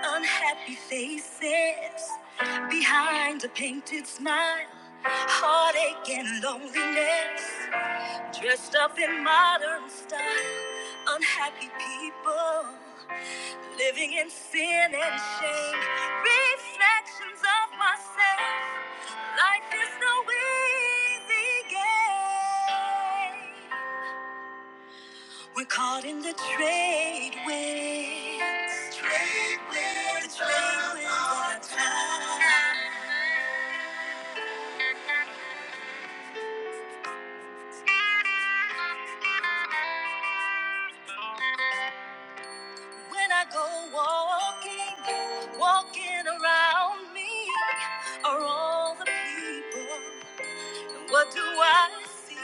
Unhappy faces behind a painted smile, heartache and loneliness, dressed up in modern style, unhappy people. Living in sin and shame, reflections of myself. Life is no easy game. We're caught in the trade winds. Trade winds. trade winds of time. When I go walking, walking around me are all the people. And what do I see?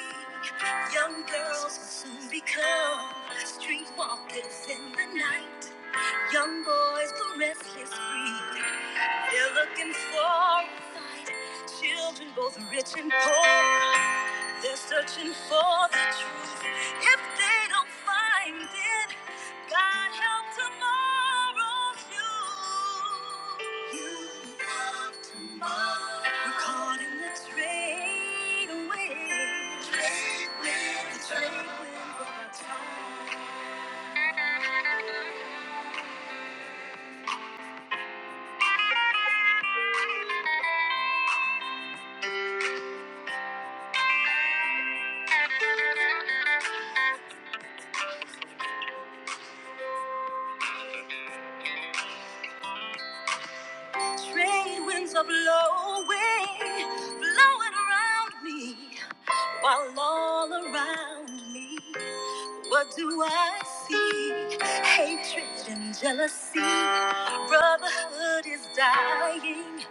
Young girls will soon become streetwalkers in the night. Young boys, the restless breed. They're looking for a fight. Children, both rich and poor, they're searching for the truth. If they don't find it, God help tomorrow's you. You love tomorrow. We're caught in the train away. Train with The train wreck of our time. Trade winds are blowing, blowing around me, while all around me, what do I see? Hatred and jealousy, brotherhood is dying,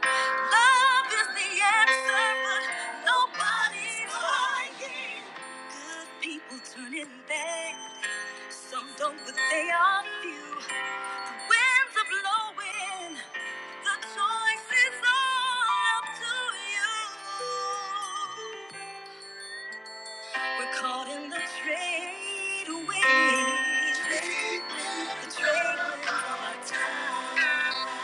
love is the answer, but nobody's lying. Good people turning bad, some don't, but they are few. Winds are blowing. The choice is all up to you. We're caught in the trade winds. The trade winds of our time.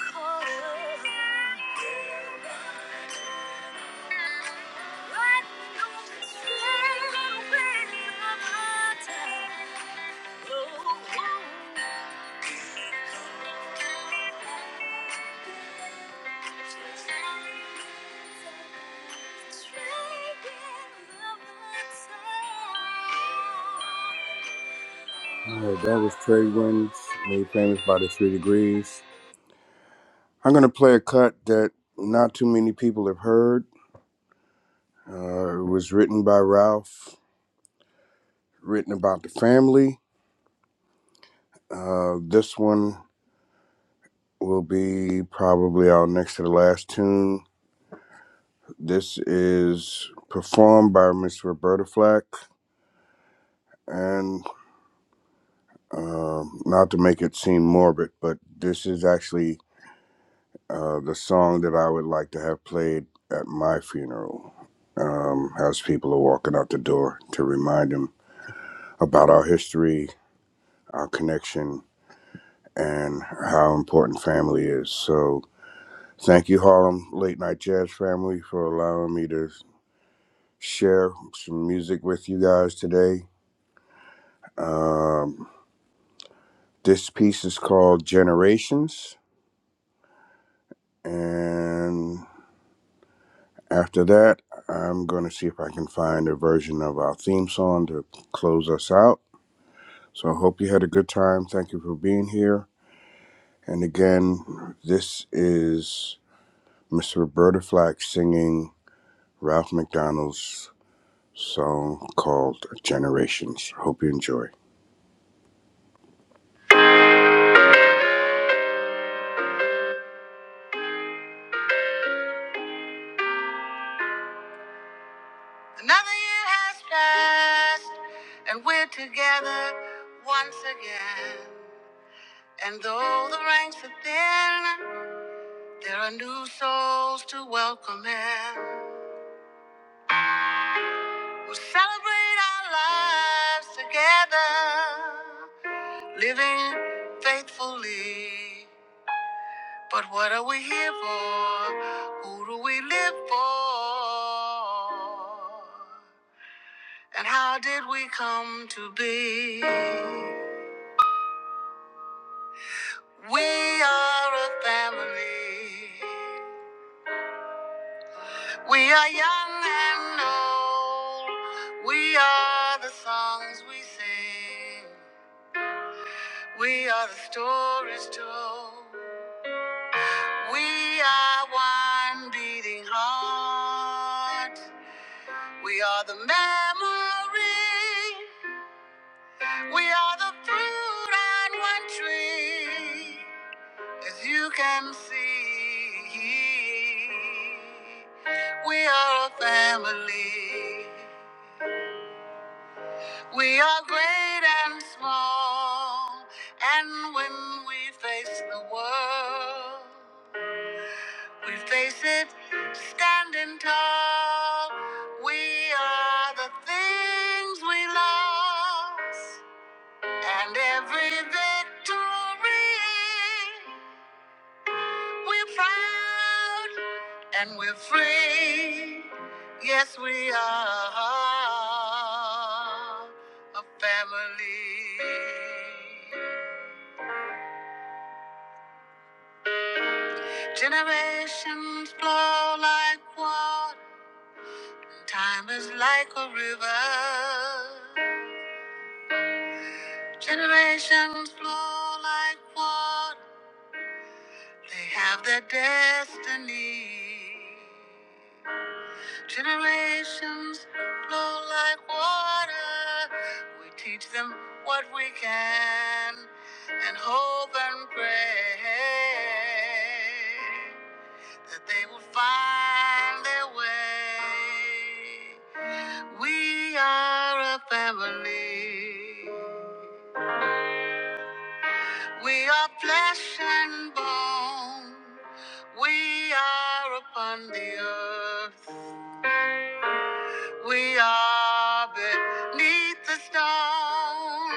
Caught up. All right, that was Trey Wins, made famous by the Three Degrees. I'm going to play a cut that not too many people have heard. Uh, it was written by Ralph. written about the family. Uh, this one will be probably our next to the last tune. This is performed by Miss Roberta Flack, and um, not to make it seem morbid, but this is actually uh, the song that I would like to have played at my funeral. Um, as people are walking out the door to remind them about our history, our connection, and how important family is. So Thank you, Harlem Late Night Jazz family, for allowing me to share some music with you guys today. Um, this piece is called Generations, and after that, I'm going to see if I can find a version of our theme song to close us out. So I hope you had a good time. Thank you for being here. And again, this is Miss Roberta Flack singing Ralph McDonald's song called Generations. Hope you enjoy. Another year has passed, and we're together once again. And though the ranks are thin, there are new souls to welcome in. We'll celebrate our lives together, living faithfully. But what are we here for? Who do we live for? And how did we come to be? We are a family. We are young and old. We are the songs we sing. We are the stories told. We are one beating heart. We are the memory. We are the fruit on one tree. As you can see, we are a family. We are great and small. And when we face the world, we face it standing tall. We are the things we lost. And every victory We're proud and we're free. Yes, we are a family. Generations flow like water. Time is like a river. Generations flow like water. They have their destiny. Generations flow like water. We teach them what we can and hope and pray that they will find their way. We are a family. We are flesh and bone. We are upon the earth. We are beneath the stone.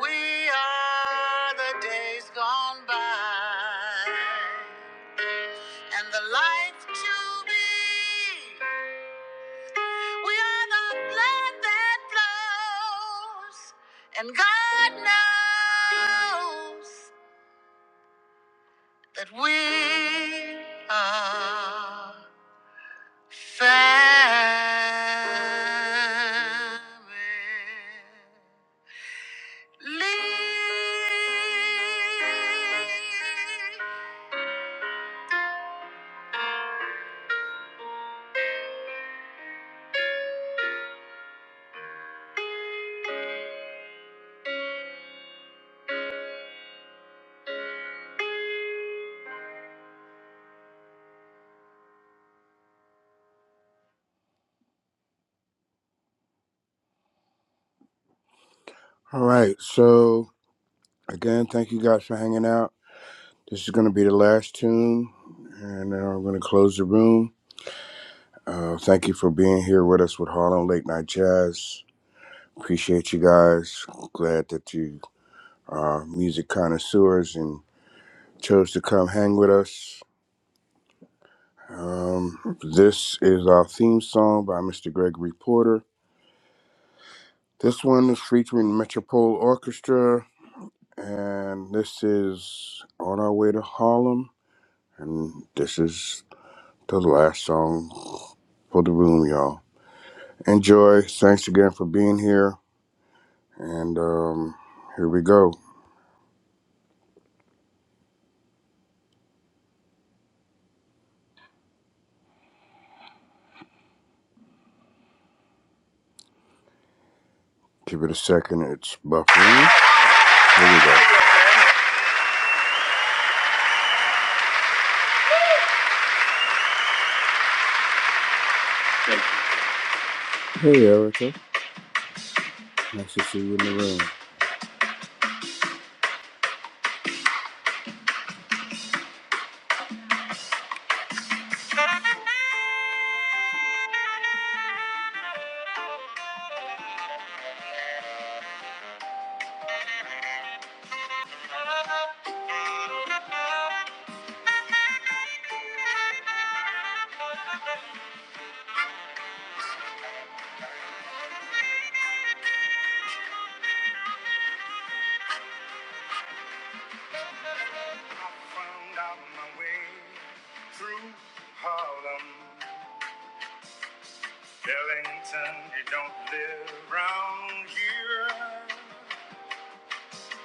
We are the days gone by. And the life to be. We are the blood that flows. And God knows that we are family. All right, so again, thank you guys for hanging out. This is going to be the last tune, and then I'm going to close the room. Uh, thank you for being here with us with Harlem Late Night Jazz. Appreciate you guys. Glad that you are music connoisseurs and chose to come hang with us. Um, this is our theme song by Mr. Gregory Porter. This one is featuring Metropole Orchestra And this is On Our Way to Harlem. And this is the last song for the room, y'all. Enjoy. Thanks again for being here. And um, here we go. Give it a second. It's buffering. Here we go. Hey, Erica. Nice to see you in the room. found out my way through Harlem. Ellington, he don't live round here.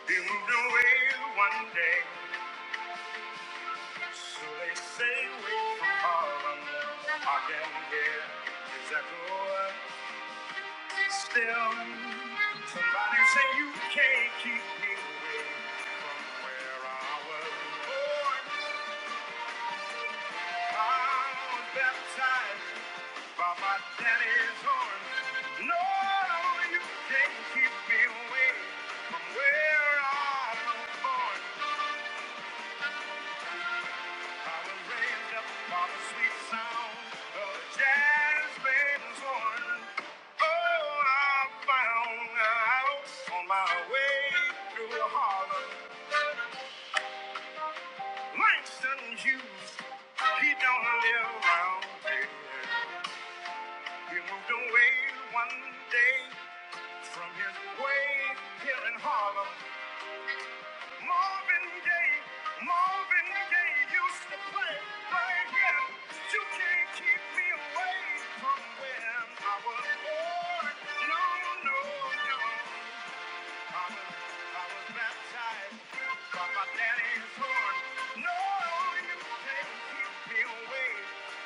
He moved away one day. So they say wait for Harlem. I can hear his echo still. Somebody say you can't keep me away from where I was born. I was baptized by my daddy's horn. No, no, you can't keep me away from where I was born. Mama raised up upon the sweet sound of jazz bass horn. Oh, I found out on my way through Harlem. Langston Hughes, he don't live around here. He moved away one day from his way here in Harlem. Marvin Gaye, Marvin Gaye used to play right here. You can't keep me away from where I was born. No, no, no. I was, I was baptized by my daddy's horn. No, you can't keep me away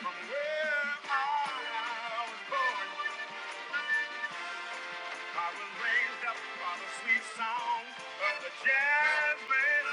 from where I was born. I was raised up by the sweet sound of the jazz band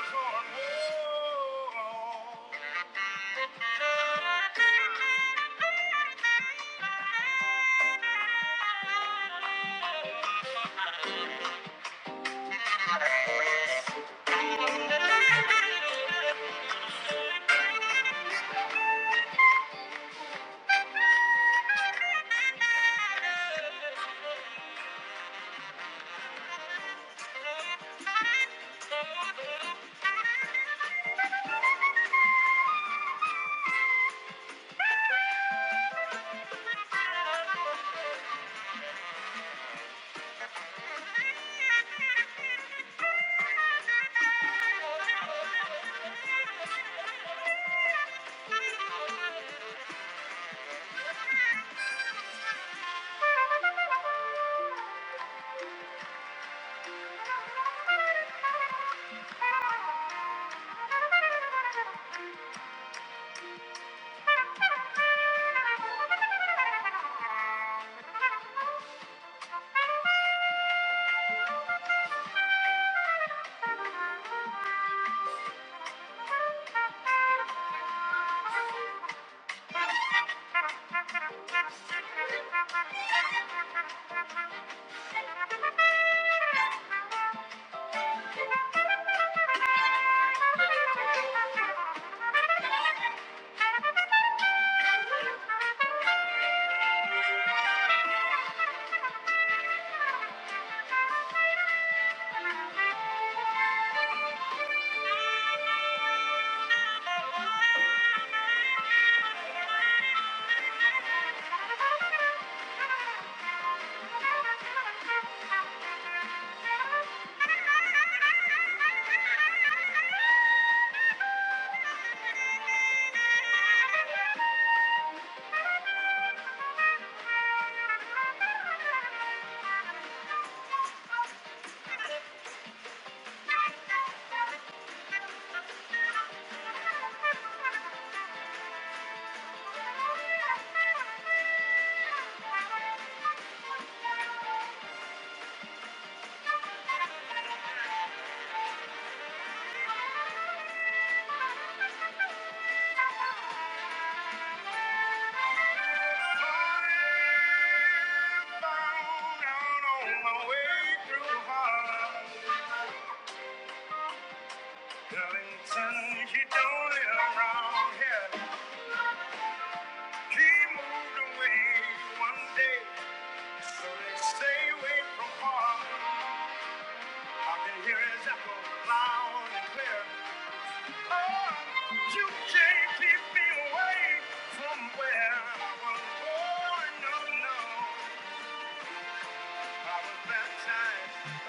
oh. Stay away from harm. I can hear his echo loud and clear. You can't keep me away from where I was born. No, no. I was baptized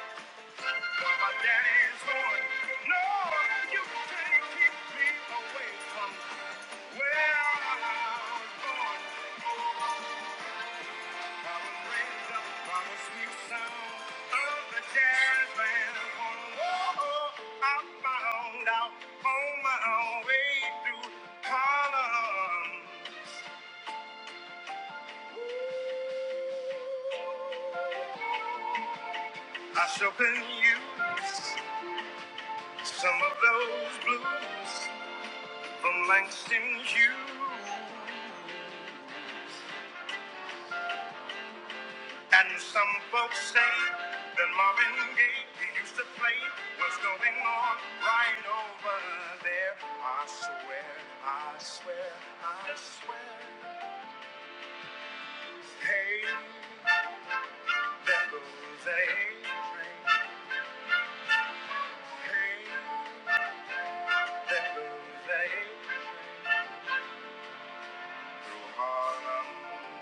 for my daddy's horn. No, you can't keep me away from where I was born. I shall bring you some of those blues from Langston Hughes. And some folks say that Marvin Gaye, he used to play what's going on right over there. I swear, I swear, I swear. Hey, there goes the A train. Hey, there goes the A through Harlem.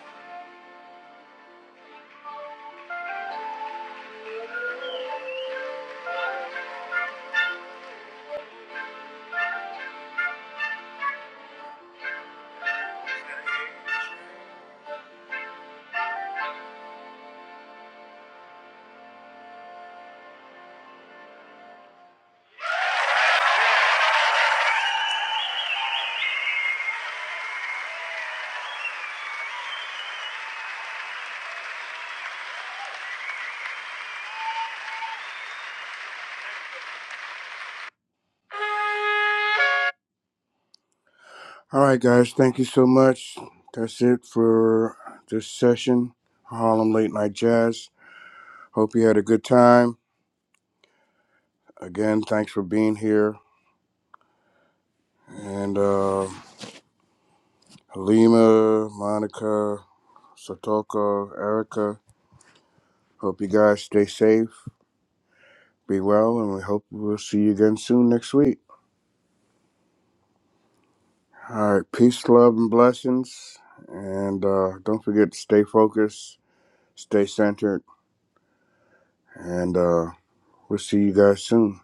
All right, guys, thank you so much. That's it for this session, Harlem Late Night Jazz. Hope you had a good time. Again, thanks for being here. and uh, Halima, Monica, Satoko, Erica. Hope you guys stay safe, be well, and we hope we'll see you again soon next week. All right, peace, love, and blessings. And uh, don't forget to stay focused, stay centered, and uh, we'll see you guys soon.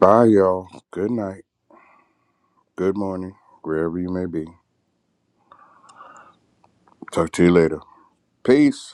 Bye, y'all. Good night, good morning, wherever you may be. Talk to you later. Peace.